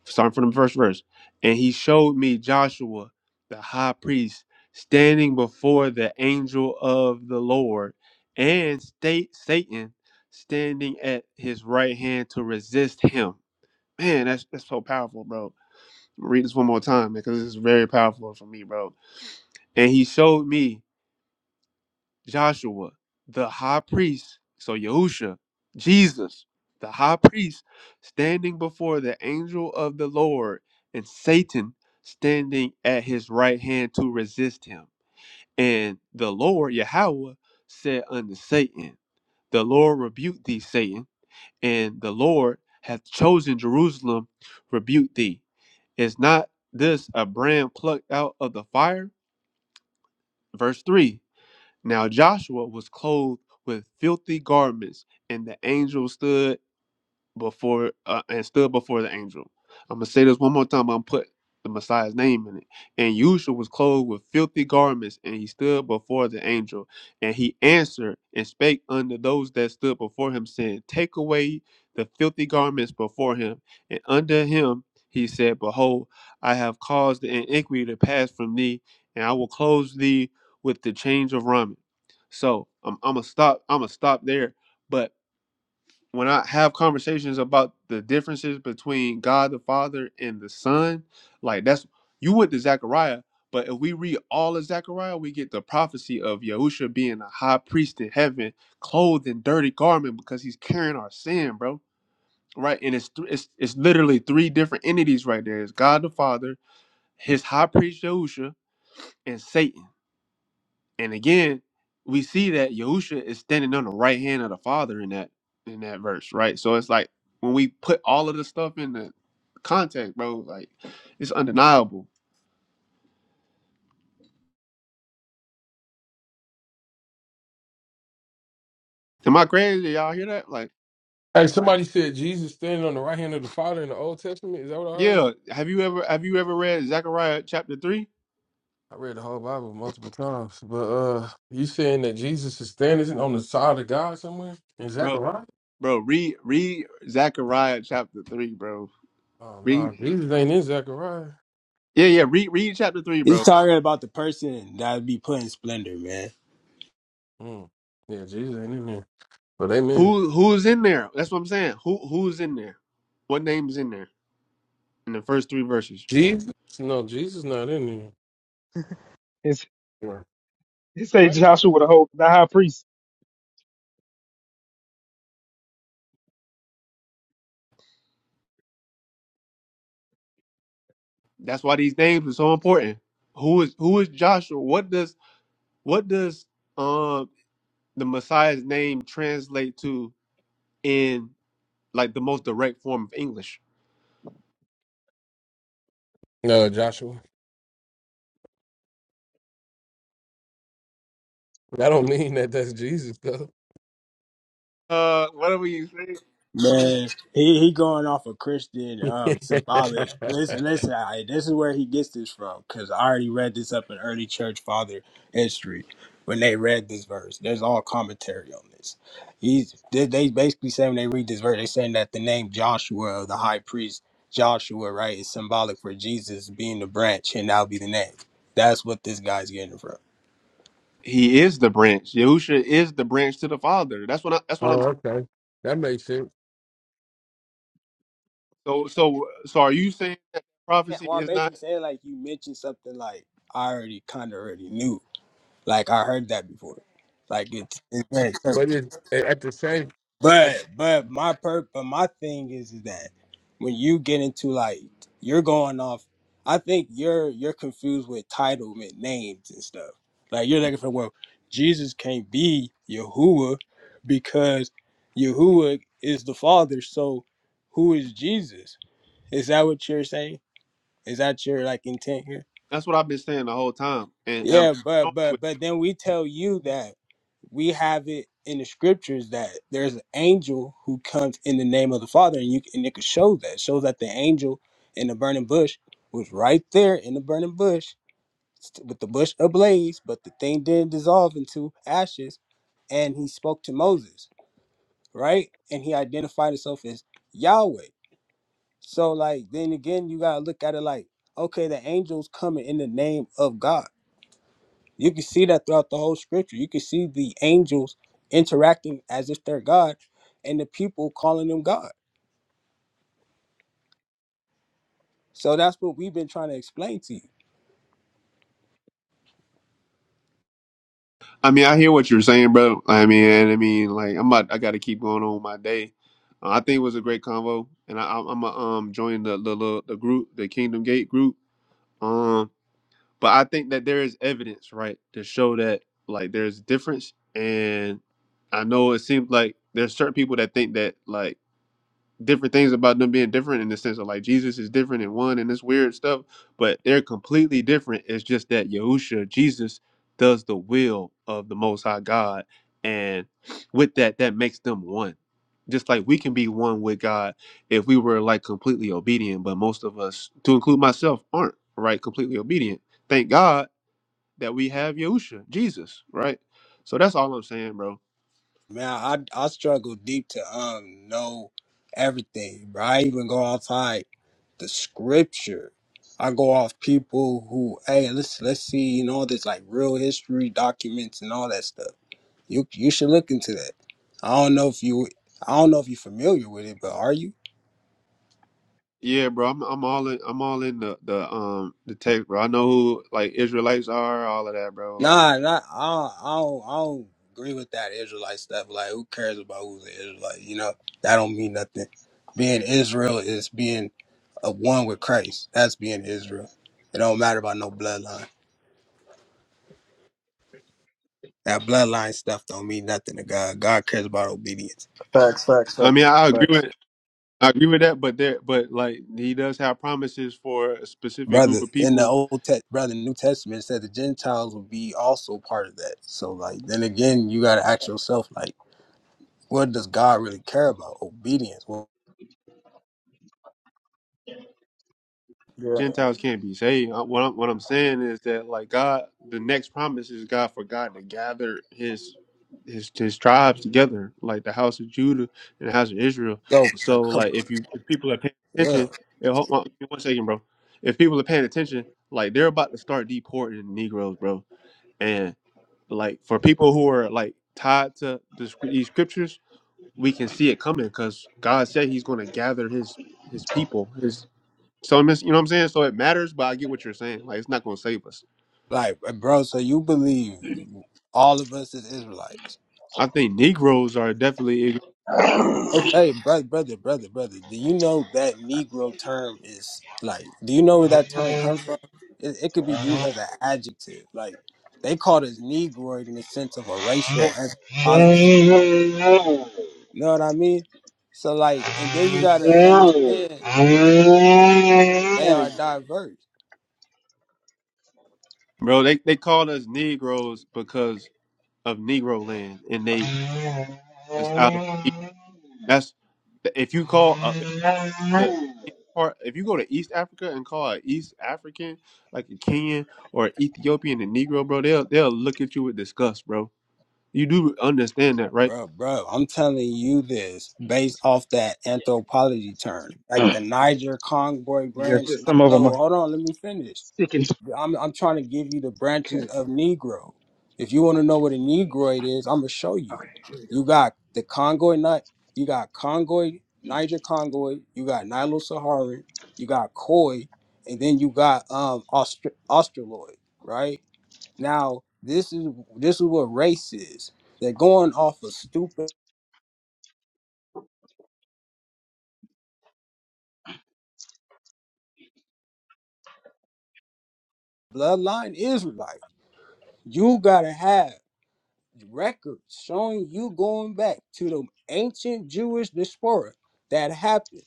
starting from the first verse. And he showed me Joshua, the high priest, standing before the angel of the Lord, and state Satan standing at his right hand to resist him. Man, that's that's so powerful, bro. Read this one more time because this is very powerful for me, bro. And he showed me. Joshua, the high priest, so Yahusha, Jesus, the high priest, standing before the angel of the Lord, and Satan standing at his right hand to resist him. And the Lord, Yahweh, said unto Satan, The Lord rebuked thee, Satan, and the Lord hath chosen Jerusalem, rebuke thee. Is not this a brand plucked out of the fire? Verse 3 now Joshua was clothed with filthy garments, and the angel stood before uh, and stood before the angel. I'm gonna say this one more time. I'm put the Messiah's name in it. And Yusha was clothed with filthy garments, and he stood before the angel. And he answered and spake unto those that stood before him, saying, Take away the filthy garments before him. And unto him he said, Behold, I have caused the iniquity to pass from thee, and I will close thee with the change of raiment. So I'm, I'm gonna stop. I'm gonna stop there. But when I have conversations about the differences between God the Father and the Son, like that's you went to Zechariah, but if we read all of Zechariah, we get the prophecy of Yahusha being a high priest in heaven, clothed in dirty garment because he's carrying our sin, bro. Right, and it's th- it's it's literally three different entities right there. It's God the Father, His high priest Yahusha, and Satan and again, we see that Yahusha is standing on the right hand of the Father in that in that verse, right? So it's like when we put all of the stuff in the context, bro, like it's undeniable. Am I crazy? Y'all hear that? Like,
Hey, somebody said Jesus standing on the right hand of the Father in the Old Testament. Is that what I heard?
yeah. Have you ever have you ever read Zechariah chapter three?
I read the whole Bible multiple times. But uh you saying that Jesus is standing on the side of God somewhere? In
Bro,
Zechariah?
bro, read read Zechariah chapter three, bro.
Oh
Read
no, Jesus ain't in Zechariah.
Yeah, yeah, read read chapter three,
He's
bro.
talking about the person that be putting splendor, man.
Mm. Yeah, Jesus ain't in there. But amen.
Who who's in there? That's what I'm saying. Who who's in there? What name's in there in the first three verses?
Jesus? No, Jesus not in there.
It's,
Yeah.
it say Joshua with a whole the high priest.
That's why these names are so important. Who is who is Joshua? What does what does um the Messiah's name translate to in like the most direct form of English?
No, Joshua. That don't mean that that's Jesus though.
Uh, whatever you say.
Man, he, he going off a Christian
[laughs]
um symbolic. Listen, listen, I, this is where he gets this from because I already read this up in early church father history when they read this verse. There's all commentary on this. He's they, they basically say when they read this verse, they saying that the name Joshua, the high priest Joshua, right, is symbolic for Jesus being the branch, and that'll be the name. That's what this guy's getting it from.
He is the branch. Yahusha is the branch to the Father. That's what I,
oh,
that's what I'm.
okay. That makes sense.
So so so are you saying that
Yeah,
prophecy
well, I'm
is not?
basically saying like you mentioned something like I already kind of already knew, like I heard that before, like it's it's very certain.
But it at the same at
But but my per but my thing is is that when you get into like you're going off, I think you're you're confused with titlement names and stuff. Like you're looking for well, Jesus can't be Yahuwah because Yahuwah is the Father. So who is Jesus? Is that what you're saying? Is that your like intent here?
That's what I've been saying the whole time, and, and
Yeah, but
I'm.
but but then we tell you that we have it in the scriptures that there's an angel who comes in the name of the Father, and you and it could show that. It shows that the angel in the burning bush was right there in the burning bush st- with the bush ablaze, but the thing didn't dissolve into ashes, and he spoke to Moses, right? And he identified himself as Yahweh. So like then again, you gotta look at it like, okay, the angels coming in the name of God you can see that throughout the whole scripture. You can see the angels interacting as if they're God and the people calling them God. So that's what we've been trying to explain to you.
I mean, I hear what you're saying, bro. I mean, I mean, like I'm about, I got to keep going on with my day. Uh, I think it was a great convo, and I, I'm I'm gonna um join the the the the group, the Kingdom Gate group. Um, but I think that there is evidence, right, to show that like there's difference, and I know it seems like there's certain people that think that like different things about them being different in the sense of like Jesus is different in one and this weird stuff, but they're completely different. It's just that Yahusha, Jesus, does the will of the Most High God, and with that, that makes them one. Just like we can be one with God if we were like completely obedient, but most of us, to include myself, aren't right completely obedient. Thank God that we have Yahusha, Jesus, right? So that's all I'm saying, bro
Man, I I struggle deep to um know everything, bro. I even go outside the scripture. I go off people who, hey, let's let's see, you know, there's like real history documents and all that stuff. You you should look into that. I don't know if you I don't know if you're familiar with it, but are you?
Yeah, bro, I'm I'm all in I'm all in the the um the text, bro. I know who like Israelites are, all of that, bro. Like,
Nah, not I don't, I don't I don't agree with that Israelite stuff. Like who cares about who's an Israelite? You know, that don't mean nothing. Being Israel is being a one with Christ. That's being Israel. It don't matter about no bloodline. That bloodline stuff don't mean nothing to God. God cares about obedience.
Facts, facts,
I mean,
facts,
I agree
facts.
with I agree with that, but there, but like he does have promises for a specific
Brother,
group of
in the
people
old test brother, New Testament it said the Gentiles will be also part of that. So like then again you gotta ask yourself, like, what does God really care about? Obedience. Well,
Yeah,
Gentiles can't be saved. Uh, What I'm, what I'm saying is that like God, the next promise is God for God to gather His his his tribes together, like the house of Judah and the house of Israel.
so like
So
come
like if you if people are paying
yeah.
attention, yeah, hold on, give me one second, bro. If people are paying attention, like they're about to start deporting Negroes, bro. And like for people who are like tied to the, scr- these scriptures, we can see it coming because God said He's going to gather His His people. So I'm just, you know what I'm saying? So it matters, but I get what you're saying. Like it's not gonna save us.
Like, uh, bro, so you believe all of us is Israelites?
I think Negroes are definitely ig-
Okay, brother, brother, brother, brother. Do you know that Negro term is like? Do you know where that term comes from? It, it could be used as an adjective. Like, they called us Negroid in the sense of a racial anthropologist. You know what I mean? So, like, and then you gotta understand they are diverse.
bro, they they called us Negroes because of Negro land and they it's out of that's if you call uh, if you go to any part if you go to East Africa and call an East African, like a Kenyan or an Ethiopian a Negro, bro, they'll they'll look at you with disgust, bro. You do understand that, right?
Bro, bro, I'm telling you this based off that anthropology term, like the Niger Congo branch. Nilo, hold on, let me finish. I'm I'm trying to give you the branches of Negro. If you want to know what a Negroid is, I'm gonna show you. You got the Congoid nut, you got Congoid, Niger Congoid, you got Nilo Saharan, you got Khoi, and then you got um Austra- Australoid, right? Now, this is this is what race is. They're going off a stupid bloodline Israelite. You gotta have records showing you going back to the ancient Jewish diaspora that happened.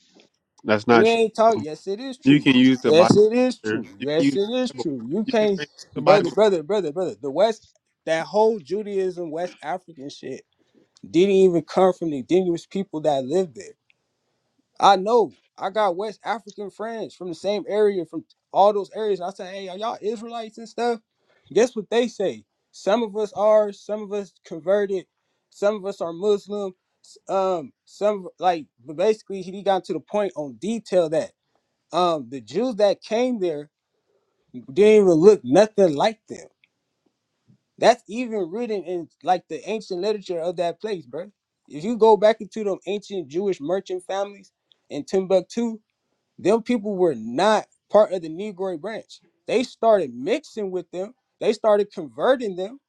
That's not
We
true.
ain't talking.
bro.
Yes, it is
You
true.
can use the Bible.
Yes, it is
sir.
true.
You can
Yes,
use
it is
the Bible.
true. You
You can
can't,
trace the Bible.
brother, brother, brother, brother. The West, that whole Judaism, West African shit, didn't even come from the indigenous people that lived there. I know I got West African friends from the same area, from all those areas. And I say, hey, are y'all Israelites and stuff? Guess what they say? Some of us are, some of us converted, some of us are Muslim. s- Um, some like but basically he got to the point on detail that um the Jews that came there didn't even look nothing like them. That's even written in like the ancient literature of that place, bro. If you go back into them ancient Jewish merchant families in Timbuktu, them people were not part of the Negroid branch. They started mixing with them. They started converting them.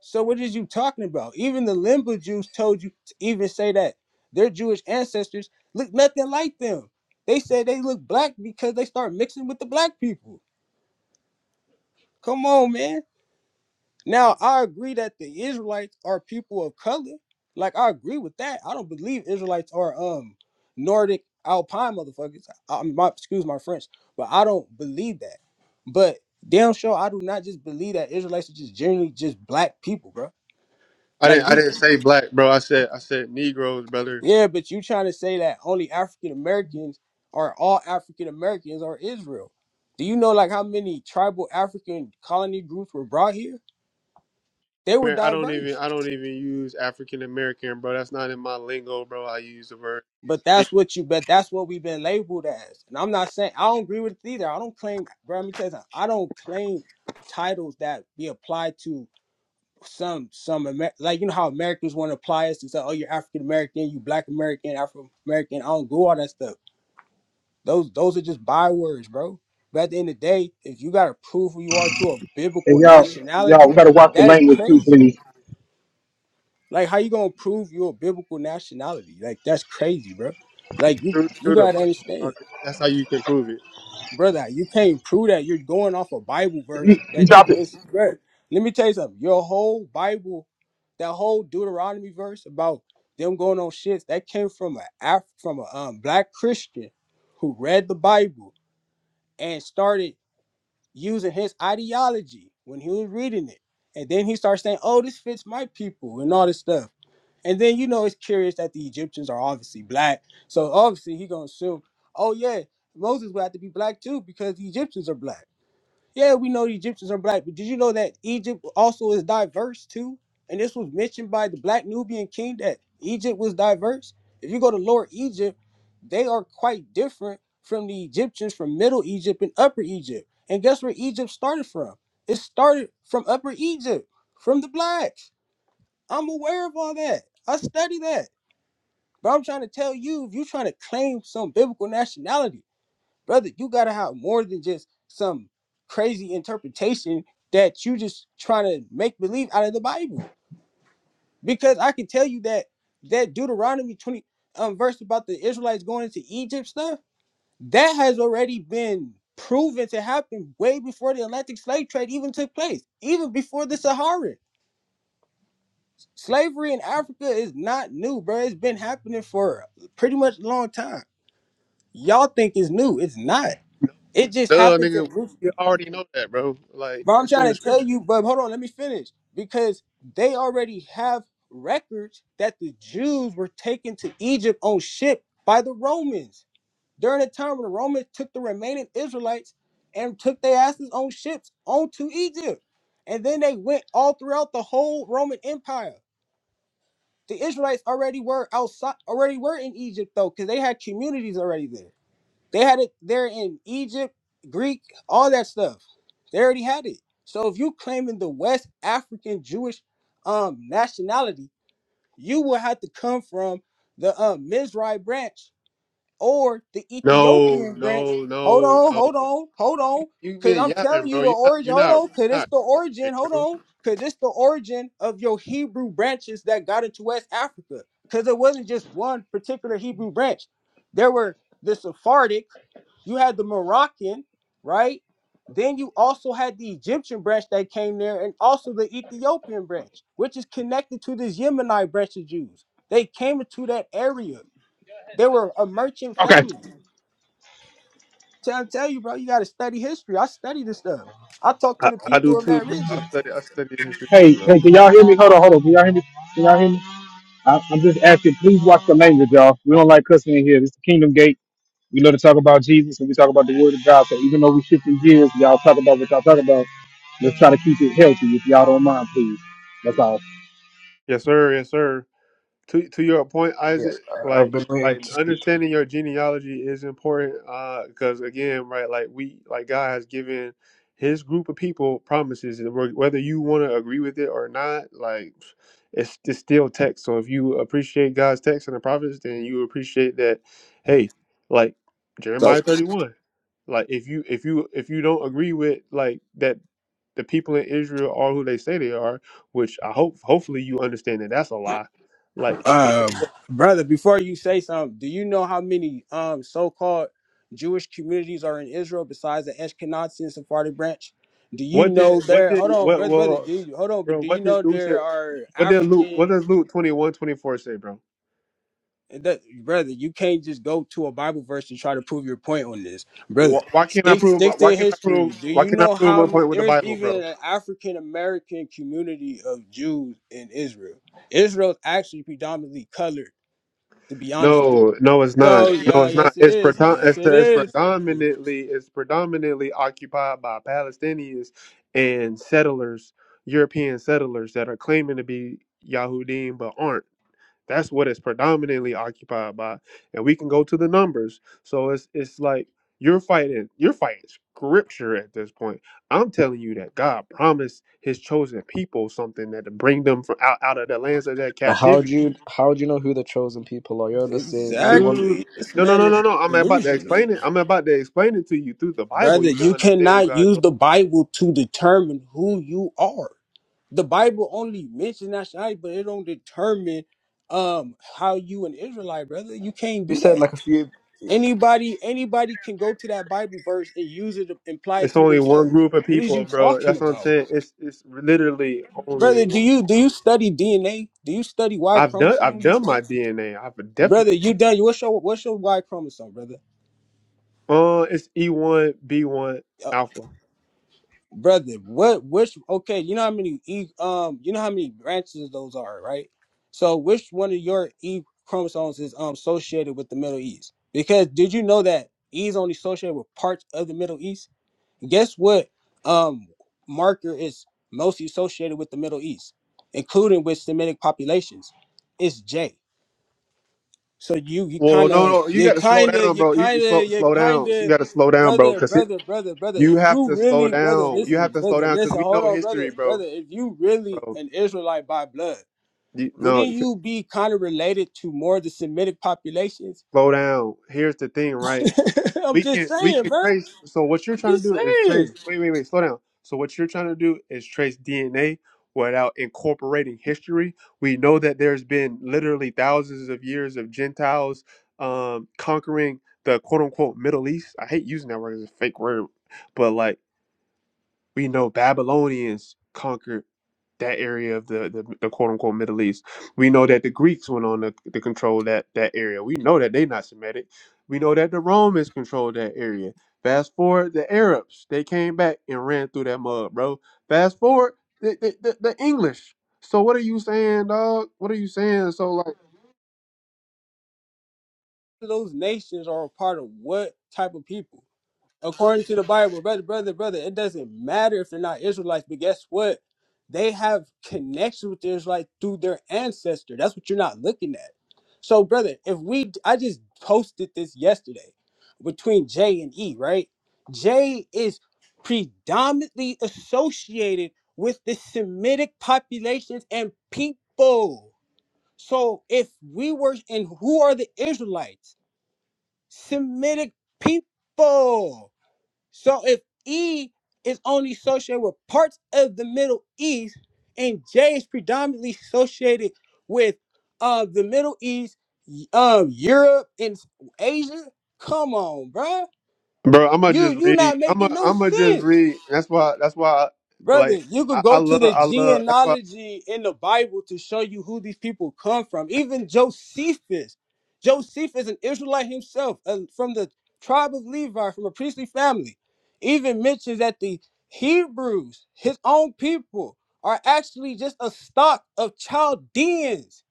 So what is you talking about? Even the Limba Jews told you to even say that their Jewish ancestors look nothing like them. They said they look black because they start mixing with the black people. Come on, man. Now, I agree that the Israelites are people of color. Like, I agree with that. I don't believe Israelites are um Nordic Alpine motherfuckers. I, my, excuse my French, but I don't believe that. But damn sure, I do not just believe that Israelites are just generally just black people, bro.
I didn't.
Like
I
you,
didn't say black, bro. I said. I said Negroes, brother.
yeah, but you trying to say that only African Americans or all African Americans are Israel. Do you know like how many tribal African colony groups were brought here? They were
Man, I don't
diverse
even. I don't even use African American, bro. That's not in my lingo, bro. I use the word
But
nigga
that's what you bet. that's what we've been labeled as. And I'm not saying I don't agree with it either. I don't claim bro, let me tell you something. I don't claim titles that be applied to some some Amer- like you know how Americans want to apply us to say, oh you're African American, you black American, Afro American. I don't do all that stuff. Those those are just bywords, bro. But at the end of the day, if you gotta prove who you are to a
And
biblical
y'all, y'all,
nationality,
we gotta watch the
that's
language too,
crazy.
please.
Like how you gonna prove you're a biblical nationality? Like that's crazy, bro. Like you
through,
you
through the
gotta
Bible,
understand.
dog. That's how you can prove it.
brother, you can't prove that. You're going off a Bible verse that you
Drop it.
miss. Bro, let me tell you something. Your whole Bible, that whole Deuteronomy verse about them going on shits, that came from a Af- from a um, black Christian who read the Bible and started using his ideology when he was reading it, and then he starts saying, "Oh, this fits my people" and all this stuff. And then you know it's curious that the Egyptians are obviously black, so obviously he gonna assume, oh yeah, Moses would have to be black too because the Egyptians are black. Yeah, we know the Egyptians are black, but did you know that Egypt also is diverse too? And this was mentioned by the Black Nubian king that Egypt was diverse. If you go to Lower Egypt, they are quite different from the Egyptians from Middle Egypt and Upper Egypt. And guess where Egypt started from? It started from Upper Egypt, from the blacks. I'm aware of all that. I study that. But I'm trying to tell you, if you're trying to claim some biblical nationality, brother, you gotta have more than just some crazy interpretation that you just trying to make believe out of the Bible. Because I can tell you that that Deuteronomy 20 um, verse about the Israelites going into Egypt stuff, that has already been proven to happen way before the Atlantic slave trade even took place, even before the Sahara. Slavery in Africa is not new, bro. It's been happening for pretty much a long time. Y'all think it's new. It's not. It just
Duh,
happens in
nigga.
roots.
You already know that, bro. Like
But I'm
it's in
trying
the
to tell
scripture.
you, but hold on, let me finish. Because they already have records that the Jews were taken to Egypt on ship by the Romans during the time when the Romans took the remaining Israelites and took their asses on ships onto Egypt. And then they went all throughout the whole Roman Empire. The Israelites already were outside, already were in Egypt though, because they had communities already there. They had it there in Egypt, Greek, all that stuff. They already had it. So if you claiming the West African Jewish um nationality, you will have to come from the um Mizrahi branch or the
No,
Ethiopian branch.
no,
Hold
no,
on,
no.
hold on, hold
You,
on.
you
Cause
been
I'm telling
yapping, bro.
you the
You're not.
origin.
You're
Hold
not.
on, cause
You're
it's
not,
the origin. Hold
bro.
on, cause it's the origin of your Hebrew branches that got into West Africa. Cause it wasn't just one particular Hebrew branch. There were the Sephardic. You had the Moroccan, right? Then you also had the Egyptian branch that came there, and also the Ethiopian branch, which is connected to this Yemenite branch of Jews. They came into that area. They were a merchant
Okay.
family. Tell tell you, bro, you gotta study history. I study this stuff. I talk to
I,
the
I do
people of
too,
that
bro. I
region.
study. I study history
Hey,
too, bro.
hey, can y'all hear me? Hold on, hold on. Can y'all hear me? Can y'all hear me? I, I'm just asking. Please watch the language, y'all. We don't like cussing in here. This is the Kingdom Gate. We love to talk about Jesus and we talk about the Word of God. So even though we shift in gears, y'all talk about what y'all talk about. Let's try to keep it healthy, if y'all don't mind, please. That's all.
Yes, sir. Yes, sir. to to your point,
yeah.
Isaac,
I- I've
like
been waiting
like
to speak to
understanding your genealogy is important uh, because again, right, like we like God has given His group of people promises, and whe- whether you want to agree with it or not, like it's it's still text. So if you appreciate God's text and the prophets, then you appreciate that. Hey, like
So,
Jeremiah thirty one. Like if you if you if you don't agree with like that the people in Israel are who they say they are, which I hope hopefully you understand that that's a lie. Like then guess
um,
what
brother, before you say something, do you know how many um so-called Jewish communities are in Israel besides the Ashkenazi and Sephardi branch? Do you
What
know
did what
there?
did
Hold on,
what
brother, brother.
well
Do you, hold on, but
bro,
do you
what did
know
you say
there are
what did Luke
African?
what does Luke twenty-one twenty-four say, bro?
And that, brother, you can't just go to a Bible verse and try to prove your point on this, brother.
Why, why can't I
Stick,
prove my-
stick
why
to
can't I
history.
prove
Do
why
you
can't I
know
prove
how
my
m-
point with the
there's
Bible, bro?
even an African American community of Jews in Israel? Israel's actually predominantly colored, to be honest with
No, no it's
you.
not.
So
No
yeah,
it's not.
yes it
It's
is.
predom- it's,
Yes it
it's
is.
predominantly it's predominantly occupied by Palestinians and settlers, European settlers that are claiming to be Yahudim but aren't. That's what it's predominantly occupied by, and we can go to the numbers. So it's it's like you're fighting you're fighting scripture at this point. I'm telling you that God promised His chosen people something that to bring them from out, out of the lands of that
you. How
captivity.
do you how do you know who the chosen people are? You're just saying anyone.
Dude,
Exactly. This
no, no,
man
no,
is
no, no. I'm about to
delusional,
explain it. I'm about to explain it to you through the Bible.
brother.
You can
You
understand who
cannot
God's.
use the Bible to determine who you are. the Bible only mentions nationality, but it don't determine um how you an Israelite, brother. You can't
You
do
said
that.
like a few.
Anybody, anybody can go to that Bible verse and use it to imply it
It's
to
only one
themselves.
group of
What is
people,
you
bro.
talking
That's what I'm
about,
saying. It's it's literally only.
brother? Do
One.
you do you study DNA? Do you study Y
I've done I've
chromosomes and
done my
stuff,
DNA. I've definitely
brother? You done? What's your what's your Y chromosome, brother?
Uh, it's E one B one alpha.
brother, what which okay, you know how many e um you know how many branches those are, right? So which one of your E chromosomes is um associated with the Middle East? Because did you know that E is only associated with parts of the Middle East? Guess what um marker is mostly associated with the Middle East, including with Semitic populations? It's J. So you you
Well,
kind
no,
of
no, you
you
got to slow
kind of
down,
you
bro. You you
kind of
slow,
you
slow
kind
down. You
of
got to slow down, bro,
brother
because
brother brother brother
you
if
have
you
to slow
really brother
down. You
listen
have to slow
brother
down because
listen
we
hold
know
on brother
history, bro.
brother if you really
Bro,
an Israelite by blood
you, no,
wouldn't you be kind of related to more of the Semitic populations?
slow down. Here's the thing, right?
[laughs] I'm
we can
just
we
saying,
can
bro.
trace. So what you're
I'm
trying to
just
do is trace.
saying.
Wait, wait, wait. Slow down. So what you're trying to do is trace DNA without incorporating history. We know that there's been literally thousands of years of Gentiles um, conquering the quote unquote Middle East. I hate using that word as a fake word, but like we know Babylonians conquered that area of the, the, the quote unquote Middle East. We know that the Greeks went on to, to control that, that area. We know that they not Semitic. We know that the Romans controlled that area. Fast forward, the Arabs, they came back and ran through that mud, bro. Fast forward, the, the, the, the English. So what are you saying, dog? What are you saying? So like,
Those nations are a part of what type of people? according to the Bible, brother, brother, brother, it doesn't matter if they're not Israelites, but guess what? They have connections with the Israelites through their ancestor. That's what you're not looking at. So, brother, if we, I just posted this yesterday between J and E, right? J is predominantly associated with the Semitic populations and people. So, if we were, and who are the Israelites? Semitic people. So if E is only associated with parts of the Middle East, and J is predominantly associated with uh the Middle East, y- um Europe and Asia, come on, bruh.
bro, I'm gonna
You
just
you
read.
not
I'm
making
gonna,
no
I'm gonna just
sense.
read. That's why. That's why.
Brother,
Like,
you
I,
could
I
go to
love.
the
I love. That's why
genealogy in the Bible to show you who these people come from. Even Josephus. Josephus, an Israelite himself, uh, from the tribe of Levi, from a priestly family, even mentions that the Hebrews, his own people, are actually just a stock of Chaldeans.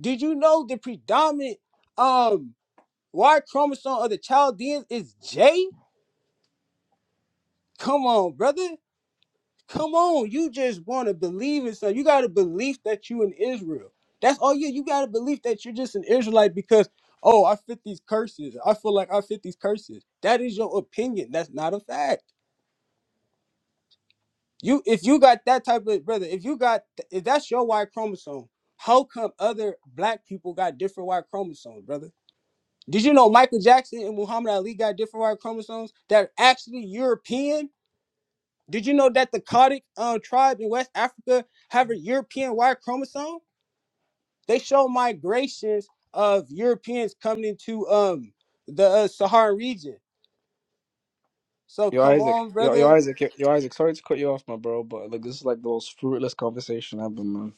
Did you know the predominant um, Y chromosome of the Chaldeans is J? Come on, brother. Come on, you just want to believe in something. You got a belief that you in Israel. That's all you. You got a belief that you're just an Israelite because oh, I fit these curses. I feel like I fit these curses. That is your opinion. That's not a fact. You, if you got that type of brother, if you got if that's your Y chromosome, how come other black people got different Y chromosomes, brother? Did you know Michael Jackson and Muhammad Ali got different Y chromosomes that are actually European? Did you know that the Kadic um, tribe in West Africa have a European Y chromosome? They show migrations of Europeans coming into um the uh, Saharan region. So
Your
come
Isaac,
on,
your
brother.
your Isaac, your, your Isaac. Sorry to cut you off, my bro, but like this is like the most fruitless conversation I've been. on.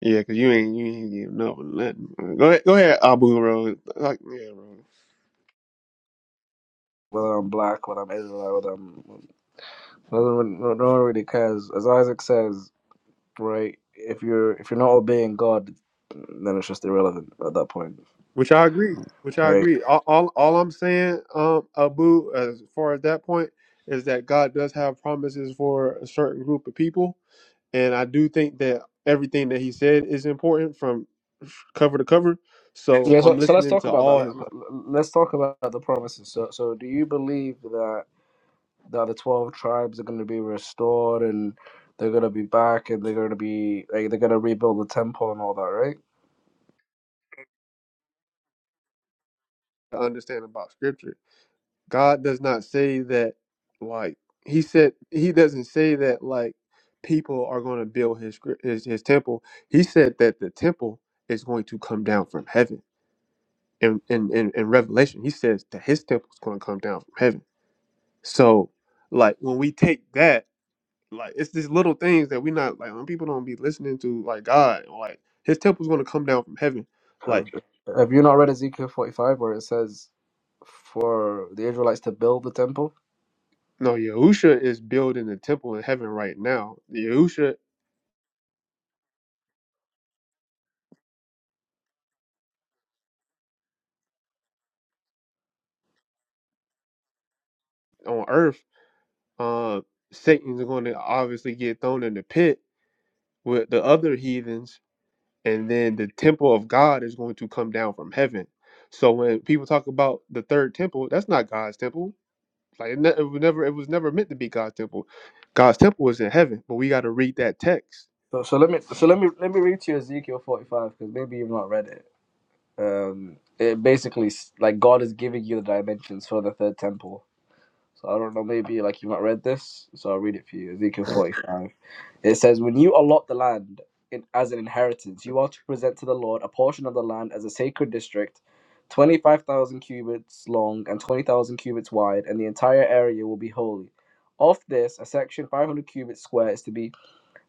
Yeah, cause you ain't you ain't getting no nothing. Uh, Go ahead, go ahead, Abu Rose. Like, yeah, bro.
Whether I'm black, whether I'm Israelite, whether I'm doesn't really, no, no one really cares. As Isaac says, right? If you're if you're not obeying God, then it's just irrelevant at that point,
Which I agree. Which I
right?
agree. All all, all I'm saying, um, Abu, as far as that point, is that God does have promises for a certain group of people, and I do think that everything that He said is important from cover to cover. So
Yeah,
I'm
so, so let's
listening
talk
to
about that.
all
Let,
His to
let us talk about the promises. So, so do you believe that, that the 12 tribes are going to be restored and they're going to be back and they're going to be like they're going to rebuild the temple and all that, right?
understand about Scripture. God does not say that like he said he doesn't say that like people are going to build his gr- his his temple. He said that the temple is going to come down from heaven. In in in, in Revelation, he says that his temple is going to come down from heaven. So like when we take that like it's these little things that we not like when people don't be listening to like God like his temple's going to come down from heaven.
Have
Like
have you not read Ezekiel 45 where it says for the Israelites to build the temple?
no, Yahusha is building a temple in heaven right now. Yahusha on earth uh, Satan's going to obviously get thrown in the pit with the other heathens, and then the temple of God is going to come down from heaven. So when people talk about the third temple, that's not God's temple. Like it, ne- it was never, it was never meant to be God's temple. God's temple was in heaven, but we got to read that text.
So, so let me so let me let me read to you Ezekiel 45 because maybe you've not read it. Um it basically s- like God is giving you the dimensions for the third temple So I don't know, maybe like you might read this, so I'll read it for you. Ezekiel 45. It says, When you allot the land in, as an inheritance, you are to present to the Lord a portion of the land as a sacred district, 25,000 cubits long and 20,000 cubits wide, and the entire area will be holy. Of this, a section 500 cubits square is to be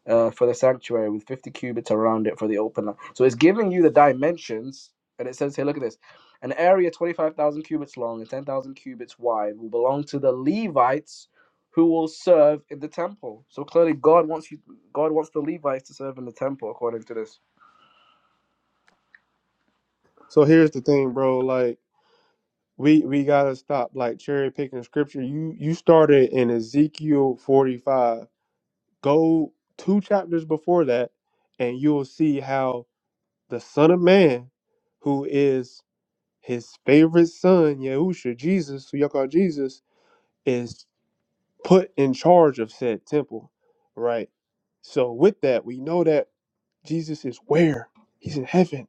uh, for the sanctuary with 50 cubits around it for the open. land. So it's giving you the dimensions, and it says here, look at this. An area 25,000 cubits long and 10,000 cubits wide will belong to the Levites who will serve in the temple. So clearly God wants you God wants the Levites to serve in the temple according to this.
So here's the thing, bro. Like we we gotta stop like cherry picking scripture. You you started in Ezekiel 45. Go two chapters before that, and you'll see how the Son of Man, who is his favorite son, Yahusha, Jesus, who y'all call Jesus, is put in charge of said temple, right? So with that, we know that Jesus is where? He's in heaven.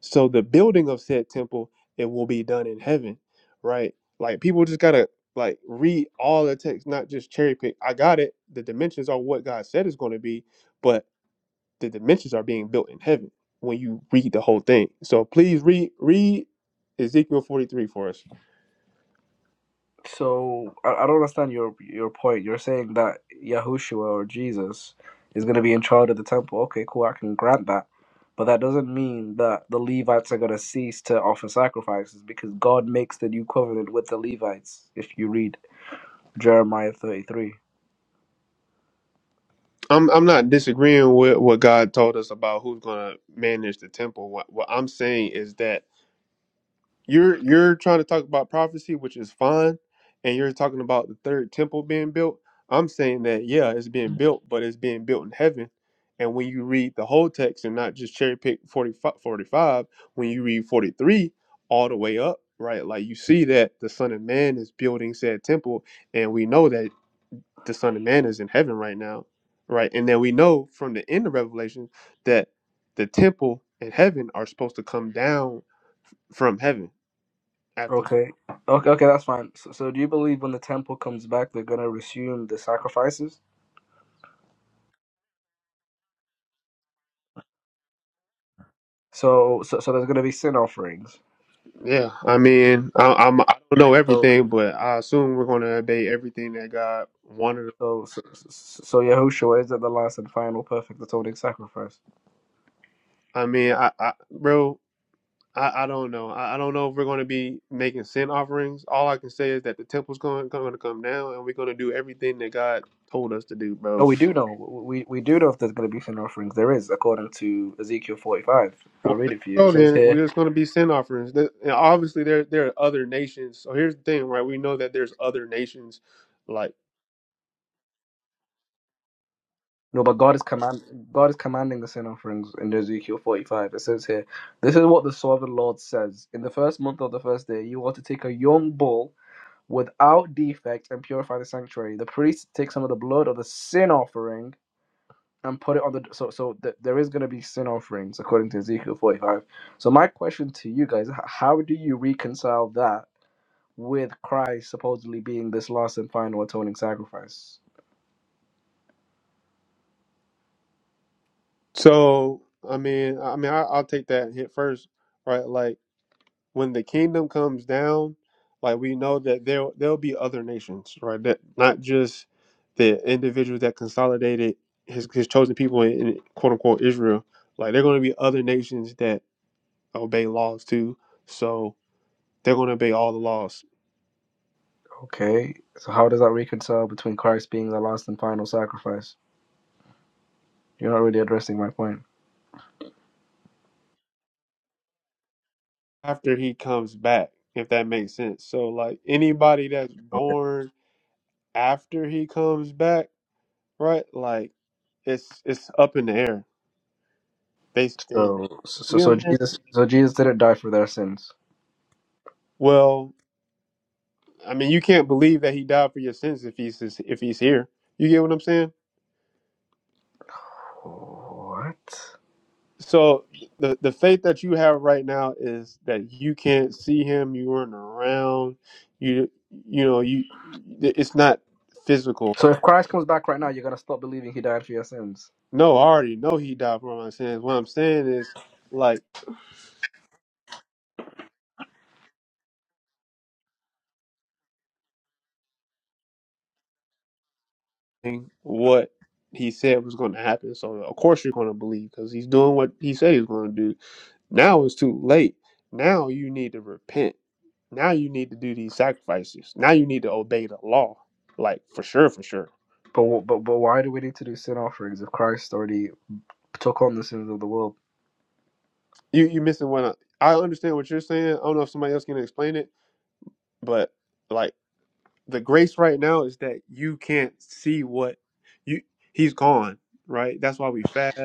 So the building of said temple, it will be done in heaven, right? Like people just gotta like read all the text, not just cherry pick. I got it. The dimensions are what God said is gonna be, but the dimensions are being built in heaven when you read the whole thing. So please read read Ezekiel 43 for us.
So I, I don't understand your your point. You're saying that Yahushua or Jesus is going to be in charge of the temple. Okay, cool. I can grant that, but that doesn't mean that the Levites are going to cease to offer sacrifices because God makes the new covenant with the Levites. If you read Jeremiah thirty three.
I'm I'm not disagreeing with what God told us about who's going to manage the temple. What what I'm saying is that you're you're trying to talk about prophecy, which is fine, and you're talking about the third temple being built. I'm saying that yeah, it's being built, but it's being built in heaven. And when you read the whole text and not just cherry pick 45, forty-five, when you read 43 all the way up, right? Like you see that the Son of Man is building said temple, and we know that the Son of Man is in heaven right now, right? And then we know from the end of Revelation that the temple and heaven are supposed to come down from heaven after,
Okay. Okay. Okay. That's fine. So, so do you believe when the temple comes back, they're going to resume the sacrifices? So, so, so there's going to be sin offerings.
yeah, I mean, I, I'm I don't know
So.
everything, but I assume we're going to obey everything that God wanted.
So, so, so Yahushua is at the last and final perfect atoning sacrifice.
I mean, I, I bro, I, I don't know. I, I don't know if we're going to be making sin offerings. All I can say is that the temple's going going to come down, and we're going to do everything that God told us to do,
No,
bro.
we do know. We we do know if there's going to be sin offerings. There is, according to Ezekiel 45. I'll
Well,
read
there
it
you
for you.
go
It says
then.
here,
We're just going to be sin offerings. That- And obviously, there there are other nations. So here's the thing, right? We know that there's other nations, like
no, but God is command God is commanding the sin offerings in Ezekiel 45. It says here, this is what the sovereign Lord says: In the first month of the first day, you are to take a young bull without defect and purify the sanctuary. The priest takes some of the blood of the sin offering and put it on the so so th- there is going to be sin offerings according to Ezekiel 45. So my question to you guys, h- how do you reconcile that with Christ supposedly being this last and final atoning sacrifice?
so. I mean, I I mean, I, I'll take that hit first, right? Like. when the kingdom comes down, like we know that there there'll be other nations, right? That not just the individuals that consolidated his his chosen people in, in quote unquote Israel. Like there are gonna be other nations that obey laws too. So they're gonna obey all the laws
Okay. So how does that reconcile between Christ being the last and final sacrifice? You're not really addressing my point.
after he comes back, if that makes sense. So like anybody that's
Okay.
born after he comes back, right? Like it's it's up in the air. They they,
So so
you know
so
what I'm saying?
Jesus so Jesus didn't die for their sins.
Well, I mean, you can't believe that he died for your sins if he's if he's here. You get what I'm saying?
What?
So the the faith that you have right now is that you can't see him, you weren't around, you you know you it's not physical.
So if Christ comes back right now, you're going to stop believing he died for your sins.
No, I already know he died for my sins. What I'm saying is like what he said was going to happen. So of course you're going to believe because he's doing what he said he's going to do. Now it's too late. Now you need to repent. Now you need to do these sacrifices. Now you need to obey the law. Like for sure, for sure.
But, wh- but but why do we need to do sin offerings if Christ already? took on the sins of the world.
You you missing one. I, I understand what you're saying. I don't know if somebody else can explain it, but like the grace right now is that you can't see what you he's gone, right? That's why we fast.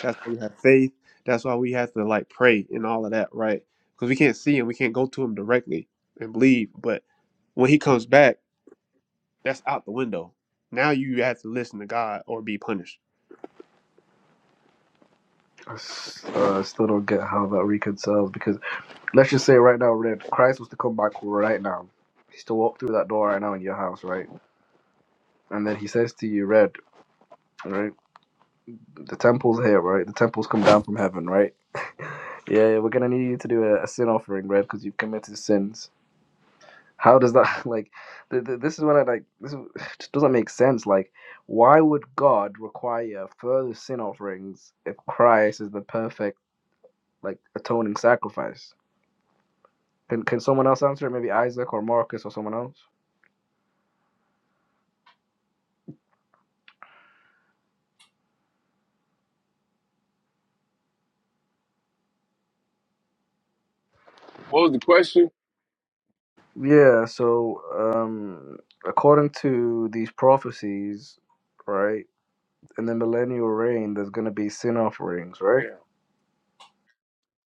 That's why we have faith. That's why we have to like pray and all of that, right? Because we can't see him. We can't go to him directly and believe. But when he comes back That's out the window. Now you have to listen to God or be punished.
I uh, still don't get how that reconciles because let's just say right now, Red, Christ was to come back right now. He's to walk through that door right now in your house, right? And then he says to you, Red, right? The temple's here, right? The temple's come down from heaven, right? [laughs] yeah, yeah, we're gonna need you to do a, a sin offering, Red, because you've committed sins. How does that [laughs] like? Th- th- this is when I like this is, [sighs] just doesn't make sense. Like, why would God require further sin offerings if Christ is the perfect? like atoning sacrifice. Can can someone else answer it? Maybe Isaac or Marcus or someone else?
What was the question?
Yeah, so um according to these prophecies, right, in the millennial reign there's gonna be sin offerings, right?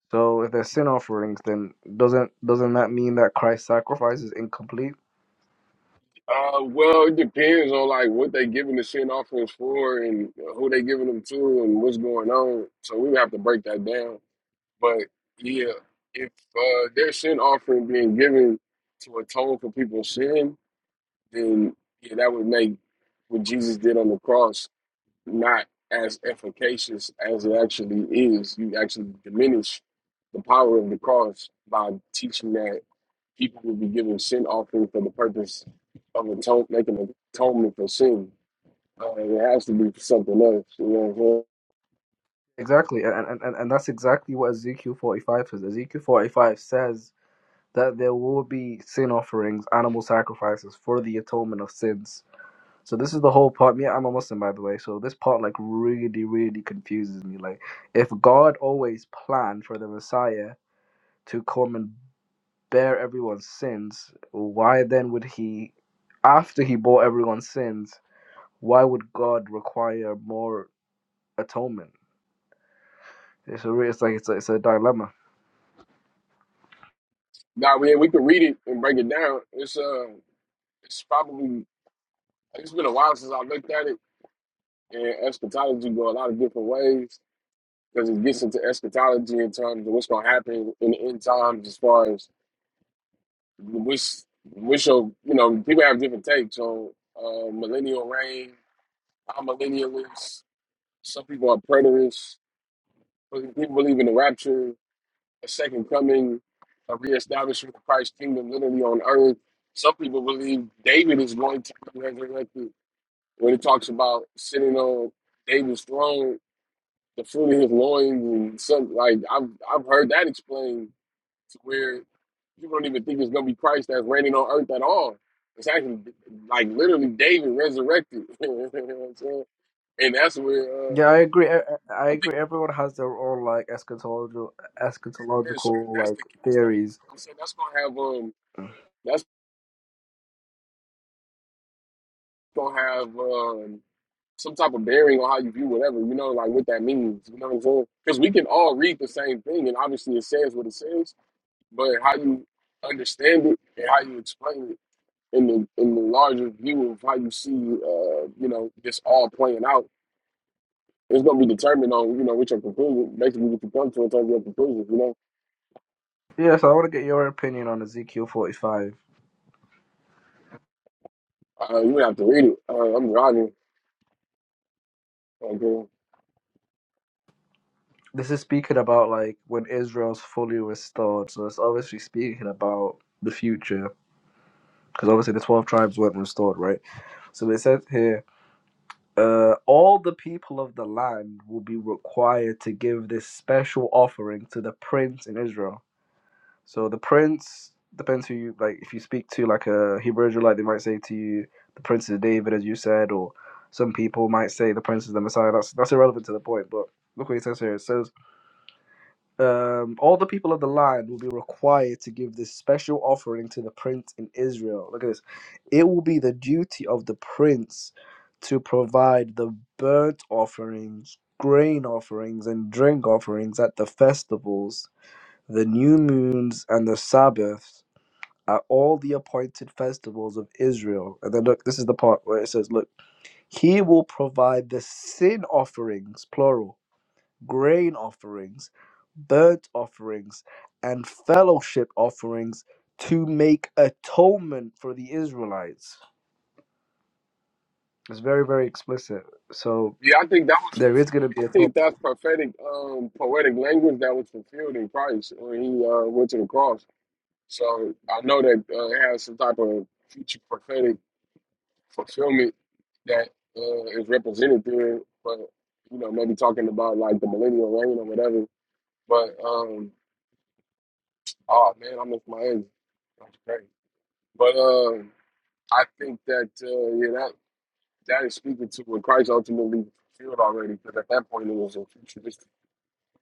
So if there's sin offerings, then doesn't doesn't that mean that Christ's sacrifice is incomplete?
Uh, well, it depends on like what they giving the sin offerings for and who they giving them to and what's going on. So we have to break that down. But yeah, if uh, their sin offering being given to atone for people's sin, then yeah, that would make what Jesus did on the cross not as efficacious as it actually is. You actually diminish the power of the cross by teaching that people will be giving sin offering for the purpose of atone, making atonement for sin. Uh, it has to be for something else. You know what I'm saying?
Exactly, and and, and and that's exactly what Ezekiel 45 says. Ezekiel 45 says that there will be sin offerings, animal sacrifices for the atonement of sins. So this is the whole part. Me, I'm a Muslim, by the way. So this part like really, really confuses me. Like, if God always planned for the Messiah to come and bear everyone's sins, why then would He, after He bore everyone's sins, why would God require more atonement? It's a, re- it's like it's a, it's a dilemma.
Nah, man, we can read it and break it down. It's uh, it's probably it's been a while since I looked at it, and eschatology go a lot of different ways because it gets into eschatology in terms of what's going to happen in the end times, as far as which which of you know people have different takes on uh, millennial reign. I'm millennialist. Some people are preterists But People believe in the rapture, a second coming, a reestablishment of Christ's kingdom literally on earth. Some people believe David is going to be resurrected when it talks about sitting on David's throne, the fruit of his loins, and some like I've I've heard that explained to where people don't even think it's gonna be Christ that's reigning on earth at all. It's actually like literally David resurrected. [laughs] you know what I'm saying? And that's where uh,
Yeah, I agree. I, I I
I think
agree. Everyone has their own like eschatological
there's-
eschatological
that's
like
the case. That,
theories.
I'm saying that's gonna have um that's gonna have um, some type of bearing on how you view whatever, you know, like what that means. You know what I'm saying? Because we can all read the same thing, and obviously it says what it says, but how you understand it and how you explain it in the in the larger view of how you see, uh, you know, this all playing out. It's gonna be determined on you know what your conclusion, basically what you come to in terms of your conclusion. You know,
Yeah, so I want to get your opinion on Ezekiel 45.
uh, you have to read it. Uh, I'm driving. Okay.
this is speaking about like when Israel's fully restored. So it's obviously speaking about the future because obviously the 12 tribes weren't restored, right? So it says here, uh, all the people of the land will be required to give this special offering to the prince in Israel. So the prince depends who you like. If you speak to like a Hebrew Israelite, they might say to you, the prince is David, as you said, or some people might say the prince is the Messiah. That's that's irrelevant to the point. But look what he says here. It says um, all the people of the land will be required to give this special offering to the prince in Israel. Look at this. It will be the duty of the prince to provide the burnt offerings, grain offerings, and drink offerings at the festivals, the new moons, and the Sabbaths. At all the appointed festivals of Israel. And then look, this is the part where it says, Look, he will provide the sin offerings, plural grain offerings, burnt offerings, and fellowship offerings to make atonement for the Israelites. It's very, very explicit. So
Yeah, I think that was
there is going
fulfilled.
to be
I think
atonement.
that's prophetic, um, poetic language that was fulfilled in Christ when he uh, went to the cross. So I know that uh, it has some type of future prophetic fulfillment that uh, is represented there. But you know, maybe talking about like the millennial reign or whatever. But um, oh man, I miss my ex. That's great. But um, I think that uh, yeah, that that is speaking to what Christ ultimately fulfilled already. Because at that point, it was a futuristic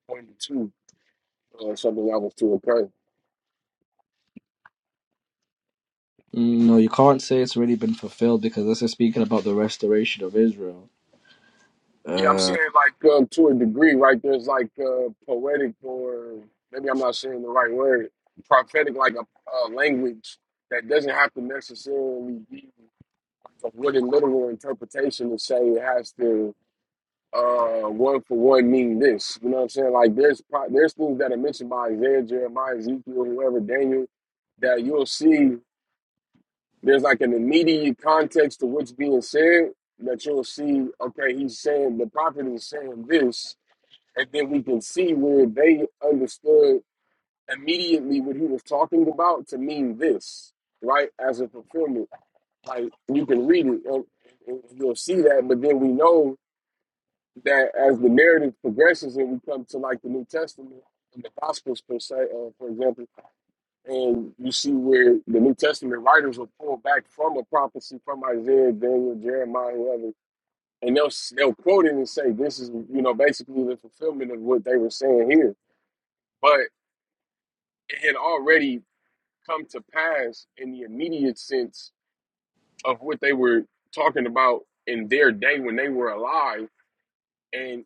point too uh, something I was to occur.
No, you can't say it's already been fulfilled because this is speaking about the restoration of Israel.
Yeah, I'm
Uh,
saying like um, to a degree, right? There's like uh, poetic or maybe I'm not saying the right word, prophetic, like a uh, language that doesn't have to necessarily be like a wooden literal interpretation to say it has to uh, one for one mean this. You know what I'm saying? Like there's pro- there's things that are mentioned by Isaiah, Jeremiah, Ezekiel, whoever, Daniel, that you'll see. there's like an immediate context to what's being said that you'll see, okay, he's saying the prophet is saying this, and then we can see where they understood immediately what he was talking about to mean this, right? As a fulfillment. Like you can read it and, and you'll see that, but then we know that as the narrative progresses and we come to like the New Testament and the Gospels per se, uh, for example, and you see where the New Testament writers will pull back from a prophecy from Isaiah, Daniel, Jeremiah, whoever, and they'll they'll quote it and say, "This is you know basically the fulfillment of what they were saying here." But it had already come to pass in the immediate sense of what they were talking about in their day when they were alive, and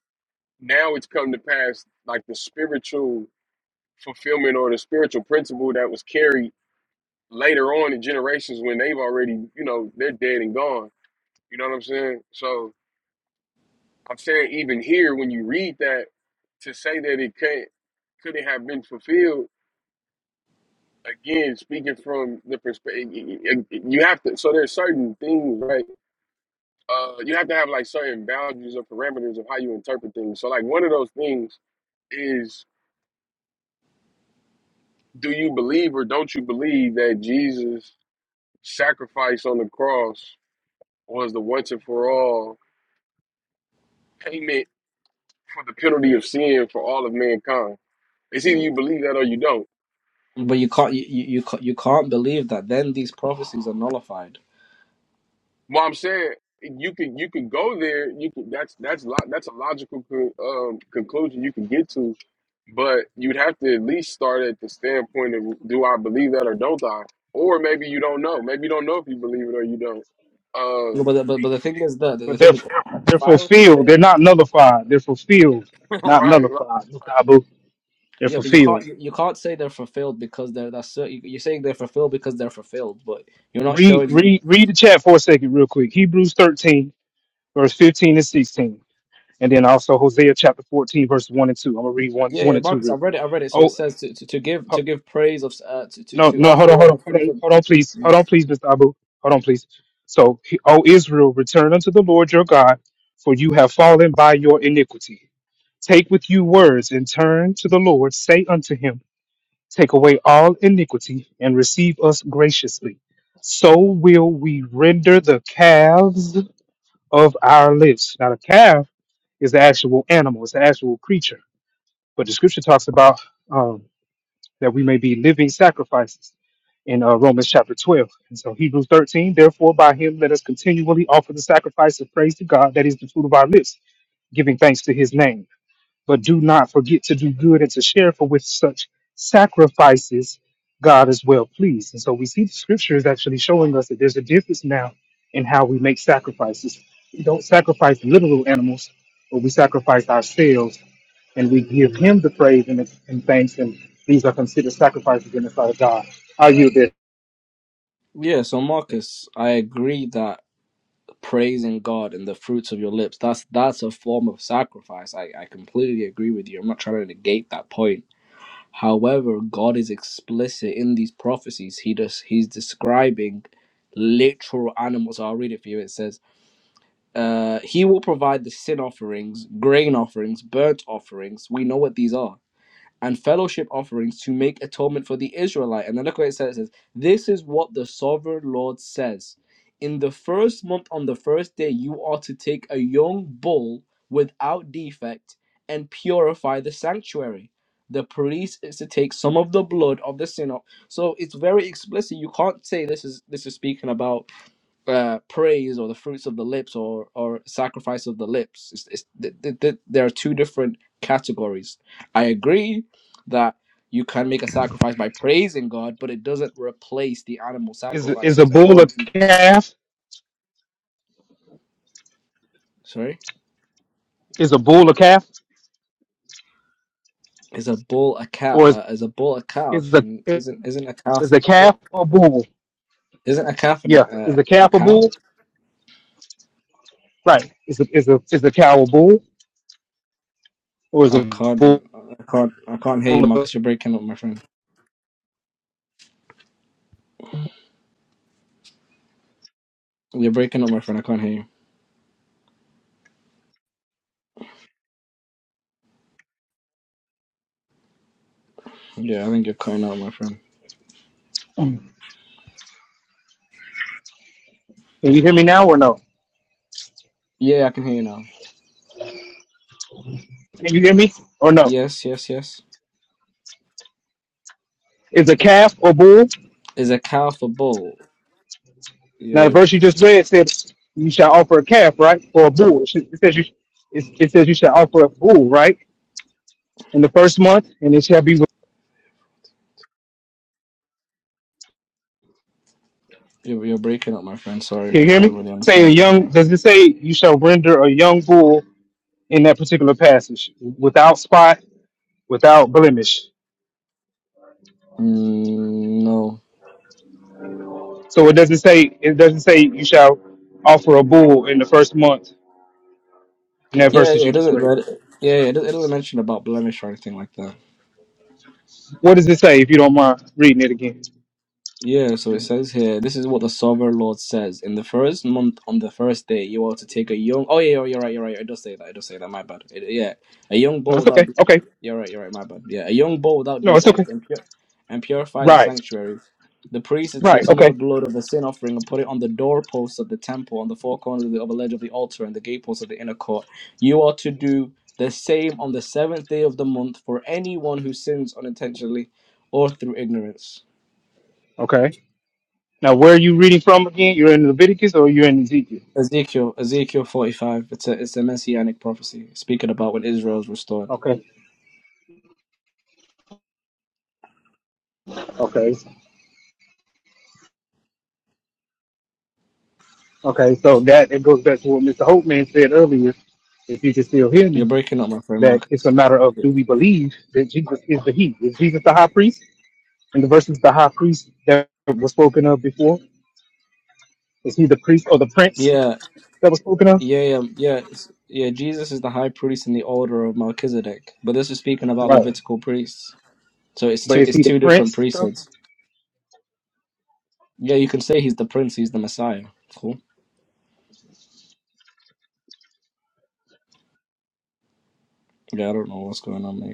now it's come to pass like the spiritual fulfillment or the spiritual principle that was carried later on in generations when they've already, you know, they're dead and gone. You know what I'm saying? So I'm saying even here when you read that, to say that it can't couldn't have been fulfilled, again, speaking from the perspective you have to so there's certain things, right? Uh you have to have like certain boundaries or parameters of how you interpret things. So like one of those things is do you believe or don't you believe that Jesus sacrifice on the cross was the once and for all payment for the penalty of sin for all of mankind. It's either you believe that or you don't.
but you can't you, you you ca- you can't believe that then these prophecies are nullified.
Well, I'm saying you can you can go there. You can that's that's lo, that's a logical con, um, conclusion you can get to, but you'd have to at least start at the standpoint of do I believe that or don't I? Or maybe you don't know. Maybe you don't know if you believe it or you don't.
No, but
Uh,
the, but, but the thing is that
But
the
they're
thing is,
they're
if I were to
fulfilled.
say
They're not nullified. They're fulfilled,
[laughs] right,
not
right.
nullified. That's
right.
not boo. They're
Yeah, but you can't
fulfilled.
you you can't say they're fulfilled because they're that's cer- you- you're saying they're fulfilled because they're fulfilled, but you're not
Read
showing me.
read read the chat for a second, real quick. Hebrews 13, verse 15 and 16. and then also Hosea chapter 14, verse 1 and 2. I'm gonna read one,
Yeah,
one
yeah,
and two
Marcus,
real
I've
quick.
read it. I've read it. So it
Oh
says to, to, to give to give praise of uh, to, to
no,
to
no, hold on,
offer
hold
up
on,
the
hold
fruits
on,
of.
hold on, please, hold on, please, Mr. Abu, hold on, please. So, he- O Israel, return to the Lord your God, for you have fallen by your iniquity. Take with you words and turn to the Lord. Say unto him, Take away all iniquity and receive us graciously. So will we render the calves of our lips. Now, the calf is the actual animal; it's the actual creature. But the scripture talks about. um, that we may be living sacrifices in uh, Romans chapter 12. And so Hebrews 13, therefore by him let us continually offer the sacrifice of praise to God, that is the fruit of our lips, giving thanks to his name. But do not forget to do good and to share, for with such sacrifices God is well pleased. And so we see the scripture is actually showing us that there's a difference now in how we make sacrifices. We don't sacrifice literal animals, but we sacrifice ourselves and we give him the praise and, and thanks, and these are considered sacrifices in the sight of God. Are you this?
Yeah, so Marcus, I agree that praising God and the fruits of your lips that's that's a form of sacrifice. I I completely agree with you. I'm not trying to negate that point. However, God is explicit in these prophecies. He does he's describing literal animals. I'll read it for you. It says. Uh, he will provide the sin offerings, grain offerings, burnt offerings. We know what these are. And fellowship offerings to make atonement for the Israelite. And then look what it says. It says, This is what the sovereign Lord says. In the first month, on the first day, you are to take a young bull without defect and purify the sanctuary. The priest is to take some of the blood of the sin. So it's very explicit. You can't say this is this is speaking about uh, praise or the fruits of the lips or or sacrifice of the lips. It's, it's, th- th- th- there are two different categories. I agree that you can make a sacrifice by praising God, but it doesn't replace the animal
is is a
sacrifices.
bull a
According to
calf?
sorry,
Is a bull a calf,
is a bull a cat?
or is
Uh, is a bull a calf? Mm, Isn't isn't a calf?
is a bull?
Isn't a calf an,
Yeah,
uh, a cow?
right. Is a bull or is a
I can't,
bull?
I can't, I can't hear you, Marcus. You're breaking up, my friend. You're breaking up, my friend. I can't hear you. Yeah, I think you're cutting out, my friend. Yeah, I can hear you now.
And you,
Yes, yes, yes. Is a cow for bull? Yeah, you're,
it, it says you shall offer a bull, right, in the first month, and it shall be.
you're you're breaking up, my friend.
Can
Sorry,
you
I
hear
can't
me?
really
Say a
understand what you're
young.
saying.
Does it say you shall render a young bull in that particular passage without spot, without blemish?
Mm, no.
So it doesn't say. It doesn't say you shall offer a bull in the first month in that verse
Yeah,
that
yeah. It
you just
doesn't.
read.
but- Yeah, yeah, it, it doesn't mention about blemish or anything like that.
What does it say if you don't mind reading it again?
Yeah, so it says here, this is what the sovereign Lord says. In the first month, on the first day, you are to take a young. Oh, yeah, you're, you're right, you're right. It does say that. It does say that. My bad. It, yeah. A young
No,
bull
it's
without.
okay.
de-
Okay.
You're right, you're right. My bad. Yeah. A young bull without
No, it's okay.
defect and, pure, and purify the
Right.
sanctuary. The priest should take
Right.
some of the
Okay.
blood of the sin offering and put it on the doorposts of the temple, on the four corners of the upper ledge of the altar, and the gateposts of the inner court. You are to do the same on the seventh day of the month for anyone who sins unintentionally or through ignorance.
Okay. Now, where are you reading from again? You're in Leviticus or you're in Ezekiel?
Ezekiel, Ezekiel 45. It's a it's a messianic prophecy speaking about when Israel is restored.
Okay. Okay. So that it goes back to what Mr. Holtman said earlier, if you can still hear
You're
me,
breaking up, my friend
that it's a
Marcus.
matter of do we believe that Jesus is the He? Is Jesus the high priest? And the verses the high priest that was spoken of before, is he the priest or the prince
Yeah,
that was spoken of?
yeah, yeah, yeah, it's- yeah. Jesus is the high priest in the order of Melchizedek, but this is speaking about
Right.
Levitical priests. So it's
But
two
is
it's
he the
two different
prince?
priesthoods. Yeah, you can say he's the prince, he's the Messiah. Cool. Yeah, I don't know what's going on, mate.